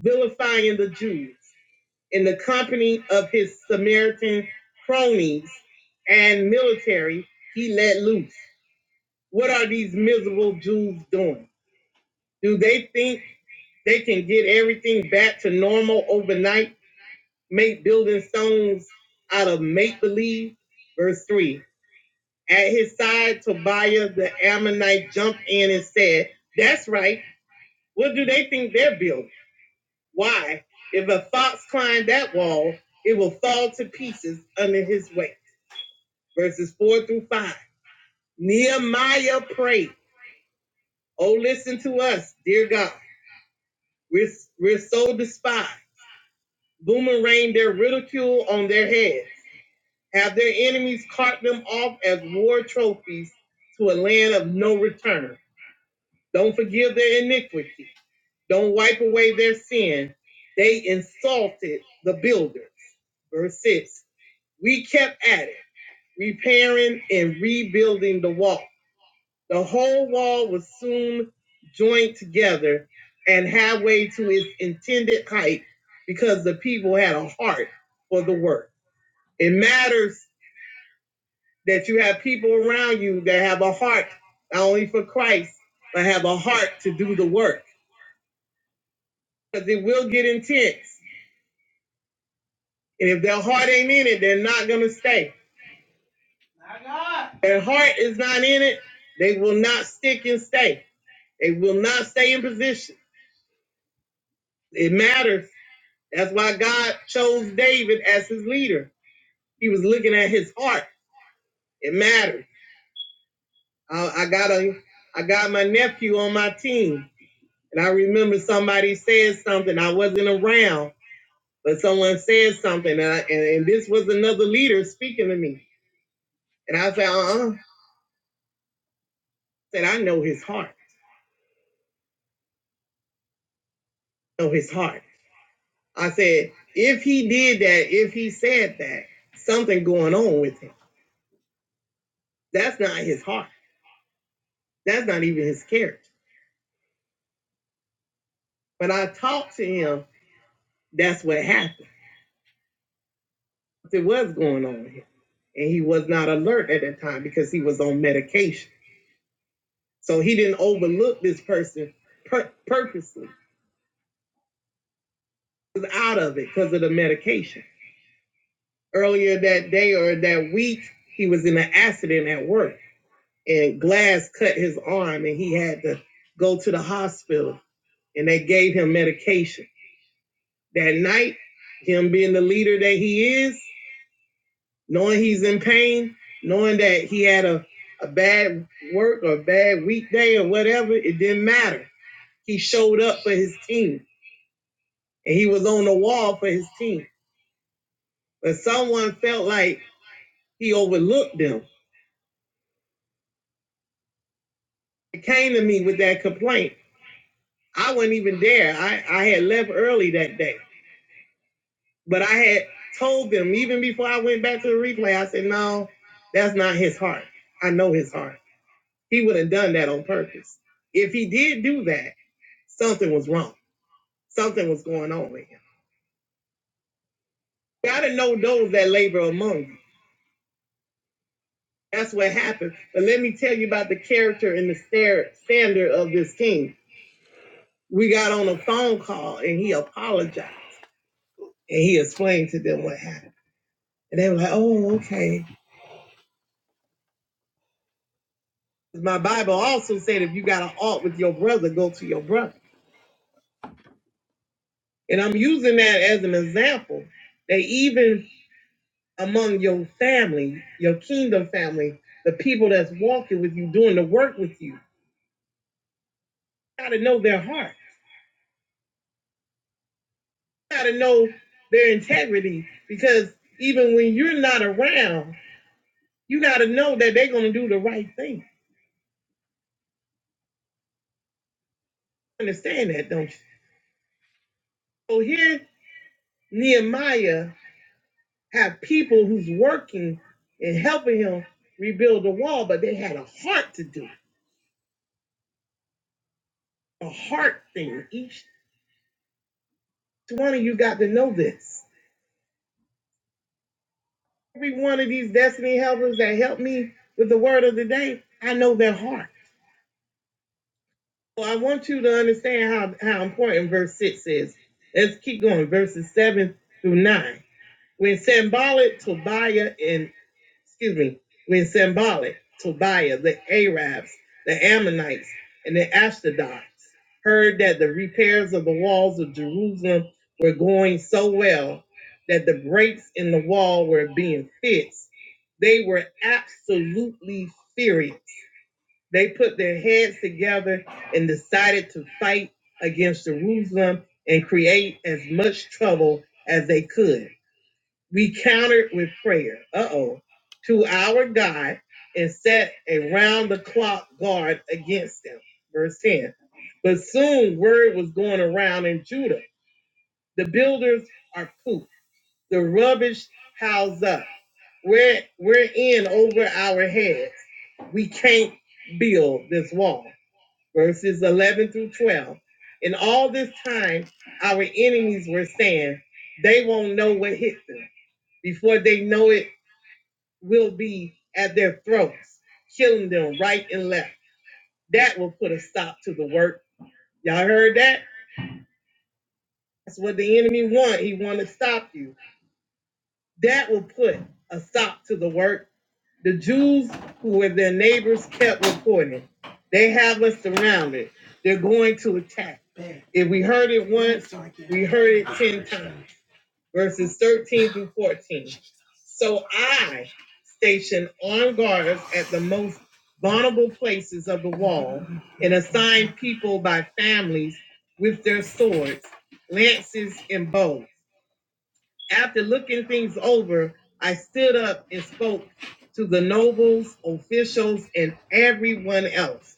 S5: vilifying the Jews. in the company of his Samaritan cronies and military, he let loose. What are these miserable Jews doing? Do they think they can get everything back to normal overnight, make building stones out of make believe. Verse 3 At his side, Tobiah the Ammonite jumped in and said, That's right. What do they think they're building? Why? If a fox climbed that wall, it will fall to pieces under his weight. Verses 4 through 5. Nehemiah prayed, Oh, listen to us, dear God. We're, we're so despised. Boomerang their ridicule on their heads. Have their enemies cart them off as war trophies to a land of no return. Don't forgive their iniquity. Don't wipe away their sin. They insulted the builders. Verse 6 We kept at it, repairing and rebuilding the wall. The whole wall was soon joined together and halfway to its intended height because the people had a heart for the work. It matters that you have people around you that have a heart, not only for Christ, but have a heart to do the work because it will get intense. And if their heart ain't in it, they're not going to stay. Their heart is not in it, they will not stick and stay. They will not stay in position. It matters. That's why God chose David as his leader. He was looking at his heart. It matters. I, I got a, I got my nephew on my team, and I remember somebody said something. I wasn't around, but someone said something, and, I, and, and this was another leader speaking to me. And I said, uh-uh. I said I know his heart. Know his heart. I said if he did that, if he said that, something going on with him. That's not his heart. That's not even his character. But I talked to him. That's what happened. It was going on with him, And he was not alert at that time because he was on medication. So he didn't overlook this person pur- purposely. He was out of it because of the medication. Earlier that day or that week, he was in an accident at work and glass cut his arm and he had to go to the hospital and they gave him medication. That night, him being the leader that he is, knowing he's in pain, knowing that he had a, a bad work or a bad weekday or whatever, it didn't matter. He showed up for his team and he was on the wall for his team. But someone felt like he overlooked them. It came to me with that complaint. I wasn't even there. I, I had left early that day. But I had told them, even before I went back to the replay, I said, no, that's not his heart. I know his heart. He would have done that on purpose. If he did do that, Something was wrong. Something was going on with him. Gotta know those that labor among you. That's what happened. But let me tell you about the character and the standard of this king. We got on a phone call and he apologized and he explained to them what happened. And they were like, oh, okay. My Bible also said if you got an alt with your brother, go to your brother. And I'm using that as an example that even among your family, your kingdom family, the people that's walking with you, doing the work with you. got to know their heart. You got to know their integrity because even when you're not around, you got to know that they're going to do the right thing. Understand that, don't you? So here, Nehemiah had people who's working and helping him rebuild the wall, but they had a heart to do it, a heart thing. Each one of you got to know this. Every one of these destiny helpers that help me with the word of the day, I know their heart. Well, I want you to understand how, how important verse 6 is. Let's keep going. Verses 7 through 9. When Sambalit, Tobiah, and, excuse me, when Sambalit, Tobiah, the Arabs, the Ammonites, and the Ashdodites heard that the repairs of the walls of Jerusalem were going so well that the breaks in the wall were being fixed, they were absolutely furious they put their heads together and decided to fight against Jerusalem and create as much trouble as they could. We countered with prayer, uh oh, to our God and set a round the clock guard against them. Verse 10. But soon word was going around in Judah. The builders are pooped, the rubbish piles up. We're, we're in over our heads. We can't build this wall verses 11 through 12. In all this time, our enemies were saying, They won't know what hit them. Before they know it, will be at their throats, killing them right and left. That will put a stop to the work. Y'all heard that? That's what the enemy want. He want to stop you. That will put a stop to the work The Jews who were their neighbors kept reporting, they have us surrounded. They're going to attack. If we heard it once, we heard it 10 times. Verses 13 through 14. So I stationed armed guards at the most vulnerable places of the wall and assigned people by families with their swords, lances, and bows. After looking things over, I stood up and spoke to the nobles, officials, and everyone else.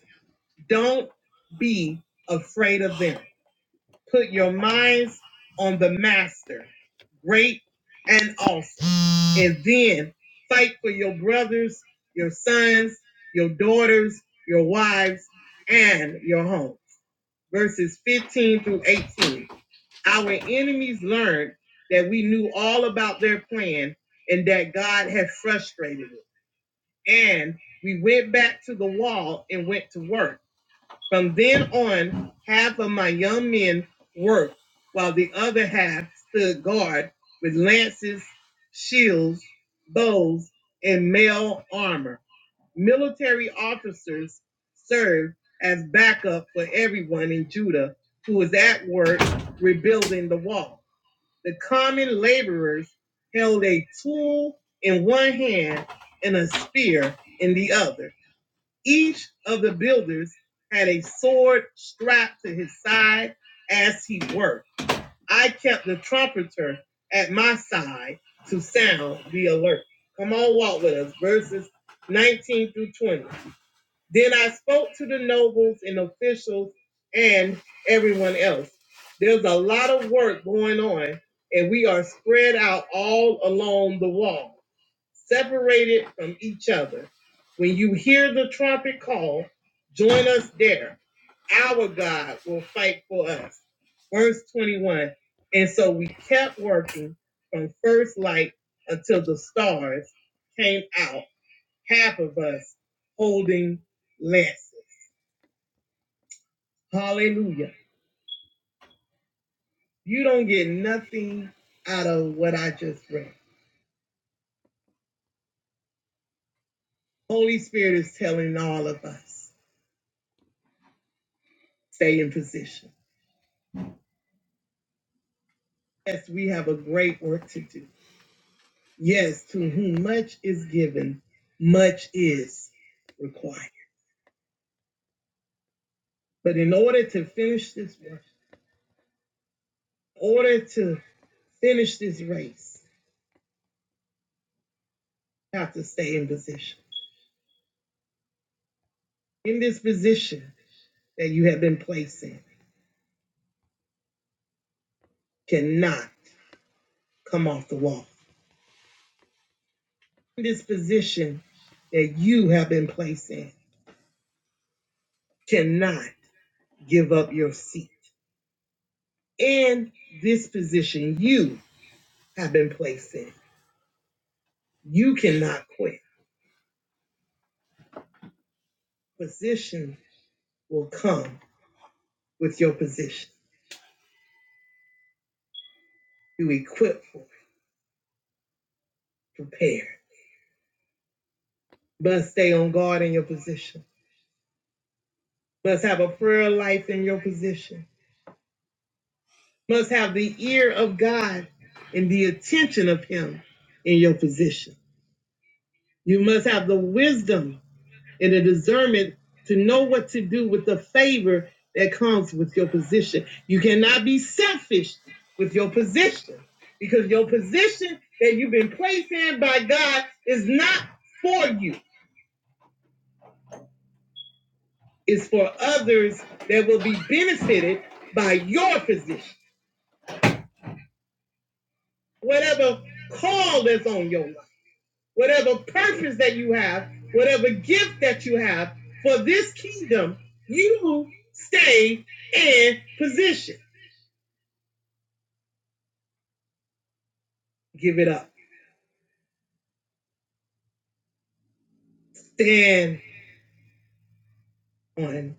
S5: Don't be afraid of them. Put your minds on the master, great and awesome. And then fight for your brothers, your sons, your daughters, your wives, and your home verses 15 through 18. Our enemies learned that we knew all about their plan and that God had frustrated it. And we went back to the wall and went to work. From then on, half of my young men worked, while the other half stood guard with lances, shields, bows, and mail armor military officers served as backup for everyone in Judah who was at work rebuilding the wall. The common laborers held a tool in one hand and a spear in the other. Each of the builders had a sword strapped to his side as he worked. I kept the trumpeter at my side to sound the alert. Come on, walk with us. Verses 19 through 20. Then I spoke to the nobles and officials and everyone else. There's a lot of work going on, and we are spread out all along the wall, separated from each other. When you hear the trumpet call, join us there. Our God will fight for us. Verse 21. And so we kept working from first light until the stars came out half of us holding lances. Hallelujah. You don't get nothing out of what I just read. Holy Spirit is telling all of us stay in position. Yes, we have a great work to do. Yes, to whom much is given, much is required. But in order to finish this work, in order to finish this race, you have to stay in position. In this position that you have been placed in cannot Come off the wall. This position that you have been placed in cannot give up your seat. In this position you have been placed in, you cannot quit. Position will come with your position. You equipped for it, prepared. Must stay on guard in your position. Must have a prayer life in your position. Must have the ear of God and the attention of Him in your position. You must have the wisdom and a discernment to know what to do with the favor that comes with your position. You cannot be selfish with your position because your position that you've been placed in by God is not for you, it's for others that will be benefited by your position. Whatever call that's on your life, whatever purpose that you have, whatever gift that you have for this kingdom, you stay in position. Give it up. Stand on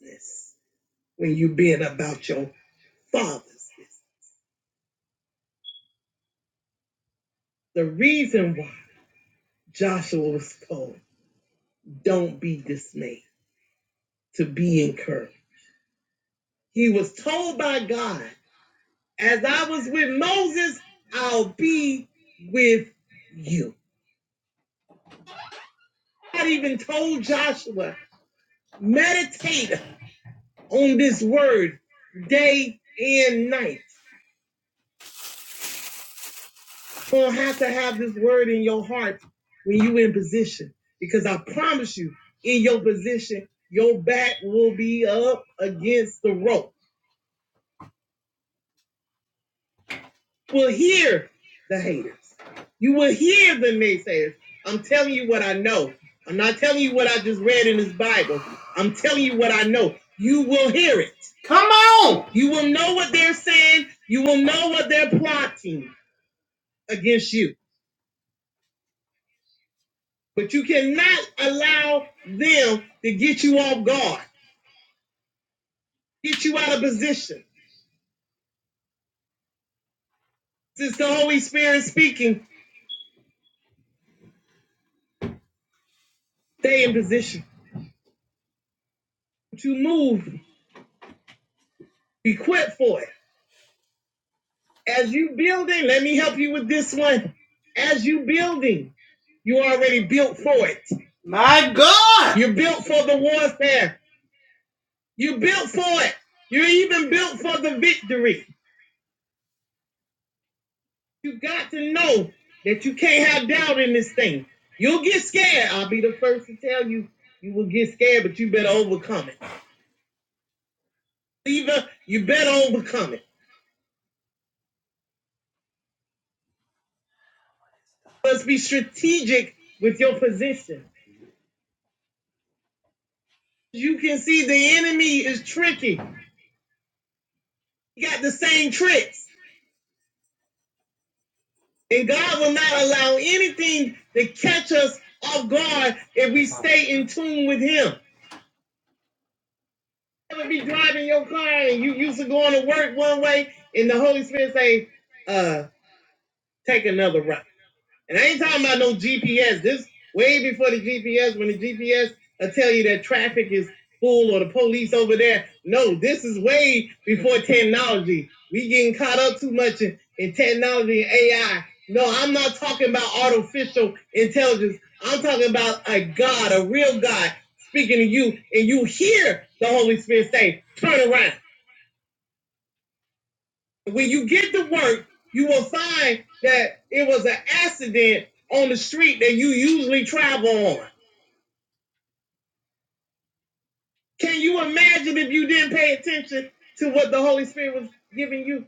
S5: this when you being about your father's business. The reason why Joshua was told, don't be dismayed, to be encouraged. He was told by God, as I was with Moses, I'll be with you. God even told Joshua, meditate on this word day and night. So you have to have this word in your heart when you in position. Because I promise you, in your position, your back will be up against the rope. will hear the haters. You will hear the naysayers. I'm telling you what I know. I'm not telling you what I just read in this Bible. I'm telling you what I know. You will hear it. You will know what they're saying. You will know what they're plotting against you. But you cannot allow them to get you off guard, get you out of position. Since the Holy Spirit speaking, stay in position. to move, be quick for it. As you building, let me help you with this one. As you building, you already built for it. You're built for the warfare. You built for it. You're even built for the victory. You got to know that you can't have doubt in this thing. You'll get scared. I'll be the first to tell you, you will get scared, but you better overcome it. Believer, you better overcome it. Let's be strategic with your position. You can see the enemy is tricky. He got the same tricks. And God will not allow anything to catch us off guard if we stay in tune with Him. Ever be driving your car and you used to going to work one way, and the Holy Spirit say, uh. take another route. And I ain't talking about no GPS. This way before the GPS, when the GPS will tell you that traffic is full or the police over there. No, this is way before technology. We getting caught up too much in, in technology and AI. No, I'm not talking about artificial intelligence. I'm talking about a God, a real God speaking to you, and you hear the Holy Spirit say, turn around. When you get to work, you will find that it was an accident on the street that you usually travel on. Can you imagine if you didn't pay attention to what the Holy Spirit was giving you?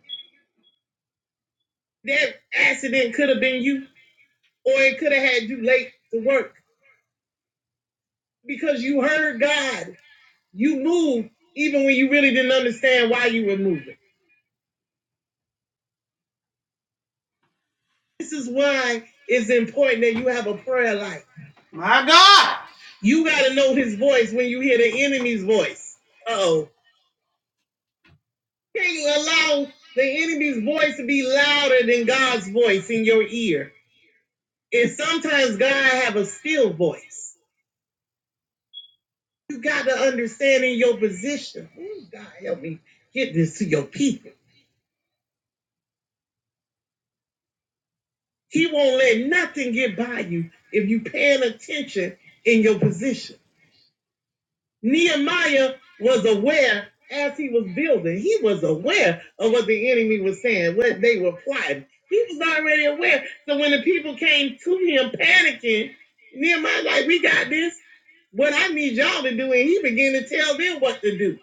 S5: That accident could have been you, or it could have had you late to work because you heard God. You moved even when you really didn't understand why you were moving. This is why it's important that you have a prayer life. My God. You got to know his voice when you hear the enemy's voice. Uh oh. Can you allow the enemy's voice to be louder than God's voice in your ear? And sometimes God have a still voice. You got to understand in your position. Ooh, God help me get this to your people. He won't let nothing get by you if you paying attention in your position. Nehemiah was aware as he was building, he was aware of what the enemy was saying, what they were plotting. He was already aware. So when the people came to him panicking, Nehemiah like, we got this. What I need y'all to do, and he began to tell them what to do.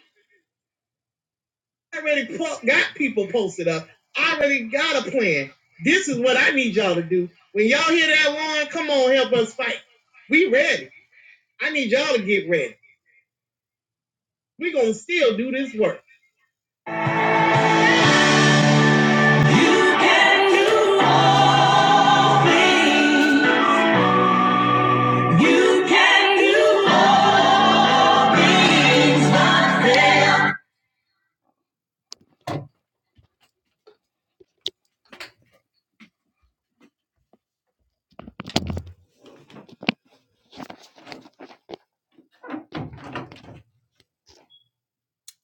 S5: I already po- got people posted up. I already got a plan. This is what I need y'all to do. When y'all hear that alarm, come on, help us fight. We ready. I need y'all to get ready. we gonna still do this work.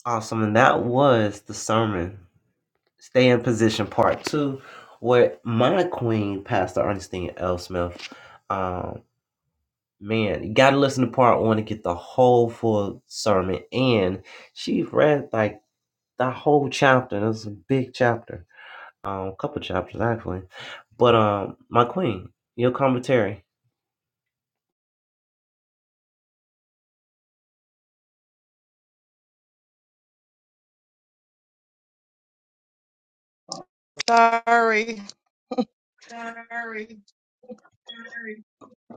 S5: Awesome. And that was the sermon, Stay in Position Part 2, where my queen, Pastor Ernestine L. Smith, um, man, you got to listen to part one to get the whole full sermon. And she read like the whole chapter. It was a big chapter, um, a couple chapters actually. But um, my queen, your commentary.
S3: Sorry. Sorry. sorry.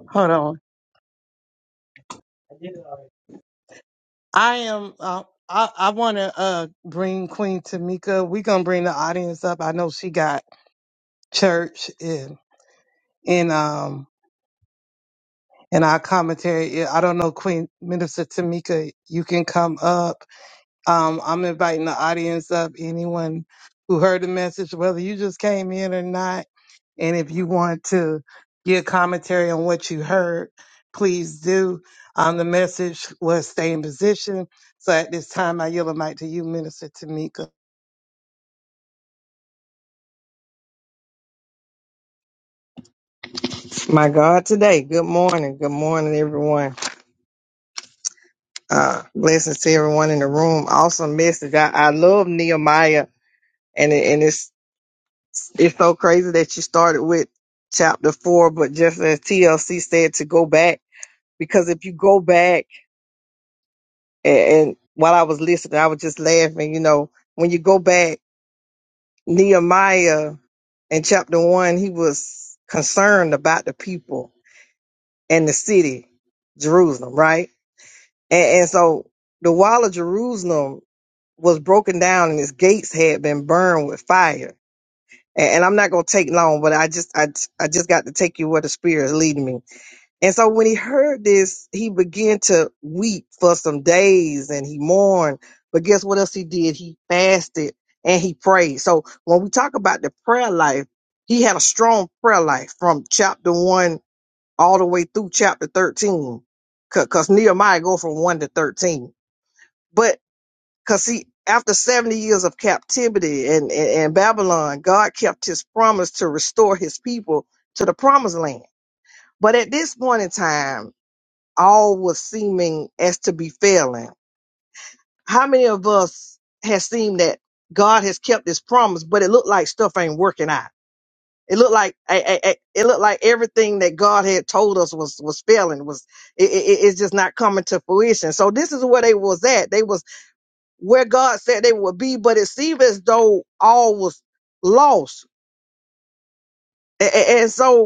S3: Hold on. I did it already. I am. Uh, I I want to uh bring Queen Tamika. We gonna bring the audience up. I know she got church and and um. In our commentary. Yeah, I don't know, Queen Minister Tamika, you can come up. Um, I'm inviting the audience up. Anyone who heard the message, whether you just came in or not, and if you want to give commentary on what you heard, please do. Um, the message was stay in position. So at this time, I yield the mic to you, Minister Tamika.
S7: My God, today. Good morning. Good morning, everyone. Uh, blessings to everyone in the room. Awesome message. I, I love Nehemiah, and it, and it's it's so crazy that you started with chapter four, but just as TLC said to go back because if you go back and, and while I was listening, I was just laughing. You know, when you go back, Nehemiah in chapter one, he was concerned about the people and the city, Jerusalem, right? And, and so the wall of Jerusalem was broken down and its gates had been burned with fire. And, and I'm not going to take long, but I just, I, I just got to take you where the spirit is leading me. And so when he heard this, he began to weep for some days and he mourned. But guess what else he did? He fasted and he prayed. So when we talk about the prayer life, he had a strong prayer life from chapter one all the way through chapter 13. Cause, 'cause Nehemiah go from one to 13 but because see, after 70 years of captivity and, and, and Babylon, God kept his promise to restore his people to the promised land. But at this point in time, all was seeming as to be failing. How many of us has seen that God has kept his promise, but it looked like stuff ain't working out? It looked like I- I- I- it looked like everything that God had told us was was failing. Was it, it, it's just not coming to fruition. So this is where they was at. They was where God said they would be, but it seemed as though all was lost. A- a- And so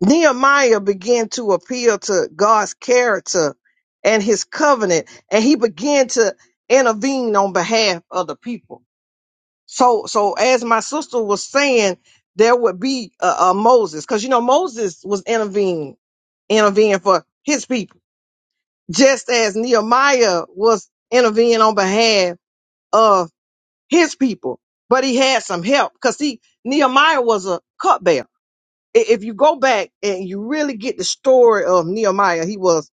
S7: Nehemiah began to appeal to God's character and his covenant, and he began to intervene on behalf of the people. So, so as my sister was saying, there would be a, a Moses, because you know Moses was intervening, intervening for his people, just as Nehemiah was intervening on behalf of his people, but he had some help because he Nehemiah was a cupbearer. I- If you go back and you really get the story of Nehemiah, he was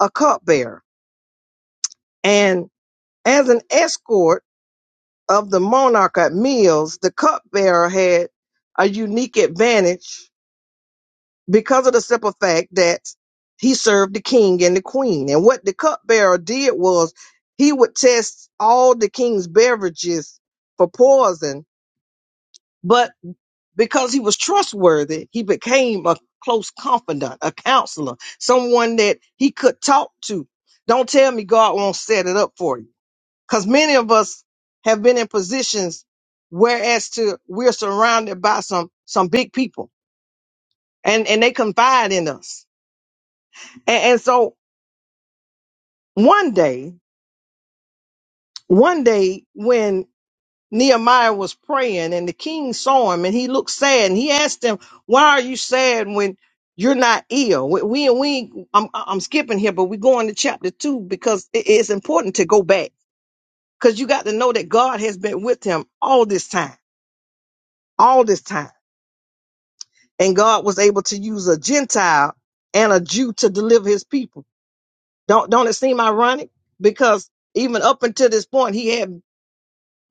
S7: a cupbearer, and as an escort of the monarch at meals, the cupbearer had a unique advantage because of the simple fact that he served the king and the queen. And what the cupbearer did was he would test all the king's beverages for poison, but because he was trustworthy, he became a close confidant, a counselor, someone that he could talk to. Don't tell me God won't set it up for you. Because many of us have been in positions whereas to we're surrounded by some some big people and, and they confide in us. And, and so one day, one day when Nehemiah was praying and the king saw him and he looked sad and he asked him, why are you sad when you're not ill? We, we, we I'm, I'm skipping here, but we're going to chapter two because it- it's important to go back because you got to know that God has been with him all this time, all this time. And God was able to use a Gentile and a Jew to deliver his people. Don't, don't it seem ironic? Because even up until this point, he had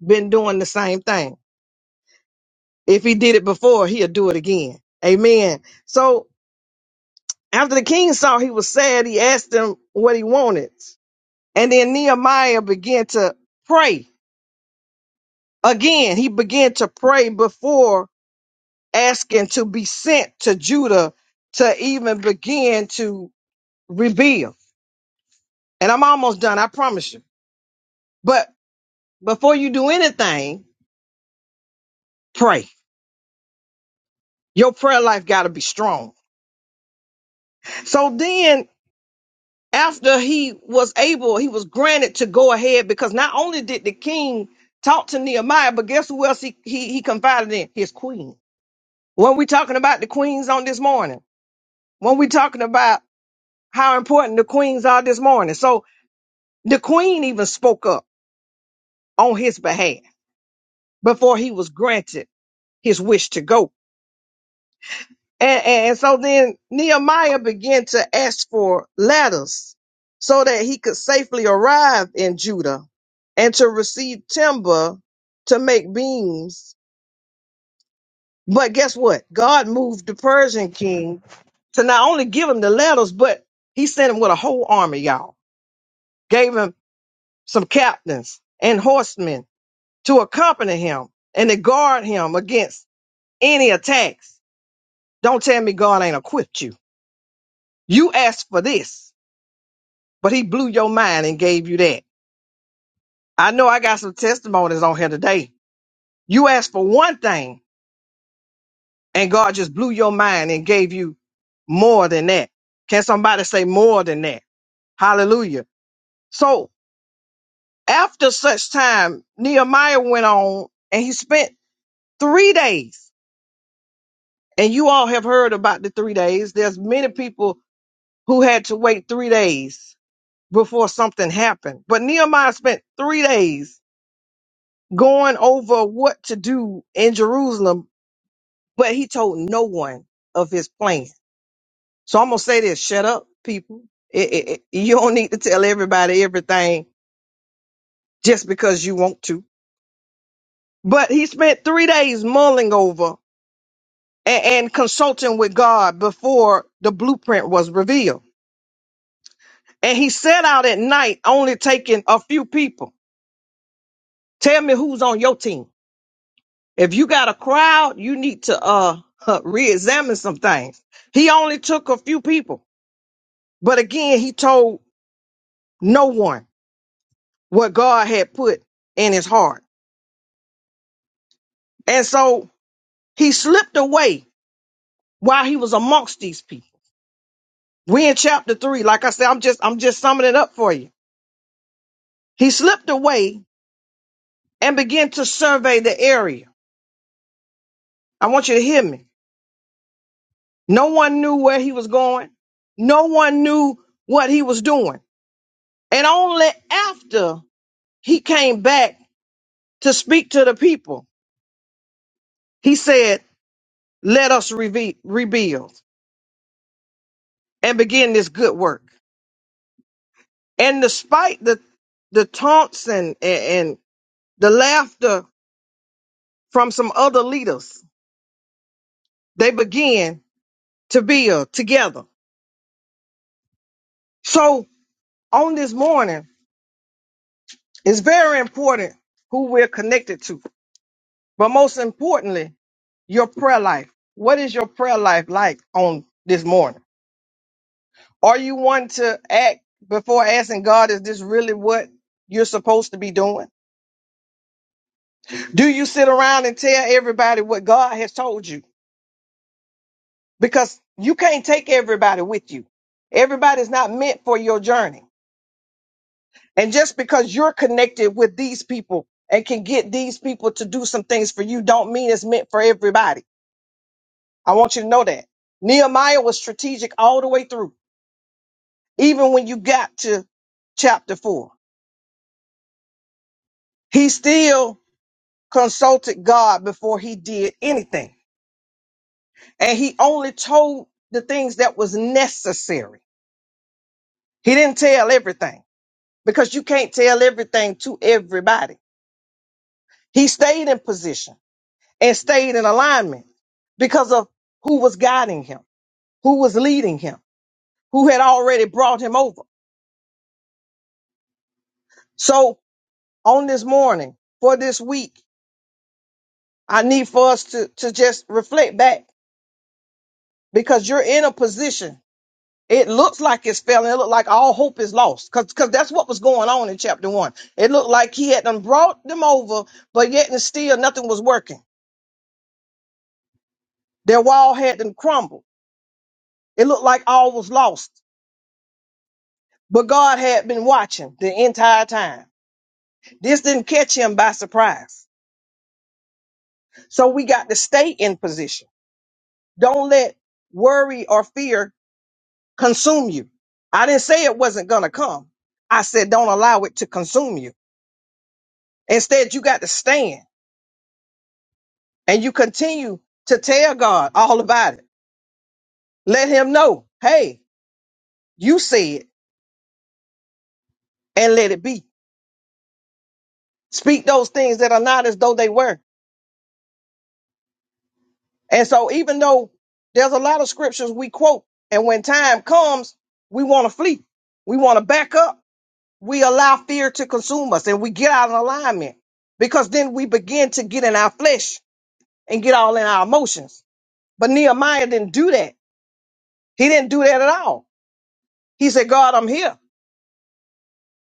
S7: been doing the same thing. If he did it before, he'll do it again. Amen. So after the king saw he was sad, he asked him what he wanted. And then Nehemiah began to pray. Again, he began to pray before asking to be sent to Judah to even begin to rebuild. And I'm almost done, I promise you. But before you do anything, pray. Your prayer life got to be strong. So then after he was able, he was granted to go ahead because not only did the king talk to Nehemiah, but guess who else he, he, he confided in? His queen. When we talking about the queens on this morning, when we talking about how important the queens are this morning. So the queen even spoke up on his behalf before he was granted his wish to go. And, and, and so then Nehemiah began to ask for ladders so that he could safely arrive in Judah and to receive timber to make beams. But guess what? God moved the Persian king to not only give him the ladders, but he sent him with a whole army, y'all. Gave him some captains and horsemen to accompany him and to guard him against any attacks. Don't tell me God ain't equipped you. You asked for this. but he blew your mind and gave you that. I know I got some testimonies on here today. You asked for one thing and God just blew your mind and gave you more than that. Can somebody say more than that? Hallelujah. So after such time, Nehemiah went on and he spent three days. And you all have heard about the three days. There's many people who had to wait three days before something happened. But Nehemiah spent three days going over what to do in Jerusalem, but he told no one of his plan. So I'm gonna say this: shut up, people. It- it- it- you don't need to tell everybody everything just because you want to. But he spent three days mulling over and, and consulting with God before the blueprint was revealed. And he set out at night, only taking a few people. Tell me who's on your team. If you got a crowd, you need to uh reexamine some things. He only took a few people, but again, he told no one what God had put in his heart. And so he slipped away while he was amongst these people. We in chapter three, like I said, I'm just I'm just summing it up for you. He slipped away and began to survey the area. I want you to hear me. No one knew where he was going. No one knew what he was doing. And only after he came back to speak to the people. He said, Let us reve- rebuild and begin this good work. And despite the, the taunts and, and, and the laughter from some other leaders, they began to build together. So on this morning, it's very important who we're connected to. But most importantly, your prayer life. What is your prayer life like on this morning? or you want to act before asking God, is this really what you're supposed to be doing? Do you sit around and tell everybody what God has told you? Because you can't take everybody with you. Everybody's not meant for your journey. And just because you're connected with these people and can get these people to do some things for you, don't mean it's meant for everybody. I want you to know that. Nehemiah was strategic all the way through, even when you got to chapter four. He still consulted God before he did anything. And he only told the things that was necessary. He didn't tell everything because you can't tell everything to everybody. He stayed in position and stayed in alignment because of who was guiding him, who was leading him, who had already brought him over. So on this morning, for this week, I need for us to, to just reflect back because you're in a position It looks like it's failing. It looked like all hope is lost because that's what was going on in chapter one. It looked like he had them brought them over, but yet and still nothing was working. Their wall had them crumbled. It looked like all was lost, but God had been watching the entire time. This didn't catch him by surprise. So we got to stay in position. Don't let worry or fear consume you. I didn't say it wasn't going to come. I said, don't allow it to consume you. Instead, you got to stand. and you continue to tell God all about it. Let him know, hey, you see it and let it be. Speak those things that are not as though they were. And so even though there's a lot of scriptures we quote, and when time comes, we want to flee. We want to back up. We allow fear to consume us and we get out of alignment because then we begin to get in our flesh and get all in our emotions. But Nehemiah didn't do that. He didn't do that at all. He said, God, I'm here.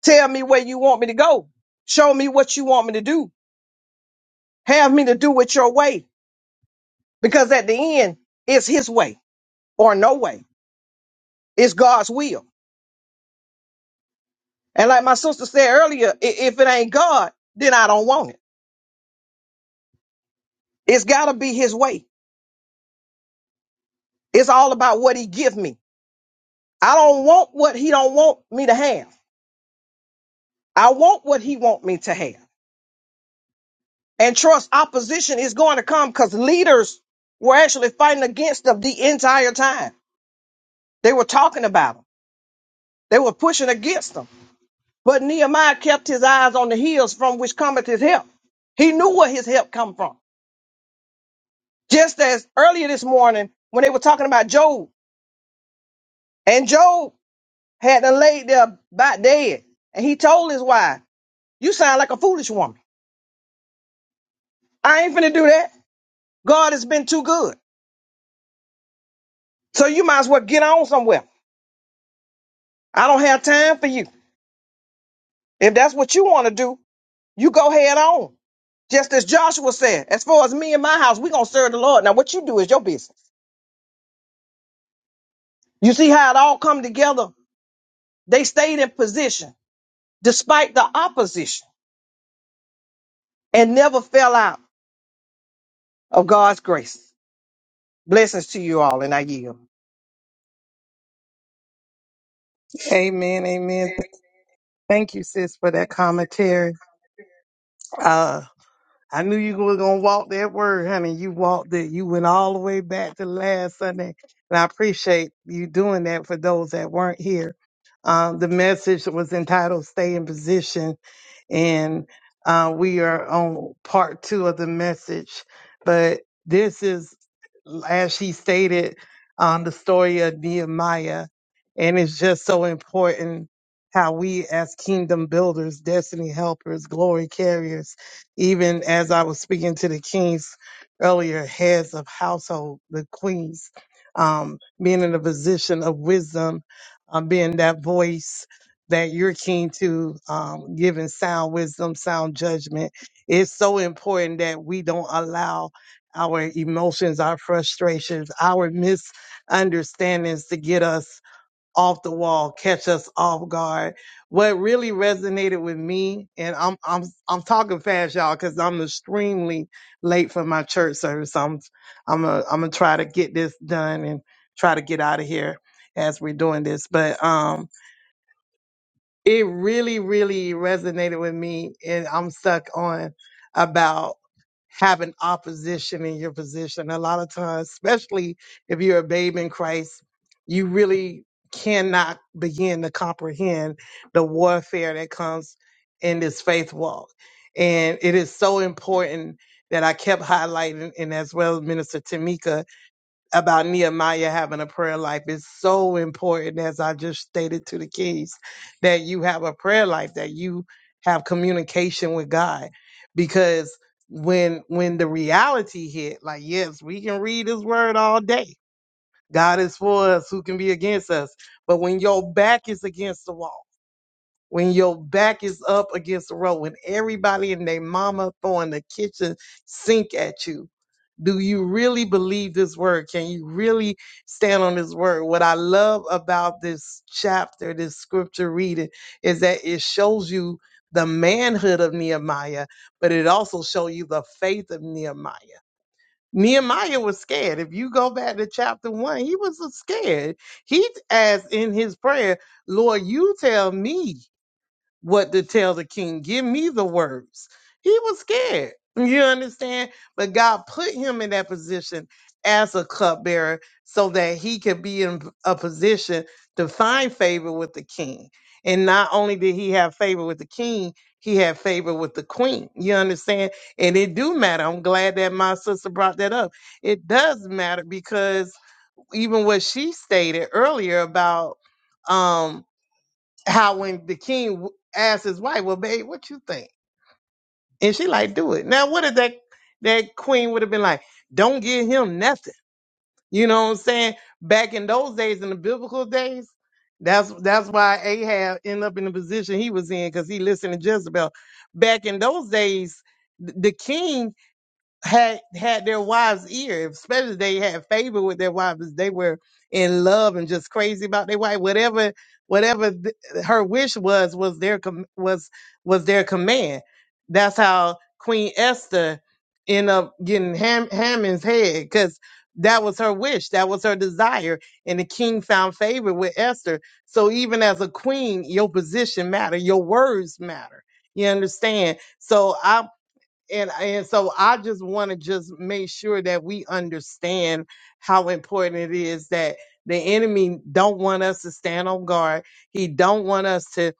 S7: Tell me where you want me to go. Show me what you want me to do. Have me to do it your way. Because at the end, it's his way or no way. It's God's will. And like my sister said earlier, i- if it ain't God, then I don't want it. It's gotta be his way. It's all about what he give me. I don't want what he don't want me to have. I want what he want me to have. And trust opposition is going to come because leaders were actually fighting against them the entire time. They were talking about them. They were pushing against them. But Nehemiah kept his eyes on the hills from which cometh his help. He knew where his help come from. Just as earlier this morning when they were talking about Job, and Job had to lay there about dead, and he told his wife, "You sound like a foolish woman. I ain't finna do that. God has been too good, so you might as well get on somewhere. I don't have time for you. If that's what you want to do, you go head on." Just as Joshua said, as far as me and my house, we gonna serve the Lord. Now what you do is your business. You see how it all come together They stayed in position despite the opposition and never fell out of God's grace. Blessings to you all, and I yield.
S3: Amen. Amen. Thank you, sis, for that commentary. I knew you were gonna walk that word, honey. You walked it. You went all the way back to last Sunday, and I appreciate you doing that for those that weren't here. Um, the message was entitled "Stay in Position," and uh, we are on part two of the message. But this is like, um, the story of Nehemiah. And it's just so important how we, as kingdom builders, destiny helpers, glory carriers, even as I was speaking to the kings earlier, heads of household, the queens, um, being in a position, wisdom, um, being that voice that you're keen to, um, giving sound wisdom, sound judgment. It's so important that we don't allow our emotions, our frustrations, our misunderstandings to get us off the wall, catch us off guard. What really resonated with me, and I'm I'm I'm talking fast, y'all, because I'm extremely late for my church service. I'm I'm a, I'm gonna try to get this done and try to get out of here as we're doing this. But um, it really, really resonated with me and I'm stuck on about having opposition in your position. A lot of times, especially if you're a babe in Christ, you really cannot begin to comprehend the warfare that comes in this faith walk. And it is so important that I kept highlighting, and as well as Minister Tamika, about Nehemiah having a prayer life is so important, as I just stated to the keys, that you have a prayer life, that you have communication with God. Because when when the reality hit, like yes, we can read his word all day. God is for us, who can be against us? But when your back is against the wall, when your back is up against the road, when everybody and their mama throwing the kitchen sink at you, do you really believe this word? Can you really stand on this word? What I love about this chapter, this scripture reading, is that it shows you the manhood of Nehemiah, but it also shows you the faith of Nehemiah. Nehemiah was scared. If you go back to chapter one, he was scared. He asked in his prayer, Lord, you tell me what to tell the king. Give me the words. He was scared. You understand? But God put him in that position as a cupbearer so that he could be in a position to find favor with the king. And not only did he have favor with the king, he had favor with the queen. You understand? And it do matter. I'm glad that my sister brought that up. It does matter because even what she stated earlier about um how when the king asked his wife, "Well, babe, what you think?" and she like, "Do it." Now, what if that that queen would have been like, "Don't give him nothing." You know what I'm saying? Back in those days, in the biblical days, that's that's why Ahab ended up in the position he was in because he listened to Jezebel. Back in those days, th- the king had had their wives' ear, especially if they had favor with their wives. They were in love and just crazy about their wife. Whatever, whatever th- her wish was, was their com- was was their command. That's how Queen Esther ended up getting Ham- Haman's head because that was her wish, that was her desire, and the king found favor with Esther. So even as a queen, your position matter, your words matter. You understand? So I and and so I just want to just make sure that we understand how important it is that the enemy don't want us to stand on guard. He don't want us to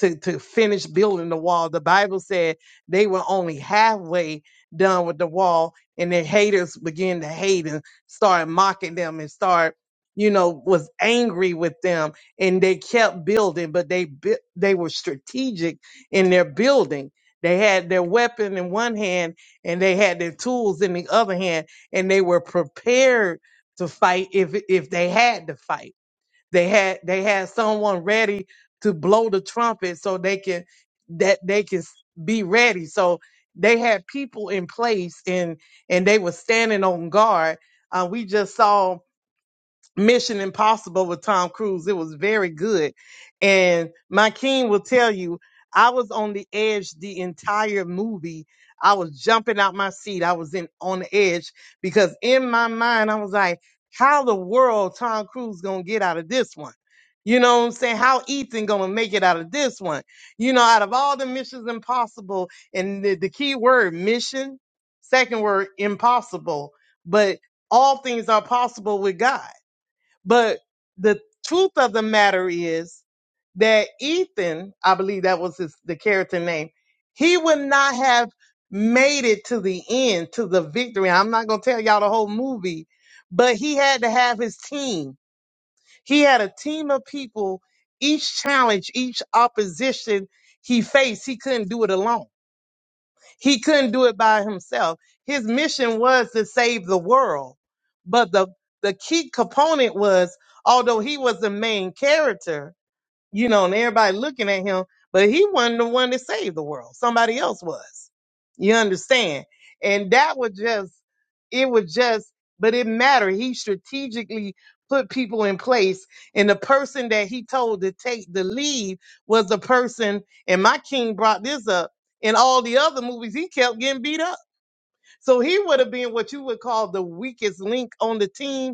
S3: to to finish building the wall. The Bible said they were only halfway done with the wall, and their haters began to hate and start mocking them and start you know was angry with them and they kept building but they bui- they were strategic in their building they had their weapon in one hand and they had their tools in the other hand, and they were prepared to fight if if they had to fight. They had they had someone ready to blow the trumpet so they can that they can s- be ready. So they had people in place and and they were standing on guard. Uh, we just saw Mission Impossible with Tom Cruise. It was very good. And my king will tell you, I was on the edge the entire movie. I was jumping out my seat. I was in on the edge because in my mind I was like, how the world Tom Cruise gonna get out of this one? You know what I'm saying? How Ethan gonna make it out of this one? You know, out of all the missions impossible, and the, the key word mission, second word impossible, but all things are possible with God but the truth of the matter is that Ethan, I believe that was his, the character name, he would not have made it to the end, to the victory. I'm not going to tell y'all the whole movie, but he had to have his team. He had a team of people, each challenge, each opposition he faced, he couldn't do it alone. He couldn't do it by himself. His mission was to save the world. But the, the key component was, although he was the main character, you know, and everybody looking at him, but he wasn't the one that saved the world. Somebody else was. You understand? And that was just, it was just, but it mattered. He strategically put people in place, and the person that he told to take the lead was the person, and my king brought this up. In all the other movies, he kept getting beat up. So he would have been what you would call the weakest link on the team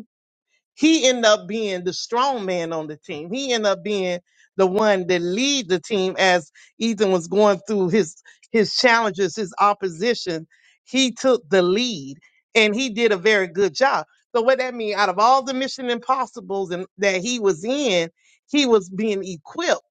S3: he ended up being the strong man on the team. He ended up being the one that lead the team as Ethan was going through his his challenges, his opposition. He took the lead and he did a very good job. So what that means, out of all the Mission Impossibles and that he was in, he was being equipped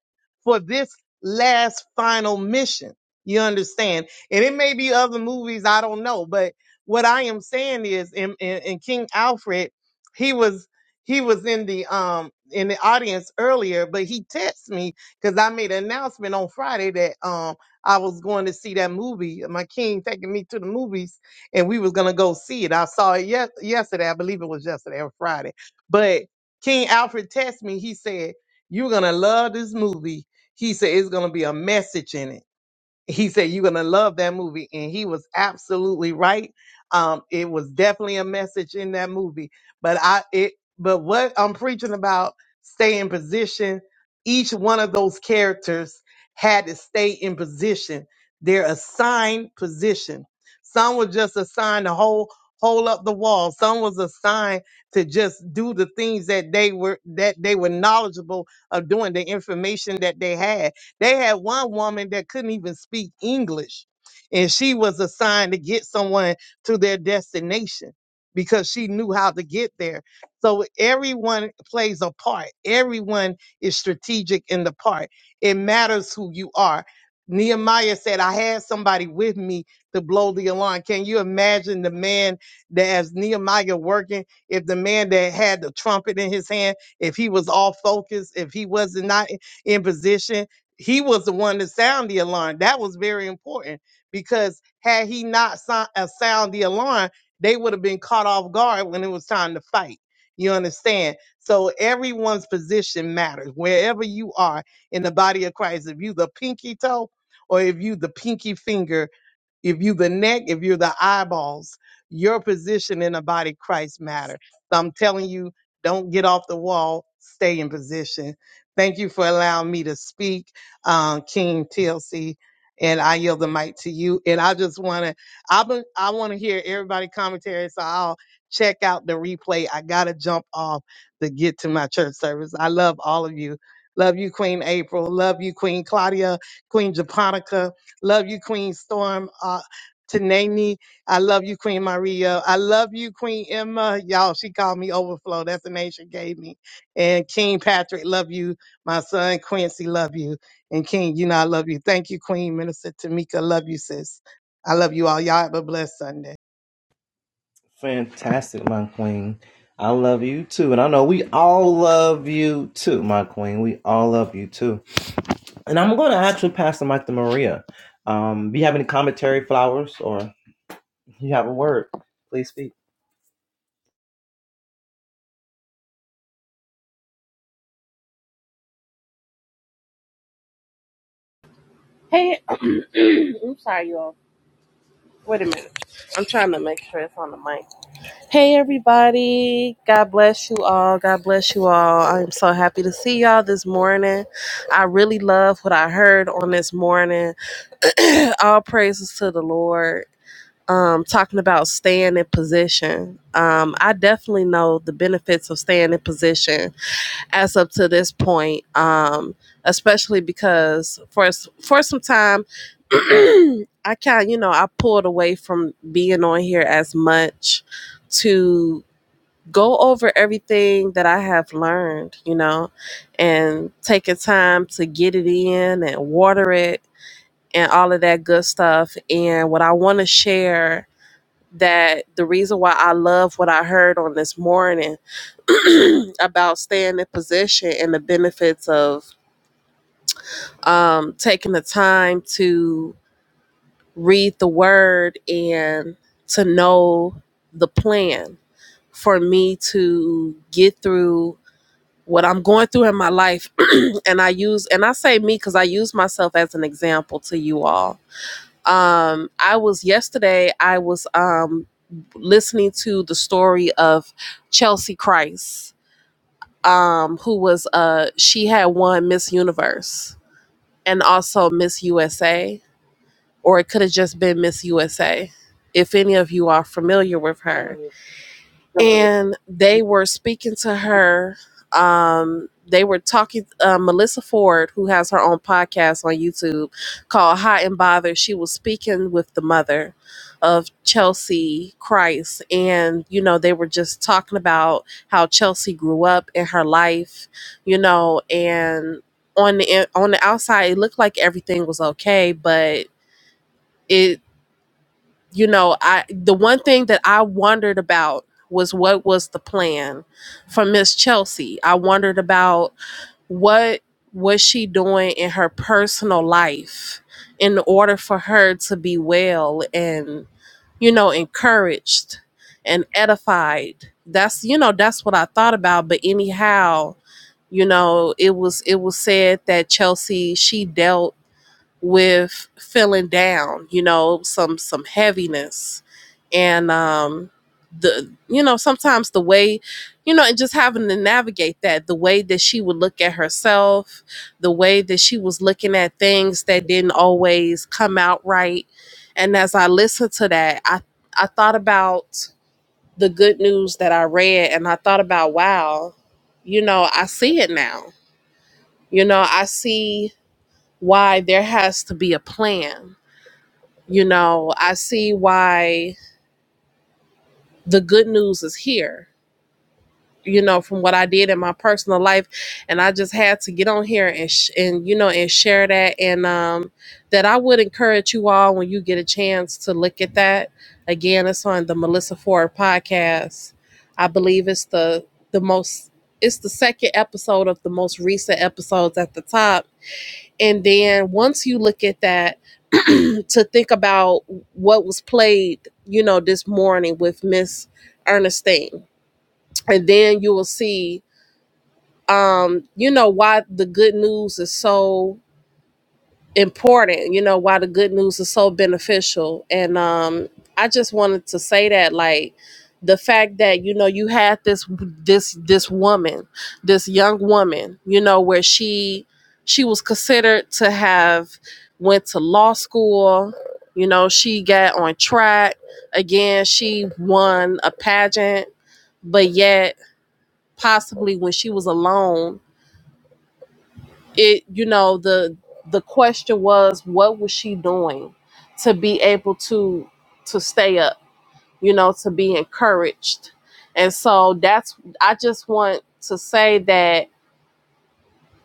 S3: for this last final mission. You understand? And it may be other movies, I don't know. But what I am saying is in, in, in King Alfred, he was he was in the um in the audience earlier, but he texted me because I made an announcement on Friday that um I was going to see that movie. My king taking me to the movies, and we was gonna go see it. I saw it yes yesterday. I believe it was yesterday or Friday. But King Alfred texted me. He said, "You're gonna love this movie." He said, "It's gonna be a message in it." he said you're gonna love that movie and he was absolutely right um it was definitely a message in that movie but i it but what i'm preaching about stay in position each one of those characters had to stay in position their assigned position some was just assigned to hold hold up the wall some was assigned to just do the things that they were that they were knowledgeable of doing the information that they had they had one woman that couldn't even speak English, and she was assigned to get someone to their destination because she knew how to get there. So everyone plays a part. Everyone is strategic in the part. It matters who you are. Nehemiah said, I had somebody with me to blow the alarm. Can you imagine the man that as Nehemiah working, if the man that had the trumpet in his hand, if he was all focused, if he wasn't not in position, he was the one to sound the alarm. That was very important because had he not sound, uh, sound the alarm, they would have been caught off guard when it was time to fight. You understand? So everyone's position matters. Wherever you are in the body of Christ, if you the pinky toe or if you the pinky finger, if you the neck, if you're the eyeballs, your position in the body of Christ matter. So I'm telling you, don't get off the wall. Stay in position. Thank you for allowing me to speak, um, King TLC, and I yield the mic to you. And I just want to, I been, I want to hear everybody commentary, so I'll check out the replay. I gotta jump off to get to my church service. I love all of you. Love you, Queen April. Love you, Queen Claudia, Queen Japonica. Love you, Queen Storm. Uh, Tanami, I love you, Queen Maria. I love you, Queen Emma. Y'all, she called me Overflow. That's the name she gave me. And King Patrick, love you. My son Quincy, love you. And King, you know I love you. Thank you, Queen Minister Tamika. Love you, sis. I love you all. Y'all have a blessed Sunday.
S5: Fantastic, my queen. I love you too. And I know we all love you too, my queen. We all love you too. And I'm going to actually pass the mic to Maria. Um, do you have any commentary, flowers, or you have a word? Please speak.
S8: Hey, I'm sorry, y'all. Wait a minute. I'm trying to make sure it's on the mic. Hey, everybody. God bless you all. God bless you all. I'm so happy to see y'all this morning. I really love what I heard on this morning. All praises to the Lord. Um, talking about staying in position. Um, I definitely know the benefits of staying in position as up to this point, um, especially because for for some time, I kind you know I pulled away from being on here as much to go over everything that I have learned, you know, and taking time to get it in and water it and all of that good stuff. And what I want to share that the reason why I love what I heard on this morning about staying in position and the benefits of um, taking the time to read the word and to know the plan for me to get through what I'm going through in my life. and I use, and I say me because I use myself as an example to you all Um, I was yesterday. I was um listening to the story of Chelsea Christ, um, who was uh she had won Miss Universe and also Miss USA, or it could have just been Miss USA, if any of you are familiar with her and they were speaking to her. Um, they were talking. Uh, Melissa Ford, who has her own podcast on YouTube called Hot and Bothered, she was speaking with the mother of Chelsea Christ, and you know they were just talking about how Chelsea grew up in her life, you know, and on the on the outside it looked like everything was okay, but. it you know, I the one thing that I wondered about was what was the plan for Miss Chelsea. I wondered about what was she doing in her personal life in order for her to be well and you know encouraged and edified. That's you know that's what I thought about. But anyhow, you know it was it was said that Chelsea she dealt with feeling down, you know, some some heaviness and um the you know sometimes the way you know and just having to navigate that the way that she would look at herself the way that she was looking at things that didn't always come out right and as i listened to that i i thought about the good news that i read and i thought about wow you know i see it now you know i see why there has to be a plan you know, I see why the good news is here. You know, from what I did in my personal life, and I just had to get on here and sh- and you know and share that and um that I would encourage you all when you get a chance to look at that. Again, it's on the Melissa Ford podcast. I believe it's the the most it's the second episode of the most recent episodes at the top. And then once you look at that to think about what was played, you know, this morning with Miss Ernestine. And then you will see, um, you know, why the good news is so important, you know, why the good news is so beneficial. And um I just wanted to say that like the fact that you know you had this this this woman, this young woman, you know, where she she was considered to have went to law school, you know, she got on track. Again, she won a pageant, but yet possibly when she was alone it you know the the question was what was she doing to be able to to stay up you know to be encouraged and so that's i just want to say that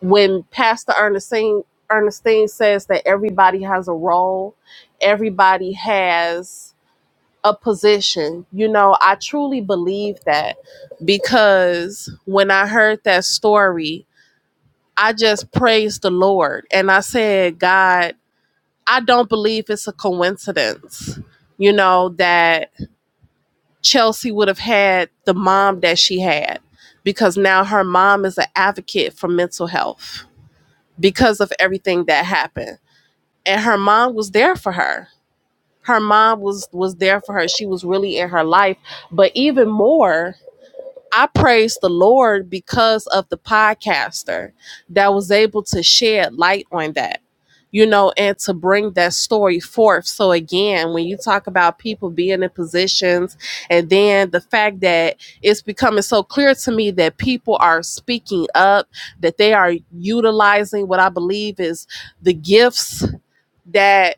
S8: when pastor ernestine ernestine says that everybody has a role everybody has a position you know i truly believe that because when i heard that story I just praised the Lord and I said, God, I don't believe it's a coincidence, you know, that Chelsea would have had the mom that she had because now her mom is an advocate for mental health because of everything that happened. And her mom was there for her. Her mom was was there for her. She was really in her life, but even more I praise the Lord because of the podcaster that was able to shed light on that, you know, and to bring that story forth. So, again, when you talk about people being in positions, and then the fact that it's becoming so clear to me that people are speaking up, that they are utilizing what I believe is the gifts. that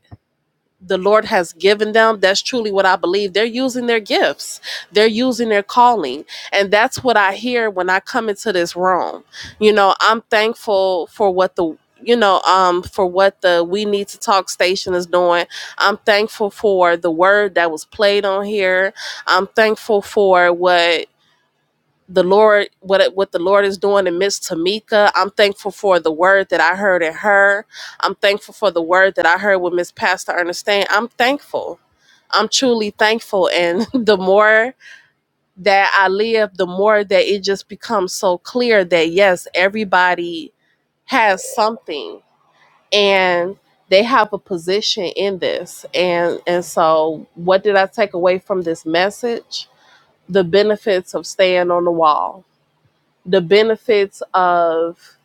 S8: the Lord has given them, that's truly what I believe. They're using their gifts, they're using their calling. And that's what I hear when I come into this room. You know, I'm thankful for what the you know, um, for what the We Need to Talk station is doing. I'm thankful for the word that was played on here. I'm thankful for what the Lord, what what the Lord is doing in Miss Tamika. I'm thankful for the word that I heard in her. I'm thankful for the word that I heard with Miss Pastor Ernestine. I'm thankful. I'm truly thankful, and the more that I live, the more that it just becomes so clear that yes, everybody has something, and they have a position in this. And and so, what did I take away from this message? The benefits of staying on the wall the benefits of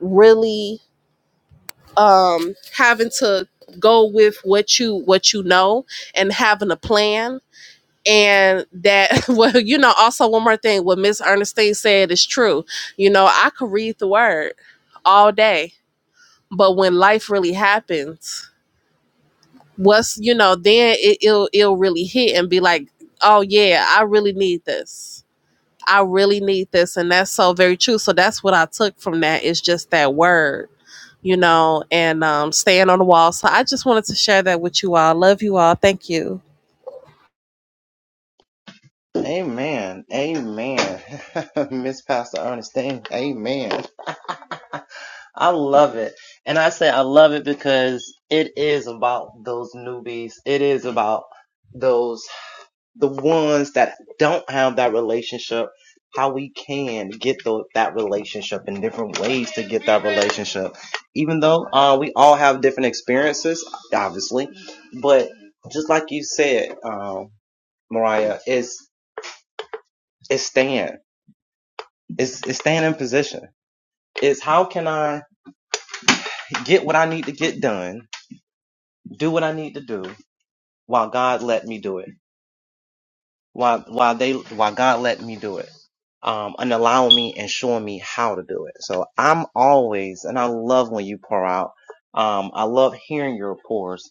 S8: really um, having to go with what you what you know and having a plan and that well you know also one more thing what miss ernestine said is true you know i could read the word all day but when life really happens what's you know then it, it'll it'll really hit and be like oh yeah i really need this i really need this and that's so very true so that's what i took from that is just that word you know, and um, staying on the wall. So I just wanted to share that with you all. Love you all. Thank you.
S5: Amen. Amen. Miss Pastor Ernestine. Amen. I love it. And I say I love it because it is about those newbies. It is about those. the ones that don't have that relationship how we can get the, that relationship and different ways to get that relationship even though uh, we all have different experiences obviously but just like you said um, mariah is is staying it's, it's staying in position is how can i get what i need to get done do what i need to do while god let me do it while while they while God let me do it, um, and allowing me and showing me how to do it. So I'm always, and I love when you pour out. Um, I love hearing your pours.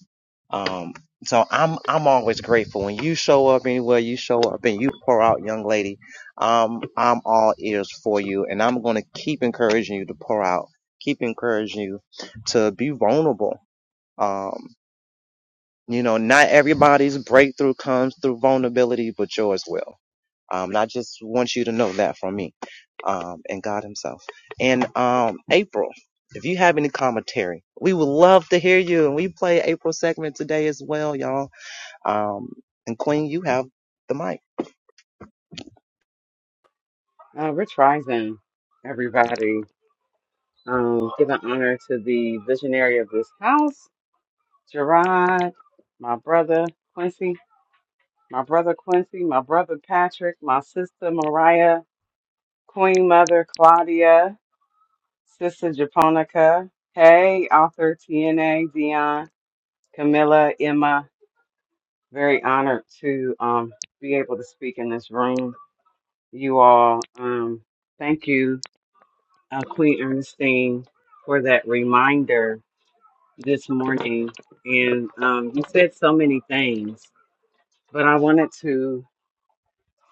S5: Um, so I'm I'm always grateful when you show up anywhere you show up and you pour out, young lady. Um, I'm all ears for you, and I'm gonna keep encouraging you to pour out. Keep encouraging you to be vulnerable. Um, you know, not everybody's breakthrough comes through vulnerability, but yours will. Um, and I just want you to know that from me, um, and God Himself. And um, April, if you have any commentary, we would love to hear you. And we play April segment today as well, y'all. Um, and Queen, you have the mic.
S9: Uh, Rich Rising, everybody. Um, giving honor to the visionary of this house, Gerard, my brother Quincy, my brother Quincy, my brother Patrick, my sister Mariah, Queen Mother Claudia, Sister Japonica. Hey, author TNA, Dion, Camilla, Emma. Very honored to um, be able to speak in this room. You all, um, thank you uh, Queen Ernestine, for that reminder this morning. And um, you said so many things, but I wanted to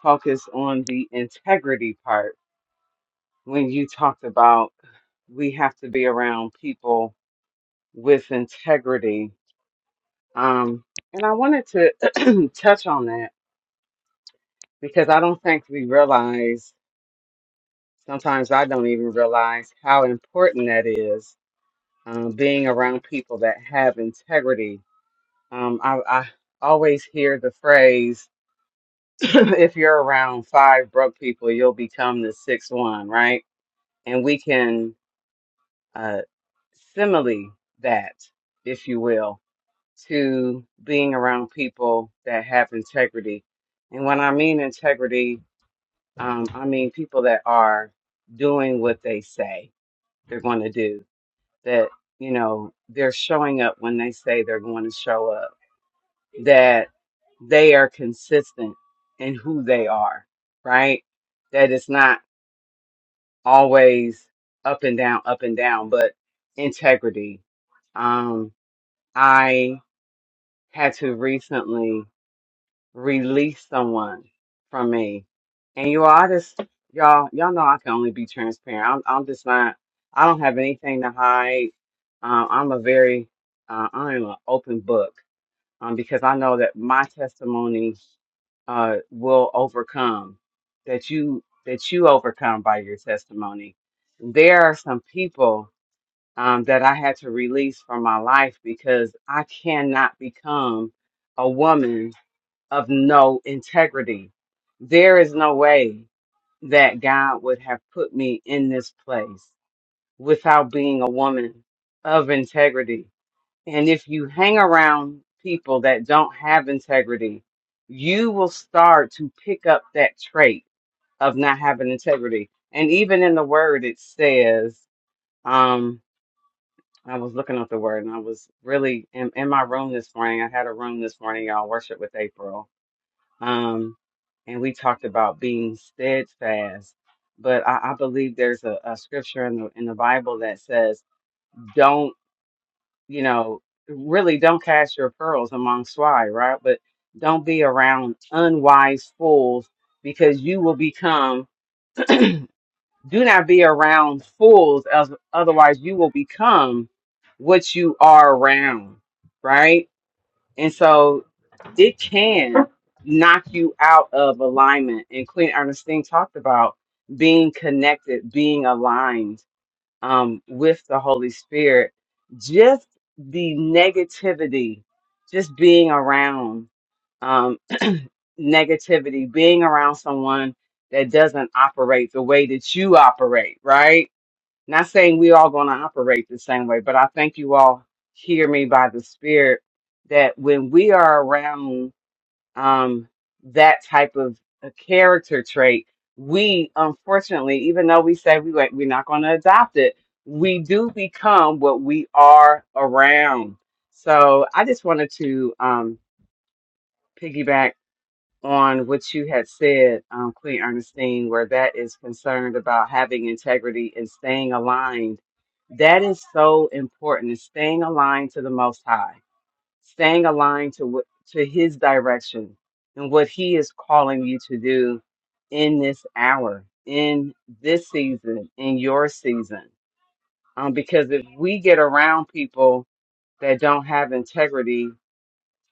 S9: focus on the integrity part when you talked about we have to be around people with integrity. Um, and I wanted to touch on that because I don't think we realize, sometimes I don't even realize how important that is, um, being around people that have integrity Um, I, I always hear the phrase, if you're around five broke people, you'll become the sixth one, right? And we can uh, simile that, if you will, to being around people that have integrity. And when I mean integrity, um, I mean people that are doing what they say they're going to do, that, you know, they're showing up when they say they're going to show up that they are consistent in who they are, right? That it's not always up and down, up and down, but integrity. Um, I had to recently release someone from me, and you all, I just y'all, y'all know I can only be transparent. I'm, I'm just not. I don't have anything to hide. Um, I'm a very, uh, I'm an open book um, because I know that my testimony uh, will overcome. That you that you overcome by your testimony. There are some people um, that I had to release from my life because I cannot become a woman of no integrity. There is no way that God would have put me in this place without being a woman of integrity and if you hang around people that don't have integrity, you will start to pick up that trait of not having integrity. And even in the word, it says, um, I was looking up the word and I was really in, in my room this morning. I had a room this morning, y'all, worship with April. Um, and we talked about being steadfast. But I, I believe there's a, a scripture in the in the Bible that says, "Don't you know, really don't cast your pearls among swine, right? But don't be around unwise fools because you will become, do not be around fools, as otherwise you will become what you are around, right? And so it can knock you out of alignment. And Queen Ernestine talked about being connected, being aligned um, with the Holy Spirit, just the negativity, just being around um, negativity, being around someone that doesn't operate the way that you operate, right? Not saying we all going to operate the same way, but I think you all hear me by the Spirit that when we are around um, that type of a character trait, we unfortunately, even though we say we like, we're not going to adopt it, we do become what we are around. So I just wanted to um, piggyback on what you had said, um, Queen Ernestine, where that is concerned about having integrity and staying aligned. That is so important, is staying aligned to the Most High staying aligned to what to his direction and what he is calling you to do in this hour in this season in your season um, because if we get around people that don't have integrity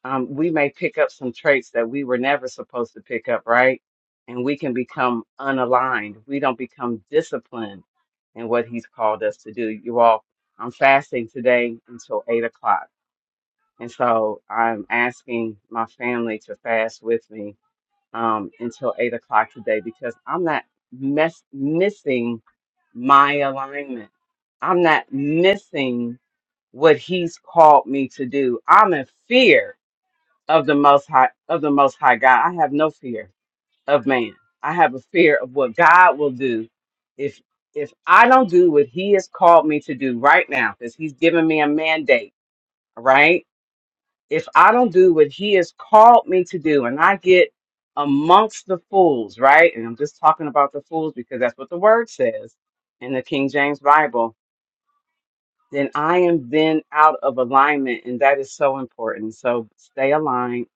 S9: um, we may pick up some traits that we were never supposed to pick up right and we can become unaligned we don't become disciplined in what he's called us to do you all i'm fasting today until eight o'clock and so I'm asking my family to fast with me um, until eight o'clock today because I'm not mess- missing my alignment. I'm not missing what he's called me to do. I'm in fear of the most high of the most high God. I have no fear of man. I have a fear of what God will do if if I don't do what he has called me to do right now, because he's given me a mandate, right? if I don't do what he has called me to do and I get amongst the fools, right? And I'm just talking about the fools because that's what the word says in the King James Bible, then I am then out of alignment. And that is so important. So stay aligned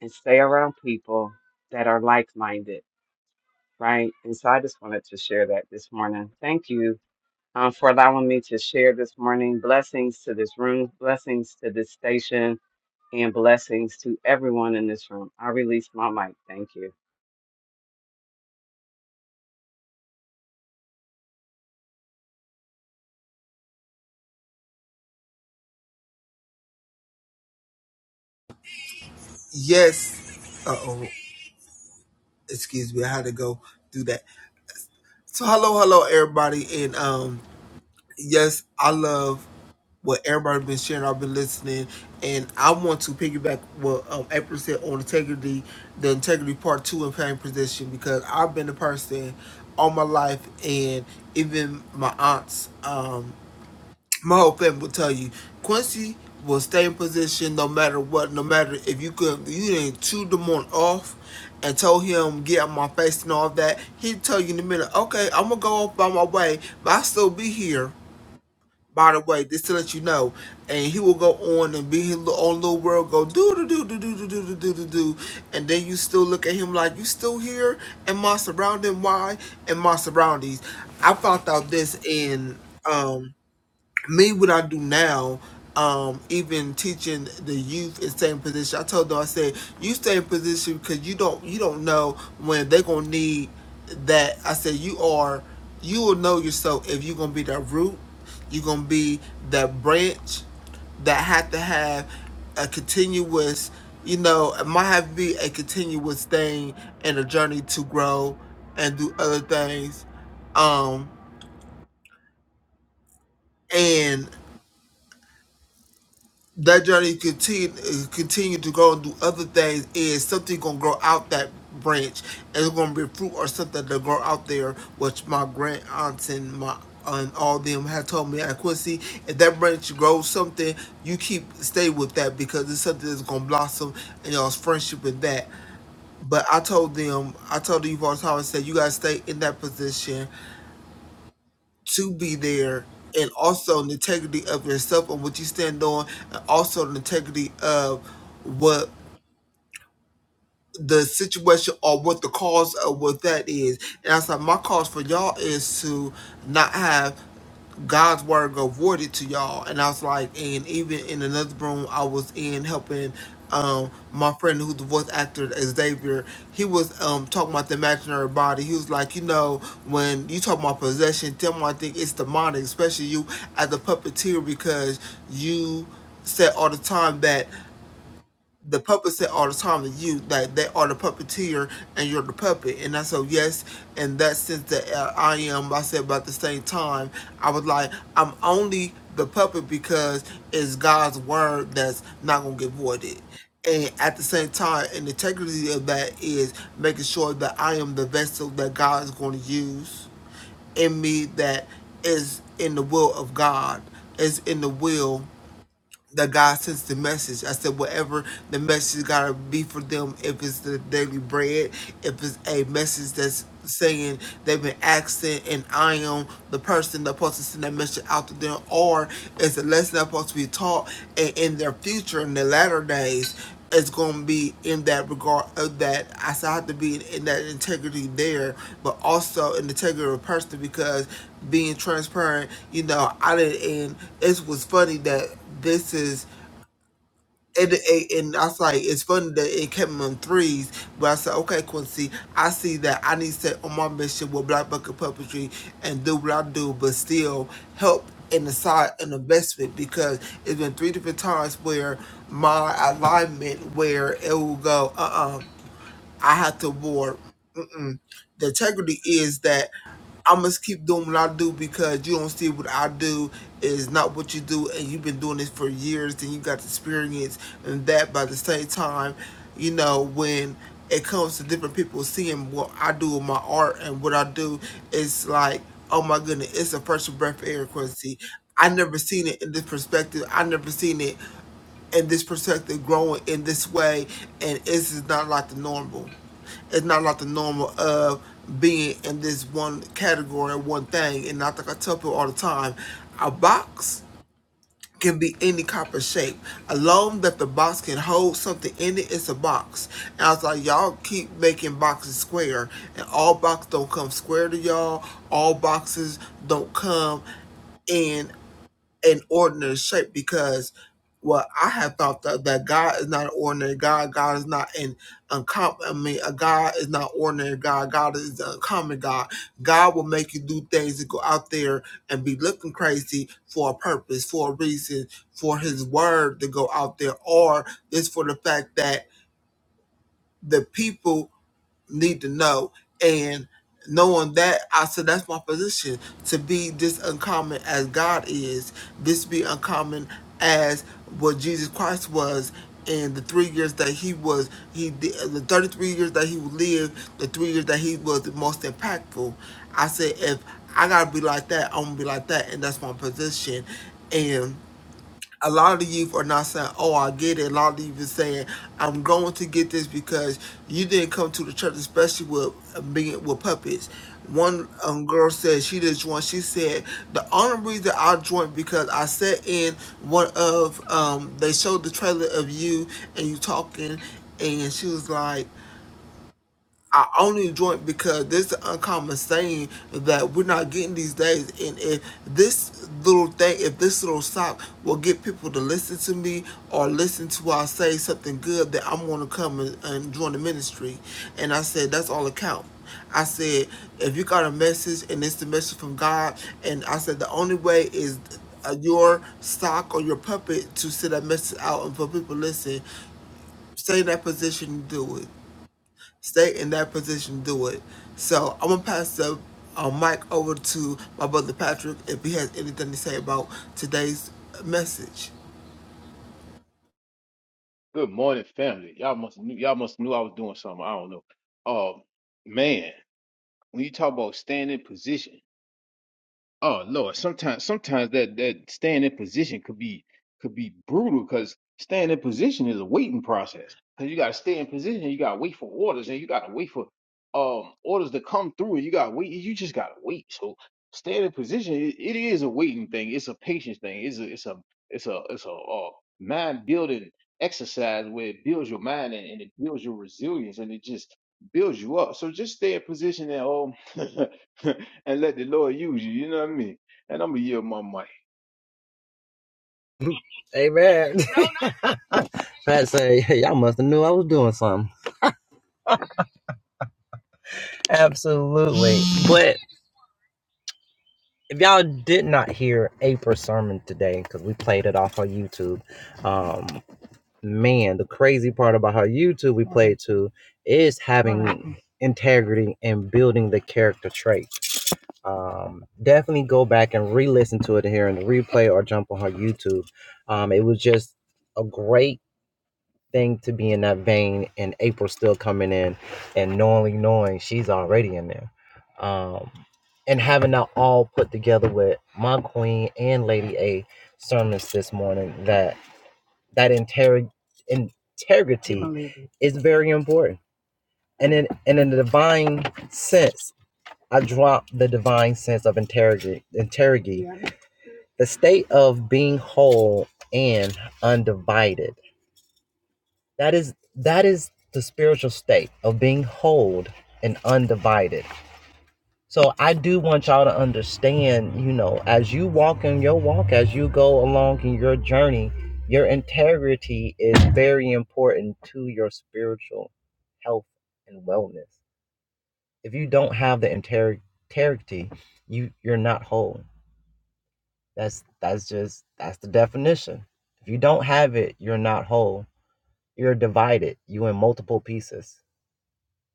S9: and stay around people that are like minded, right? And so I just wanted to share that this morning. Thank you. Um, for allowing me to share this morning. Blessings to this room, blessings to this station and blessings to everyone in this room. I release my mic. Thank you.
S6: Yes. Uh oh. Excuse me. I had to go do that. So hello, hello everybody. And um yes, I love what everybody has been sharing. I've been listening. And I want to piggyback what um April said on integrity, the integrity part two and paying position because I've been a person all my life and even my aunts. Um. my whole family will tell you Quincy will stay in position no matter what, no matter if you could you didn't chew the one off and told him get out my face and all that, he'd tell you in a minute, okay, I'm gonna go off by my way, but I'll still be here. By the way, just to let you know, and he will go on and be his own little world, go do do do do do do do do do do and then you still look at him like you still here and my surrounding, why and my surroundings? I found out this in um me what I do now, um, even teaching the youth in same position. I told them I said you stay in position because you don't you don't know when they are gonna need that. I said you are you will know yourself if you are gonna be that root, you are gonna be that branch that have to have a continuous. You know, it might have to be a continuous thing and a journey to grow and do other things. Um, and that journey continue uh, continue to go and do other things is something gonna grow out that branch it's gonna be fruit or something to grow out there which my grand aunts and my and all them have told me at Quincy if that branch grows something you keep stay with that because it's something that's gonna blossom and y'all's friendship with that but I told them I told you all the time I said you gotta stay in that position to be there and also the integrity of yourself and what you stand on and also the integrity of what the situation or what the cause of what that is and i said my cause for y'all is to not have God's word go voided to y'all. And I was like, and even in another room I was in helping um my friend who's the voice actor Xavier, he was um talking about the imaginary body. He was like, you know, when you talk about possession, tell me I think it's demonic, especially you as a puppeteer because you said all the time that the puppet said all the time to you that they are the puppeteer and you're the puppet. And I said, yes, in that sense that uh, I am. like I said, but at the same time, I was like, I'm only the puppet because it's God's word that's not going to get voided. And at the same time, and the integrity of that is making sure that I am the vessel that God is going to use in me that is in the will of God, is in the will that God sends the message. I said, whatever the message gotta be for them, if it's the daily bread, if it's a message that's saying they've been asking and I am the person that's supposed to send that message out to them, or it's a lesson that's supposed to be taught and in their future, in the latter days, it's gonna be in that regard of that. I still have to be in, in that integrity there, but also in the integrity of person because being transparent, you know, I didn't. And it was funny that this is and, and and I was like, it's funny that it came in threes, but I said, okay, Quincy, I see that I need to stay on my mission with Black Bucket Puppetry and do what I do, but still help in the side and investment because it's been three different times where my alignment, where it will go, uh uh I have to board. Mm-mm. The integrity is that I must keep doing what I do because you don't see what I do is not what you do, and you've been doing this for years, and you got the experience, and that by the same time, you know, when it comes to different people seeing what I do with my art and what I do, it's like, oh my goodness, it's a first breath of air, Quincy. I never seen it in this perspective. I never seen it and this perspective growing in this way and this is not like the normal it's not like the normal of being in this one category one thing and i think i tell people all the time a box can be any kind of shape alone that the box can hold something in it it's a box and i was like y'all keep making boxes square and all boxes don't come square to y'all all boxes don't come in an ordinary shape because well, I have thought that, that God is not an ordinary God. God is not an uncommon. I mean, a God is not ordinary God. God is an uncommon God. God will make you do things to go out there and be looking crazy for a purpose, for a reason, for His word to go out there, or just for the fact that the people need to know. And knowing that, I said, that's my position to be this uncommon as God is, this be uncommon as what Jesus Christ was. in the three years that he was, he the 33 years that he lived, the three years that he was the most impactful. I said, if I gotta be like that, I'm gonna be like that, and that's my position. And a lot of the youth are not saying, "Oh, I get it." A lot of the youth is saying, "I'm going to get this because you didn't come to the church, especially with uh, being with puppets." One um, girl said she did not join. She said the only reason I joined because I sat in one of um, they showed the trailer of you and you talking, and she was like. I only joined because this is an uncommon saying that we're not getting these days. And if this little thing, if this little sock will get people to listen to me or listen to what I say something good, that I'm going to come and, and join the ministry. And I said, that's all it count. I said, if you got a message and it's the message from God, and I said, the only way is uh, your sock or your puppet to send that message out and for people to listen, stay in that position and do it stay in that position, do it. So I'm gonna pass the uh, mic over to my brother Patrick if he has anything to say about today's message.
S4: Good morning, family. Y'all must knew y'all must knew I was doing something. I don't know. Um, man. when you talk about staying in position, oh Lord, sometimes sometimes that that staying in position could be could be brutal because staying in position is a waiting process. Cause you gotta stay in position, you gotta wait for orders, and you gotta wait for um orders to come through, and you gotta wait. You just gotta wait. So staying in position, it, it is a waiting thing. It's a patience thing. It's a it's a it's a it's a uh, mind building exercise where it builds your mind and, and it builds your resilience and it just builds you up. So just stay in position and um and let the Lord use you. You know what I mean? And I'm going to yield my mic.
S5: Amen. Pat say, hey, y'all must have knew I was doing something. Absolutely. But if y'all did not hear April's sermon today, because we played it off on YouTube, um, man, the crazy part about how you two we played to is having integrity and build character traits. Um, definitely go back and re-listen to it here in the replay or jump on her YouTube. Um, it was just a great thing to be in that vein and April still coming in and knowingly knowing she's already in there. Um, and having that all put together with my queen and Lady A sermons this morning that that integ- integrity is very important. And in and in the divine sense, I drop the divine sense of integrity. Integrity, yeah. the state of being whole and undivided. That is that is the spiritual state of being whole and undivided. So I do want y'all to understand, you know, as you walk in your walk, as you go along in your journey, your integrity is very important to your spiritual health and wellness. If you don't have the inter- integrity, you you're not whole. That's that's just that's the definition. If you don't have it, you're not whole. You're divided. You in multiple pieces.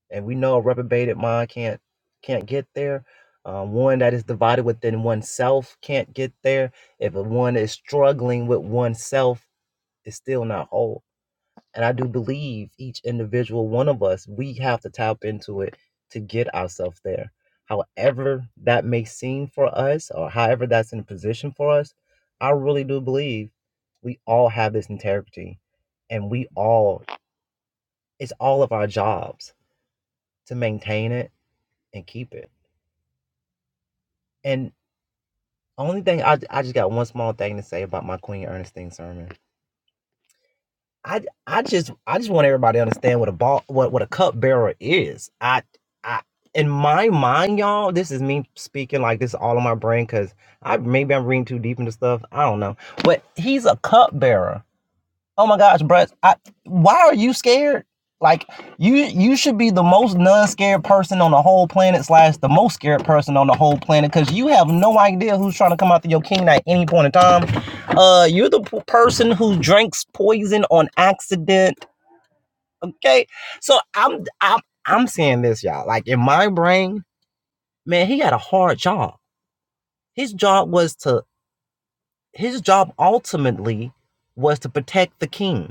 S5: and we know a reprobated mind can't can't get there. Uh, one that is divided within oneself can't get there. If a one is struggling with oneself, it's still not whole. And I do believe each individual one of us, we have to tap into it to get ourselves there. However that may seem for us, or however that's in position for us, I really do believe we all have this integrity, and we all it's all of our jobs to maintain it and keep it. And only thing I I just got one small thing to say about my Queen Ernestine sermon. I I just I just want everybody to understand what a ball what what a cup bearer is. I I in my mind, y'all, this is me speaking like this is all in my brain because I maybe I'm reading too deep into stuff. I don't know, but he's a cup bearer. Oh my gosh, Brett, I, why are you scared? Like you you should be the most non-scared person on the whole planet slash the most scared person on the whole planet because you have no idea who's trying to come after your king at any point in time. Uh you're the p- person who drinks poison on accident. Okay. So I'm I'm I'm saying this, y'all. Like in my brain, man, he had a hard job. His job was to his job ultimately was to protect the king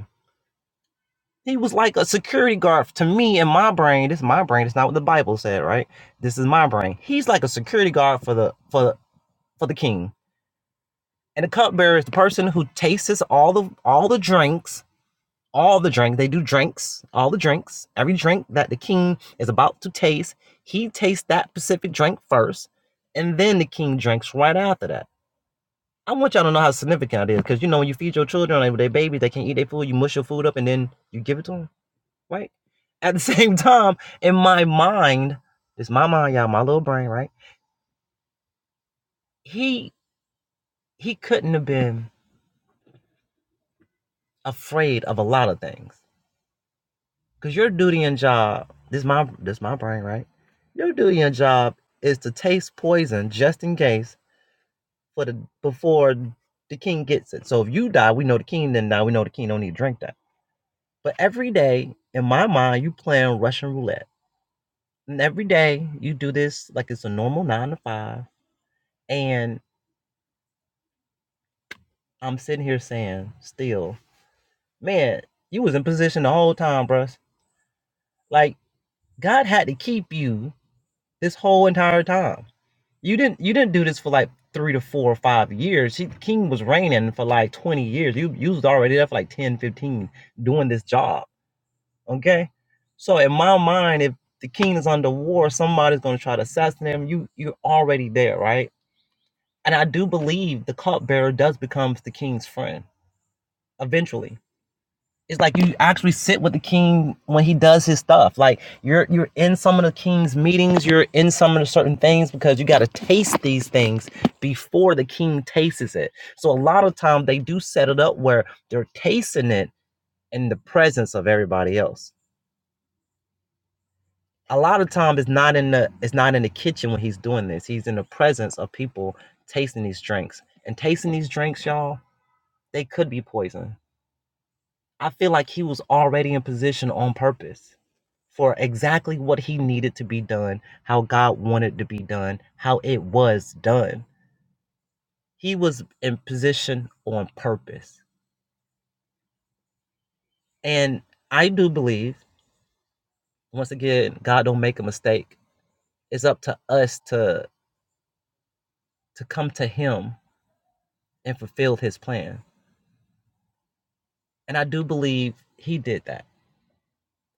S5: He was like a security guard to me in my brain. This is my brain. It's not what the Bible said, right? This is my brain. He's like a security guard for the for the for the king. And the cupbearer is the person who tastes all the all the drinks, all the drink. They do drinks, all the drinks. Every drink that the king is about to taste, he tastes that specific drink first, and then the king drinks right after that. I want y'all to know how significant it is, because you know when you feed your children, like, they babies, they can't eat their food. You mush your food up, and then you give it to them right? At the same time, in my mind, it's my mind, y'all, my little brain, right? He he couldn't have been afraid of a lot of things. Cause your duty and job, this my this my brain, right? Your duty and job is to taste poison just in case for the before the king gets it. So if you die, we know the king didn't die. We know the king don't need to drink that. But every day, in my mind, you playing Russian roulette. And every day you do this like it's a normal nine to five. And I'm sitting here saying, still, man, you was in position the whole time, bruh. Like God had to keep you this whole entire time. You didn't you didn't do this for like three to four or five years. He, King was reigning for like 20 years. You you was already there for like 10, 15 doing this job. Okay. So in my mind, if the king is under war, somebody's gonna try to assassinate him. You you're already there, right? And I do believe the cupbearer does become the king's friend eventually It's like you actually sit with the king when he does his stuff. Like you're you're in some of the king's meetings, you're in some of the certain things because you got to taste these things before the king tastes it. So a lot of time they do set it up where they're tasting it in the presence of everybody else. A lot of time it's not in the it's not in the kitchen when he's doing this. He's in the presence of people tasting these drinks. And tasting these drinks, y'all, they could be poison. I feel like he was already in position on purpose for exactly what he needed to be done, how God wanted to be done, how it was done. He was in position on purpose. And I do believe, once again, God don't make a mistake. It's up to us to to come to him and fulfill his plan. And I do believe he did that.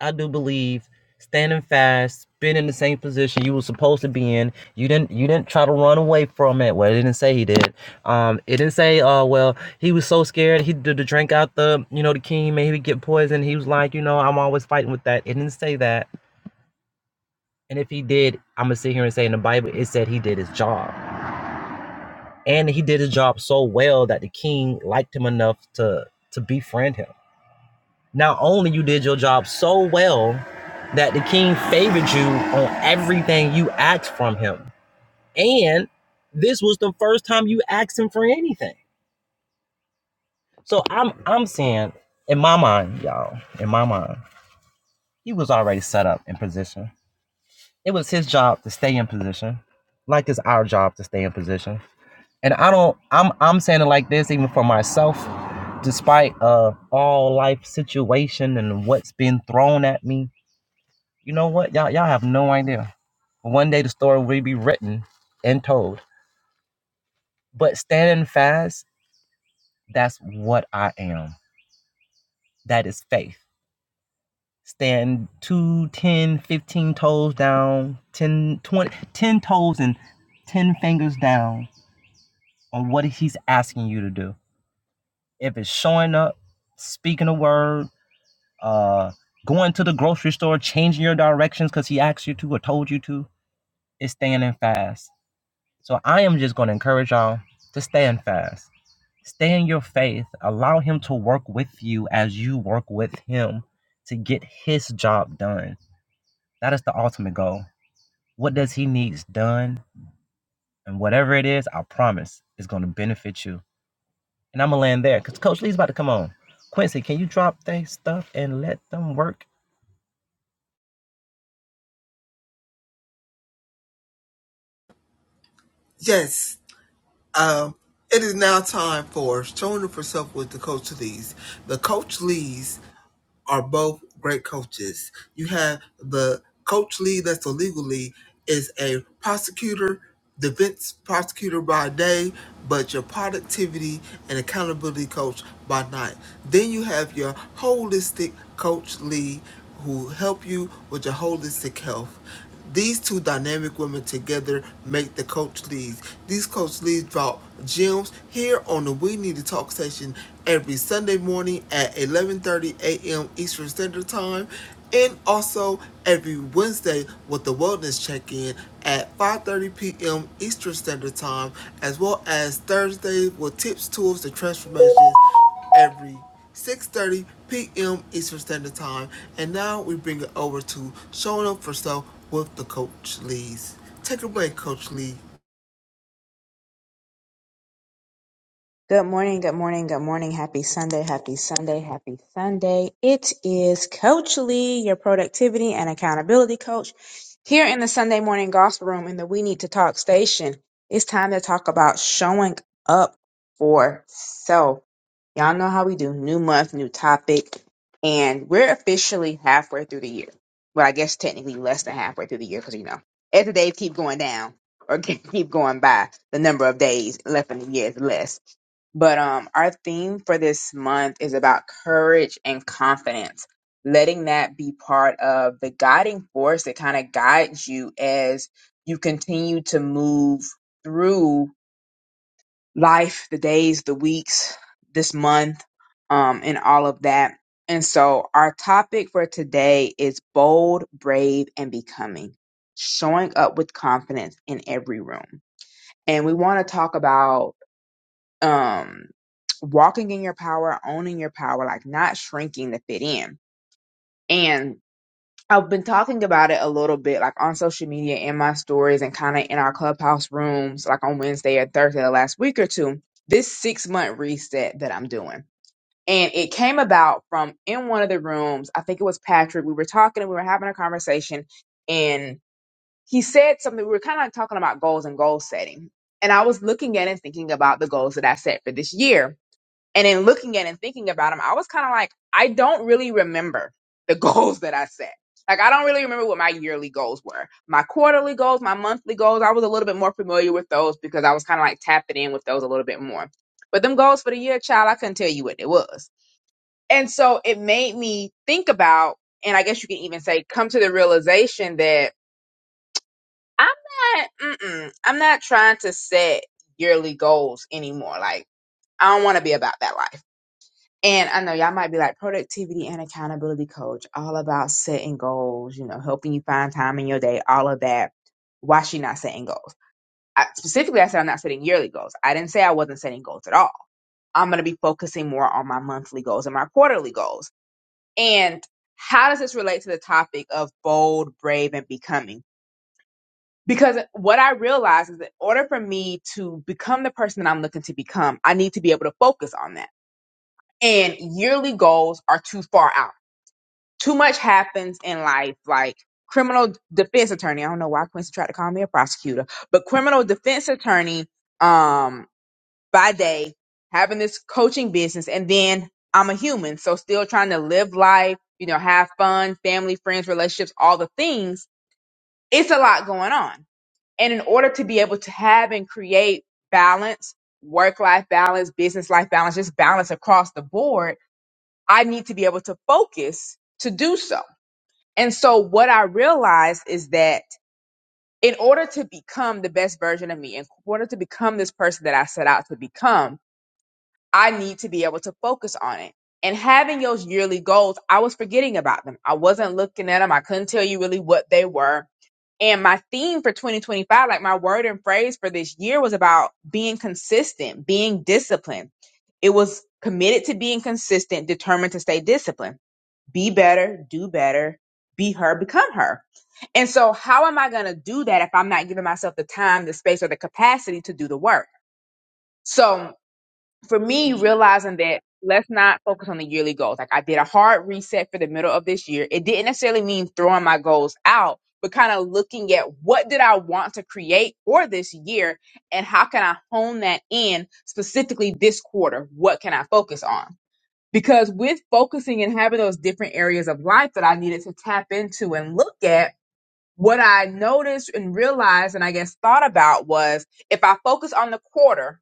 S5: I do believe standing fast, been in the same position you were supposed to be in. You didn't you didn't try to run away from it. Well, it didn't say he did. Um, it didn't say, oh uh, well, he was so scared he did the drink out the you know the king, maybe he'd get poisoned. He was like, you know, I'm always fighting with that. It didn't say that. And if he did, I'm gonna sit here and say in the Bible it said he did his job, and he did his job so well that the king liked him enough to to befriend him. Not only you did your job so well that the king favored you on everything you asked from him. And this was the first time you asked him for anything. So I'm I'm saying in my mind, y'all, in my mind, he was already set up in position. It was his job to stay in position, like it's our job to stay in position. And I don't I'm I'm saying it like this even for myself, despite uh all life situation and what's been thrown at me You know what? Y'all y'all have no idea. One day the story will be written and told. But standing fast, that's what I am. That is faith. Stand two, ten, fifteen toes down, 10, 20, 10 toes and 10 fingers down on what he's asking you to do. If it's showing up, speaking a word, uh, going to the grocery store, changing your directions because he asked you to or told you to, it's standing fast So I am just going to encourage y'all to stand fast, stay in your faith, allow Him to work with you as you work with Him to get His job done. That is the ultimate goal. What does He needs done? And whatever it is, I promise it's going to benefit you. And I'm going to land there because Coach Lee's about to come on. Quincy, can you drop their stuff and let them work
S6: Yes, um, it is now time for showing up for self with the coach Lees. The coach Lees. are both great coaches. You have the coach lead that's a legal lead is a prosecutor, defense prosecutor by day, but your productivity and accountability coach by night. Then you have your holistic coach lead who help you with your holistic health. These two dynamic women together make the Coach Leads. These Coach Leads brought gems here on the We Need to Talk session every Sunday morning at 11:30 a.m. Eastern Standard Time, and also every Wednesday with the Wellness Check-in at 5:30 p.m. Eastern Standard Time, as well as Thursday with tips, tools, and transformations every 6.30 p.m. Eastern Standard Time. And now we bring it over to Showing Up for Self with the Coach Lees. Take it away, Coach Lee.
S10: Good morning, good morning, good morning. Happy Sunday, happy Sunday, happy Sunday. It is Coach Lee, your productivity and accountability coach, here in the Sunday morning gospel room in the We Need to Talk station. It's time to talk about showing up for self. Y'all know how we do new month, new topic, and we're officially halfway through the year. Well, I guess technically less than halfway through the year because, you know, as the days keep going down or keep going by, the number of days left in the year is less. But um, our theme for this month is about courage and confidence, letting that be part of the guiding force that kind of guides you as you continue to move through life, the days, the weeks, this month, um, and all of that. And so our topic for today is bold, brave, and becoming, showing up with confidence in every room. And we want to talk about um walking in your power, owning your power, like not shrinking to fit in. And I've been talking about it a little bit, like on social media, in my stories, and kind of in our clubhouse rooms, like on Wednesday and Thursday, the last week or two, this six month reset that I'm doing. And it came about from in one of the rooms, I think it was Patrick. We were talking and we were having a conversation, and he said something. We were kind of like talking about goals and goal setting. And I was looking at and thinking about the goals that I set for this year and in looking at and thinking about them, I was kind of like, I don't really remember the goals that I set. Like, I don't really remember what my yearly goals were. My quarterly goals, my monthly goals, I was a little bit more familiar with those because I was kind of like tapping in with those a little bit more. But them goals for the year, child, I couldn't tell you what it was. And so it made me think about, and I guess you can even say, come to the realization that I'm not, mm-mm, I'm not trying to set yearly goals anymore. Like, I don't want to be about that life. And I know y'all might be like productivity and accountability coach, all about setting goals, you know, helping you find time in your day, all of that. Why she not setting goals? I, specifically, I said I'm not setting yearly goals. I didn't say I wasn't setting goals at all. I'm going to be focusing more on my monthly goals and my quarterly goals. And how does this relate to the topic of bold, brave, and becoming? Because what I realized is that in order for me to become the person that I'm looking to become, I need to be able to focus on that. And yearly goals are too far out too much happens in life, like criminal defense attorney. I don't know why Quincy tried to call me a prosecutor, but criminal defense attorney um by day, having this coaching business, and then I'm a human, so still trying to live life, you know, have fun, family, friends, relationships, all the things. It's a lot going on. And in order to be able to have and create balance, work life balance, business life balance, just balance across the board, I need to be able to focus to do so and so what I realized is that in order to become the best version of me, in order to become this person that I set out to become, I need to be able to focus on it. And having those yearly goals, I was forgetting about them. I wasn't looking at them. I couldn't tell you really what they were. And my theme for 2025, like my word and phrase for this year was about being consistent, being disciplined. It was committed to being consistent, determined to stay disciplined be better, do better, be her, become her. And so, how am I going to do that if I'm not giving myself the time, the space, or the capacity to do the work? So, for me, realizing that let's not focus on the yearly goals. Like, I did a hard reset for the middle of this year. It didn't necessarily mean throwing my goals out, but kind of looking at what did I want to create for this year and how can I hone that in specifically this quarter? What can I focus on? Because with focusing and having those different areas of life that I needed to tap into and look at, what I noticed and realized and I guess thought about was if I focus on the quarter,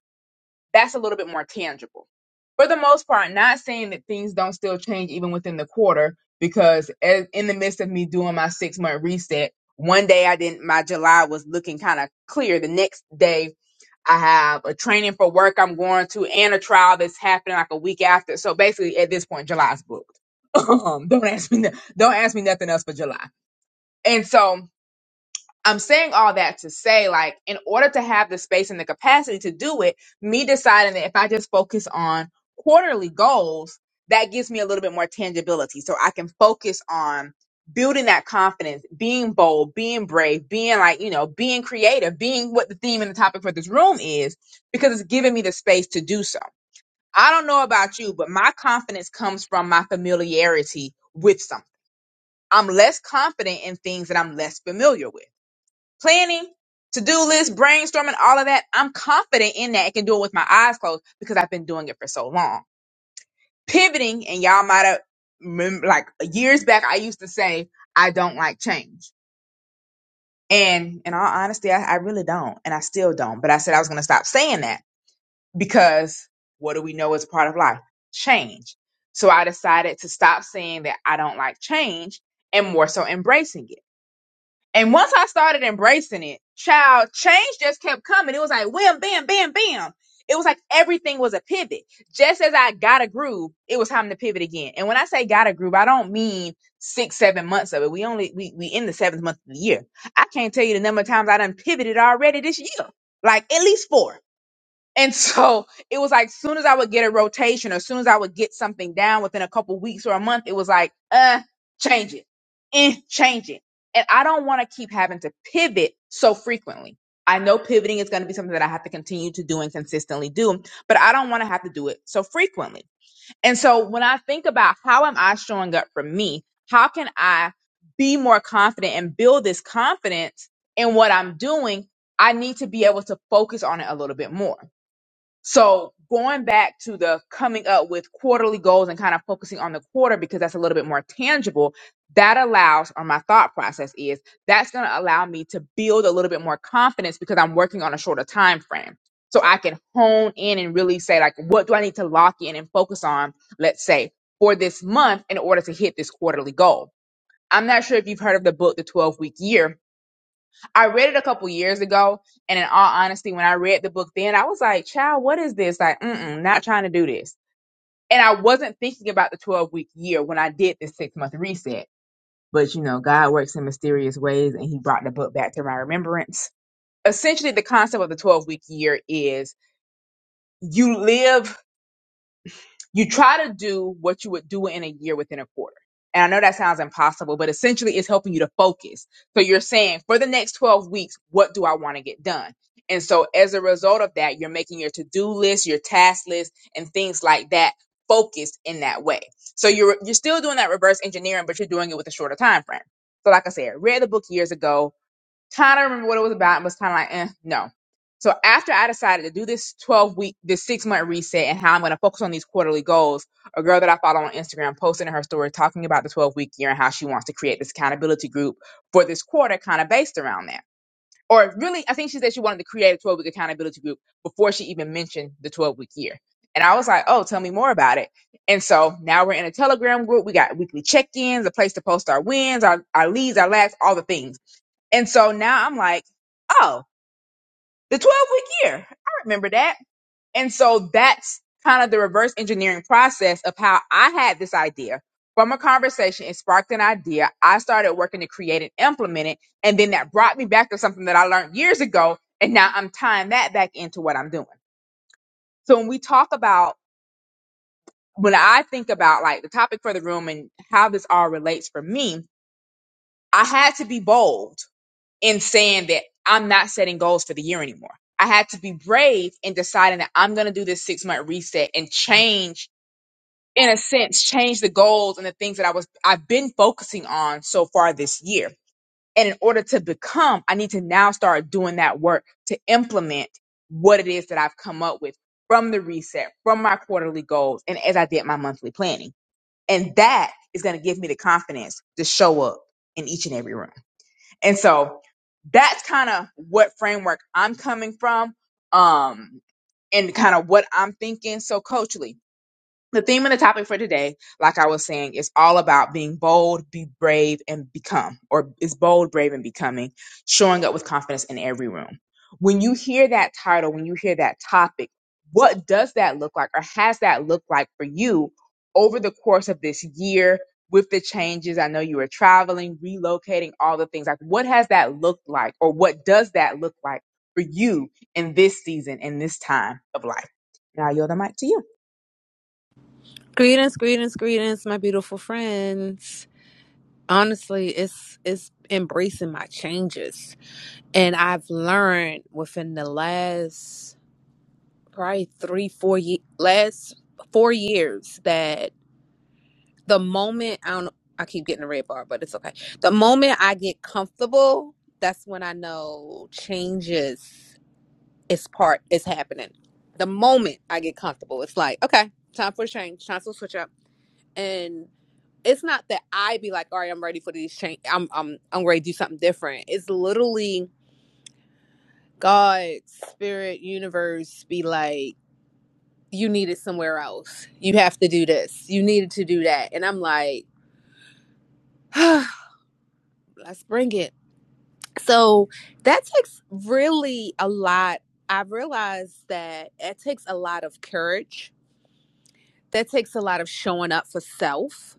S10: that's a little bit more tangible. For the most part, not saying that things don't still change even within the quarter, because a- in the midst of me doing my six month reset, one day I didn't, my July was looking kind of clear. The next day I have a training for work I'm going to and a trial that's happening like a week after. So basically at this point, July's booked. Um, don't ask me, no- don't ask me nothing else for July. And so I'm saying all that to say, like, in order to have the space and the capacity to do it, me deciding that if I just focus on quarterly goals, that gives me a little bit more tangibility. So I can focus on building that confidence, being bold, being brave, being like, you know, being creative, being what the theme and the topic for this room is, because it's giving me the space to do so. I don't know about you, but my confidence comes from my familiarity with something. I'm less confident in things that I'm less familiar with planning, to do list, brainstorming, all of that. I'm confident in that. I can do it with my eyes closed because I've been doing it for so long. Pivoting, and y'all might have remem- like years back, I used to say I don't like change, and in all honesty, I, I really don't, and I still don't. But I said I was going to stop saying that because what do we know is part of life? Change. So I decided to stop saying that I don't like change and more so embracing it. And once I started embracing it, child, change just kept coming. It was like wham, bam, bam, bam. It was like everything was a pivot. Just as I got a groove, it was time to pivot again. And when I say got a groove, I don't mean six, seven months of it. We only we we in the seventh month of the year. I can't tell you the number of times I done pivoted already this year. Like at least four. And so it was like, soon as I would get a rotation, or soon as I would get something down within a couple weeks or a month, it was like, uh, change it, eh, change it. And I don't want to keep having to pivot so frequently. I know pivoting is going to be something that I have to continue to do and consistently do, but I don't want to have to do it so frequently. And so when I think about how am I showing up for me, how can I be more confident and build this confidence in what I'm doing? I need to be able to focus on it a little bit more. So going back to the coming up with quarterly goals and kind of focusing on the quarter because that's a little bit more tangible, that allows, or my thought process is that's going to allow me to build a little bit more confidence because I'm working on a shorter time frame. So I can hone in and really say, like, what do I need to lock in and focus on, let's say, for this month in order to hit this quarterly goal? I'm not sure if you've heard of the book, The 12 Week Year, I read it a couple years ago, and in all honesty, when I read the book then, I was like, "Child, what is this? Like, mm-mm, not trying to do this." And I wasn't thinking about the twelve week year when I did this six month reset. But you know, God works in mysterious ways, and He brought the book back to my remembrance. Essentially, the concept of the twelve week year is you live you try to do what you would do in a year within a quarter. And I know that sounds impossible, but essentially it's helping you to focus. So you're saying for the next 12 weeks, what do I want to get done? And so as a result of that, you're making your to-do list, your task list and things like that focused in that way. So you're you're still doing that reverse engineering, but you're doing it with a shorter time frame. So like I said, read the book years ago Kind of remember what it was about and was kind of like, eh, no. So after I decided to do this 12 week, this six month reset and how I'm going to focus on these quarterly goals, a girl that I follow on Instagram posted in her story talking about the 12 week year and how she wants to create this accountability group for this quarter kind of based around that. Or really, I think she said she wanted to create a 12 week accountability group before she even mentioned the 12 week year. And I was like, oh, tell me more about it. And so now we're in a Telegram group. We got weekly check ins, a place to post our wins, our, our leads, our lags, all the things. And so now I'm like, oh, the 12 week year. I remember that. And so that's kind of the reverse engineering process of how I had this idea. From a conversation, it sparked an idea. I started working to create and implement it. And then that brought me back to something that I learned years ago. And now I'm tying that back into what I'm doing. So when we talk about, when I think about like the topic for the room and how this all relates for me, I had to be bold in saying that I'm not setting goals for the year anymore. I had to be brave in deciding that I'm going to do this six month reset and change, in a sense, change the goals and the things that I was, I've been focusing on so far this year. And in order to become, I need to now start doing that work to implement what it is that I've come up with from the reset, from my quarterly goals, and as I did my monthly planning. And that is going to give me the confidence to show up in each and every room. And so that's kind of what framework I'm coming from. Um, and kind of what I'm thinking. So, coachly. The theme and the topic for today, like I was saying, is all about being bold, be brave, and become, or is bold, brave, and becoming, showing up with confidence in every room. When you hear that title, when you hear that topic, what does that look like, or has that looked like for you over the course of this year with the changes? I know you were traveling, relocating, all the things. Like, what has that looked like, or what does that look like for you in this season, in this time of life? Now, I yield the mic to you.
S11: Greetings, greetings, greetings, my beautiful friends. Honestly, it's it's embracing my changes, and I've learned within the last probably three, four ye- last four years that the moment I don't, I keep getting a red bar, but it's okay. The moment I get comfortable, that's when I know changes is part is happening. The moment I get comfortable, it's like okay, time for a change, time for a switch up, and it's not that I be like, all right, I'm ready for these change. I'm I'm I'm ready to do something different. It's literally God, spirit, universe be like, you need it somewhere else. You have to do this. You needed to do that. And I'm like, let's bring it. So that takes really a lot. I realized that it takes a lot of courage. That takes a lot of showing up for self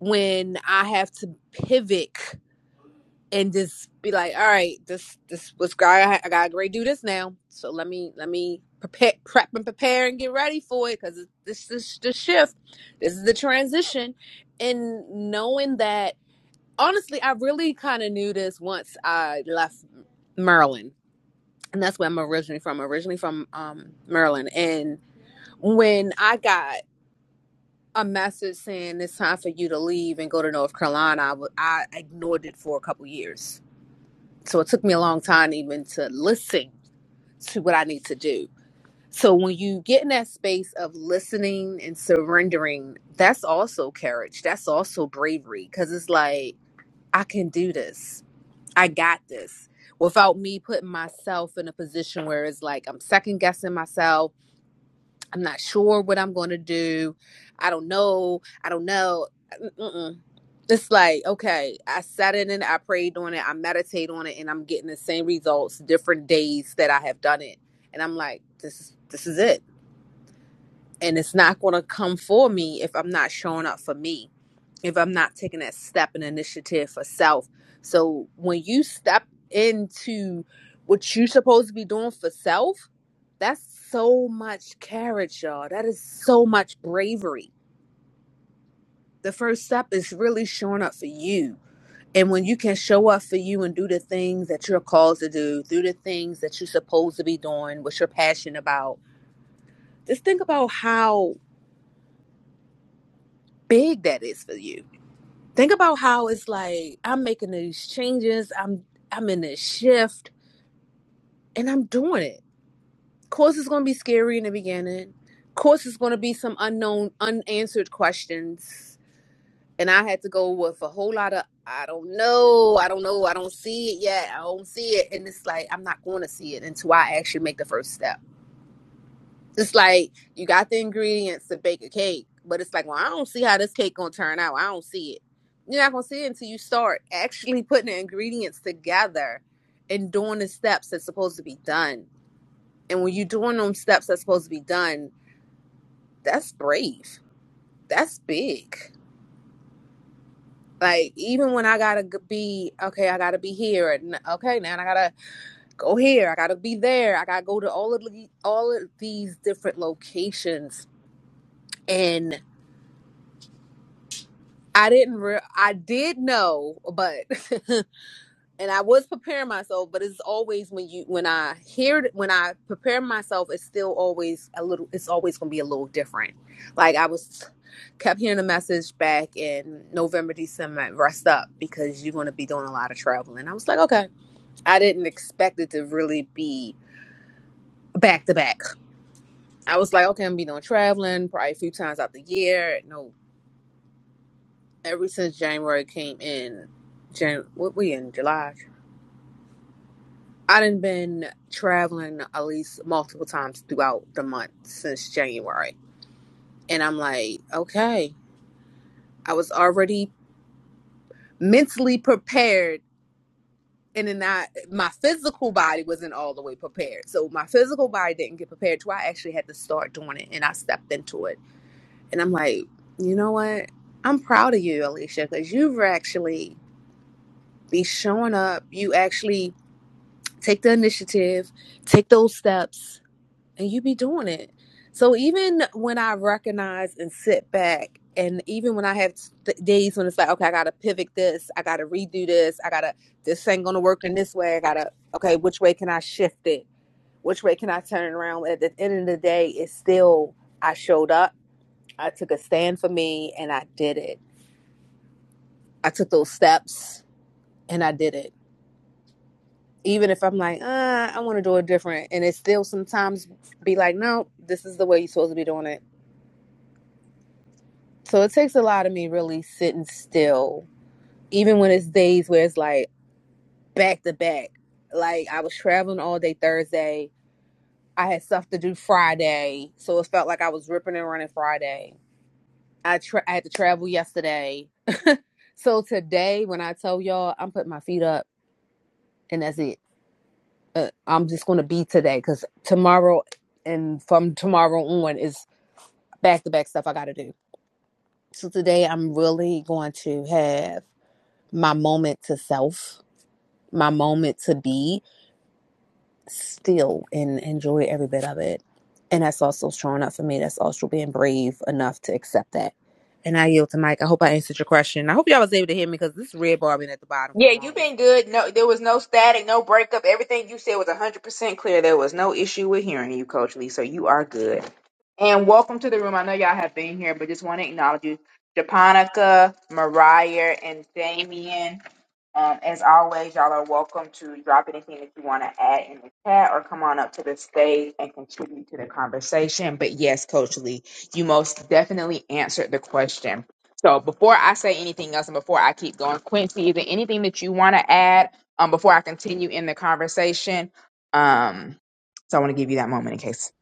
S11: when I have to pivot and just be like, all right, this this was great. I, I gotta great do this now. So let me let me prepare, prep and prepare and get ready for it because this is the shift. This is the transition, and knowing that honestly, I really kind of knew this once I left Maryland, and that's where I'm originally from. Originally from um, Maryland, and when I got a message saying it's time for you to leave and go to North Carolina, I, w- I ignored it for a couple years So it took me a long time even to listen to what I need to do. So when you get in that space of listening and surrendering, that's also courage. That's also bravery because it's like, I can do this. I got this without me putting myself in a position where it's like, I'm second guessing myself. I'm not sure what I'm going to do. I don't know. I don't know. Mm-mm it's like okay i sat in it i prayed on it i meditate on it and i'm getting the same results different days that i have done it and i'm like this is this is it and it's not going to come for me if i'm not showing up for me if i'm not taking that step and initiative for self so when you step into what you're supposed to be doing for self that's so much courage y'all that is so much bravery the first step is really showing up for you And when you can show up for you and do the things that you're called to do, do the things that you're supposed to be doing, what you're passionate about, just think about how big that is for you. Think about how it's like I'm making these changes, I'm I'm in this shift, and I'm doing it. Of course, it's going to be scary in the beginning. Of course, it's going to be some unknown, unanswered questions and I had to go with a whole lot of I don't know, I don't know, I don't see it yet, I don't see it, and it's like I'm not going to see it until I actually make the first step. It's like you got the ingredients to bake a cake, but it's like, well, I don't see how this cake gonna turn out. I don't see it. You're not gonna see it until you start actually putting the ingredients together and doing the steps that's supposed to be done. And when you're doing them steps that's supposed to be done, that's brave. That's big Like even when I gotta be okay, I gotta be here. and Okay, now I gotta go here. I gotta be there. I gotta go to all of the, all of these different locations. And I didn't. Re- I did know, but and I was preparing myself. But it's always when you when I hear it- when I prepare myself, it's still always a little. It's always gonna be a little different. Like I was kept hearing a message back in November, December, rest up because you're gonna be doing a lot of traveling. I was like, okay. I didn't expect it to really be back to back. I was like, okay, I'm gonna be doing traveling probably a few times out the year. No, ever since January came in, Jan, what we in July? I done been traveling at least multiple times throughout the month since January, and I'm like, okay, I was already mentally prepared. And then I, my physical body wasn't all the way prepared. So my physical body didn't get prepared. So I actually had to start doing it and I stepped into it And I'm like, you know what? I'm proud of you, Alicia, because you've actually be showing up. You actually take the initiative, take those steps, and you be doing it. So even when I recognize and sit back, and even when I have th- days when it's like, okay, I gotta pivot this, I gotta redo this, I gotta this ain't gonna work in this way. I gotta okay, which way can I shift it? Which way can I turn it around? At the end of the day, it's still I showed up, I took a stand for me, and I did it I took those steps and I did it. Even if I'm like, uh, I want to do it different. And it still sometimes be like, no, this is the way you're supposed to be doing it. So it takes a lot of me really sitting still, even when it's days where it's like back to back. Like I was traveling all day Thursday. I had stuff to do Friday. So it felt like I was ripping and running Friday. I, tra- I had to travel yesterday. so today, when I tell y'all, I'm putting my feet up and that's it. uh, I'm just going to be today because tomorrow and from tomorrow on is back to back stuff I got to do. So today I'm really going to have my moment to self, my moment to be still and enjoy every bit of it. And that's also showing up for me. That's also being brave enough to accept that. And I yield to Mike. I hope I answered your question. I hope y'all was able to hear me because this red bar been at the bottom for
S10: Yeah,
S11: the
S10: you've
S11: longest.
S10: been good. No, there was no static, no breakup. Everything you said was 100% clear. There was no issue with hearing you, Coach Lee. So you are good. And welcome to the room. I know y'all have been here, but just want to acknowledge you. Japonica, Mariah, and Damien. Um, as always, y'all are welcome to drop anything that you want to add in the chat or come on up to the stage and contribute to the conversation. But yes, Coach Lee, you most definitely answered the question. So before I say anything else and before I keep going, Quincy, is there anything that you want to add um, before I continue in the conversation? Um, so I want to give you that moment in case.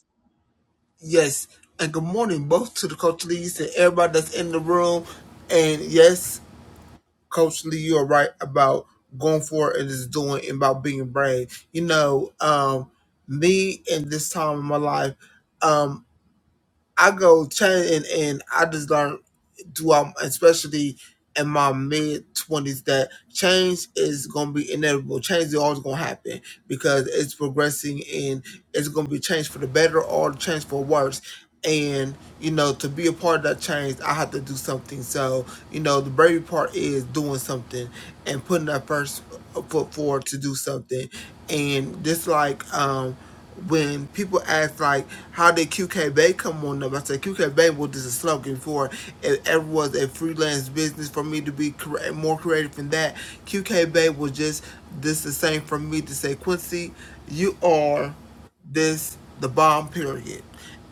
S6: Yes, and good morning both to the Coach Lees and everybody that's in the room. And yes, Coach Lee, you are right about going for it and just doing and about being brave. You know, um, me in this time of my life, um, I go change and, and I just learned throughout, especially in my mid twenties, that change is gonna be inevitable. Change is always gonna happen because it's progressing and it's gonna be change for the better or change for worse. And you know, to be a part of that change, I have to do something. So you know, the brave part is doing something and putting that first foot forward to do something and just like um, when people ask like how did QK Bay come on up, I said QK Bay was just a slogan for it ever was a freelance business for me to be more creative than that. QK Bay was just this the same for me to say Quincy, you are this the bomb period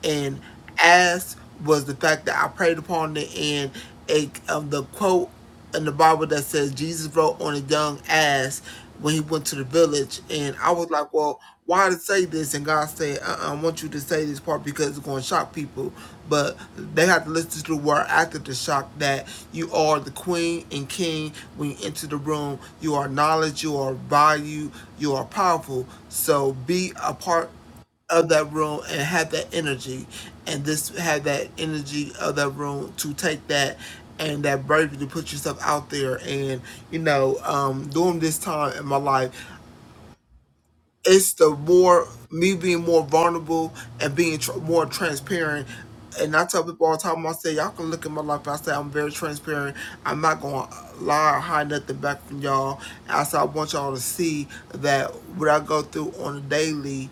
S6: and as was the fact that i prayed upon it and a um, the quote in the bible that says jesus wrote on a young ass when he went to the village and i was like well why to say this and god said uh-uh, i want you to say this part because it's going to shock people but they have to listen to the word after the shock that you are the queen and king when you enter the room you are knowledge you are value you are powerful so be a part of that room and have that energy and this have that energy of that room to take that and that bravery to put yourself out there and you know um during this time in my life it's the more me being more vulnerable and being tr- more transparent. And I tell people all the time, I say, y'all can look at my life. I say, I'm very transparent. I'm not going to lie or hide nothing back from y'all. I say, I want y'all to see that what I go through on a daily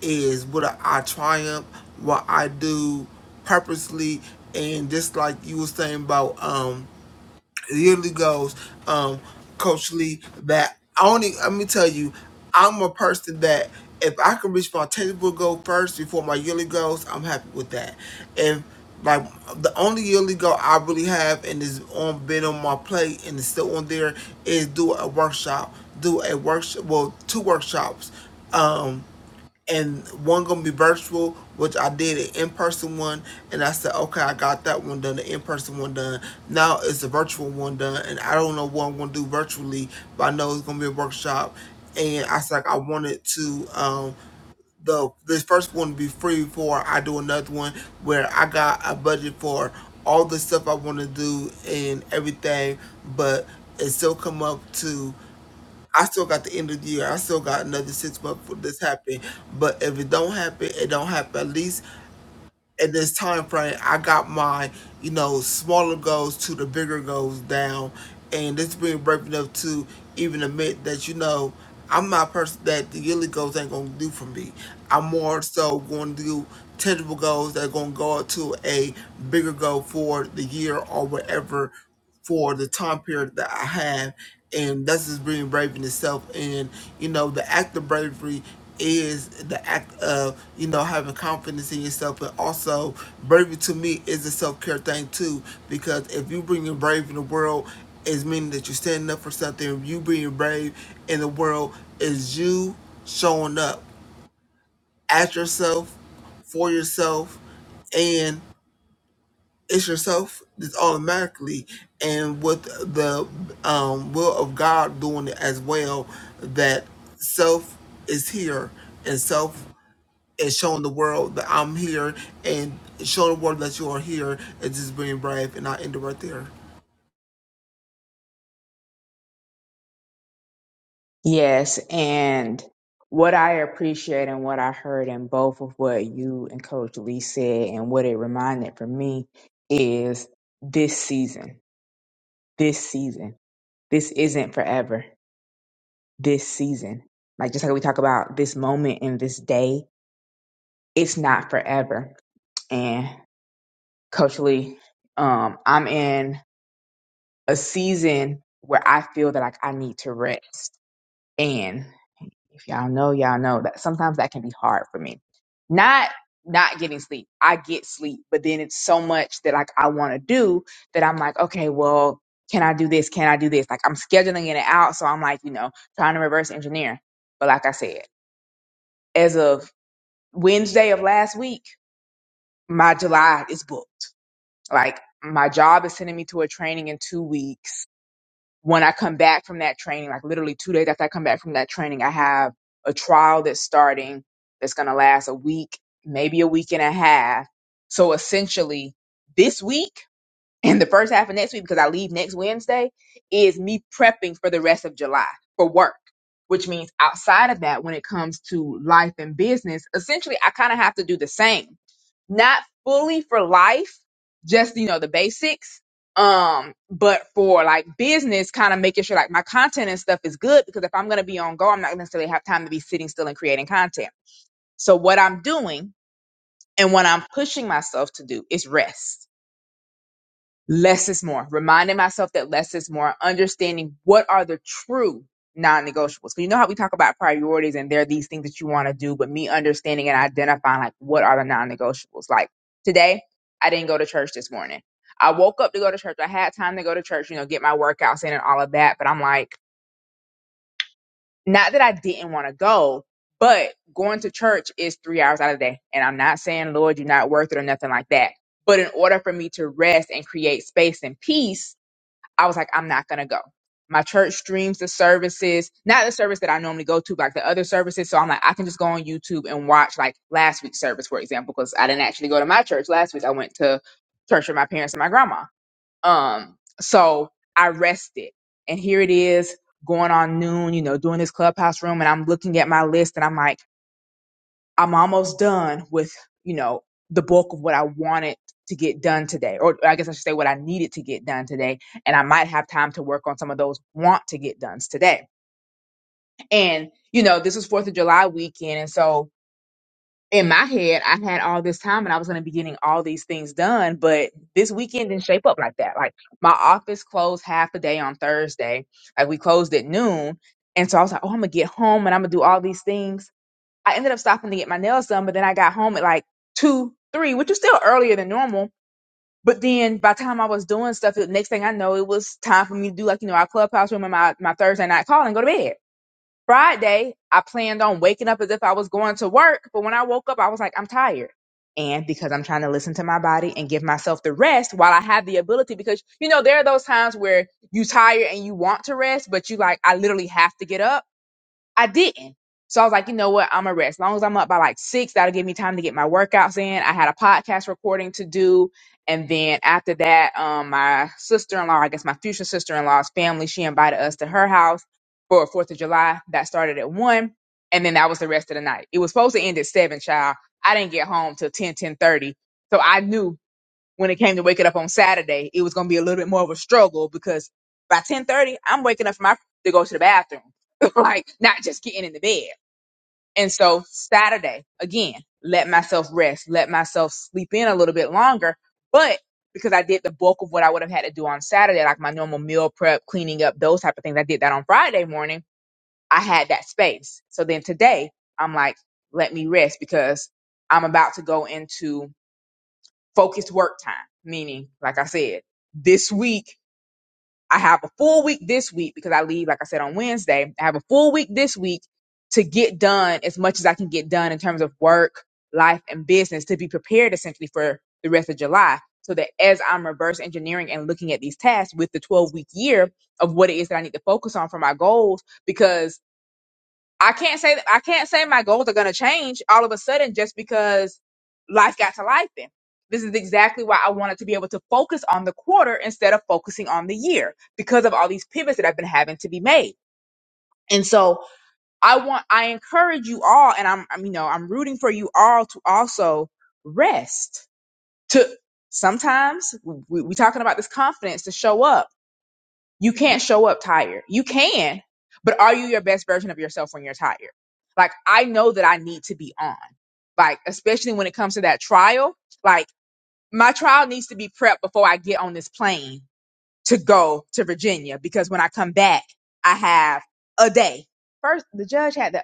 S6: is what I, triumph, what I do purposely. And just like you were saying about, um, it usually goes, um, Coach Lee, that I only let me tell you, I'm a person that if I can reach my tangible goal first before my yearly goals, I'm happy with that. If like the only yearly goal I really have and is on been on my plate and is still on there is do a workshop, do a workshop, well two workshops um, and one gonna be virtual, which I did an in person one, and I said, okay, I got that one done, the in person one done. Now it's the virtual one done, and I don't know what I'm gonna do virtually, but I know it's gonna be a workshop. And I said like, I wanted to um the this first one to be free before I do another one where I got a budget for all the stuff I want to do and everything, but it still come up to I still got the end of the year. I still got another six months for this happen. But if it don't happen, it don't happen. At least in this time frame i got my you know smaller goals to the bigger goals down and it's being brave enough to even admit that you know i'm not a person that the yearly goals ain't gonna do for me i'm more so going to do tangible goals that are gonna go up to a bigger goal for the year or whatever for the time period that i have and that's just being brave in itself and you know the act of bravery is the act of you know having confidence in yourself but also bravery to me is a self-care thing too because if you bring your brave in the world it's meaning that you're standing up for something you being brave in the world is you showing up at yourself for yourself and it's yourself it's automatically and with the um, will of god doing it as well that self is here and self and showing the world that I'm here and show the world that you are here and just being brave and I end it right there.
S10: Yes. And what I appreciate and what I heard in both of what you and Coach Lee said and what it reminded for me is this season, this season, this isn't forever, this season. Like just like we talk about this moment and this day, it's not forever. Coach Lee, um, I'm in a season where I feel that like I need to rest. And if y'all know, y'all know that sometimes that can be hard for me. Not not getting sleep. I get sleep, but then it's so much that like I want to do that I'm like, okay, well, can I do this? Can I do this? Like I'm scheduling it out, so I'm like, you know, trying to reverse engineer. But like I said, as of Wednesday of last week, my July is booked. Like my job is sending me to a training in two weeks when I come back from that training, like literally two days after I come back from that training, I have a trial that's starting that's going to last a week, maybe a week and a half. So essentially, this week, and the first half of next week, because I leave next Wednesday, is me prepping for the rest of July for work, which means outside of that, when it comes to life and business, essentially I kind of have to do the same. Not fully for life, just, you know, the basics. Um, but for like business, kind of making sure like my content and stuff is good because if I'm going to be on go, I'm not necessarily have time to be sitting still and creating content. So what I'm doing and what I'm pushing myself to do is rest less is more reminding myself that less is more understanding what are the true non-negotiables 'Cause you know how we talk about priorities and there are these things that you want to do but me understanding and identifying like what are the non-negotiables like today i didn't go to church this morning i woke up to go to church i had time to go to church you know get my workouts in and all of that but i'm like not that i didn't want to go but going to church is three hours out of the day and i'm not saying lord you're not worth it or nothing like that but in order for me to rest and create space and peace I was like, I'm not gonna go. My church streams the services, not the service that I normally go to, but like the other services. So I'm like, I can just go on YouTube and watch like last week's service, for example, because I didn't actually go to my church last week. I went to church with my parents and my grandma. Um, so I rested, and here it is going on noon, you know, doing this clubhouse room, and I'm looking at my list, and I'm like I'm almost done with, you know, the bulk of what I wanted to get done today, or I guess I should say what I needed to get done today. And I might have time to work on some of those want to get done today. And, you know, this was 4th of July weekend. And so in my head, I had all this time and I was going to be getting all these things done. But this weekend didn't shape up like that. Like my office closed half a day on Thursday. Like we closed at noon. And so I was like, oh, I'm going to get home and I'm going to do all these things I ended up stopping to get my nails done, but then I got home at like two, three, which is still earlier than normal. But then by the time I was doing stuff, the next thing I know, it was time for me to do like, you know, our clubhouse room and my, my Thursday night call and go to bed. Friday, I planned on waking up as if I was going to work. But when I woke up, I was like, I'm tired. And because I'm trying to listen to my body and give myself the rest while I have the ability, because you know, there are those times where you tired and you want to rest, but you like, I literally have to get up I didn't. So I was like, you know what? I'm gonna rest. As long as I'm up by like six, that'll give me time to get my workouts in. I had a podcast recording to do. And then after that, um, my sister-in-law, I guess my future sister-in-law's family, she invited us to her house for Fourth of July. That started at one. And then that was the rest of the night. It was supposed to end at seven, child. I didn't get home till ten ten thirty, So I knew when it came to waking up on Saturday, it was gonna be a little bit more of a struggle because by ten thirty, I'm waking up from my to go to the bathroom, like not just getting in the bed. And so Saturday, again, let myself rest, let myself sleep in a little bit longer, but because I did the bulk of what I would have had to do on Saturday, like my normal meal prep, cleaning up, those type of things, I did that on Friday morning. I had that space. So then today, I'm like, let me rest because I'm about to go into focused work time, meaning, like I said, this week, I have a full week this week because I leave, like I said, on Wednesday. I have a full week this week to get done as much as I can get done in terms of work, life, and business to be prepared essentially for the rest of July. So that as I'm reverse engineering and looking at these tasks with the 12 week year of what it is that I need to focus on for my goals, because I can't say I can't say my goals are gonna change all of a sudden just because life got to life then. This is exactly why I wanted to be able to focus on the quarter instead of focusing on the year because of all these pivots that I've been having to be made. And so I want I encourage you all and I'm I'm you know I'm rooting for you all to also rest to sometimes we, we talking about this confidence to show up you can't show up tired. You can, but are you your best version of yourself when you're tired? Like, I know that I need to be on, like, especially when it comes to that trial. Like, my trial needs to be prepped before I get on this plane to go to Virginia because when I come back, I have a day. First, the judge had the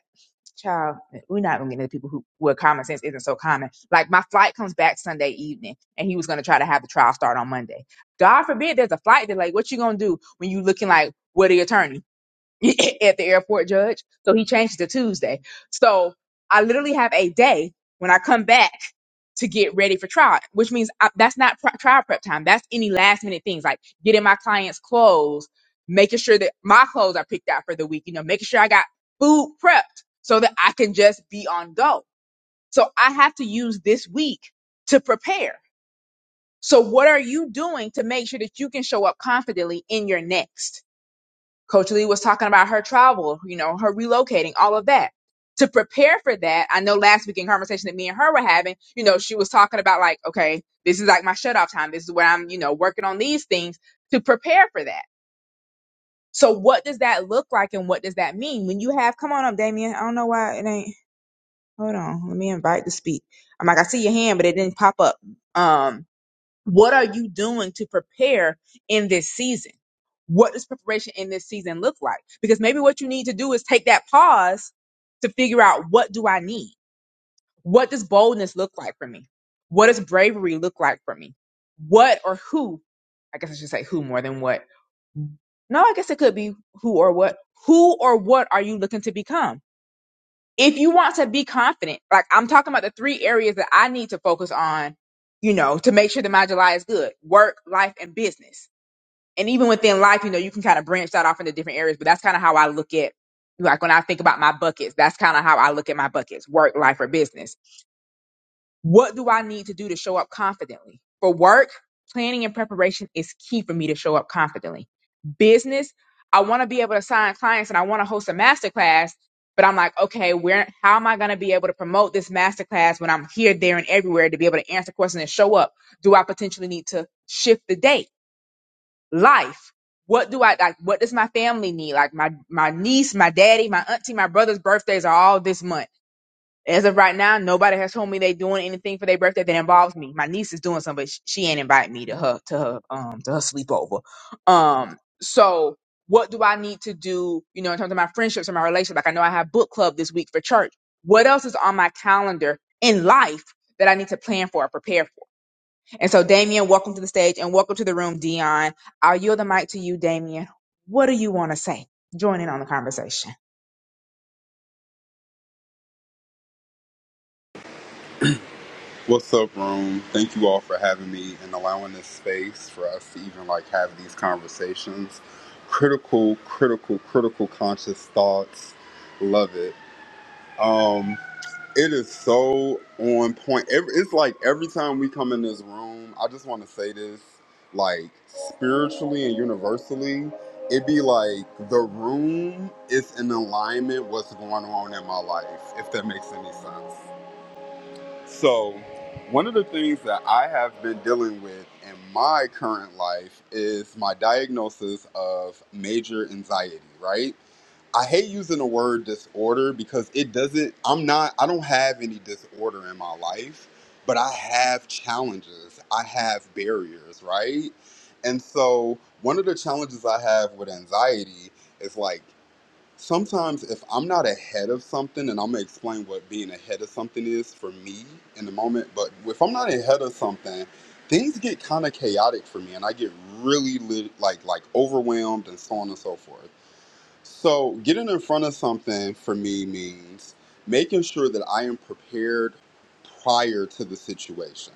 S10: child, we're not gonna get into people who where common sense isn't so common. Like my flight comes back Sunday evening, and he was gonna try to have the trial start on Monday. God forbid there's a flight delay. What you gonna do when you looking like where the attorneys? at the airport, Judge. So he changed it to Tuesday. So I literally have a day when I come back to get ready for trial, which means I, that's not pri- trial prep time. That's any last minute things like getting my clients' clothes, making sure that my clothes are picked out for the week, you know, making sure I got food prepped so that I can just be on go. So I have to use this week to prepare. So what are you doing to make sure that you can show up confidently in your next? Coach Lee was talking about her travel, you know, her relocating, all of that. To prepare for that, I know last week in conversation that me and her were having, you know, she was talking about like, okay, this is like my shut off time. This is where I'm, you know, working on these things to prepare for that. So what does that look like and what does that mean? When you have come on up, Damien, I don't know why it ain't hold on, let me invite to speak. I'm like, I see your hand, but it didn't pop up. Um what are you doing to prepare in this season? What does preparation in this season look like? Because maybe what you need to do is take that pause to figure out what do I need? What does boldness look like for me? What does bravery look like for me? What or who? I guess I should say who more than what. No, I guess it could be who or what. Who or what are you looking to become? if you want to be confident, like I'm talking about the three areas that I need to focus on, you know, to make sure that my July is good work, life, and business. And even within life, you know, you can kind of branch that off into different areas, but that's kind of how I look at, like when I think about my buckets, that's kind of how I look at my buckets work, life, or business what do I need to do to show up confidently? For work, planning and preparation is key for me to show up confidently. Business, I want to be able to sign clients and I want to host a masterclass, but I'm like, okay, where how am I going to be able to promote this masterclass when I'm here, there, and everywhere to be able to answer questions and show up? Do I potentially need to shift the date? Life. What do I like? What does my family need? Like my my niece, my daddy, my auntie, my brother's birthdays are all this month as of right now, nobody has told me they doing anything for their birthday that involves me. My niece is doing something, but sh- she ain't invite me to her to her um to her sleepover. Um, so what do I need to do? You know, in terms of my friendships and my relationships, like I know I have book club this week for church. What else is on my calendar in life that I need to plan for or prepare for? And so, Damien, welcome to the stage and welcome to the room, Dion. I'll yield the mic to you, Damien. What do you want to say? Join in on the conversation.
S12: What's up, room? Thank you all for having me and allowing this space for us to even like have these conversations. Critical, critical, critical conscious thoughts. Love it. Um, it is so on point. Every, it's like every time we come in this room, I just want to say this, like spiritually and universally, it be like the room is in alignment what's going on in my life, if that makes any sense. So, one of the things that I have been dealing with in my current life is my diagnosis of major anxiety, right? I hate using the word disorder because it doesn't, I'm not, I don't have any disorder in my life, but I have challenges. I have barriers, right? And so, one of the challenges I have with anxiety is like, sometimes if I'm not ahead of something, and I'm gonna explain what being ahead of something is for me in the moment, but if I'm not ahead of something, things get kind of chaotic for me, and I get really lit, like like overwhelmed and so on and so forth. So, getting in front of something for me means making sure that I am prepared prior to the situation.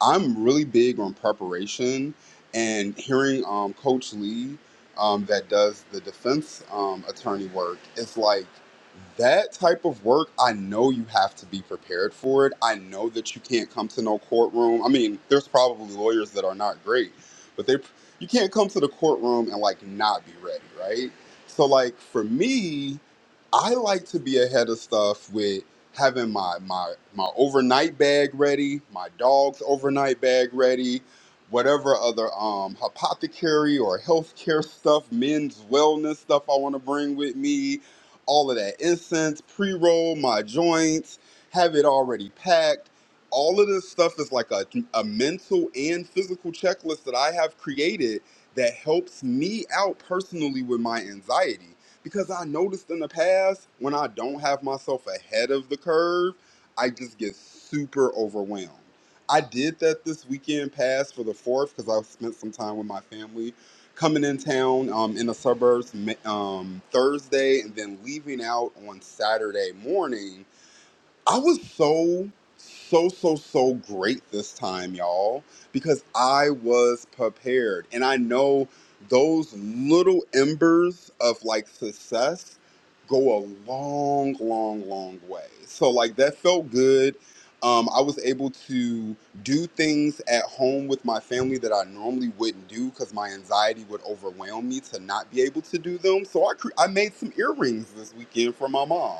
S12: I'm really big on preparation and hearing um, Coach Lee, um, that does the defense um, attorney work, it's like that type of work. I know you have to be prepared for it. I know that you can't come to no courtroom. I mean, there's probably lawyers that are not great, but they you can't come to the courtroom and like not be ready, right? So like for me, I like to be ahead of stuff with having my my my overnight bag ready, my dog's overnight bag ready, whatever other um apothecary or healthcare stuff, men's wellness stuff I want to bring with me, all of that incense, pre-roll, my joints, have it already packed. All of this stuff is like a, a mental and physical checklist that I have created that helps me out personally with my anxiety. Because I noticed in the past, when I don't have myself ahead of the curve, I just get super overwhelmed. I did that this weekend past for the fourth because I spent some time with my family coming in town um, in the suburbs um, Thursday and then leaving out on Saturday morning I was so, so, so, so great this time, y'all, because I was prepared. And I know those little embers of like success go a long, long, long way. So, like, that felt good. Um, I was able to do things at home with my family that I normally wouldn't do because my anxiety would overwhelm me to not be able to do them. So I, cre- I made some earrings this weekend for my mom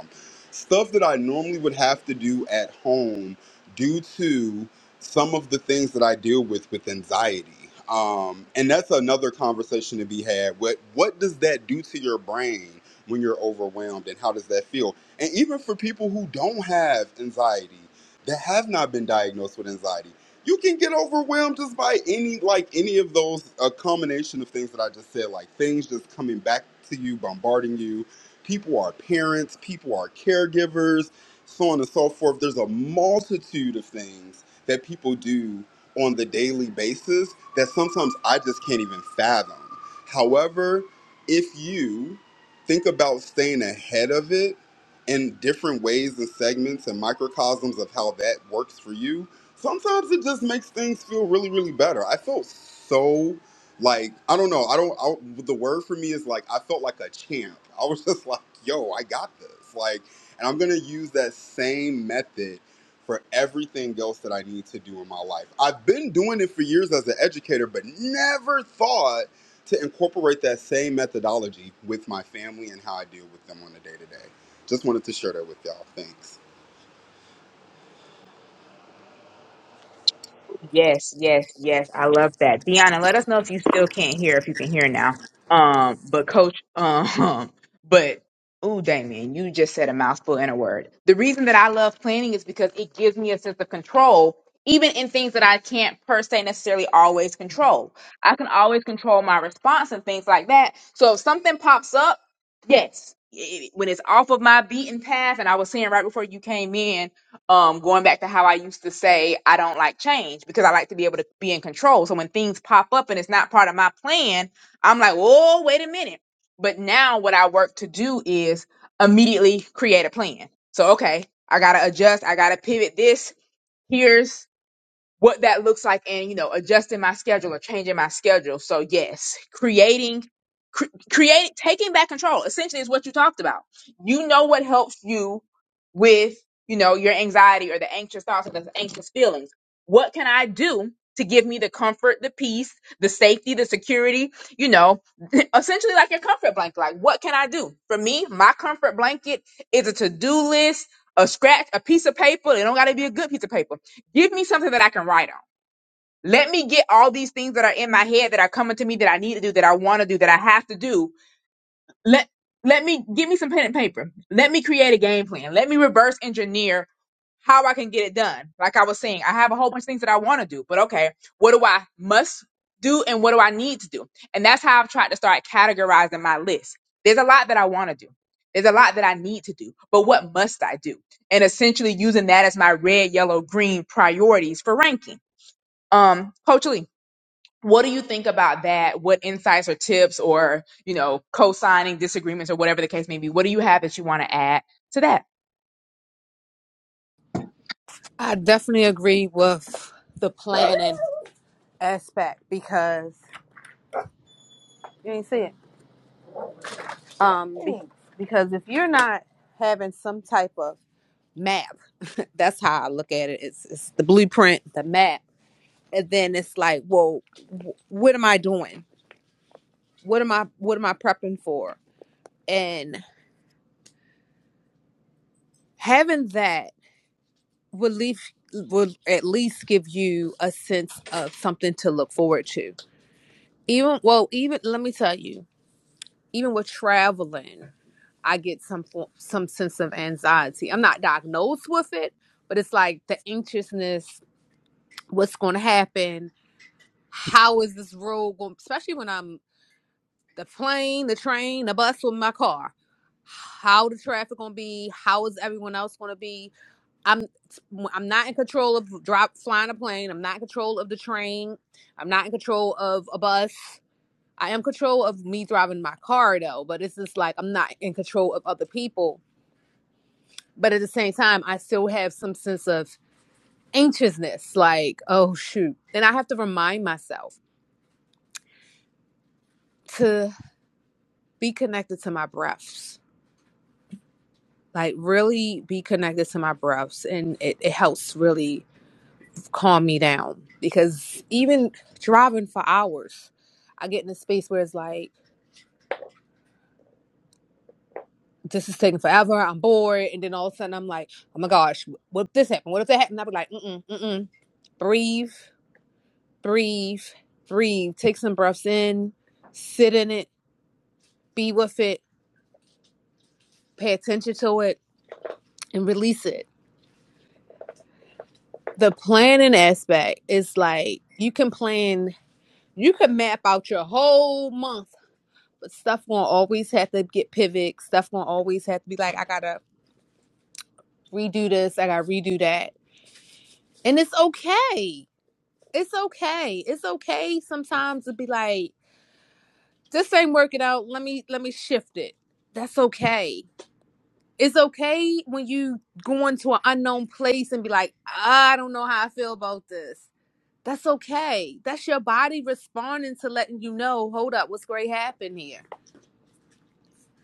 S12: stuff that I normally would have to do at home due to some of the things that I deal with with anxiety. Um, and that's another conversation to be had. What what does that do to your brain when you're overwhelmed, and how does that feel? And even for people who don't have anxiety, that have not been diagnosed with anxiety, you can get overwhelmed just by any like any of those a combination of things that I just said, like things just coming back to you, bombarding you People are parents, people are caregivers, so on and so forth. There's a multitude of things that people do on the daily basis that sometimes I just can't even fathom. However, if you think about staying ahead of it in different ways and segments and microcosms of how that works for you, sometimes it just makes things feel really, really better. I felt so like I don't know. I don't. I, the word for me is like I felt like a champ. I was just like, yo, I got this. Like, and I'm gonna use that same method for everything else that I need to do in my life. I've been doing it for years as an educator, but never thought to incorporate that same methodology with my family and how I deal with them on a day to day. Just wanted to share that with y'all. Thanks.
S10: Yes, yes, yes. I love that. Deanna, let us know if you still can't hear, if you can hear now. Um, but coach, um, but ooh, Damien, you just said a mouthful in a word. The reason that I love planning is because it gives me a sense of control, even in things that I can't per se necessarily always control. I can always control my response and things like that. So if something pops up, yes. it- When it's off of my beaten path, and I was saying right before you came in, um going back to how I used to say I don't like change because I like to be able to be in control. So when things pop up and it's not part of my plan, I'm like, "Oh, wait a minute." But now what I work to do is immediately create a plan. So okay, I got to adjust, I got to pivot this. here's what that looks like and you know adjusting my schedule or changing my schedule so yes creating cre- create taking back control essentially is what you talked about you know what helps you with you know your anxiety or the anxious thoughts or the anxious feelings what can i do to give me the comfort the peace the safety the security you know essentially like your comfort blanket like what can i do for me my comfort blanket is a to-do list a scratch a piece of paper it don't got to be a good piece of paper Give me something that I can write on. Let me get all these things that are in my head that are coming to me that I need to do, that I want to do, that I have to do. Let let me give me some pen and paper. Let me create a game plan. Let me reverse engineer how I can get it done. Like I was saying, I have a whole bunch of things that I want to do, but okay, what do I must do and what do I need to do? And that's how I've tried to start categorizing my list. There's a lot that I want to do. There's a lot that I need to do, but what must I do? And essentially using that as my red, yellow, green priorities for ranking um, Coach Lee, what do you think about that? What insights or tips or, you know, co-signing disagreements or whatever the case may be? What do you have that you want to add to that?
S11: I definitely agree with the planning. Aspect because you ain't see it. Um, be- because if you're not having some type of map, that's how I look at it. It's, it's the blueprint, the map, and then it's like, well, wh- what am I doing? What am I? What am I prepping for? And having that will leave will at least give you a sense of something to look forward to. Even well, even let me tell you. even with traveling, I get some fo- some sense of anxiety. I'm not diagnosed with it, but it's like the anxiousness: what's going to happen? How is this road going? Especially when I'm the plane, the train, the bus, with my car. How the traffic going to be? How is everyone else going to be? I'm I'm not in control of drop flying a plane. I'm not in control of the train. I'm not in control of a bus. I am in control of me driving my car though, but it's just like I'm not in control of other people. But at the same time, I still have some sense of anxiousness, like, oh shoot. And I have to remind myself to be connected to my breaths. Like really be connected to my breaths and it, it helps really calm me down. Because even driving for hours, I get in a space where it's like this is taking forever. I'm bored. And then all of a sudden, I'm like, oh my gosh, what if this happened? What if that happened? I'll be like, mm-mm, mm-mm. Breathe, breathe, breathe. Take some breaths in, sit in it, be with it, pay attention to it, and release it. The planning aspect is like, you can plan, you can map out your whole month, but stuff won't always have to get pivot. Stuff won't always have to be like, I gotta redo this, I gotta redo that. And it's okay it's okay. It's okay sometimes to be like, this ain't working out. Let me let me shift it. That's okay. It's okay when you go into an unknown place and be like, I don't know how I feel about this. That's okay. That's your body responding to letting you know, hold up, what's great happened here.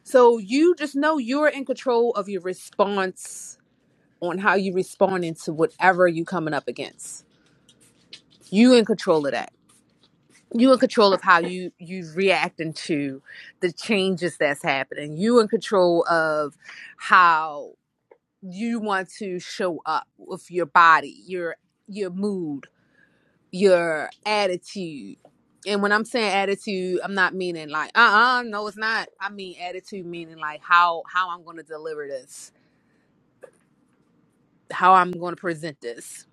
S11: So you just know you're in control of your response on how you responding to whatever you coming up against. You in control of that you in control of how you you reacting to the changes that's happening you in control of how you want to show up with your body your your mood your attitude and when i'm saying attitude i'm not meaning like uh-uh no it's not i mean attitude meaning like how how i'm going to deliver this how i'm going to present this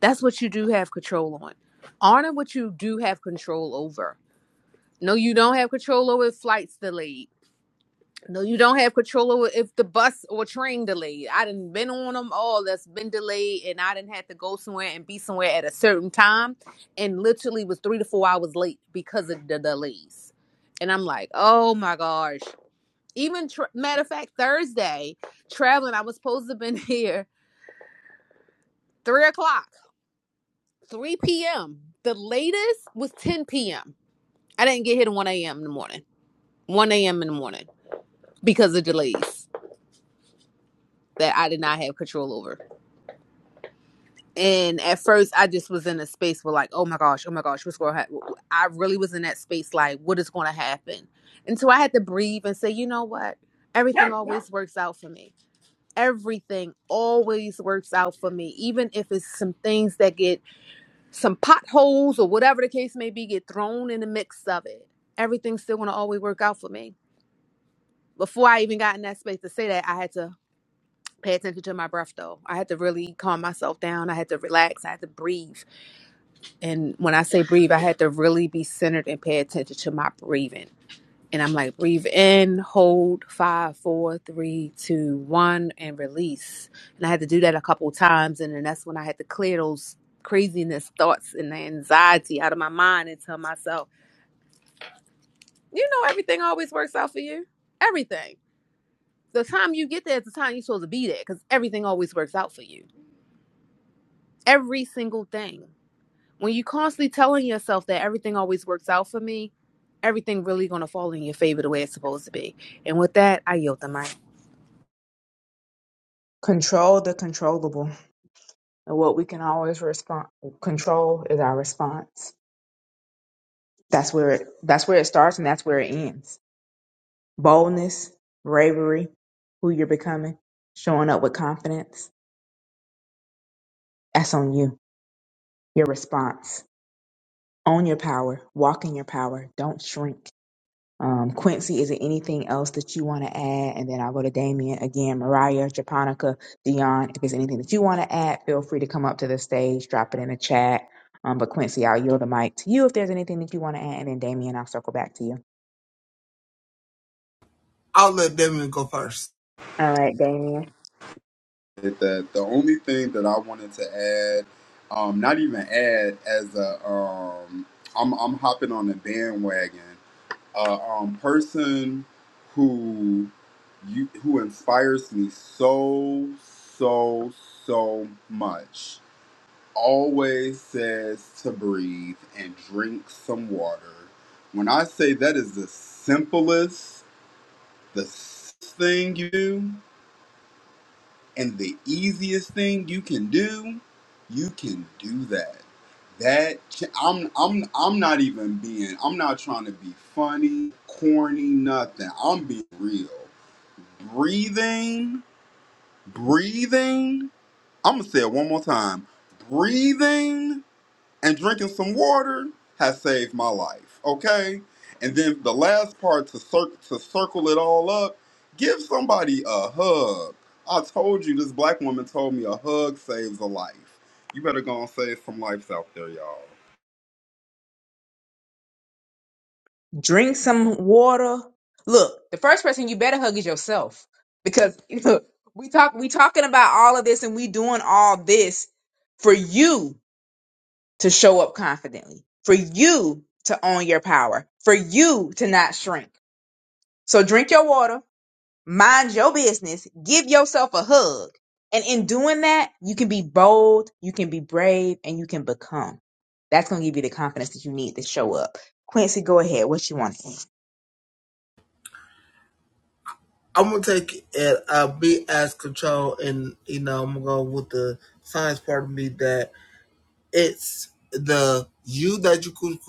S11: that's what you do have control on honor what you do have control over no you don't have control over flights delayed No, you don't have control over if the bus or train delayed. I done been on them all that's been delayed, and I didn't have to go somewhere and be somewhere at a certain time, and literally was three to four hours late because of the delays. And I'm like, oh my gosh. Even tr matter of fact, Thursday traveling, I was supposed to have been here three o'clock, three p.m. The latest was ten p.m. I didn't get here to one a.m. in the morning, one a.m. in the morning because of delays that I did not have control over. And at first, I just was in a space where, like, oh my gosh, oh my gosh, what's going to happen? I really was in that space, like, what is going to happen? And so I had to breathe and say, you know what? Everything always works out for me. Everything always works out for me, even if it's some things that get some potholes or whatever the case may be, get thrown in the mix of it. Everything's still going to always work out for me. Before I even got in that space to say that, I had to pay attention to my breath, though. I had to really calm myself down. I had to relax. I had to breathe And when I say breathe, I had to really be centered and pay attention to my breathing. And I'm like, breathe in, hold five, four, three, two, one, and release. And I had to do that a couple times. And then that's when I had to clear those craziness thoughts and the anxiety out of my mind and tell myself, you know, everything always works out for you. Everything. The time you get there is the time you're supposed to be there because everything always works out for you. Every single thing. when you constantly telling yourself that everything always works out for me, everything really gonna fall in your favor the way it's supposed to be. And with that, I yield the mic.
S10: Control the controllable. And what we can always respond control is our response. That's where it that's where it starts and that's where it ends. Boldness, bravery, who you're becoming, showing up with confidence. That's on you. Your response. Own your power. Walk in your power. Don't shrink. Um, Quincy, is there anything else that you want to add? And then I'll go to Damien again, Mariah, Japonica, Dion. If there's anything that you want to add, feel free to come up to the stage, drop it in the chat. Um, but Quincy, I'll yield the mic to you if there's anything that you want to add. And then Damien, I'll circle back to you.
S6: I'll let Damien go first.
S10: All right, Damien.
S12: it that the only thing that I wanted to add, um, not even add as a, um, I'm I'm hopping on the bandwagon. Uh, um, person who you who inspires me so so so much always says to breathe and drink some water. When I say that is the simplest, the s- thing you do, and the easiest thing you can do, you can do that. That ch- I'm I'm I'm not even being I'm not trying to be funny, corny, nothing. I'm being real. Breathing, breathing. I'm gonna say it one more time. Breathing and drinking some water has saved my life. Okay, and then the last part to cir- to circle it all up, give somebody a hug. I told you this black woman told me a hug saves a life. You better go and save some lives out there, y'all.
S10: Drink some water. Look, the first person you better hug is yourself because look, we talk we talking about all of this and we doing all this for you to show up confidently, for you to own your power, for you to not shrink. So drink your water, mind your business, give yourself a hug. And in doing that, you can be bold, you can be brave, and you can become. That's going to give you the confidence that you need to show up. Quincy, go ahead. What you want to say?
S6: I'm gonna take it uh be as control and you know, I'm gonna go with the science part of me that. it's the you that you could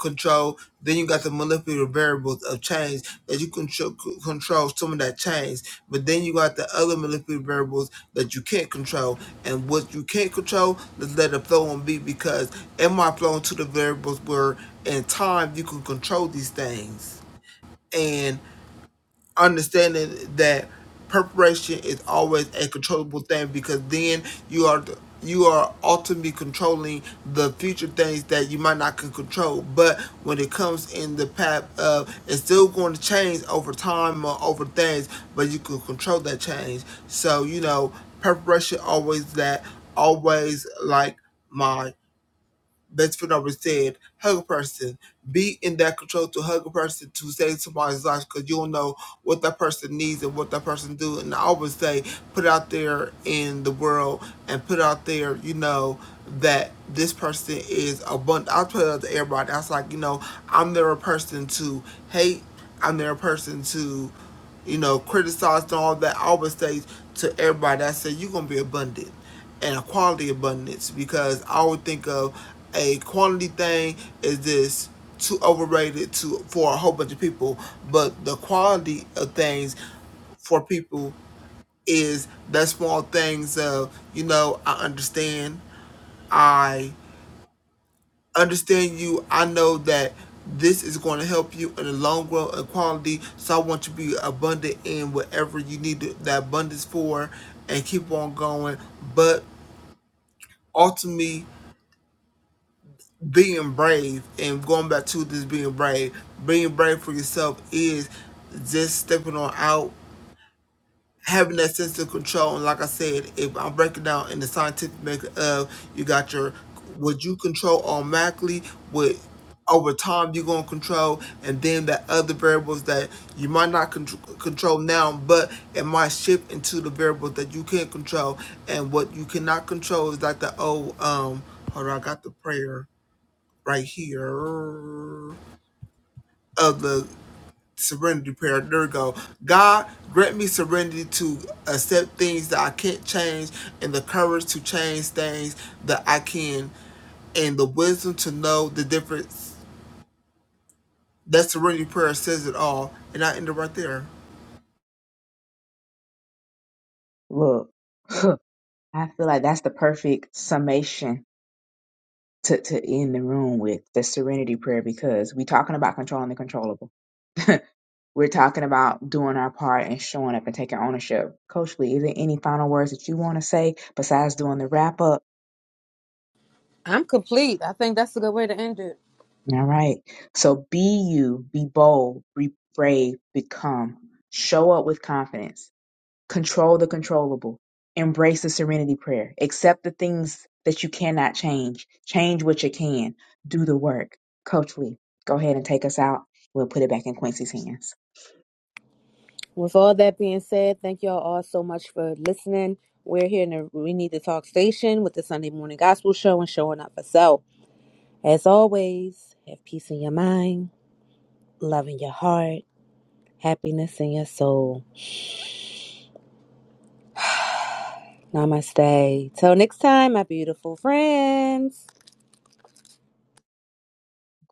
S6: control. Then you got the manipulative variables of change that you control control some of that change. But then you got the other manipulative variables that you can't control. And what you can't control, let's let it flow and be because am I flowing to the variables where in time you can control these things? and understanding that preparation is always a controllable thing because then you are you are ultimately controlling the future things that you might not can control but when it comes in the path of it's still going to change over time or over things but you can control that change so you know preparation always that always like my that's what I was saying. Hug a person. Be in that control to hug a person to save somebody's life because you you'll know what that person needs and what that person do. And I always say, put out there in the world and put out there, you know, that this person is abundant. I put it out to everybody. I was like, you know, I'm never a person to hate. I'm never a person to, you know, criticize and all that. I always say to everybody, I say, you're going to be abundant and a quality abundance because I would think of a quantity thing is this too overrated to for a whole bunch of people, but the quality of things for people is the small things of you know I understand I understand you I know that this is going to help you in the long run and quality so I want you to be abundant in whatever you need that abundance for and keep on going but ultimately being brave and going back to this being brave, being brave for yourself is just stepping on out, having that sense of control. And like I said, if I'm breaking down in the scientific method of you got your what you control automatically, what over time you're gonna control, and then the other variables that you might not con- control now, but it might shift into the variables that you can control. And what you cannot control is like the old um. Hold on, I got the prayer right here of the serenity prayer. There we go. God, grant me serenity to accept things that I can't change and the courage to change things that I can and the wisdom to know the difference. That serenity prayer says it all. And I end it right there.
S10: Look, I feel like that's the perfect summation to, to end the room with the serenity prayer because we talking about controlling the controllable. We're talking about doing our part and showing up and taking ownership. Coach Lee, is there any final words that you want to say besides doing the wrap up?
S11: I'm complete. I think that's a good way to end it.
S10: All right. So be you, be bold, be brave, become. Show up with confidence control the controllable, embrace the serenity prayer, accept the things that you cannot change, change what you can, do the work. Coach Lee, go ahead and take us out. We'll put it back in Quincy's hands.
S11: With all that being said, thank y'all all so much for listening. We're here in the We Need to Talk station with the Sunday Morning Gospel Show and showing up for self. As always, have peace in your mind, love in your heart, happiness in your soul. Namaste. Till next time, my beautiful friends.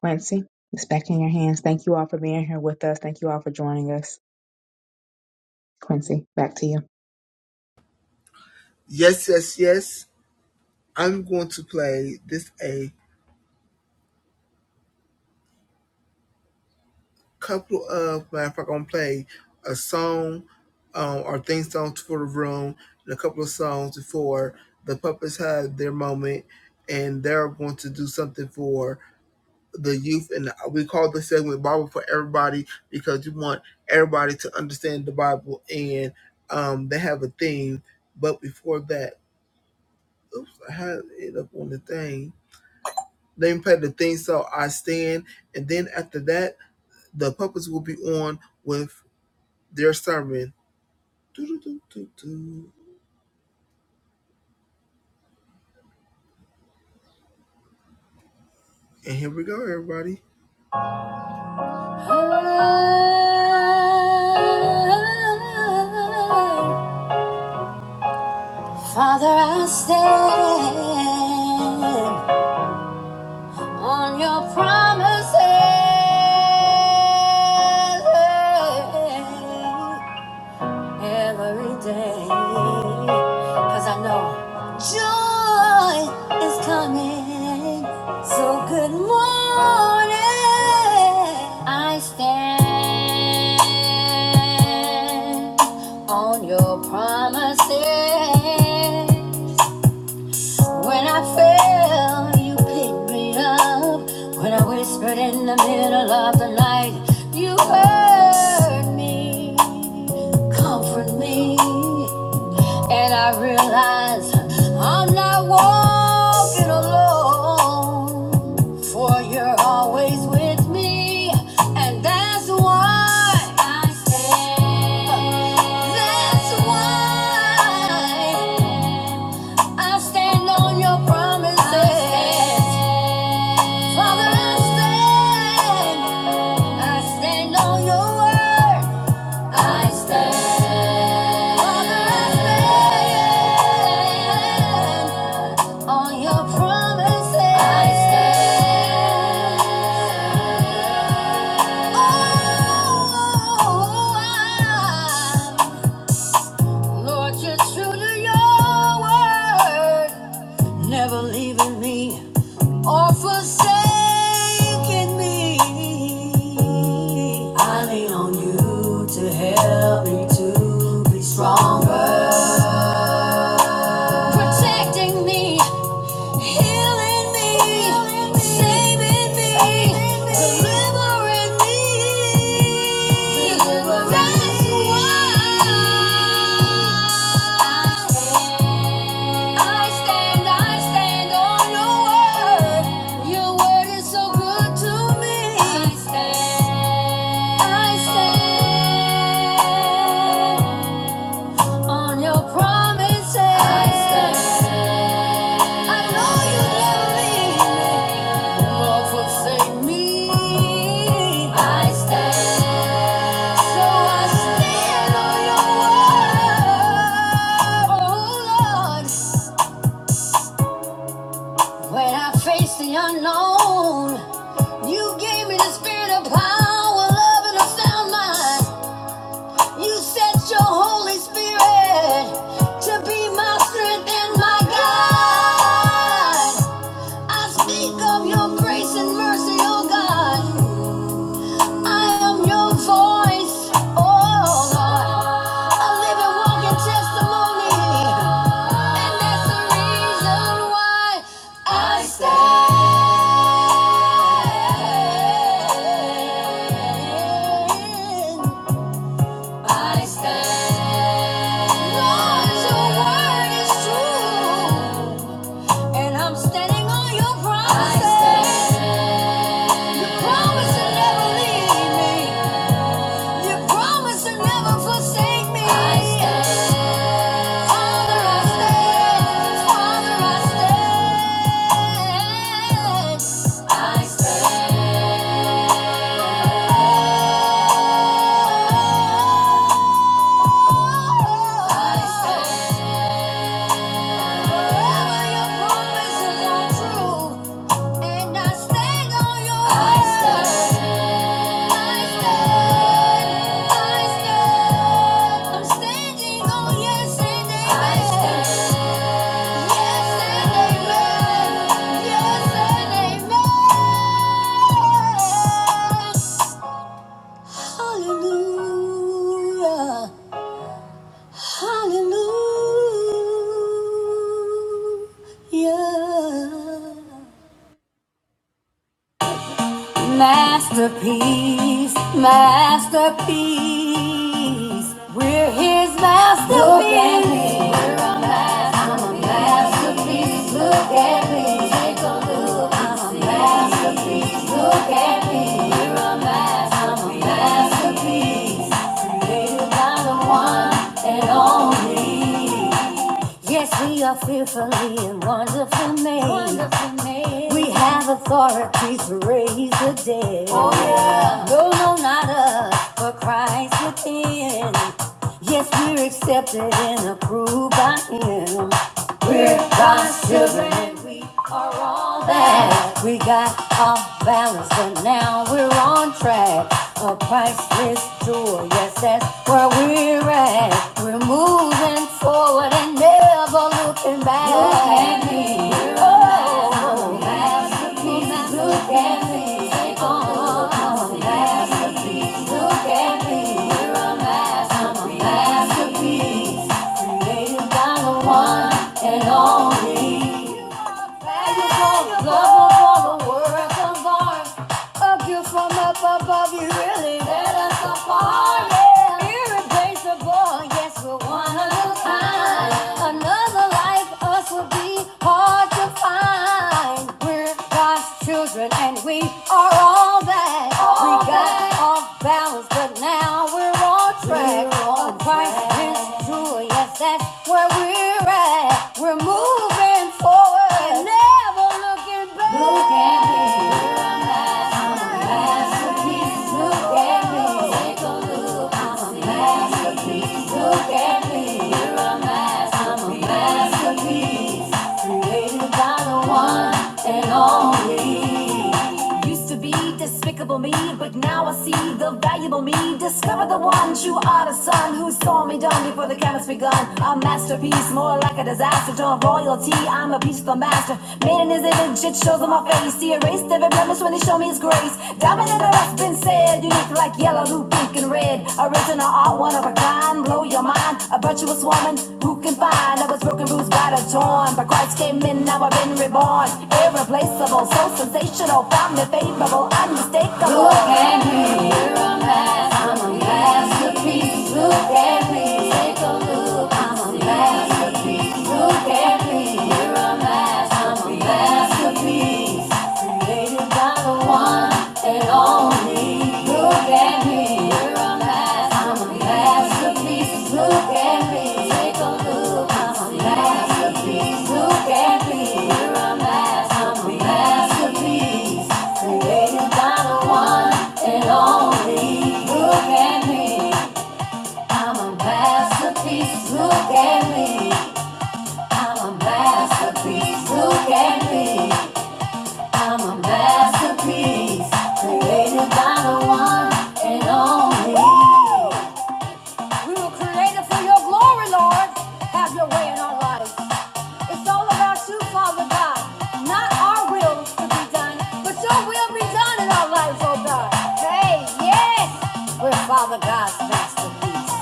S10: Quincy, it's back in your hands. Thank you all for being here with us. Thank you all for joining us. Quincy, back to you.
S6: Yes, yes, yes. I'm going to play this A couple of matter if I'm gonna play a song um, or theme songs for the room and a couple of songs before the puppets have their moment and they're going to do something for the youth and we call this segment Bible for everybody because you want everybody to understand the Bible and um, they have a theme. But before that, oops, I had it up on the thing. They play the theme song I stand and then after that the puppets will be on with They're starting. And here we go, everybody. Oh, Father, I stand on your promises. every day. Cause I know joy is coming. So good morning. I stand on your promises. When I fell, you picked me up. When I whispered in the middle of the night, you heard me, comfort me. And I realized I'm not walking alone, for you're always with me. And that's why I stand. That's why. I stand on your promises. I stand. Father, I stand. I stand on your word. I stand on your promises. I stand. Oh, I- Lord, you're true to your word, never leaving me or forsaken me. I lean on you to help me to be stronger, protecting me, healing me, saving me, delivering me. That's why. I I stand, I stand on your word. Your word is so good to me. I stand, I stand on your promises. I stand. I know you never leave me nor forsake me. I stand, so I stand on your word, oh Lord. When I face the unknown, you gave me the spirit of power, love, and a sound mind. You sent your Holy Spirit to be my strength and my guide. I speak of your grace and mercy, oh God. I am your voice, oh Lord. A living, walking testimony. And that's the reason why I stand. I stand, Lord, Your word is true, and I'm standing on Your promises. Your promise to never leave me. Your promise to never forsake me. Father, I stand. Father, I stand. I stand. Hallelujah. Hallelujah. Masterpiece, masterpiece. We're his masterpiece. Look at me, I'm a masterpiece. Look at me, take a look. I'm a masterpiece. Look at me, you're a masterpiece. I'm a masterpiece. Created by the one and only. Yes, we are fearfully and wonderfully made. Wonderfully made. We have authority to raise the dead. Oh, yeah. No, no, not us, but Christ within. Yes, we're accepted and approved by Him. We're God's children back. We got off balance, but now we're on track. A priceless jewel, yes, that's where we're at. We're moving forward and never looking back. Look at me, oh, nice look at I'm a masterpiece, created by the one and only. Valuable, lovable, a work of art. Up you from up above, you really let us apart. Yeah. Irreplaceable, yes, we're one of a kind. Another like us would be hard to find. We're God's children and we are all that. All we got that. off balance, but now we're on track. We're on Christ track. is true, yes, that's where we're at. We're moving forward, and never looking back. Look at me. I'm a masterpiece, created by the one and only. Used to be despicable me, but now I see the valuable me. Discover the one true artist son who saw me done before the canvas begun. A masterpiece, more like a disaster, Don't royalty. I'm a piece of the master, made in his image. It shows on my face. He erased every blemish when he showed me his grace. Diamond in the It's been said Unique like yellow, blue, pink, and red. Original art, one of a kind, blow your mind. A virtuous woman who can find. I was broken, bruised, battered, torn, but Christ came in. Now I've been reborn, irreplaceable, so sensational, found me favorable, unmistakable. Look at me, here I'm back and only. We were created for your glory, Lord. Have your way in our lives. It's all about you, Father God. Not our will to be done, but your will be done in our lives, oh God. Hey, yes! We're Father God's masterpiece.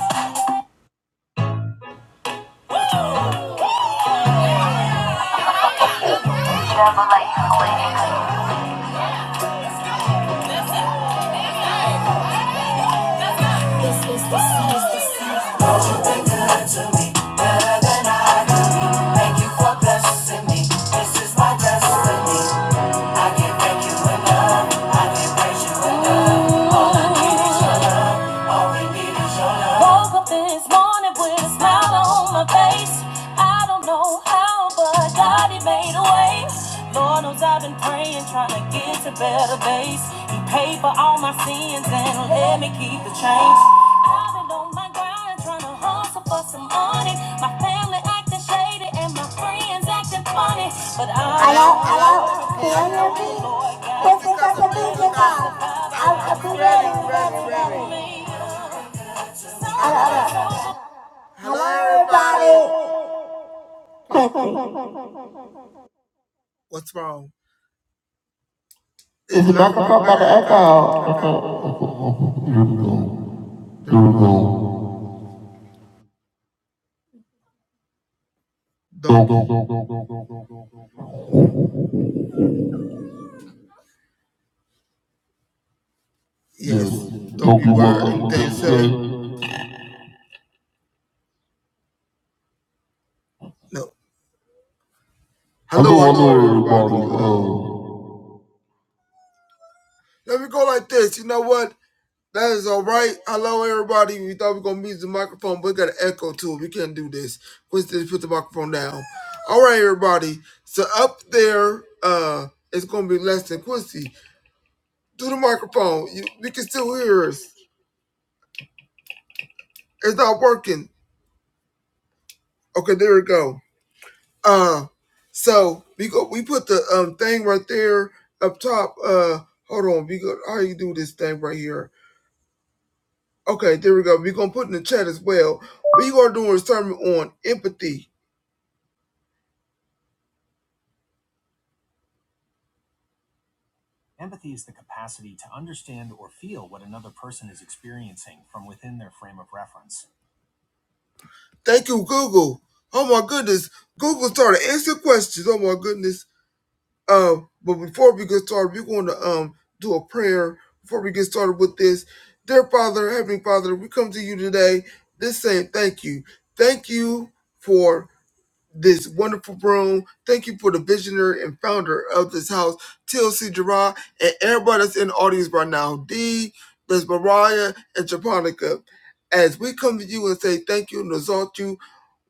S6: This is the, this Woke up this morning with a smile on my face. I don't know how, but God, He made a way. Lord knows I've been praying, trying to get to better days. He paid for all my sins and let me keep the change. I've been on my grind, trying to hustle for some money. My family acting shady and my friends acting funny, but I Hello, hello everybody. What's wrong? Is the microphone got an echo? Don't, yes. Don't, they say, no. Let me go like this. You know what? That is all right. Hello, everybody. We thought we were going to use the microphone, but we got an echo too. We can't do this. Quincy, put the microphone down. All right, everybody. So up there, uh, it's going to be less than Quincy. Do the microphone. You, we can still hear us. It's not working. Okay, there we go. Uh, so we go. We put the um thing right there up top. Uh, hold on. We go. How you do this thing right here? Okay, there we go. We're gonna put in the chat as well. We are doing a sermon on empathy. Thank you, Google. Oh my goodness. Google started answering questions. Oh my goodness. Um, but before we get started, we're going to um do a prayer before we get started with this. Dear Father, Heavenly Father, we come to you today. This saying thank you. Thank you for this wonderful room. Thank you for the visionary and founder of this house, TLC Gerard, and everybody that's in the audience right now, D, Miss Mariah, and Japonica. As we come to you and say thank you and exalt you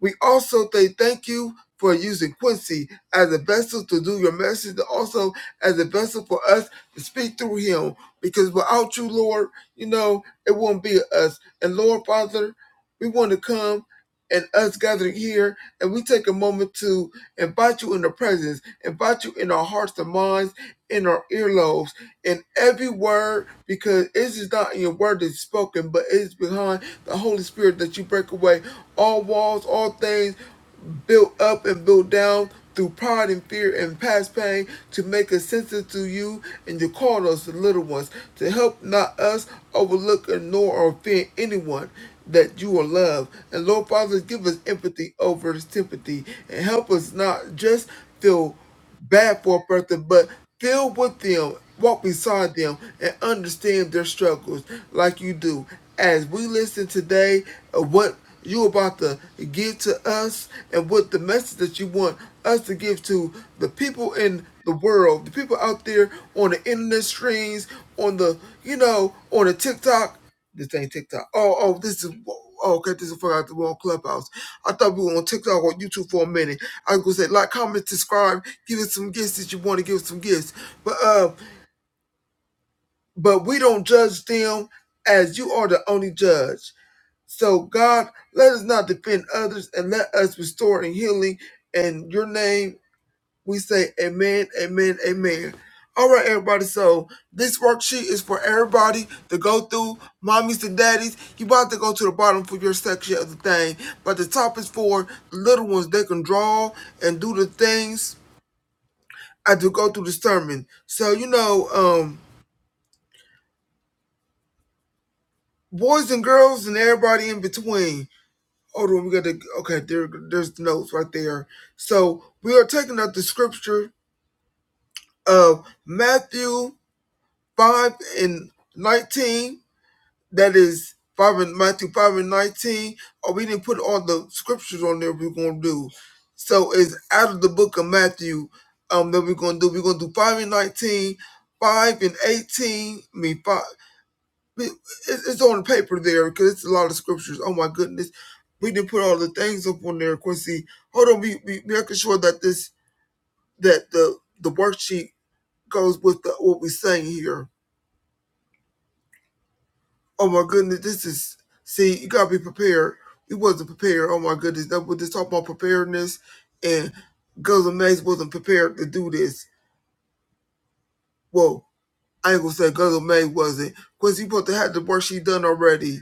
S6: we also say thank you for using Quincy as a vessel to do your message, and also as a vessel for us to speak through him. Because without you, Lord, you know, it won't be us. And Lord, Father, we want to come and us gathering here, and we take a moment to invite you in the presence, invite you in our hearts and minds, in our earlobes, in every word because it's just not in your word that's spoken, but it's behind the Holy Spirit that you break away all walls, all things built up and built down through pride and fear and past pain to make us sensitive to you and you called us the little ones to help not us overlook, ignore, or offend anyone that you will love. And Lord Father, give us empathy over sympathy and help us not just feel bad for a person, but feel with them, walk beside them, and understand their struggles like you do. As we listen today, of what you about to give to us and what the message that you want us to give to the people in the world, the people out there on the internet streams, on the you know, on the TikTok. This ain't TikTok. Oh, oh, this is. Oh, okay, this is for the wrong clubhouse. I thought we were on TikTok or YouTube for a minute. I was gonna say like, comment, subscribe, give us some gifts that you want to give us some gifts. But uh, but we don't judge them as you are the only judge. So God, let us not defend others and let us restore and healing in your name we say amen, amen, amen. All right, everybody. So this worksheet is for everybody to go through. Mommies and daddies, you about to go to the bottom for your section of the thing, but the top is for the little ones. They can draw and do the things. I do go through the sermon. So you know, um, boys and girls and everybody in between. Hold on, we got to. Okay, there, there's the notes right there. So we are taking up the scripture of Matthew 5 and 19. That is 5 and Matthew 5 and 19. Oh, we didn't put all the scriptures on there we're going to do. So it's out of the book of Matthew um, that we're going to do. We're going to do 5 and 19, 5 and 18. I mean, 5. It's on the paper there because it's a lot of scriptures. Oh my goodness. We didn't put all the things up on there, Quincy. Hold on, we we making sure that this that the the worksheet goes with the, what we're saying here Oh my goodness, this is see, you gotta be prepared. You wasn't prepared. Oh my goodness, that was just talk about preparedness and Guzzle Mays wasn't prepared to do this. Well, I ain't gonna say Guzzle Mays wasn't, because he supposed to have the work she done already.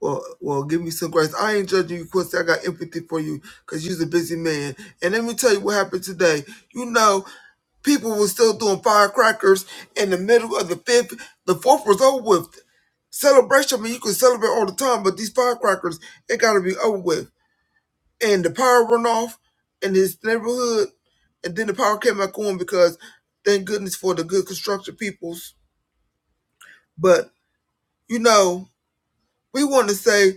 S6: Well, well, give me some grace. I ain't judging you, Quincy. I got empathy for you because you're a busy man. And let me tell you what happened today. You know, people were still doing firecrackers in the middle of the fifth. The fourth was over with. Celebration, I mean, you can celebrate all the time, but these firecrackers, it got to be over with. And the power run off in his neighborhood, and then the power came back on because thank goodness for the good construction peoples. But, you know, we want to say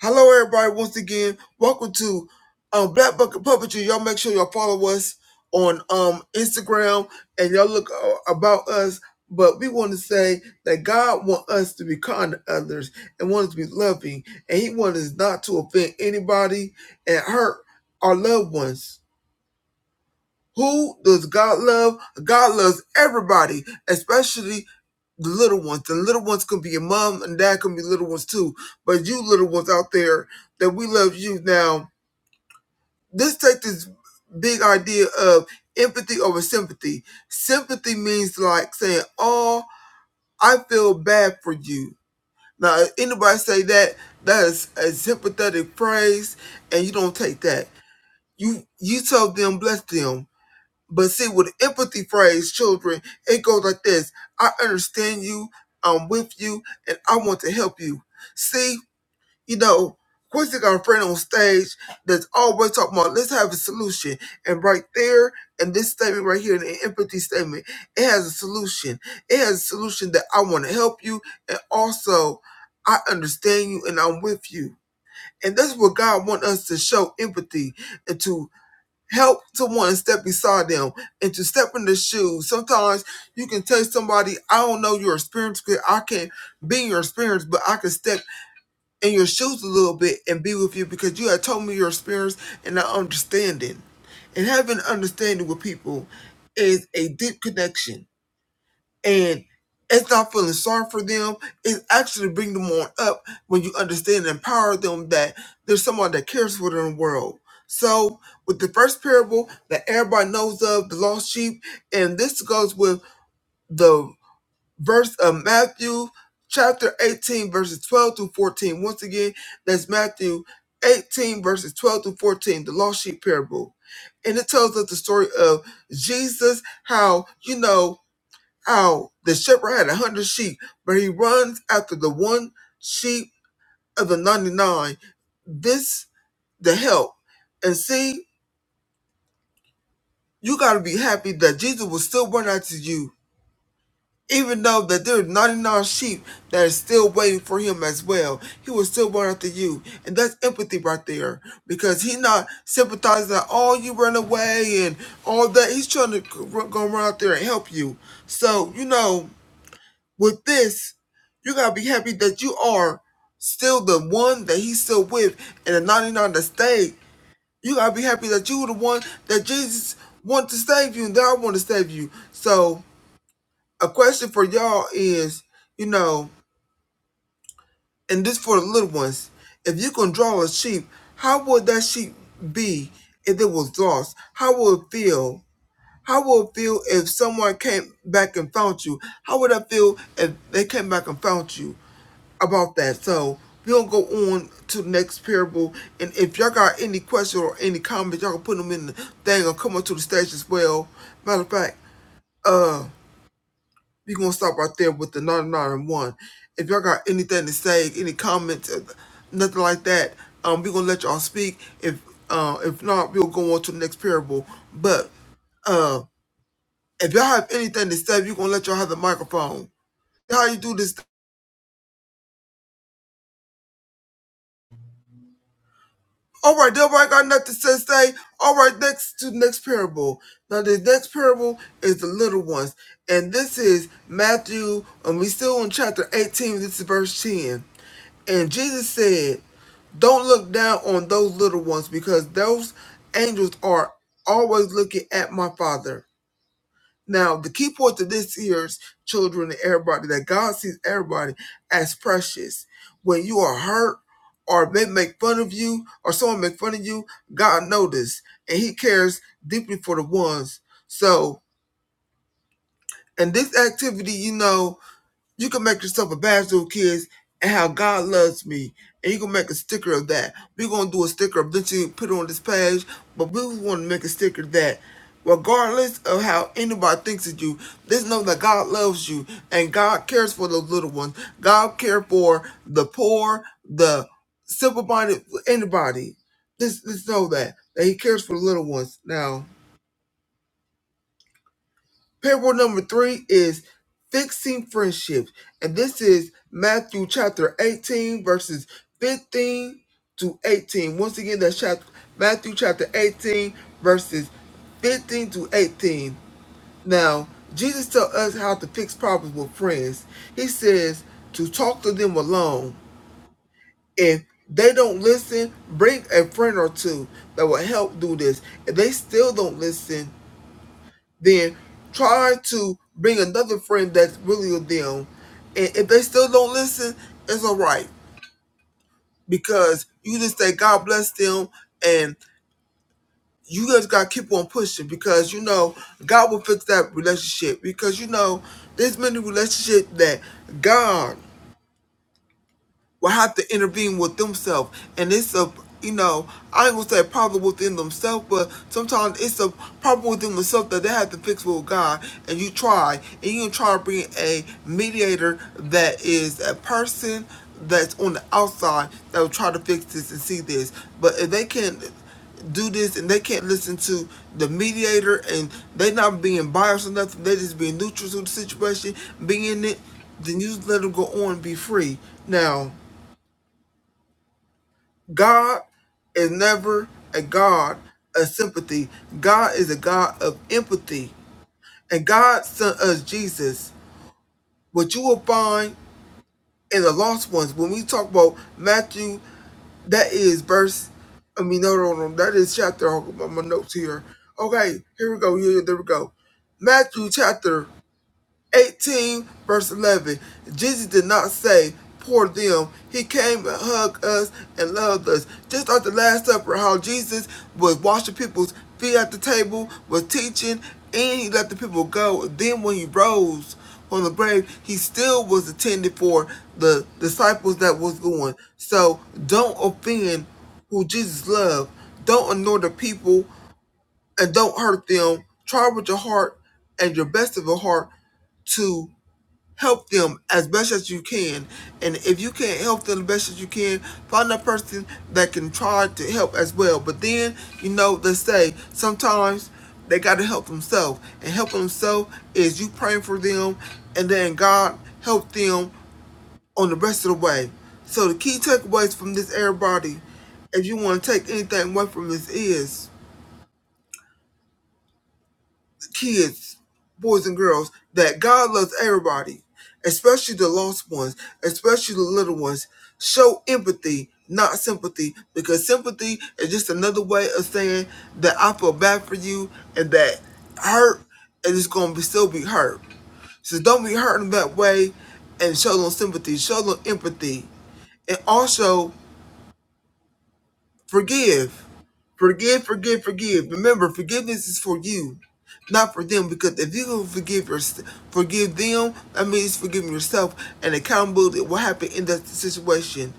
S6: Hello, everybody. Once again, welcome to um, Black Bucket Puppetry. Y'all make sure y'all follow us on um, Instagram and y'all look uh, about us. But we want to say that God wants us to be kind to others and want us to be loving, and He wants us not to offend anybody and hurt our loved ones. Who does God love? God loves everybody, especially the little ones. The little ones could be your mom and dad could be little ones too. But you little ones out there, that we love you. Now, let's take this big idea of empathy over sympathy. Sympathy means like saying, "Oh, I feel bad for you." Now, if anybody say that that is a sympathetic phrase, and you don't take that. You you tell them, bless them. But see, with empathy phrase, children, it goes like this: I understand you, I'm with you, and I want to help you. See, you know, Quincy got a friend on stage that's always talking about let's have a solution, and right there, and this statement right here, the empathy statement, it has a solution. It has a solution that I want to help you, and also I understand you, and I'm with you. And that's what God wants us to show empathy and to help someone and step beside them and to step in the shoes. Sometimes you can tell somebody, I don't know your experience because I can't be in your experience, but I can step in your shoes a little bit and be with you because you have told me your experience and I understanding. And having understanding with people is a deep connection and it's not feeling sorry for them. It's actually bring them on up when you understand and empower them that there's someone that cares for them in the world. So with the first parable that everybody knows of, the lost sheep, and this goes with the verse of Matthew chapter 18, verses 12 to 14. Once again, that's Matthew 18, verses 12 to 14, the lost sheep parable. And it tells us the story of Jesus, how, you know, how the shepherd had a hundred sheep, but he runs after the one sheep of the 99. This the help. And see, you gotta be happy that Jesus will still run after you. Even though that there are 99 sheep that is still waiting for him as well, he will still run after you. And that's empathy right there. Because he not sympathizing that, oh, you run away and all that. He's trying to go run out there and help you. So, you know, With this, you gotta be happy that you are still the one that he's still with and the 99 that stayed. You gotta be happy that you were the one that Jesus wanted to save you and that I want to save you. So, a question for y'all is, you know, and this for the little ones, if you can draw a sheep, how would that sheep be if it was lost? How would it feel? How would it feel if someone came back and found you? How would I feel if they came back and found you? about that. So we'll go on to the next parable. And if y'all got any questions or any comments, y'all can put them in the thing or come up to the stage as well. Matter of fact, uh, we gonna stop right there with the 99 and 1. If y'all got anything to say, any comments, uh, nothing like that, um, we gonna let y'all speak. If uh, if not, we'll go on to the next parable. But uh, if y'all have anything to say, we gonna let y'all have the microphone. How you do this All right, Deborah, I got nothing to say. All right, next to the next parable. Now, the next parable is the little ones. And this is Matthew, and we still in chapter 18. This is verse 10. And Jesus said, Don't look down on those little ones because those angels are always looking at my Father. Now, the key point of this year's children and everybody that God sees everybody as precious. When you are hurt or they make fun of you or someone make fun of you, God notices and He cares deeply for the ones. So, in this activity, you know. You can make yourself a bachelor of kids and how God loves me. And you can make a sticker of that. We're gonna do a sticker eventually put it on this page, but we wanna make a sticker that regardless of how anybody thinks of you, just know that God loves you and God cares for those little ones. God cares for the poor, the simple minded anybody. Just, just know that. That he cares for the little ones now. Parable number three is fixing friendships. And this is Matthew chapter 18, verses 15 to 18. Once again, that's chapter, Matthew chapter 18, verses 15 to 18. Now, Jesus tells us how to fix problems with friends. He says to talk to them alone. If they don't listen, bring a friend or two that will help do this. If they still don't listen, then try to bring another friend that's really with them. And if they still don't listen, it's all right because you just say God bless them, and you just gotta keep on pushing because you know God will fix that relationship because you know there's many relationships that God will have to intervene with themselves. And it's a, you know, I ain't gonna say a problem within themselves, but sometimes it's a problem within themselves that they have to fix with God. And you try, and you try to bring a mediator that is a person that's on the outside that will try to fix this and see this. But if they can't do this and they can't listen to the mediator and they not being biased or nothing, they just being neutral to the situation, being in it, then you just let them go on and be free. Now, God is never a God of sympathy. God is a God of empathy. And God sent us Jesus. What you will find in the lost ones, when we talk about Matthew, that is verse, I mean, no, no, no, that is chapter. I'll get my my notes here. Okay, here we go. Here, there we go. Matthew chapter 18 verse 11 jesus did not say poor them he came and hugged us and loved us just like the last supper how jesus was washing people's feet at the table was teaching and he let the people go then when he rose from the grave he still was attended for the disciples that was going so don't offend who jesus loved don't ignore the people and don't hurt them try with your heart and your best of your heart to help them as best as you can. And if you can't help them the best as you can, find a person that can try to help as well. But then, you know, they say sometimes they got to help themselves. And helping themselves is you praying for them and then God help them on the rest of the way. So the key takeaways from this, everybody, if you want to take anything away from this is kids, boys and girls, that God loves everybody, especially the lost ones, especially the little ones. Show empathy, not sympathy, because sympathy is just another way of saying that I feel bad for you and that hurt and it's gonna be still be hurt. So don't be hurting that way and show them sympathy, show them empathy. And also Forgive. Forgive, forgive, forgive. Remember, forgiveness is for you, not for them. Because if you can forgive your, forgive them, that means forgiving yourself, and accountability will happen in that situation.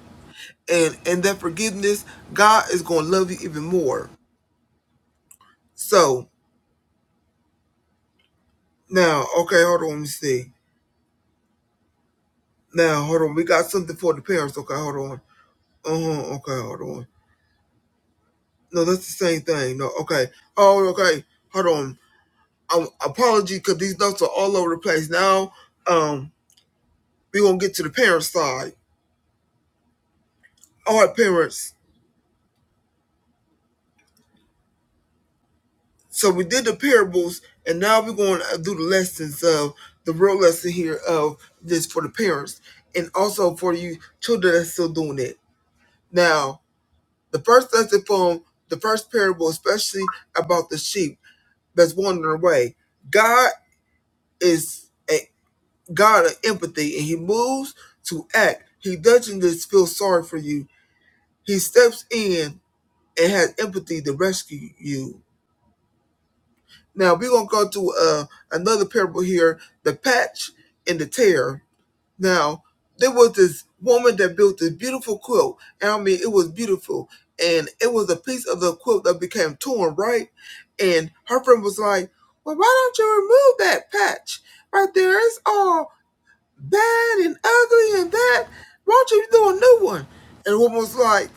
S6: And and that forgiveness, God is going to love you even more. So now, okay, hold on, let me see. Now, hold on, we got something for the parents. Okay, hold on. Uh huh. Okay, hold on. No, that's the same thing. No, okay. Oh, okay. Hold on. um, apology because these notes are all over the place. Now, um, we're gonna get to the parent side. All right, parents. So we did the parables, and now we're going to do the lessons of the real lesson here of this for the parents, and also for you children that's still doing it. Now, the first lesson from the first parable, especially about the sheep that's wandering away. God is a God of empathy, and He moves to act. He doesn't just feel sorry for you. He steps in and has empathy to rescue you. Now we're gonna go to uh, another parable here: the patch and the tear. Now there was this woman that built this beautiful quilt, and I mean it was beautiful, and it was a piece of the quilt that became torn, right? And her friend was like, "Well, why don't you remove that patch right there? It's all bad and ugly and that. Why don't you do a new one?" And the woman was like.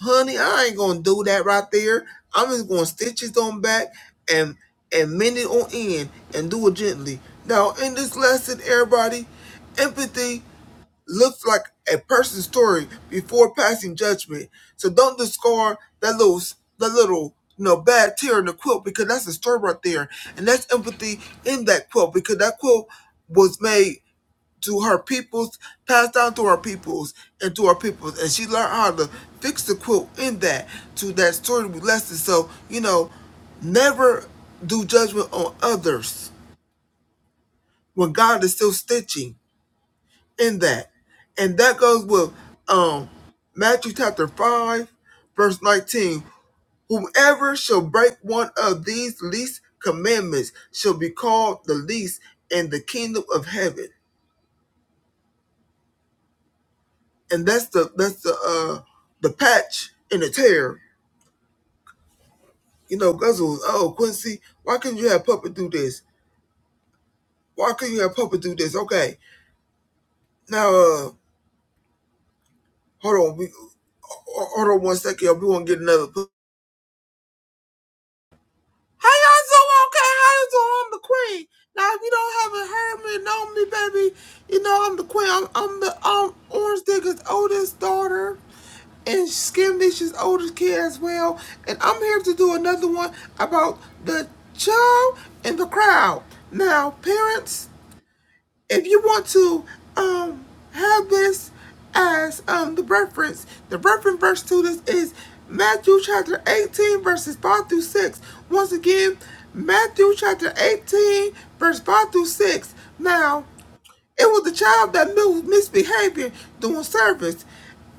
S6: honey, I ain't gonna do that right there. I'm just gonna stitch it on back and and mend it on end and do it gently. Now in this lesson, everybody, empathy looks like a person's story before passing judgment. So don't discard that little that little you know bad tear in the quilt because that's a story right there, and that's empathy in that quilt because that quilt was made to her peoples, passed down to her peoples and to her peoples. And she learned how to fix the quilt in that to that story lesson. So, you know, never do judgment on others when God is still stitching in that. And that goes with um Matthew chapter 5, verse 19. Whomever shall break one of these least commandments shall be called the least in the kingdom of heaven. and that's the that's the uh the patch and the tear. You know, Guzzles, oh Quincy, why couldn't you have Puppet do this? Why couldn't you have Puppet do this? Okay. Now uh hold on, we hold on one second. we wanna get another How y'all so okay? How you so I'm the queen? Now if you don't haven't heard me, know me, baby, you know I'm the queen. I'm, I'm the um Orange Digger's oldest daughter and Skim Dish's oldest kid as well. And I'm here to do another one about the child and the crowd. Now, parents, if you want to um have this as um the reference, the reference verse to this is Matthew chapter 18 verses 5 through 6. Once again, Matthew chapter 18 verse 5 through 6. Now, it was the child that knew misbehavior doing service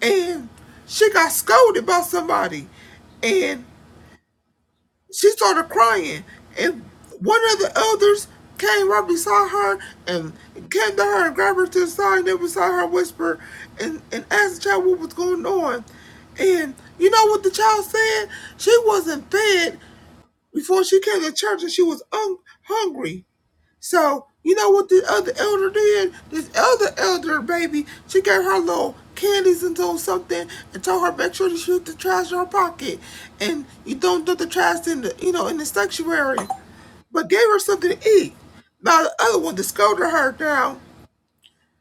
S6: and she got scolded by somebody and she started crying, and one of the elders came right beside her and came to her and grabbed her to the side and then beside her whispered and, and asked the child what was going on. And you know what the child said? She wasn't fed before she came to church and she was un- hungry. So you know what the other elder did? This other elder baby, she gave her little candies into something and told her make sure to shoot the trash in her pocket, and you don't do the trash in the you know in the sanctuary. But gave her something to eat. Now the other one to scolded her down.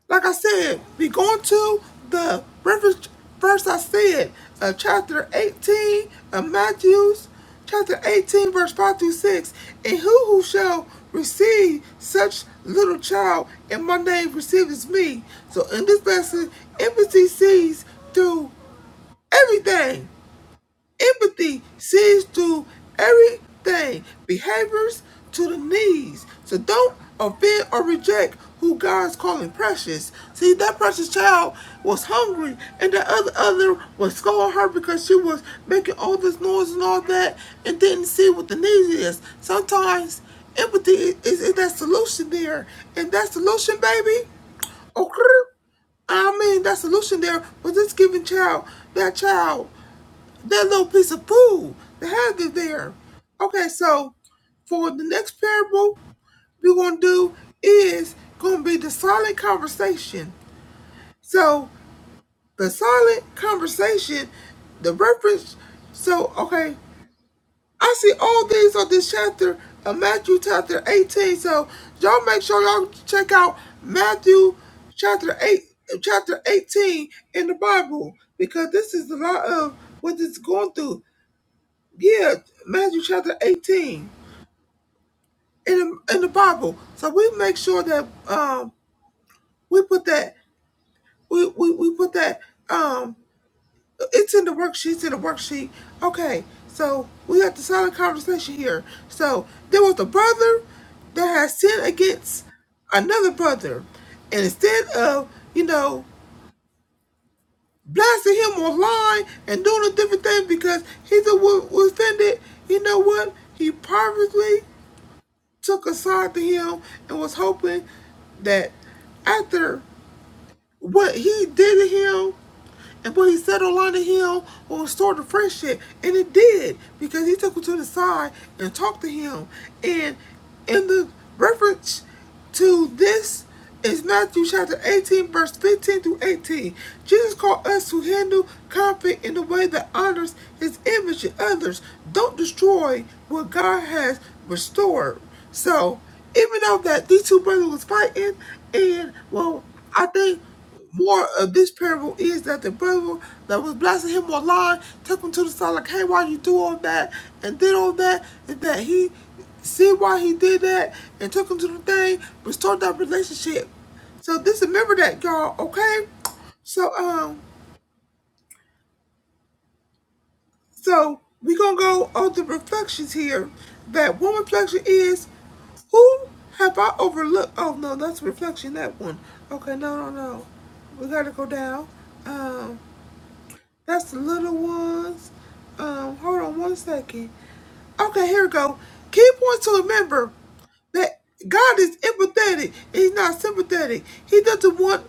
S6: Like I said, we going to the reference verse I said, uh, chapter 18 of Matthew's, chapter 18, verse 5 through 6. And who who shall receive such little child in my name receives me. So in this lesson, empathy sees through everything. Empathy sees through everything, behaviors to the needs. So don't offend or reject who God's calling precious. See, that precious child was hungry, and the other other was scolding her because she was making all this noise and all that, and didn't see what the need is. Sometimes empathy is, is is that solution there, and that solution, baby. Okay. I mean, that solution there was this giving child, that child that little piece of food that had it there. Okay, so for the next parable we're gonna do is gonna be the silent conversation. So the silent conversation, the reference. So okay, I see all these on this chapter of Matthew chapter 18. So y'all make sure y'all check out Matthew chapter eight, chapter 18 in the Bible because this is a lot of what it's going through. Yeah, Matthew chapter 18 in the, in the Bible. So we make sure that um we put that we, we, we put that um it's in the worksheet, it's in the worksheet. Okay, so we have the solid conversation here. So there was a brother that has sinned against another brother. And instead of, you know, blasting him online and doing a different thing because he's a was offended, you know what? He purposely. took a side to him and was hoping that after what he did to him and what he said online to him will restore the friendship. And it did because he took him to the side and talked to him. And in the reference to this is Matthew chapter 18, verse 15 through 18. Jesus called us to handle conflict in a way that honors his image and others. Don't destroy what God has restored. So, even though that these two brothers was fighting, and well, I think more of this parable is that the brother that was blessing him online took him to the side like, hey, why you do all that and did all that, and that he see why he did that and took him to the thing, restored that relationship. So this remember that, y'all, okay? So um, so we gonna go on the reflections here. That one reflection is who have I overlooked? Oh no, that's reflection. That one. Okay, no, no, no. We gotta go down. um. That's the little ones. Um, hold on one second. Okay, here we go. Key points to remember that God is empathetic. He's not sympathetic. He doesn't want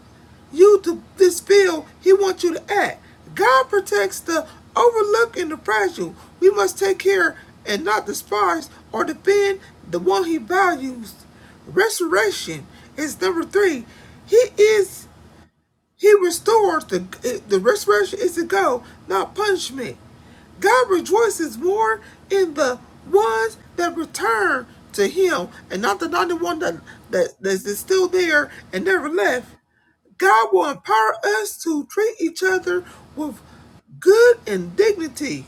S6: you to this feel. He wants you to act. God protects the overlooked and the fragile. We must take care and not despise or defend the one he values. Restoration is number three. He is. He restores the the restoration is to go, not punishment. God rejoices more in the ones that return to Him, and not the ninety-one that that that is still there and never left. God will empower us to treat each other with good and dignity.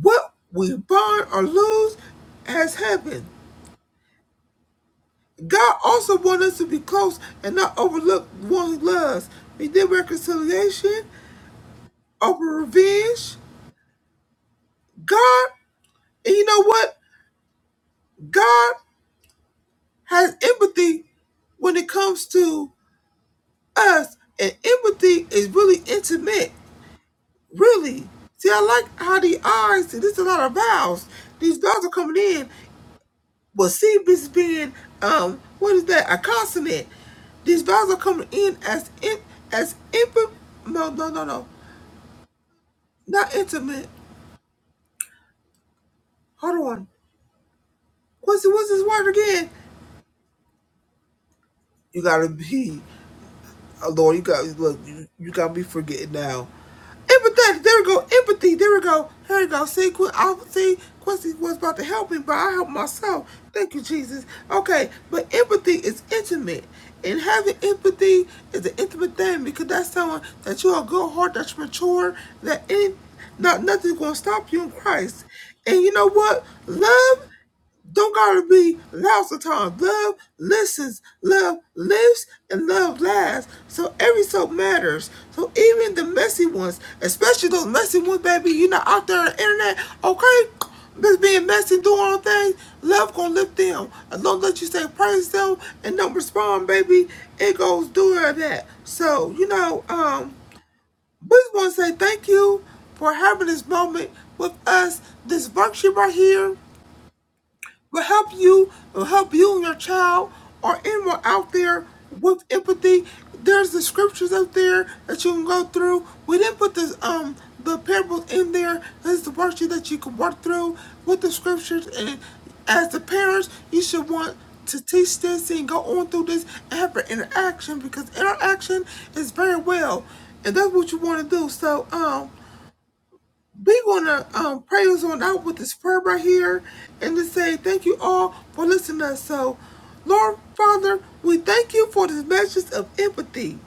S6: What we bond or lose has happened. God also wants us to be close and not overlook one who loves. We did reconciliation over revenge. God, and you know what? God has empathy when it comes to us, and empathy is really intimate. Really. See, I like how the eyes, see, there's a lot of vowels. These vowels are coming in. Well, see, this being, um, what is that? A consonant. These vowels are coming in as in, as infant. No, no, no, no. Not intimate. Hold on. What's, what's this word again? You gotta be. Oh, Lord, you got look, you, you got me forgetting now. Empathetic. There we go. Empathy. There we go. Here we go. See, Qu- I see Quincy was about to help me, but I helped myself. Thank you, Jesus. Okay, but empathy is intimate, and having empathy is an intimate thing because that's someone that you are good heart, that's mature, that ain't not nothing's gonna stop you in Christ. And you know what? Love. Don't gotta be lots of Love listens, love lives, and love lasts. So every soap matters. So even the messy ones, especially those messy ones, baby, you know, out there on the internet, okay? Just being messy doing all things, love gonna lift them. And don't let you say praise them and don't respond, baby. It goes through all that. So, you know, um, we just wanna say thank you for having this moment with us, this worksheet right here will help you, will help you and your child or anyone out there with empathy. There's the scriptures out there that you can go through. We didn't put this um the parables in there. This is the worksheet that you can work through with the scriptures and as the parents you should want to teach this and go on through this and have an interaction because interaction is very well and that's what you want to do. So um we're gonna um, pray us on out with this prayer right here and to say thank you all for listening to us. So, Lord Father, we thank you for this message of empathy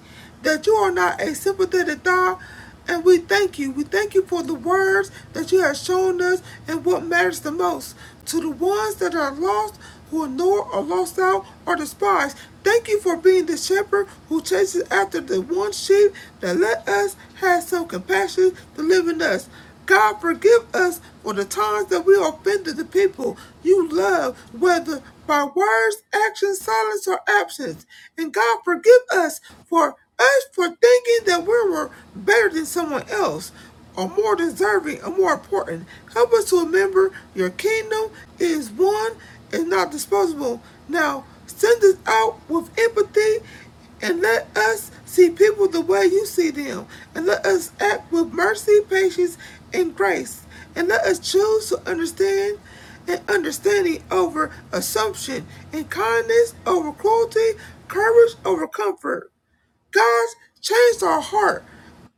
S6: that you are not a sympathetic God. And we thank you. We thank you for the words that you have shown us and what matters the most to the ones that are lost, who ignore or lost out or despised. Thank you for being the shepherd who chases after the one sheep that let us have some compassion to live in us. God forgive us for the times that we offended the people you love, whether by words, actions, silence, or absence. And God forgive us for us for thinking that we were better than someone else or more deserving or more important. Help us to remember your kingdom is one and not disposable. Now send us out with empathy and let us see people the way you see them, and let us act with mercy, patience, and grace, and let us choose to understand and understanding over assumption, and kindness over cruelty, courage over comfort. God changed our heart.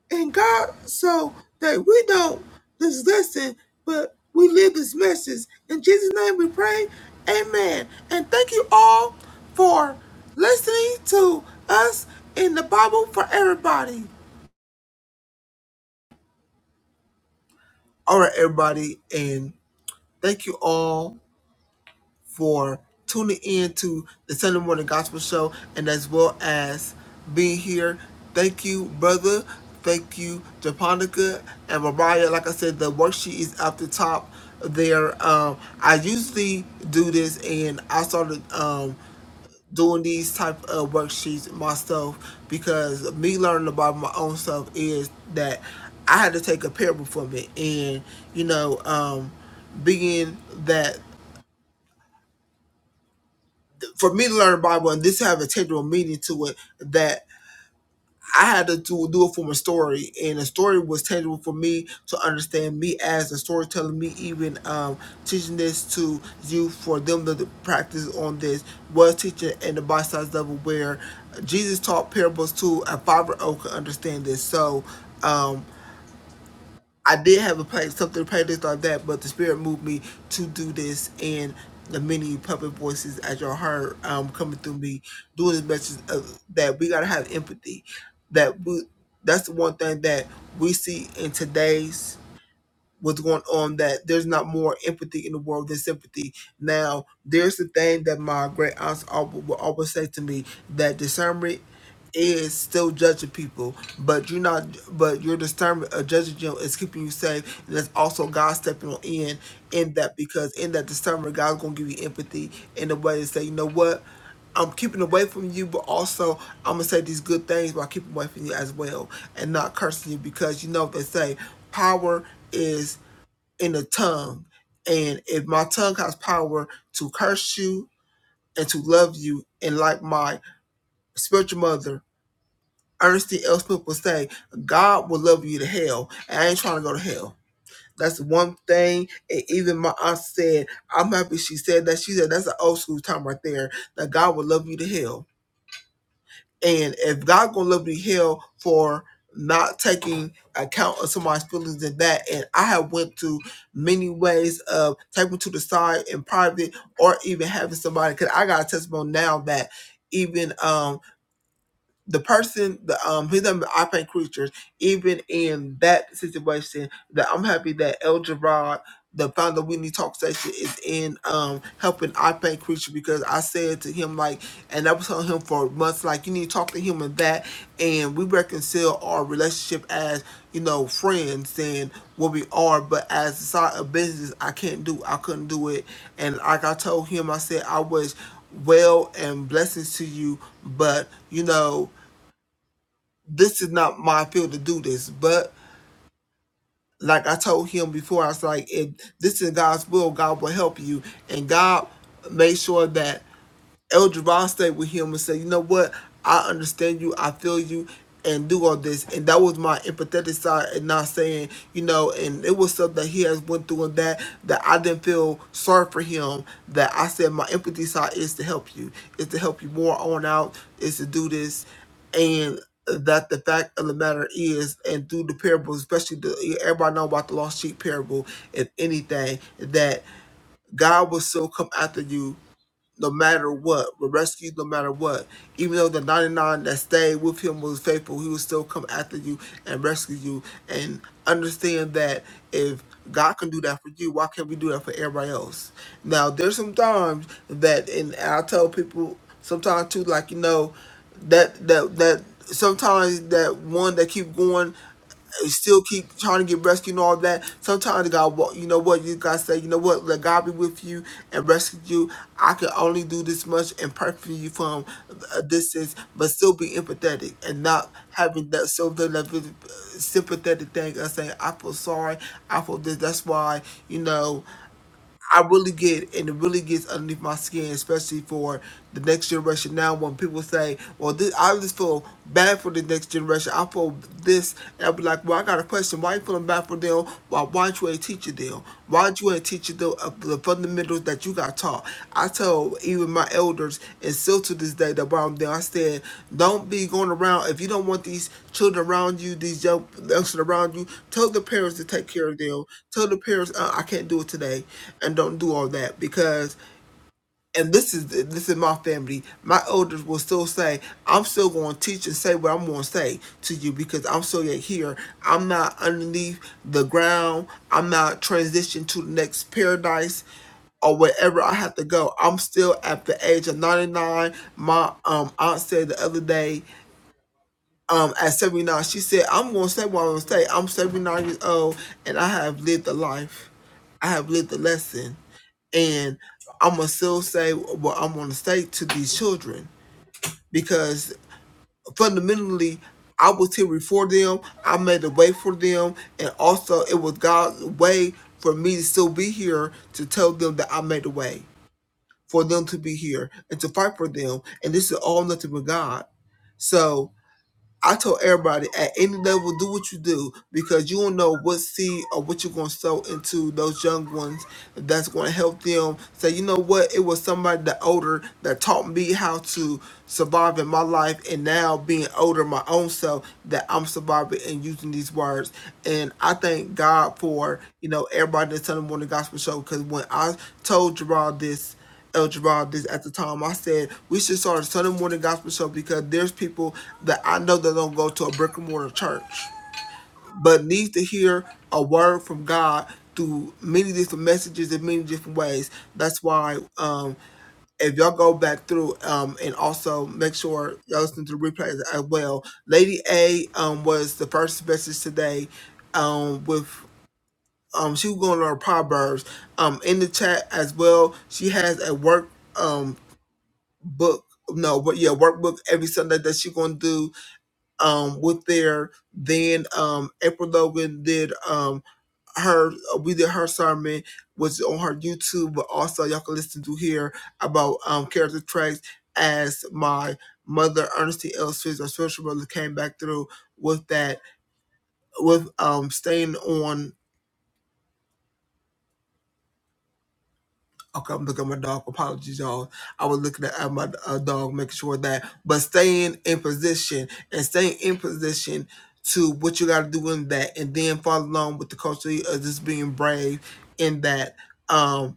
S6: And God, so that we know this lesson, but we live this message. In Jesus' name we pray. Amen. And thank you all for listening to us in the Bible for everybody. All right, everybody. And thank you all. for tuning in to the Sunday Morning Gospel Show and as well as being here. Thank you, brother. Thank you, Japonica and Mariah. Like I said, the worksheet is up the top there. Um, I usually do this and I started um, doing these type of worksheets myself because me learning about my own self is that I had to take a parable from it. And, you know, um, being that for me to learn the Bible and this have a tangible meaning to it that I had to do, do it from a story, and the story was tangible for me to understand me as a storyteller. Me even um, teaching this to you for them to practice on this was teaching in the bite size level where Jesus taught parables to a five year old could understand this. So. Um, I did have a play something playlist like that, but the spirit moved me to do this and the many puppet voices as y'all heard um, coming through me doing this message of, that we gotta have empathy. That we that's the one thing that we see in today's what's going on that there's not more empathy in the world than sympathy. Now there's the thing that my great aunts al- will always say to me that discernment is still judging people, but you're not. But your discernment of judging them is keeping you safe. And that's also God stepping on in in that because in that discernment, God's gonna give you empathy in a way to say, you know what, I'm keeping away from you, but also I'm gonna say these good things while keeping away from you as well, and not cursing you because you know what they say power is in the tongue, and if my tongue has power to curse you and to love you, and like my spiritual mother Ernestine L. Smith would say, God will love you to hell. And I ain't trying to go to hell. That's one thing. And even my aunt said, I'm happy she said that. She said, that's an old school time right there, that God will love you to hell. And if God gonna love you to hell for not taking account of somebody's feelings and that, and I have went to many ways of taking to the side in private or even having somebody, because I got a testimony now that even um the person, the um, he's number I paint creatures. Even in that situation, that I'm happy that El Gerard, the founder of We Need Talk Station, is in um helping I paint creatures because I said to him like, and I was telling him for months like, you need to talk to him and that, and we reconcile our relationship as you know friends and what we are, but as a side of business, I can't do, I couldn't do it, and like I told him, I said I was well and blessings to you, but you know this is not my field to do this. But like I told him before, I was like, if this is God's will, God will help you. And God made sure that El Jabbar stayed with him and said, "You know what? I understand you. I feel you." And do all this, and that was my empathetic side, and not saying, you know, and it was stuff that he has went through, and that that I didn't feel sorry for him. That I said my empathy side is to help you, is to help you more on out, is to do this, and that the fact of the matter is, and through the parables, especially the everybody know about the lost sheep parable, if anything, that God will still come after you no matter what, were rescued no matter what. Even though the 99 that stayed with him was faithful, he will still come after you and rescue you. And understand that if God can do that for you, why can't we do that for everybody else? Now, there's some times that, and I tell people sometimes too, like, you know, that, that, that sometimes that one that keep going still keep trying to get rescued and all that. Sometimes God, wa- you know what, you gotta say, you know what, let God be with you and rescue you. I can only do this much and perfect you from a distance, but still be empathetic and not having that silver level sympathetic thing of saying, I feel sorry, I feel this. That's why, you know. I really get, and it really gets underneath my skin, especially for the next generation. Now, when people say, "Well, this," I just feel bad for the next generation. I feel this, and I'll be like, "Well, I got a question. Why you feeling bad for them? Why, why aren't you a teacher them? Why aren't you a teacher them of the fundamentals handles that you got taught. I tell even my elders, and still to this day, the bottom thing I said, don't be going around if you don't want these children around you, these young youngsters around you. Tell the parents to take care of them. Tell the parents, uh, I can't do it today, and don't do all that because and this is this is my family. My elders will still say, "I'm still going to teach and say what I'm going to say to you because I'm still yet here. I'm not underneath the ground. I'm not transitioned to the next paradise or wherever I have to go. I'm still at the age of 99. My um aunt said the other day." Um, at 79, she said, I'm gonna say what I'm gonna say. I'm 79 years old and I have lived a life. I have lived a lesson and I'm gonna still say what I'm gonna say to these children because fundamentally, I was here before them. I made a way for them, and also it was God's way for me to still be here to tell them that I made a way for them to be here and to fight for them. And this is all nothing but God. So I told everybody at any level, do what you do because you don't know what seed or what you're going to sow into those young ones that's going to help them say, you know what, it was somebody that older that taught me how to survive in my life, and now being older my own self, that I'm surviving and using these words. And I thank God for, you know, everybody that's telling me on the gospel show because when I told Gerard this, El Gerard this at the time. I said we should start a Sunday morning gospel show because there's people that I know that don't go to a brick and mortar church, but need to hear a word from God through many different messages in many different ways. That's why um, if y'all go back through um, and also make sure y'all listen to the replays as well. Lady A um, was the first message today um, with um, she was going on her proverbs um, in the chat as well. She has a work. um, book no but yeah workbook every sunday that she's gonna do um with there then um april logan did um her we did her sermon was on her youtube but also y'all can listen to here about um character traits as my mother ernestine l Swiss, our spiritual mother came back through with that with um staying on Okay, I'm looking at my dog. Apologies, y'all. I was looking at at my uh, dog, making sure that, but staying in position and staying in position to what you got to do in that, and then follow along with the culture of just being brave in that. Um,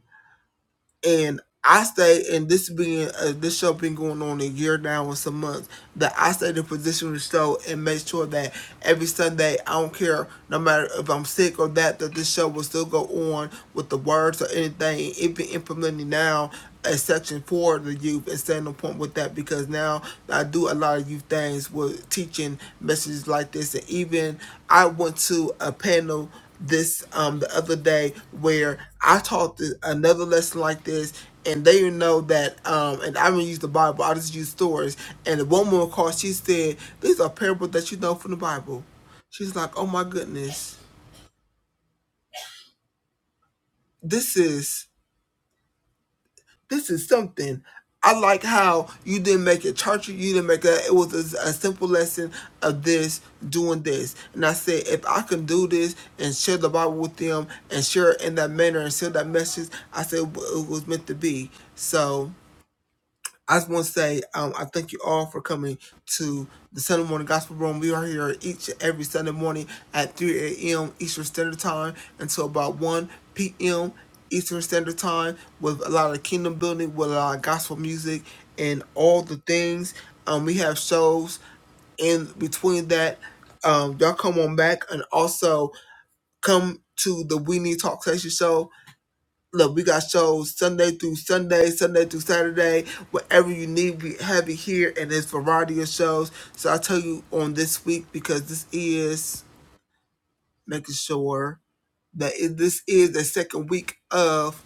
S6: and I stay, and this being uh, this show been going on a year now and some months, that I stay the position of the show and make sure that every Sunday I don't care, no matter if I'm sick or that, that this show will still go on with the words or anything. It been implementing now a section for the youth and staying on point with that because now I do a lot of youth things with teaching messages like this, and even I went to a panel this um the other day where I taught th- another lesson like this, and they know that um and I don't use the Bible, I just use stories. And the woman called, she said, "These are parables that you know from the Bible." She's like, "Oh my goodness, this is." this is something. I like how you didn't make it churchy. You didn't make a. It was a, a simple lesson of this doing this, and I said if I can do this and share the Bible with them and share it in that manner and share that message, I said it was meant to be. So. I just want to say, um, I thank you all for coming to the Sunday Morning Gospel Room. We are here each and every Sunday morning at 3 a.m. Eastern Standard Time until about 1 p.m. Eastern Standard Time with a lot of kingdom building, with a lot of gospel music, and all the things. Um, we have shows in between that, um, y'all come on back and also come to the We Need Talk Station show Look, we got shows Sunday through Sunday, Sunday through Saturday. Whatever you need, we have it here, and it's variety of shows. So I'll tell you on this week because this is making sure that it, this is the second week of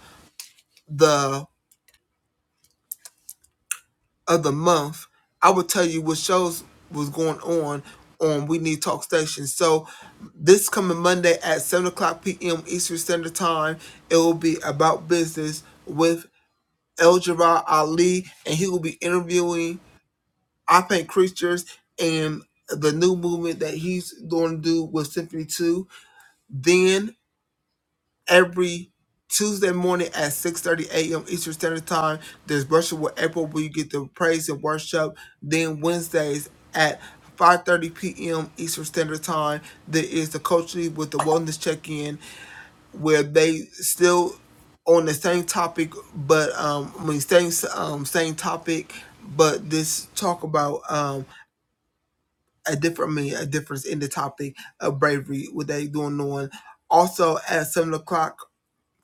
S6: the of the month. I will tell you what shows was going on on We Need Talk Station. So this coming Monday at seven o'clock p.m. Eastern Standard Time, it will be about business with El Jabbar Ali, and he will be interviewing, I think, Creatures and the new movement that he's going to do with Symphony 2. Then every Tuesday morning at 6.30 a.m. Eastern Standard Time, there's Worship with April where you get the praise and worship. Then Wednesdays at 5.30 p.m. Eastern Standard Time, there is the Coach Lee with the Wellness Check-In where they still on the same topic, but um, I mean same um same topic, but this talk about um a different I mean a difference in the topic of bravery. What they doing on also at seven o'clock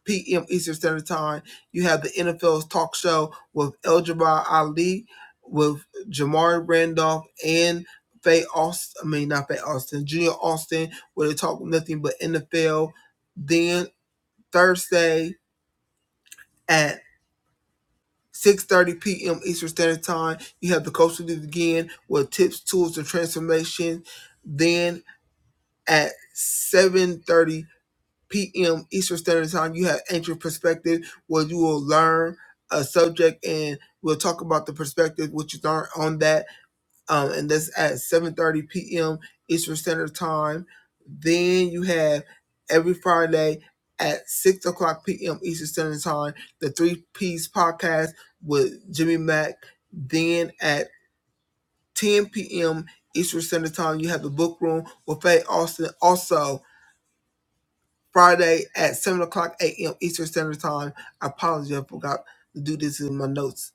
S6: p.m. Eastern Standard Time, you have the NFL's talk show with El Jabbar Ali, with Jamari Randolph and. Faye Austin, I mean not Faye Austin, Junior Austin, where they talk nothing but NFL. Then Thursday, at 6.30 p.m. Eastern Standard Time. You have the Coach League again with tips, tools, and transformation. Then at 7.30 p.m. Eastern Standard Time, you have Ancient Perspective where you will learn a subject and we'll talk about the perspective, what you learned on that um, and that's at 7:30 p.m. Eastern Standard Time. Then you have every Friday at six o'clock p.m. Eastern Standard Time the Three Piece Podcast with Jimmy Mack. Then at 10 p.m. Eastern Standard Time, you have the Book Room with Faye Austin. Also Friday at 7 o'clock a.m. Eastern Standard Time. I apologize, I forgot to do this in my notes.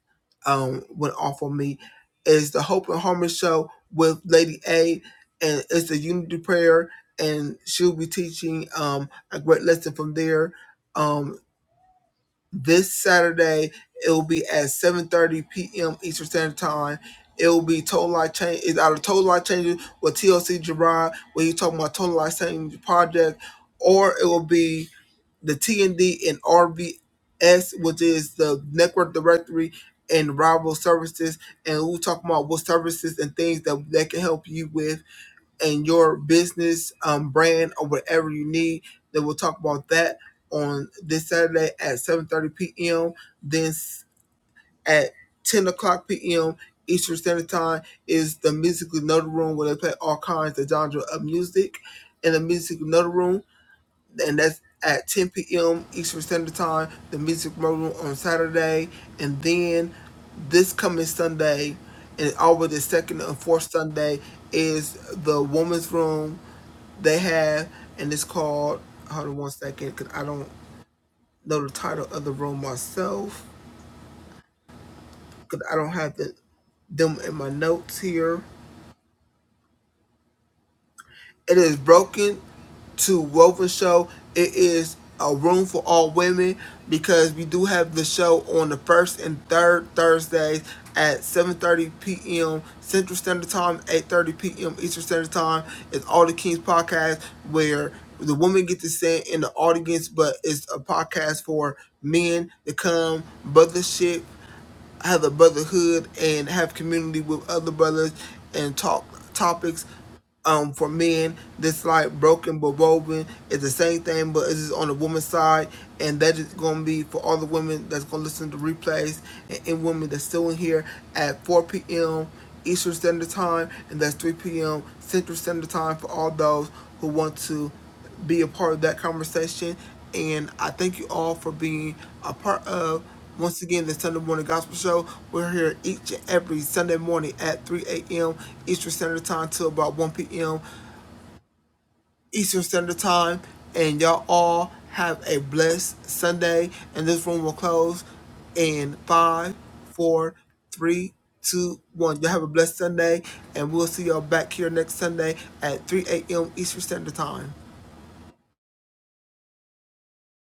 S6: Um, went off on me. Is the Hope and Harmony Show with Lady A, and it's the Unity Prayer, and she'll be teaching um a great lesson from there. Um this Saturday. It'll be at 7:30 p.m. Eastern Standard Time. It'll be Total Life Change. It's out of Total Life Changes with TLC Gerard, where he's talking about Total Life Change Project, or it will be the TND and RVS, which is the Network Directory and Rival Services, and we'll talk about what services and things that they can help you with and your business um, brand or whatever you need. Then we'll talk about that on this Saturday at 7:30 p.m. Then at 10 o'clock p.m. Eastern Standard Time is the Musical Note Room where they play all kinds of genre of music in the Musical Note Room, and that's at 10 p.m. Eastern Standard Time. The Music Note Room on Saturday, and then this coming Sunday, and always the second and fourth Sunday is the Woman's Room they have, and it's called. Hold on one second, because I don't know the title of the room myself, because I don't have the, them in my notes here. It is broken to woven show. It is a room for all women because we do have the show on the first and third Thursdays at 7:30 p.m. Central Standard Time, 8:30 p.m. Eastern Standard Time. It's All the Kings podcast where the women get to sit in the audience, but it's a podcast for men to come, brother shit have a brotherhood and have community with other brothers and talk topics um for men that's like broken but woven It's the same thing but it's just on the woman's side and that is gonna be for all the women that's gonna listen to replays and, and women that's still in here at 4 p.m eastern standard time and that's 3 p.m central standard time for all those who want to be a part of that conversation. And I thank you all for being a part of, once again, the Sunday Morning Gospel Show. We're here each and every Sunday morning at 3 a.m. Eastern Standard Time till about 1 p.m. Eastern Standard Time. And y'all all have a blessed Sunday. And this room will close in five, four, three, two, one. Y'all have a blessed Sunday. And we'll see y'all back here next Sunday at 3 a.m. Eastern Standard Time.